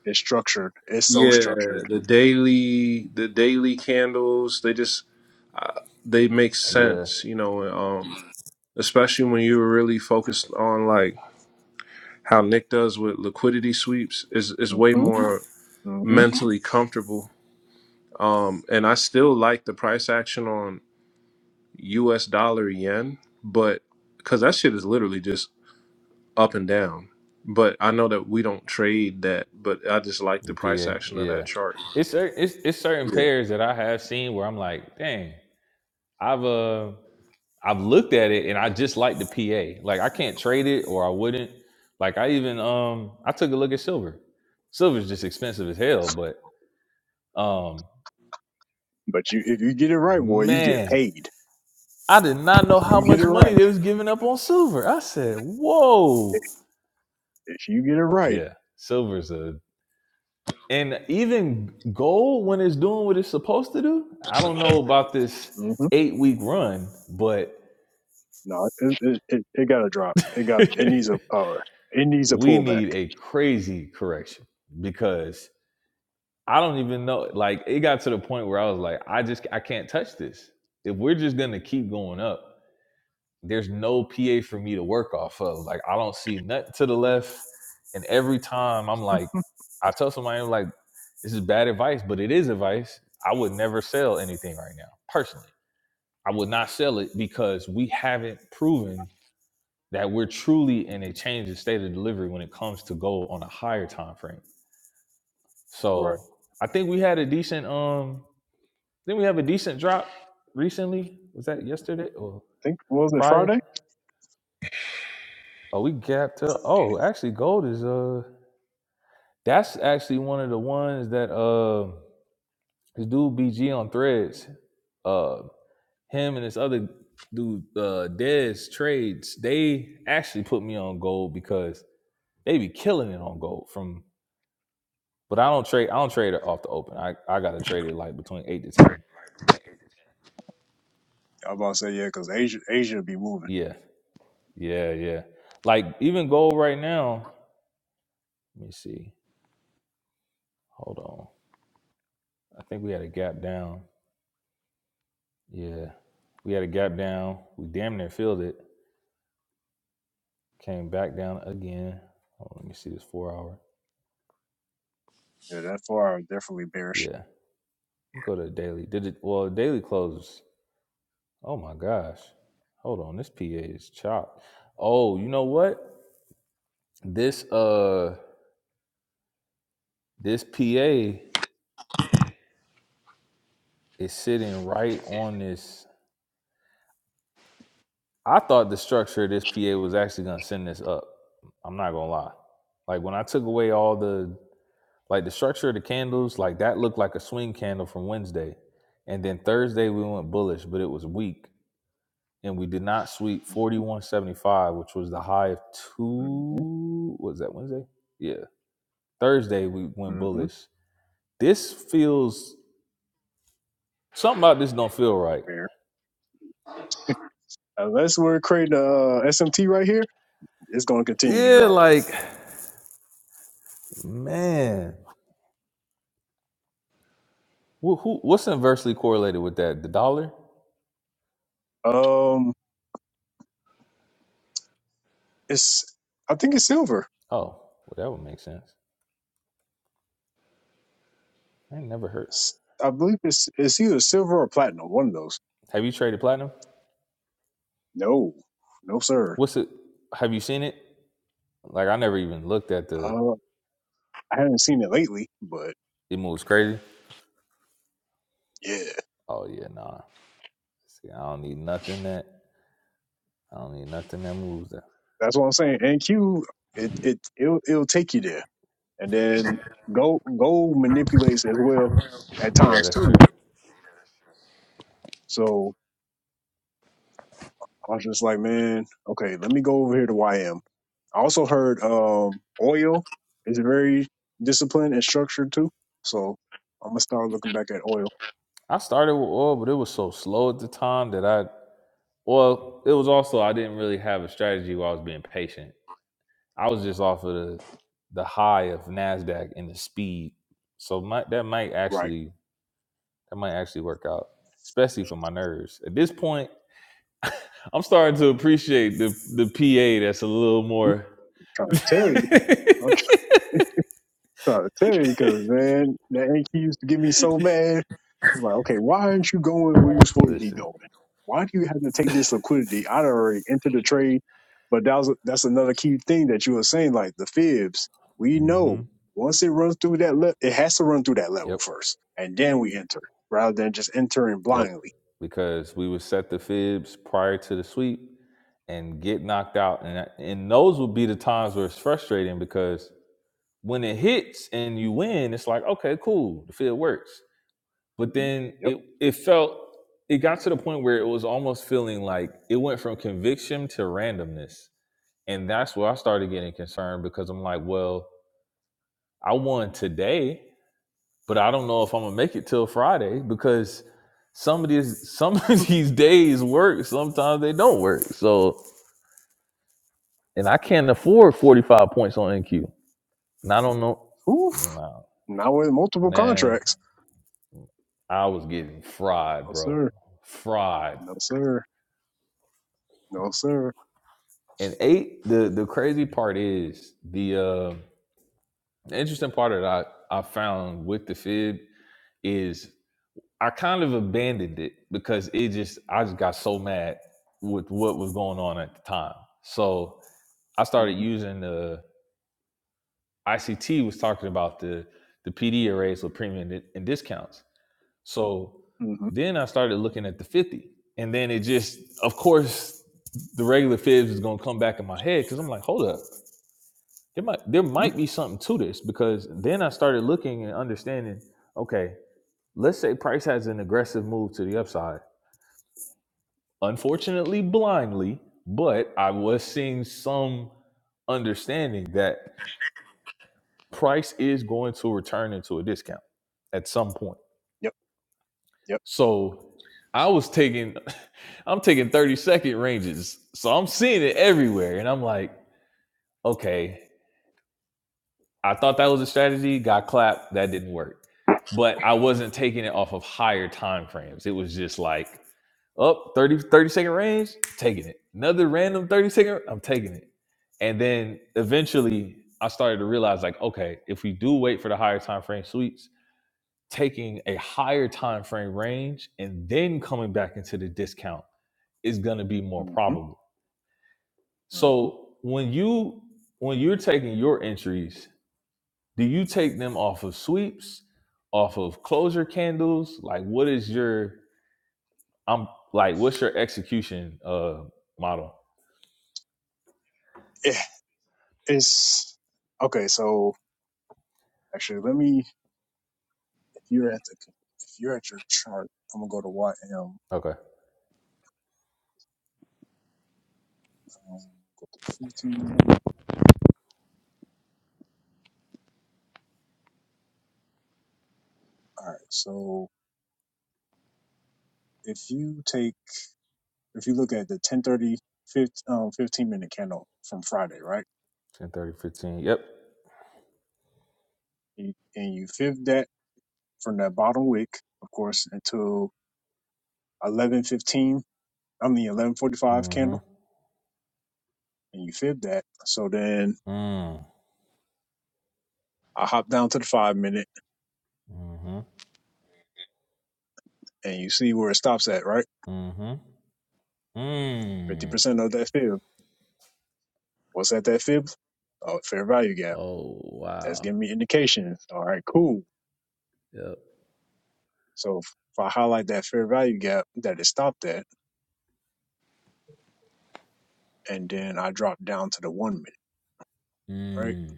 E: It's structured. It's so
B: yeah,
E: structured.
B: the daily the daily candles they just uh, they make
A: yeah.
B: sense. You know, and, um, especially when you're really focused on like how Nick does with liquidity sweeps is is way
E: hmm
B: more
E: hmm
B: mentally comfortable Um, and I still like the price action on US dollar yen, but because that shit is literally just up and down. But I know that we don't trade that, but I just like
A: The
B: the price
A: PA,
B: action of
A: yeah.
B: that chart.
A: It's it's it's certain
B: Yeah.
A: pairs that I have seen where I'm like, dang, I've uh I've looked at it and I just like the PA. Like I can't trade it or I wouldn't. Like I even um I took a look at silver. Silver's just expensive as hell, but um
E: But you, if you get it right, boy, you get
A: man,
E: paid.
A: I did not know
E: If
A: how
E: you get
A: much
E: it
A: money
E: right,
A: they was giving up on silver. I said, "Whoa."
E: if if you get it right,
A: Yeah, silver's a and even gold when it's doing what it's supposed to do. I don't know about this
E: hmm
A: 8-week run, but
E: no, it, it, it, it got to drop. It got, it needs a,
A: we
E: uh, it needs a pullback.
A: need a
E: I
A: crazy correction because I don't even know. Like it got to the point where I was like, I just I can't touch this. If we're just gonna keep going up, there's no PA for me to work off of. Like I don't see nothing to the left. And every time I'm like, I tell somebody I'm like, this is bad advice, but it is advice. I would never sell anything right now, personally. I would not sell it because we haven't proven that we're truly in a changing state of delivery when it comes to gold on a higher time frame. So I think we had a decent um Then we have a decent drop recently. Was that yesterday or
E: think, was it
A: Friday?
E: Friday?
A: Oh, we gapped up. Oh, actually, gold is uh, that's actually one of the ones that uh, this dude BG on Threads, uh, him and this other dude, uh, Dez Trades, they actually put me on gold because they be killing it on gold from. But I don't trade. I don't trade it off the open. I I gotta trade it like between eight to ten.
E: I was about to say, yeah, because Asia, Asia be moving.
A: Yeah, yeah, yeah. Like even gold right now. Let me see. Hold on. I think we had a gap down. Yeah. We had a gap down. We damn near filled it. Came back down again. Oh, let me see this four hour.
E: Yeah, that far I was definitely bearish.
A: Yeah. Go to daily. Did it well daily closes. Oh my gosh. Hold on. This PA is chopped. Oh, you know what? This uh this PA is sitting right on this. I thought the structure of this PA was actually gonna send this up. I'm not gonna lie. Like when I took away all the Like the structure of the candles, like that looked like a swing candle from Wednesday. And then Thursday we went bullish, but it was weak. And we did not sweep
E: Mm-hmm,
A: 4175, which was the high of two
E: hmm
A: what was that Wednesday? Yeah. Thursday we went
E: hmm
A: bullish. This feels something about this don't feel right.
E: Bear. Unless we're creating a uh, SMT right here, it's going to continue to
A: Yeah,
E: drop.
A: like man. Who, who what's inversely correlated with that? The dollar?
E: Um, it's I think it's silver.
A: Oh, well that would make sense. I ain't never heard.
E: S- I believe it's it's either silver or platinum. One of those.
A: Have you traded platinum?
E: No, no sir.
A: What's it have you seen it? Like I never even looked at the.
E: Uh, I haven't seen it lately, but
A: It moves crazy.
E: yeah,
A: Oh yeah, nah. See, I don't need nothing that. I don't need nothing that moves that.
E: that's what I'm saying. And Q, it it it'll, it'll take you there, and then gold gold manipulates as well at
A: Yeah,
E: times
A: that's
E: too.
A: true.
E: So I was just like, man, okay, let me go over here to YM. I also heard um, oil is very disciplined and structured too. So I'm gonna start looking back at oil.
A: I started with oil, but it was so slow at the time that I. Well, it was also I didn't really have a strategy where I was being patient. I was just off of the the high of Nasdaq and the speed. So my, that might
E: Right,
A: actually that might actually work out, especially for my nerves. At this point, I'm starting to appreciate the the PA that's a little more.
E: trying to tell you, I'm trying to tell you, because man, that Anki used to get me so mad. I'm like, okay, why aren't you going where you supposed to be
A: Listen.
E: going? Why do you have to take this liquidity out of already into the trade But that was that's another key thing that you were saying, like the fibs. We
A: hmm
E: know once it runs through that, le- it has to run through that level
A: Yep.
E: first, and then we enter, rather than just entering
A: Yep.
E: blindly.
A: Because we would set the fibs prior to the sweep and get knocked out, and and those would be the times where it's frustrating because when it hits and you win, it's like okay, cool, the field works. But
E: Mhm.
A: then
E: Yep.
A: it it felt it got to the point where it was almost feeling like it went from conviction to randomness And that's where I started getting concerned because I'm like, well, I won today, but I don't know if I'm gonna make it till Friday because some of these some of these days work, sometimes they don't work. So and I can't afford 45 points on NQ. And I don't know.
E: Oof.
A: No,
E: Now with multiple
A: man,
E: contracts.
A: I was getting fried,
E: No
A: bro.
E: sir.
A: Fried.
E: sir. No sir.
A: And eight, the the crazy part is the uh the interesting part that I, I found with the fib is I kind of abandoned it because it just I just got so mad with what was going on at the time. So I started
E: hmm
A: using the ICT was talking about the the PD arrays with premium and discounts. So
E: hmm
A: then I started looking at the 50. And then it just of course the regular fibs is gonna come back in my head because I'm like, hold up, there might there
E: hmm
A: might be something to this because then I started looking and understanding, okay, let's say price has an aggressive move to the upside unfortunately blindly, but I was seeing some understanding that price is going to return into a discount at some point.
E: Yep. Yep.
A: So I was taking, I'm taking 30 second ranges. So I'm seeing it everywhere. And I'm like, okay, I thought that was a strategy, got clapped, that didn't work. But I wasn't taking it off of higher time frames. It was just like up 30 thirty second range, taking it. Another random 30 second, I'm taking it. And then eventually I started to realize like, okay, if we do wait for the higher time frame sweeps, taking a higher time frame range and then coming back into the discount is going to be more
E: hmm
A: probable.
E: hmm
A: So when you when you're taking your entries do you take them off of sweeps off of closure candles like what is your i'm like what's your execution uh model
E: It, it's okay. So actually, you're at the card. I'm gonna go to YM.
A: okay
E: Um, all right. So if you take if you look at the 1030 15, um, 15 minute candle from friday right
A: ten thirty, fifteen. yep
E: you, and you fib that from that bottom wick of course until 1115 i mean 1145
A: mm-hmm
E: candle and you fib that so then
A: mm,
E: i hop down to the five minute
A: mm-hmm
E: and you see where it stops at right
A: mm-hmm mm.
E: 50% of that fib what's at that fib oh, fair value gap
A: oh
E: that's
A: wow
E: giving me indications all right cool
A: yep
E: so if i highlight that fair value gap that it stopped at and then i drop down to the one minute right
A: mm,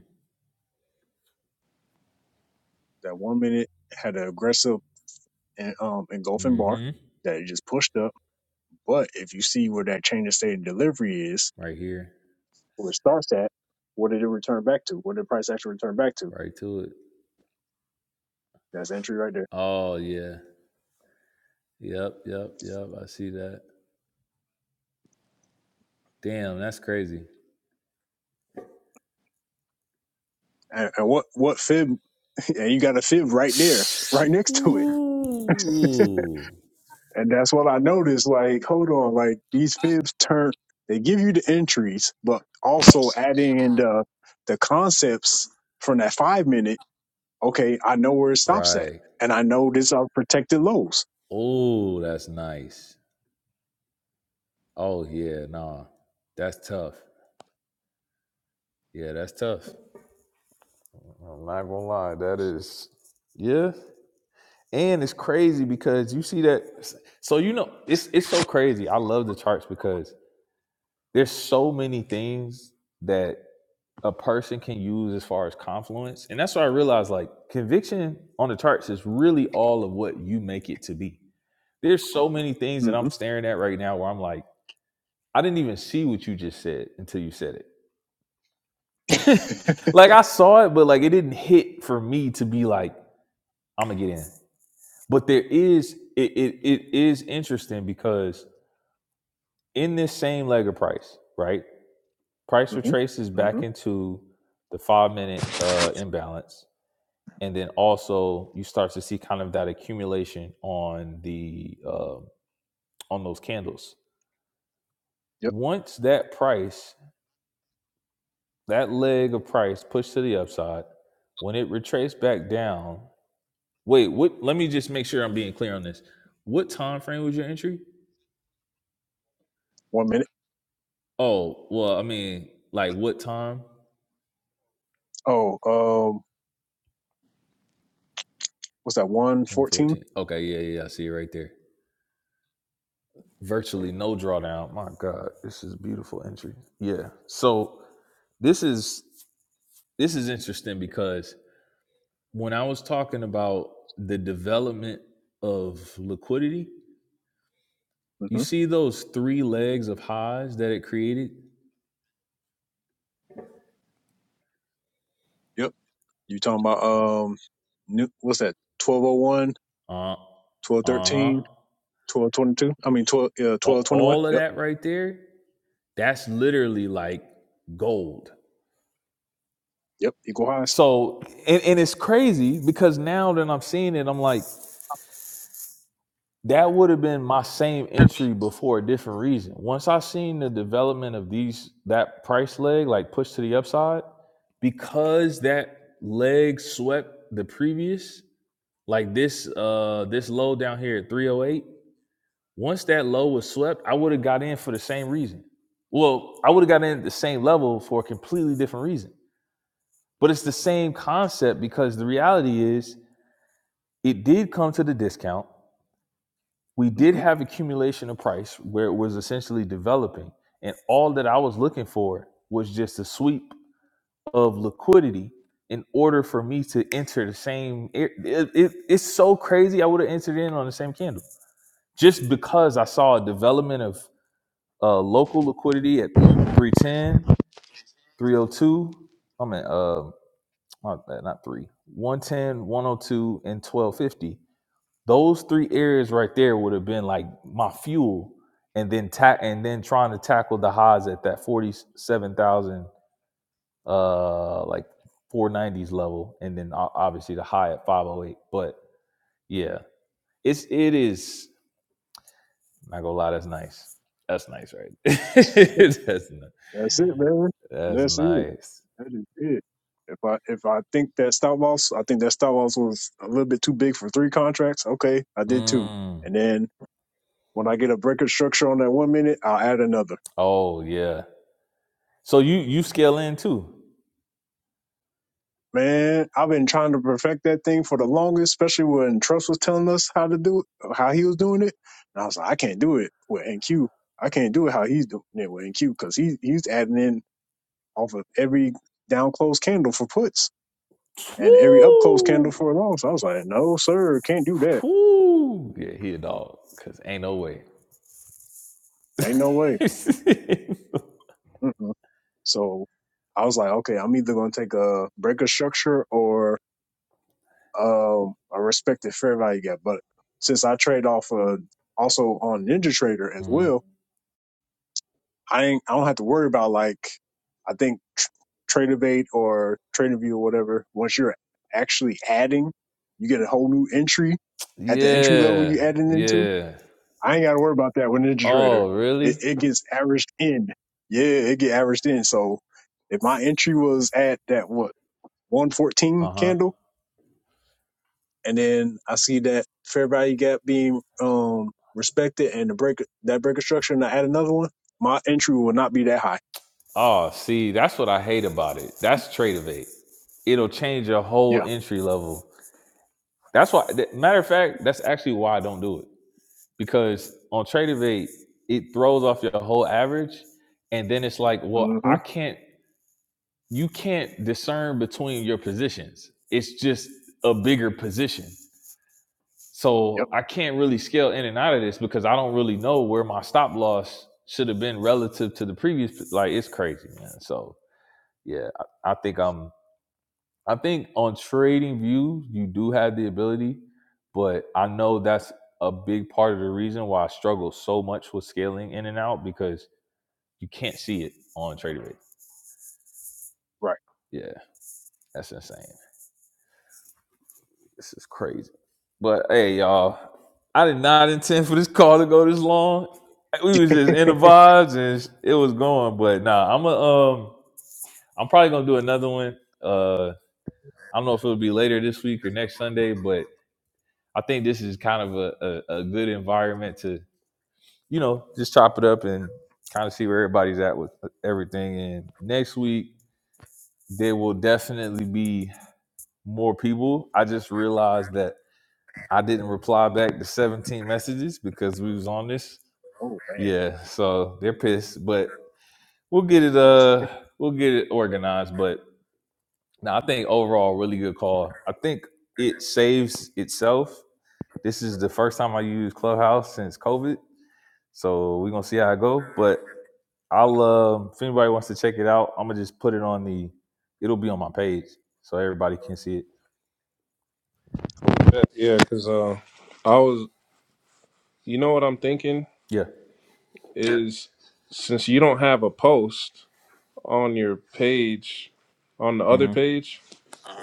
E: That one minute had an aggressive and um engulfing bar
A: mm-hmm
E: that it just pushed up. But if you see where that change of state of delivery is,
A: right here
E: where it starts at, what did it return back to? What did the price actually return back to?
A: right to it
E: That's entry right there.
A: oh yeah yep yep yep i see that damn that's crazy
E: And, and what what fib? And you got a fib right there, right next to it.
A: Ooh.
E: And that's what I noticed. Like, hold on, like these fibs turn. They give you the entries, but also adding in the the concepts from that five minute okay, I know where it stops at,
A: Right.
E: and I know these are protected lows.
A: Oh, that's nice. Oh yeah, nah. That's tough. Yeah, that's tough. I'm not gonna lie, that is yeah. And it's crazy because you see that so you know it's it's so crazy. I love the charts because there's so many things that a person can use as far as confluence. And that's why I realized like conviction on the charts is really all of what you make it to be. There's so many things that
E: Mm-hmm.
A: I'm staring at right now where I'm like I didn't even see what you just said until you said it. like I saw it, but like it didn't hit for me to be like, I'm gonna get in. But there is it it, it is interesting because in this same leg of price, right? Price retraces
E: Mm-hmm. Mm-hmm.
A: back into the five minute uh imbalance. And then also you start to see kind of that accumulation on the uh, on those candles.
E: Yep.
A: Once that price That leg of price pushed to the upside. When it retraced back down, wait, what let me just make sure I'm being clear on this. What time frame was your entry?
E: One minute.
A: Oh, well, I mean, like what time?
E: Oh, um, what's that? One fourteen.
A: 114. Okay, yeah, yeah, yeah, I see it right there. Virtually no drawdown. My God, this is a beautiful entry. Yeah. So this is this is interesting because when I was talking about the development of liquidity, You
E: Mm-hmm.
A: see those three legs of Hajj that it created?
E: Yep. You talking about um, new, what's that? Twelve oh one,
A: Uh
E: twelve
A: uh-huh.
E: thirteen, 1222. I mean, 12, uh,
A: All,
E: 1221.
A: all of
E: Yep.
A: that right there, that's literally like gold.
E: Yep. Equal highs.
A: So and, and it's crazy because now that I'm seeing it, I'm like, that would have been my same entry before a different reason. Once I seen the development of these that price leg like push to the upside, because that leg swept the previous, like this uh this low down here at 308 Once that low was swept, I would have got in for the same reason. Well, I would have got in at the same level for a completely different reason. But it's the same concept because the reality is it did come to the discount. We did
E: Mm-hmm.
A: have accumulation of price where it was essentially developing. And all that I was looking for was just a sweep of liquidity in order for me to enter the same. It, it, it- it's so crazy. I would have entered in on the same candle just because I saw a development of uh, local liquidity at three ten, three oh two. 302. I mean, uh, not, that- not three, one ten, one oh two, and 1250. Those three areas right there would have been like my fuel, and then ta- and then trying to tackle the highs at that 47,000, uh, like 490s level, and then o- obviously the high at 508. But yeah, it's it is. I'm not gonna lie, that's nice. That's nice, right? that's nice.
E: That's it, man.
A: That's
E: That's it.
A: nice.
E: That is it. If I if I think that stop loss, I think that stop loss was a little bit too big for three contracts. Okay, I did two,
A: Mm.
E: and then When I get a breaker structure on that one minute, I'll add another.
A: Oh yeah. So you you scale in too.
E: Man, I've been trying to perfect that thing for the longest, especially when Trust was telling us how to do it, how he was doing it. And I was like, I can't do it with NQ. I can't do it how he's doing it with NQ because he, he's adding in off of every down close candle for puts and every up close candle
A: Woo!
E: for longs. So I was like, no, sir, can't do that.
A: Woo! Yeah, he a dog. Cause ain't no way.
E: Ain't no way. Mm-mm. So I was like, okay, I'm either going to take a breaker structure or Um, I respected fair value gap, but since I trade off uh, also on Ninja Trader as
A: Mhm.
E: well, I ain't I don't have to worry about like I think tr- TraderBait or TraderView or whatever. Once you're actually adding, you get a whole new entry at the entry level
A: Yeah.
E: you added into.
A: Yeah.
E: I ain't got to worry about that with Ninja Trader.
A: Oh,
E: It,
A: really?
E: it gets averaged in. Yeah, it get averaged in. So if my entry was at that what 114
A: Uh-huh.
E: candle and then I see that February gap being um respected and the break that breaker structure and I add another one, my entry will not be that high.
A: Oh, see, that's what I hate about it. That's trade of eight. It'll change your whole
E: Yeah.
A: entry level. That's why th- matter of fact, that's actually why I don't do it. because on TradeVate it throws off your whole average, and then it's like, well,
E: Mm-hmm.
A: I can't. You can't discern between your positions. It's just a bigger position,
E: Yep.
A: so I can't really scale in and out of this because I don't really know where my stop loss should have been relative to the previous. Like it's crazy, man. So yeah, I, I think I'm I think on trading views, you do have the ability, but I know that's a big part of the reason why I struggle so much with scaling in and out because you can't see it on trading rate.
E: Right.
A: Yeah, that's insane. This is crazy. But hey, y'all, I did not intend for this call to go this long. We was just in the vibes and it was going, but nah, I'm a, um, I'm probably gonna do another one. Uh, I don't know if it'll be later this week or next Sunday, but I think this is kind of a, a, a good environment to, you know, just chop it up and kind of see where everybody's at with everything. And next week, there will definitely be more people. I just realized that I didn't reply back to 17 messages because we was on this.
E: Oh man.
A: Yeah, so they're pissed, but we'll get it uh we'll get it organized. But no, I think overall really good call. I think it saves itself. This is the first time I used Clubhouse since COVID So we're gonna see how it go. But I'll uh, if anybody wants to check it out, I'm gonna just put it on the. It'll be on my page so everybody can see it.
E: Cool.
B: Yeah, yeah, because uh, I was, you know what I'm thinking
A: Yeah.
B: is since you don't have a post on your page, on the other
A: hmm
B: page,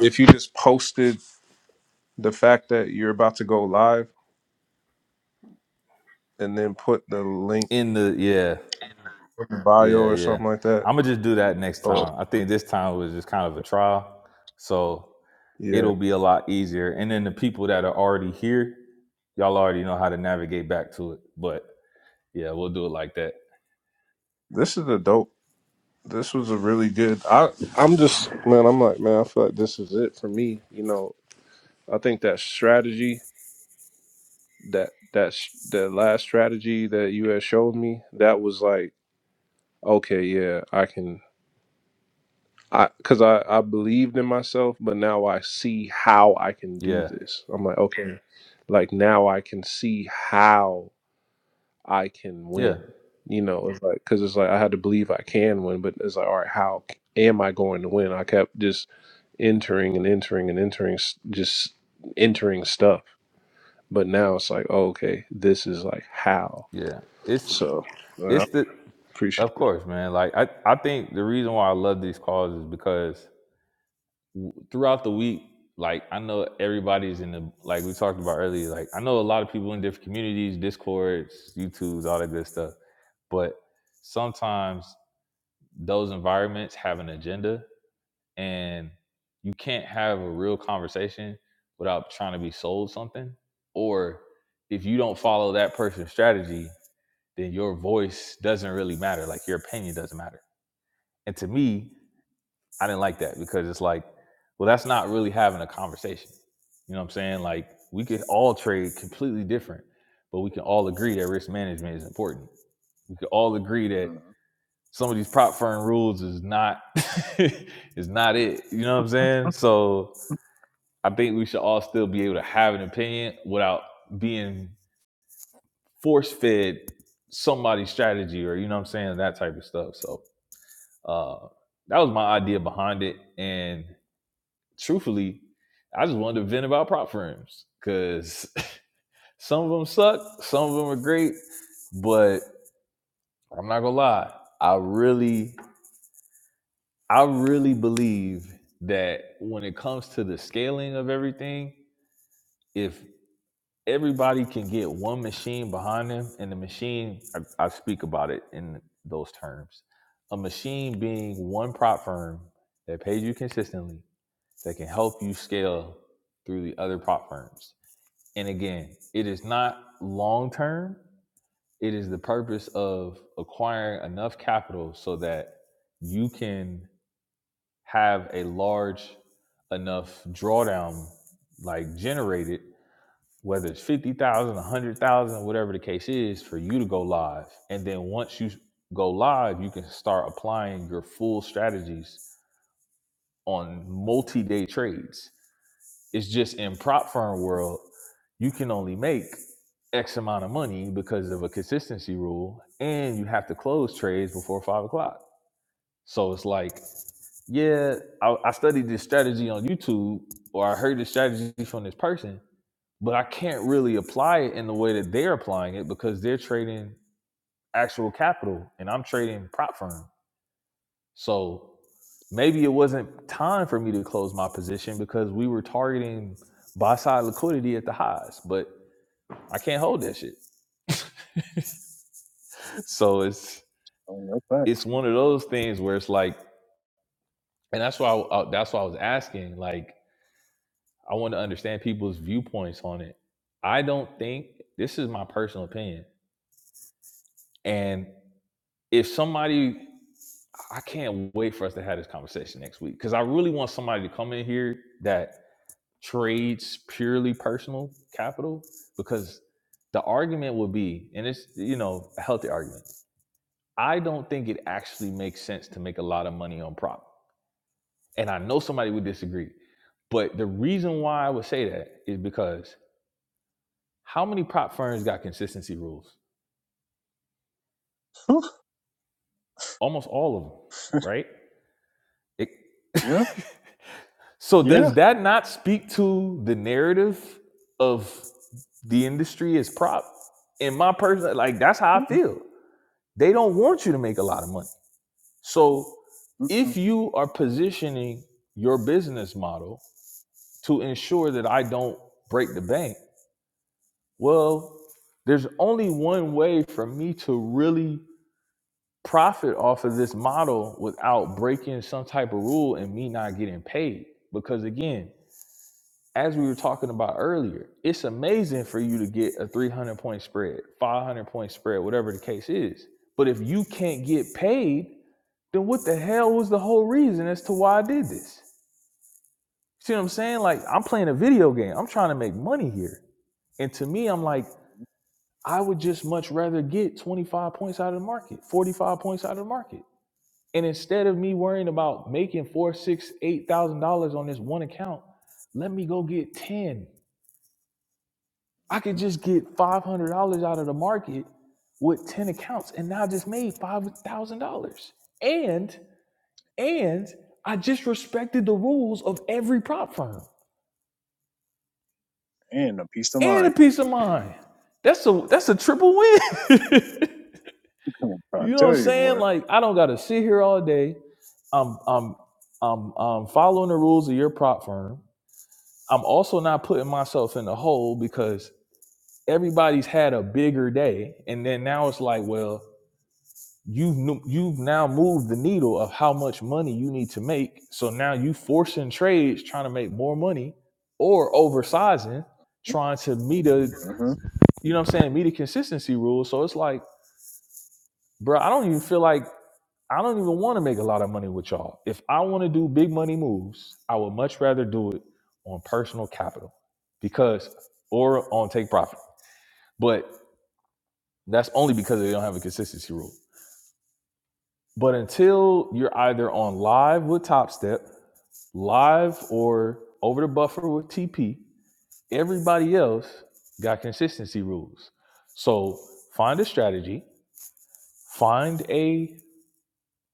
B: if you just posted the fact that you're about to go live and then put the link
A: In the yeah
B: in bio
A: yeah
B: or
A: yeah.
B: something like that
A: I'm gonna just do that next
B: Oh
A: time. I think this time was just kind of a trial, so
B: yeah,
A: it'll be a lot easier. And then the people that are already here, y'all already know how to navigate back to it. But yeah, we'll do it like that.
B: this is a dope. This was a really good. I I'm just man. I'm like man. I feel like this is it for me. You know, I think that strategy that that's the last strategy that you had showed me. That was like okay, yeah, I can. I because I I believed in myself, but now I see how I can do
A: Yeah
B: this. I'm like okay, like now I can see how. I can
A: yeah
B: win. You know, it's like because it's like I had to believe I can win, but it's like, all right, how am I going to win? I kept just entering and entering and entering, s- just entering stuff. But now it's like, oh, okay, this is like how.
A: yeah. It's
B: So well,
A: It's
B: I
A: the
B: appreciate.
A: of
B: it.
A: course, man. Like I, I think the reason why I love these calls is because w- throughout the week, like I know everybody's in the like we talked about earlier. Like I know a lot of people in different communities, discords, YouTubes, all that good stuff. But sometimes those environments have an agenda, and you can't have a real conversation without trying to be sold something. Or if you don't follow that person's strategy, then your voice doesn't really matter. Like your opinion doesn't matter. And to me, I didn't like that because it's like, well, that's not really having a conversation. You know what I'm saying? Like we could all trade completely different, but we can all agree that risk management is important. We could all agree that some of these prop firm rules is not is not it. You know what I'm saying? So I think we should all still be able to have an opinion without being force fed somebody's strategy or you know what I'm saying, that type of stuff. So Uh, that was my idea behind it, and truthfully, I just wanted to vent about prop firms because some of them suck, some of them are great, but I'm not gonna lie, I really, I really believe that when it comes to the scaling of everything, if everybody can get one machine behind them, and the machine, I, I speak about it in those terms, a machine being one prop firm that pays you consistently that can help you scale through the other prop firms. And again, it is not long term. It is the purpose of acquiring enough capital so that you can have a large enough drawdown like generated whether it's 50,000, 100,000, whatever the case is for you to go live. And then once you go live, you can start applying your full strategies on multi-day trades It's just in prop firm world, you can only make X amount of money because of a consistency rule, and you have to close trades before five o'clock. So it's like, yeah, I, I studied this strategy on YouTube, or I heard this strategy from this person, but I can't really apply it in the way that they're applying it because they're trading actual capital, and I'm trading prop firm. So maybe it wasn't time for me to close my position because we were targeting buy side liquidity at the highs, but I can't hold that shit. So it's
E: Oh, that's that.
A: it's one of those things where it's like, and that's why I, I- that's why I was asking. Like, I want to understand people's viewpoints on it. I don't think this is my personal opinion, and if somebody I can't wait for us to have this conversation next week because I really want somebody to come in here that trades purely personal capital because the argument would be and it's you know a healthy argument i don't think it actually makes sense to make a lot of money on prop and i know somebody would disagree but the reason why i would say that is because how many prop firms got consistency rules
E: Whew.
A: almost all of them right it,
E: Yeah.
A: so does
E: Yeah.
A: that not speak to the narrative of the industry as prop in my personal like that's how i feel They don't want you to make a lot of money. So
E: Mm-mm-mm.
A: if you are positioning your business model to ensure that I don't break the bank, well, there's only one way for me to really profit off of this model without breaking some type of rule and me not getting paid. Because again, as we were talking about earlier, it's amazing for you to get a 300 point spread, 500 point spread, whatever the case is. But if you can't get paid, then what the hell was the whole reason as to why I did this? See what I'm saying? Like, I'm playing a video game. I'm trying to make money here. And to me, I'm like, I would just much rather get 25 points out of the market, 45 points out of the market. And instead of me worrying about making four, six, eight thousand dollars on this one account, let me go get 10. I could just get five hundred dollars out of the market with 10 accounts and now I just made five thousand dollars. And And I just respected the rules of every prop firm
E: And a peace of
A: and a
E: mind.
A: peace of mind. That's a that's a triple win.
E: I'm trying
A: you
E: to
A: know
E: tell
A: what I'm
E: you
A: saying?
E: what.
A: Like I don't gotta sit here all day. I'm I'm I'm I'm following the rules of your prop firm. I'm also not putting myself in the hole because everybody's had a bigger day. And then now it's like, well, you've nu- you've now moved the needle of how much money you need to make. So now you forcing trades trying to make more money or oversizing, trying to meet a
E: Mm-hmm.
A: you know what I'm saying, meet a consistency rule. So it's like, bro, I don't even feel like I don't even want to make a lot of money with y'all. If I want to do big money moves, I would much rather do it on personal capital because or on take profit. But that's only because they don't have a consistency rule. But until you're either on live with Top Step, live or over the buffer with TP, everybody else got consistency rules. So find a strategy, find a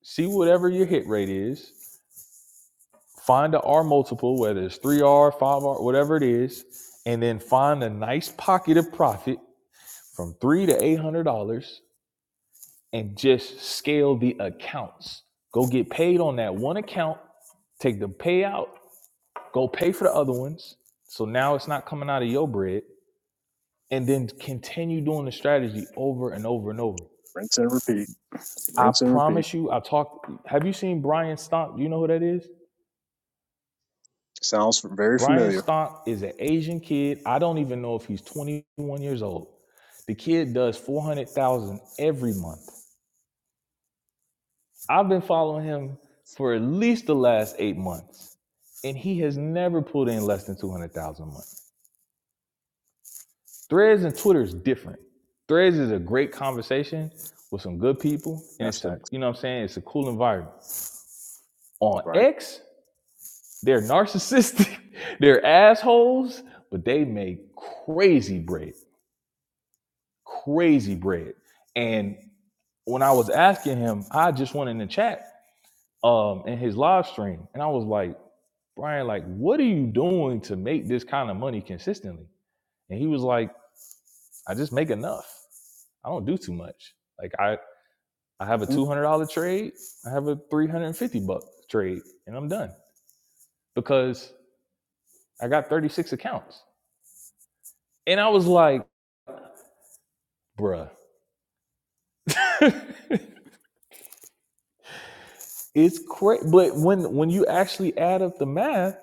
A: see whatever your hit rate is, find a R multiple, whether it's three R, five R, whatever it is, and then find a nice pocket of profit from three to eight hundred dollars and just scale the accounts. Go get paid on that one account, take the payout Go pay for the other ones. So now it's not coming out of your bread. And then continue doing the strategy over and over and over.
E: Rinse and repeat.
A: I
E: Rinse and repeat.
A: promise you, I talked. Have you seen Brian Stomp? Do you know who that is?
E: Sounds very
A: Brian
E: familiar.
A: Stomp is an Asian kid. I don't even know if he's 21 years old. The kid does 400,000 every month. I've been following him for at least the last eight months, and he has never pulled in less than 200,000 a month. Threads and Twitter is different. Threads is a great conversation with some good people, and
E: That's
A: it's a
E: facts.
A: you know what I'm saying. It's a cool environment. On
E: Right.
A: X, they're narcissistic, they're assholes, but they make crazy bread, crazy bread. And when I was asking him, I just went in the chat um in his live stream, and I was like, Brian, like, what are you doing to make this kind of money consistently? And he was like, I just make enough. I don't do too much. Like I I have a
E: Mm-hmm.
A: two hundred dollar trade. I have a three hundred and fifty buck trade, and I'm done because I got thirty six accounts. And I was like, bruh, it's crazy. But when when you actually add up the math,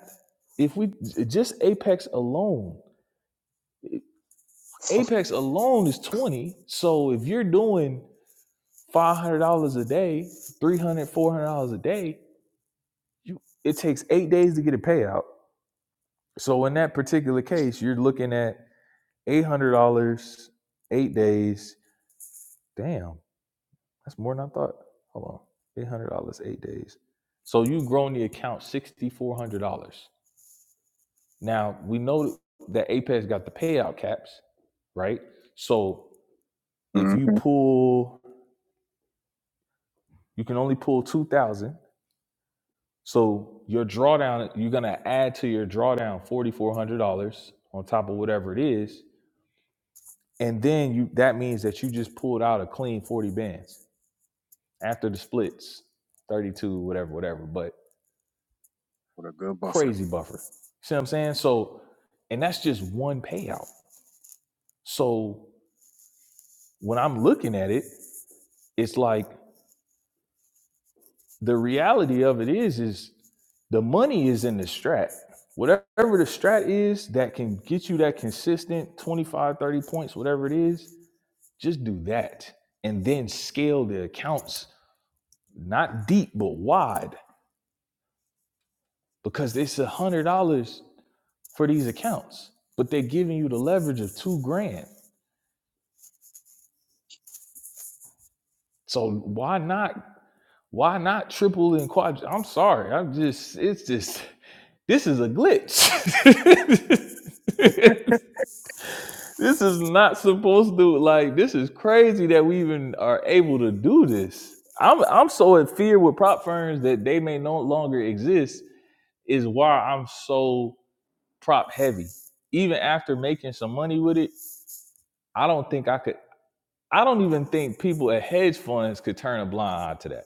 A: if we just Apex alone, Apex alone is twenty. So if you're doing five hundred dollars a day, 300 dollars four hundred dollars a day, you it takes eight days to get a payout. So in that particular case, you're looking at eight hundred dollars, eight days Damn, that's more than I thought. Hold on, eight hundred dollars, eight days. So you've grown the account sixty four hundred dollars. Now we know that Apex got the payout caps, right? So if you
E: Mm-hmm.
A: pull, you can only pull two thousand. So your drawdown, you're gonna add to your drawdown forty four hundred dollars on top of whatever it is, and then you that means that you just pulled out a clean forty bands after the splits, thirty two, whatever, whatever. But
E: With a good buffer.
A: Crazy buffer. See what I'm saying? So, and that's just one payout. So when I'm looking at it, it's like the reality of it is, is the money is in the strat. Whatever the strat is that can get you that consistent 25, 30 points, whatever it is, just do that. And then scale the accounts, not deep, but wide, because it's a hundred dollars for these accounts, but they're giving you the leverage of two grand. So why not Why not triple and quad? I'm sorry. I'm just, it's just, this is a glitch. this is not supposed to, like, this is crazy that we even are able to do this. I'm, I'm so in fear with prop firms that they may no longer exist, is why I'm so prop heavy. Even after making some money with it, I don't think I could, I don't even think people at hedge funds could turn a blind eye to that.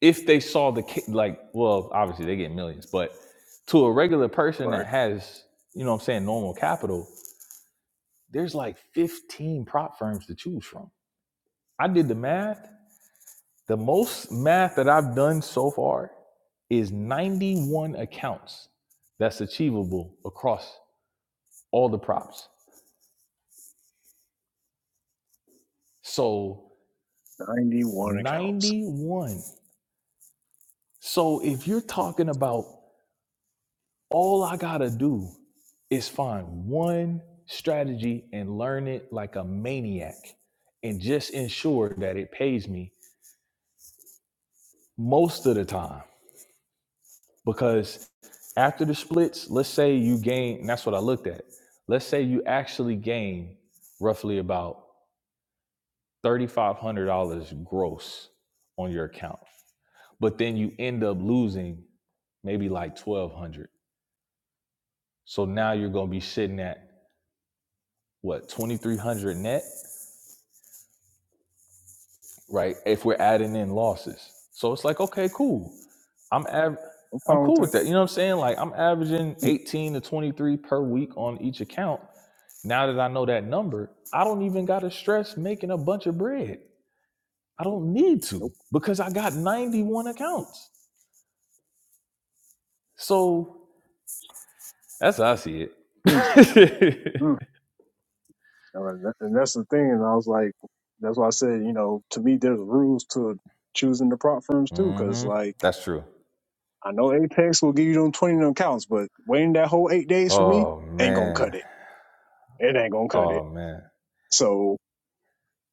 A: if they saw the ca- like well obviously they get millions but to a regular person
E: Right.
A: that has you know what i'm saying normal capital there's like 15 prop firms to choose from i did the math the most math that i've done so far is 91 accounts that's achievable across all the props so
E: 91 accounts.
A: 91 so if you're talking about All I gotta do is find one strategy and learn it like a maniac and just ensure that it pays me most of the time. Because after the splits, let's say you gain, and that's what I looked at. Let's say you actually gain roughly about $3,500 gross on your account, but then you end up losing maybe like 1200 So now you're going to be sitting at what, 2300 net? right? If we're adding in losses. So it's like, okay, cool. I'm av-
E: No
A: I'm
E: problem with
A: cool
E: that.
A: with that. You know what I'm saying? Like I'm averaging 18 to 23 per week on each account. Now that I know that number, I don't even got to stress making a bunch of bread. I don't need to because I got 91 accounts. So that's how I see it.
E: Mm-hmm. You know, and, that, and that's the thing. And I was like, that's why I said, you know, to me, there's rules to choosing the prop firms too, because
A: mhm.
E: like
A: That's true.
E: I know Apex will give you them twenty of them counts, but waiting that whole eight days for me
A: Oh
E: ain't gonna cut
A: man.
E: it. It ain't gonna cut it.
A: Oh man.
E: So,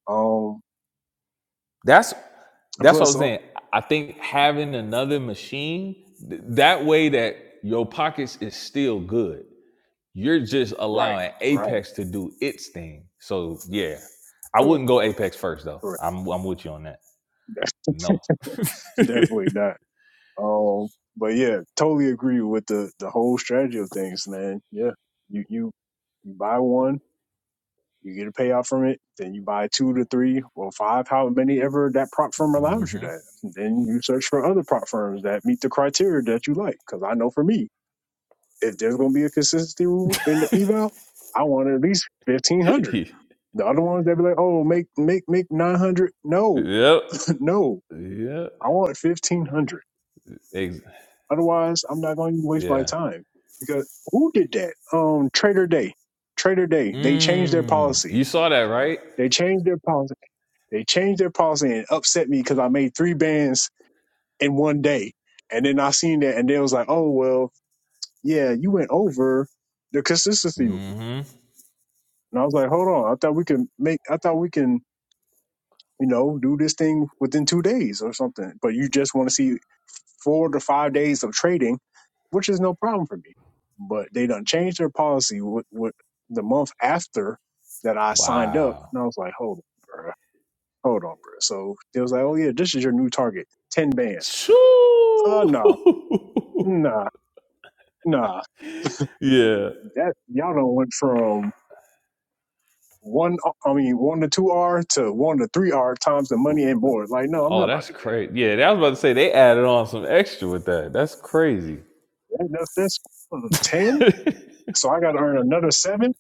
E: um,
A: That's
E: and
A: that's what I
E: plus,
A: was
E: uh,
A: saying. I think having another machine th- that way that your pockets is still good. You're just
E: right,
A: allowing
E: right,
A: Apex to do its thing. So yeah, I
E: correct,
A: wouldn't go Apex first though.
E: correct,
A: I'm I'm with you on that. No.
E: definitely not. Um, but yeah, totally agree with the the whole strategy of things, man. Yeah, you you you buy one. You get a payout from it, then you buy two to three or five, how many ever that prop firm allows you to
A: hmm
E: have. And then you search for other prop firms that meet the criteria that you like. Because I know for me, if there's going to be a consistency rule in the eval, I want at least fifteen hundred. The other ones they be like, oh, make make make nine hundred. No,
A: yep.
E: no,
A: Yep.
E: I want fifteen hundred.
A: Ex-
E: Otherwise, I'm not going to waste my
A: yeah.
E: time. Because who did that? Um, Trader Day. Trader Day. They changed their
A: Mm.
E: policy.
A: You saw that right?
E: They changed their policy They changed their policy and it upset me because I made three bands in one day. And then I seen that and they was like, oh, well, yeah, you went over the consistency. rule."
A: Mm-hmm.
E: And I was like, hold on. I thought we can make, I thought we can, you know, do this thing within two days or something. But you just want to see four to five days of trading, which is no problem for me. But they done changed their policy with, with the month after that I signed up.
A: Wow.
E: And I was like, hold on, bruh. Hold on, bruh. So they was like, oh, yeah, this is your new target 10 bands.
A: Choo!
E: Uh, nah, nah, nah.
A: yeah.
E: That y'all don't went from one, I mean, one to two R to one to three R times the money and board. Like, no, I'm not
A: Oh,
E: about
A: that's
E: to do that.
A: crazy. Yeah, I was about to say they added on some extra with that. That's crazy.
E: that that's that's mm, ten.
A: oh,
E: So I got to earn another seven.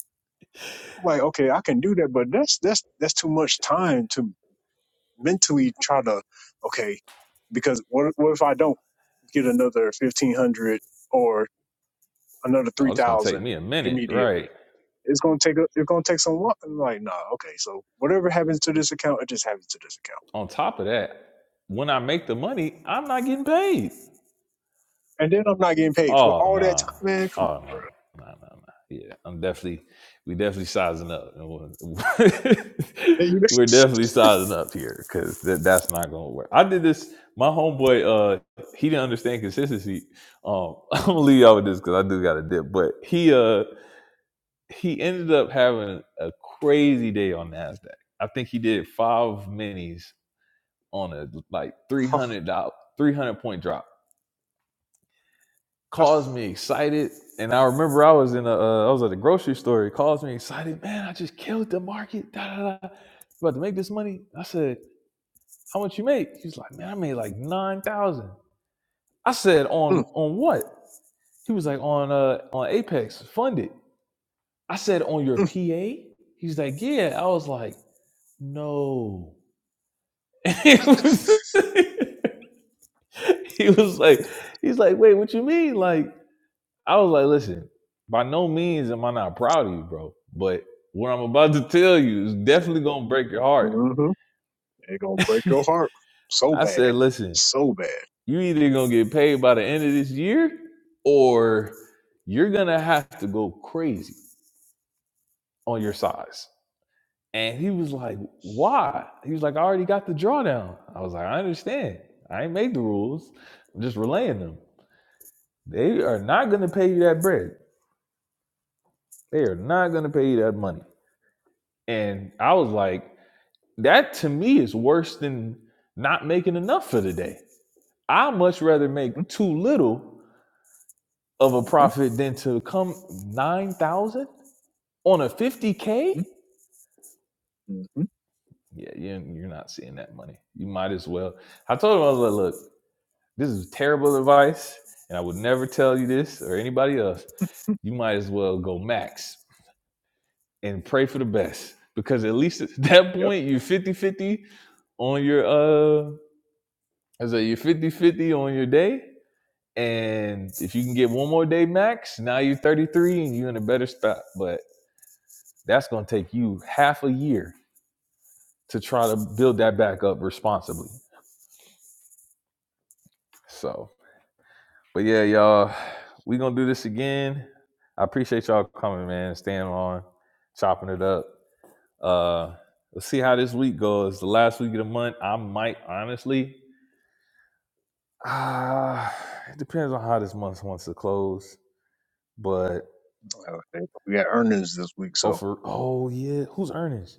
E: Like, okay, I can do that, but that's that's that's too much time to mentally try to. Okay, because what what if I don't get another fifteen hundred or another three
A: it's gonna take
E: thousand
A: me a minute,
E: immediately?
A: right?
E: It's gonna take a, it's gonna take some work. I'm like, nah, okay. So whatever happens to this account, it just happens to this account.
A: On top of that, when I make the money, I'm not getting paid.
E: And then I'm not getting paid for
A: Oh
E: all that
A: nah.
E: time, man. Come on,
A: Oh no. Nah, nah, nah. Yeah, I'm definitely we definitely sizing up. We're
E: Then you,
A: we're definitely sizing up here because that, that's not gonna work. I did this. My homeboy, uh, he didn't understand consistency. Um, I'm gonna leave y'all with this because I do got a dip. But he, uh, he ended up having a crazy day on Nasdaq. I think he did five minis on a like three hundred dollar three hundred point drop. Caused me excited, and I remember I was in a uh, I was at the grocery store. It caused me excited. Man, I just killed the market. Da da da. About to make this money. I said, "How much you make?" He's like, "Man, I made like nine thousand. I said,
E: mm,
A: "On on what?" He was like, "On uh on Apex funded." I said, "On your
E: mm,
A: PA." He's like, "Yeah." I was like. No. he was he was like, he's like, wait, what you mean? Like, I was like, listen, by no means am I not proud of you, bro. But what I'm about to tell you is definitely gonna break your heart.
E: mm-hmm. it's gonna break your heart so
A: I
E: bad,
A: said, listen,
E: so bad.
A: you either gonna get paid by the end of this year, or you're gonna have to go crazy on your size. And he was like, why? He was like, I already got the drawdown. I was like, I understand. I ain't made the rules. I'm just relaying them. They are not going to pay you that bread. They are not going to pay you that money. And I was like, that to me is worse than not making enough for the day. I much rather make too little of a
E: Mm-hmm,
A: profit than to come 9,000 on a 50K.
E: mm-hmm, mm-hmm.
A: Yeah, you're, you're not seeing that money. You might as well. I told him, I was like, look, this is terrible advice, and I would never tell you this or anybody else. You might as well go max and pray for the best because at least at that
E: Yep.
A: point you're fifty on your uh I say you're fifty on your day and if you can get one more day max now you're 33 and you're in a better spot but that's going to take you half a year to try to build that back up responsibly so but yeah y'all we going to do this again I appreciate y'all coming man staying on chopping it up uh let's see how this week goes the last week of the month I might honestly Uh, it depends on how this month wants to close. But
E: Uh, they- We got earnings this week,
A: oh
E: so
A: for oh yeah, who's earnings?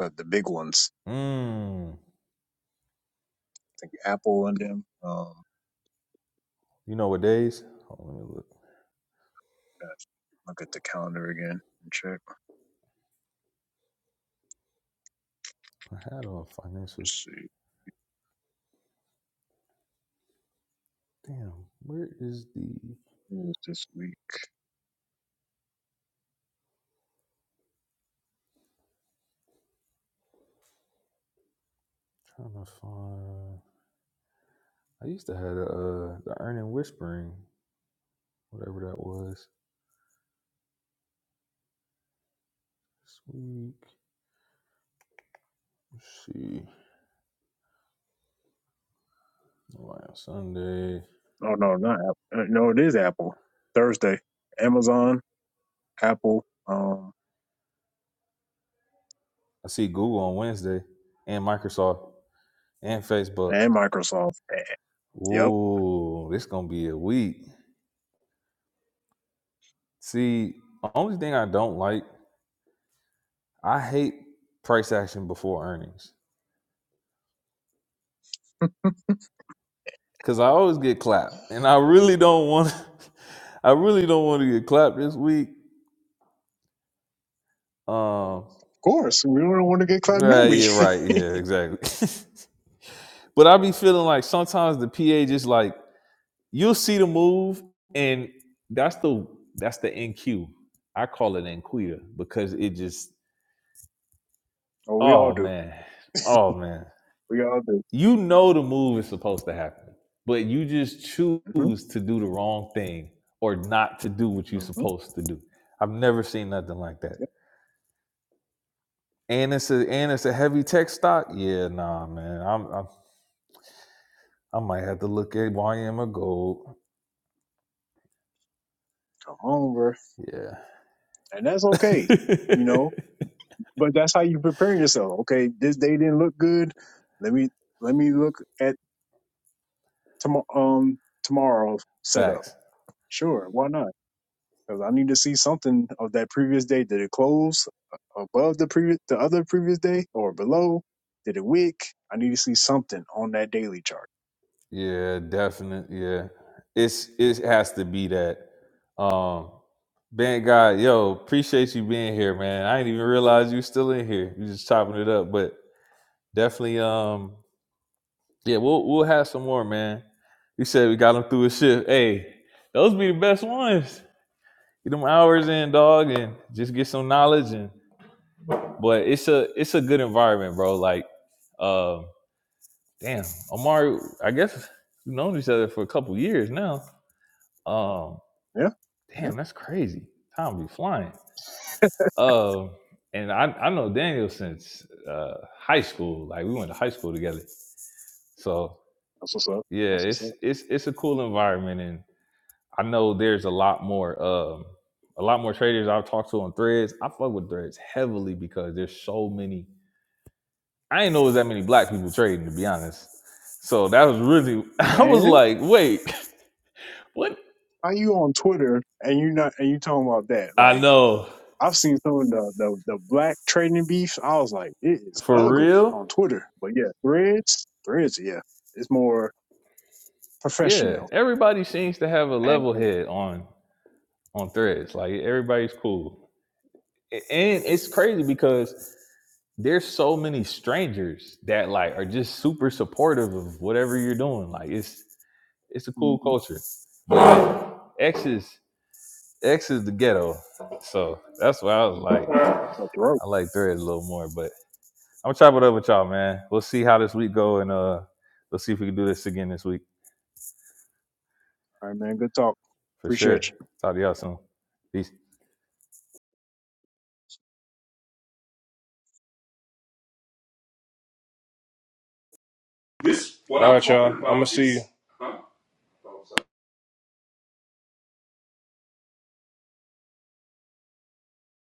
E: uh, the big ones.
A: Mm.
E: I think Apple and them. Um,
A: You know what days? Oh, let me look.
E: gosh, look at the calendar again and check.
A: I had on financial.
E: Let's see
A: Damn, where is the
E: who is this week.
A: I'm trying to find? I used to have a uh, the earning whispering, whatever that was. This week, let's see. Why on Sunday?
E: Oh no, not Apple. Uh, No, it is Apple. Thursday. Amazon, Apple. um,
A: I see Google on Wednesday, and Microsoft, and Facebook.
E: and Microsoft. Eh, Yep, of
A: Ooh, this gonna be a week. See, only thing I don't like, I hate price action before earnings because I always get clapped, and I really don't want. I really don't want to get clapped this week. Um,
E: course. We don't want to get clapped. No,
A: right,
E: we.
A: yeah, right, yeah, exactly. but I be feeling like sometimes the PA just like you'll see the move, and that's the that's the NQ. I call it NQita because it just
E: oh, we all
A: oh
E: do.
A: man, oh man.
E: We all do.
A: you know the move is supposed to happen, but you just
E: hmm
A: choose to do the wrong thing or not to do what you're
E: hmm
A: supposed to do. I've never seen nothing like that.
E: Yep.
A: And it's a and it's a heavy tech stock. Yeah, nah, man. I'm, I'm I might have to look at YM or gold.
E: Come on, bro.
A: Yeah.
E: And that's okay. You know, but that's how you prepare yourself. Okay, this day didn't look good. Let me let me look at tomorrow. Um, tomorrow's setup.
A: Facts.
E: Sure, why not? Because I need to see something of that previous day. Did it close above the previous, the other previous day, or below? Did it wick? I need to see something on that daily chart.
A: Yeah, definite. Yeah. It's it has to be that. Um Ben God, yo, appreciate you being here, man. I didn't even realize you still in here. You just chopping it up. But Definitely. Um. Yeah, we'll we'll have some more, man. You said we got him through his shift. Hey, those be the best ones. Get them hours in, dog, and just get some knowledge. And but it's a it's a good environment, bro. Like, um, damn, Amari. I guess we've known each other for a couple years now. Um,
E: Yeah,
A: damn, that's crazy. Time be flying. Um, and I I know Daniel since uh high school. Like we went to high school together. So
E: that's what's up.
A: yeah it's it's it's a cool environment and i know there's a lot more um a lot more traders i've talked to on threads i fuck with threads heavily because there's so many i ain't know there's that many black people trading to be honest so that was really i was
E: Man,
A: like wait what
E: how you on Twitter and you not and you talking about that?
A: i
E: Like
A: know
E: I've seen some of the the, the black trading beefs. I was like, it is
A: for
E: ugly
A: real
E: on Twitter. But yeah, threads, threads, yeah, it's more
A: yeah
E: professional
A: everybody seems to have a
E: and
A: level head on on threads like everybody's cool A- and it's crazy because there's so many strangers that like are just super supportive of whatever you're doing. Like it's it's a cool
E: mm-hmm,
A: culture. But X is X is the ghetto. So that's why I was like I
E: it's a throat.
A: like thread a little more. But I'm gonna chop it up with y'all, man. We'll see how this week go and uh let's see if we can do this again this week
E: All right, man. Good talk.
A: for
E: Appreciate you.
A: sure. Talk to y'all soon. Peace.
B: This All right, y'all. I'm gonna see you.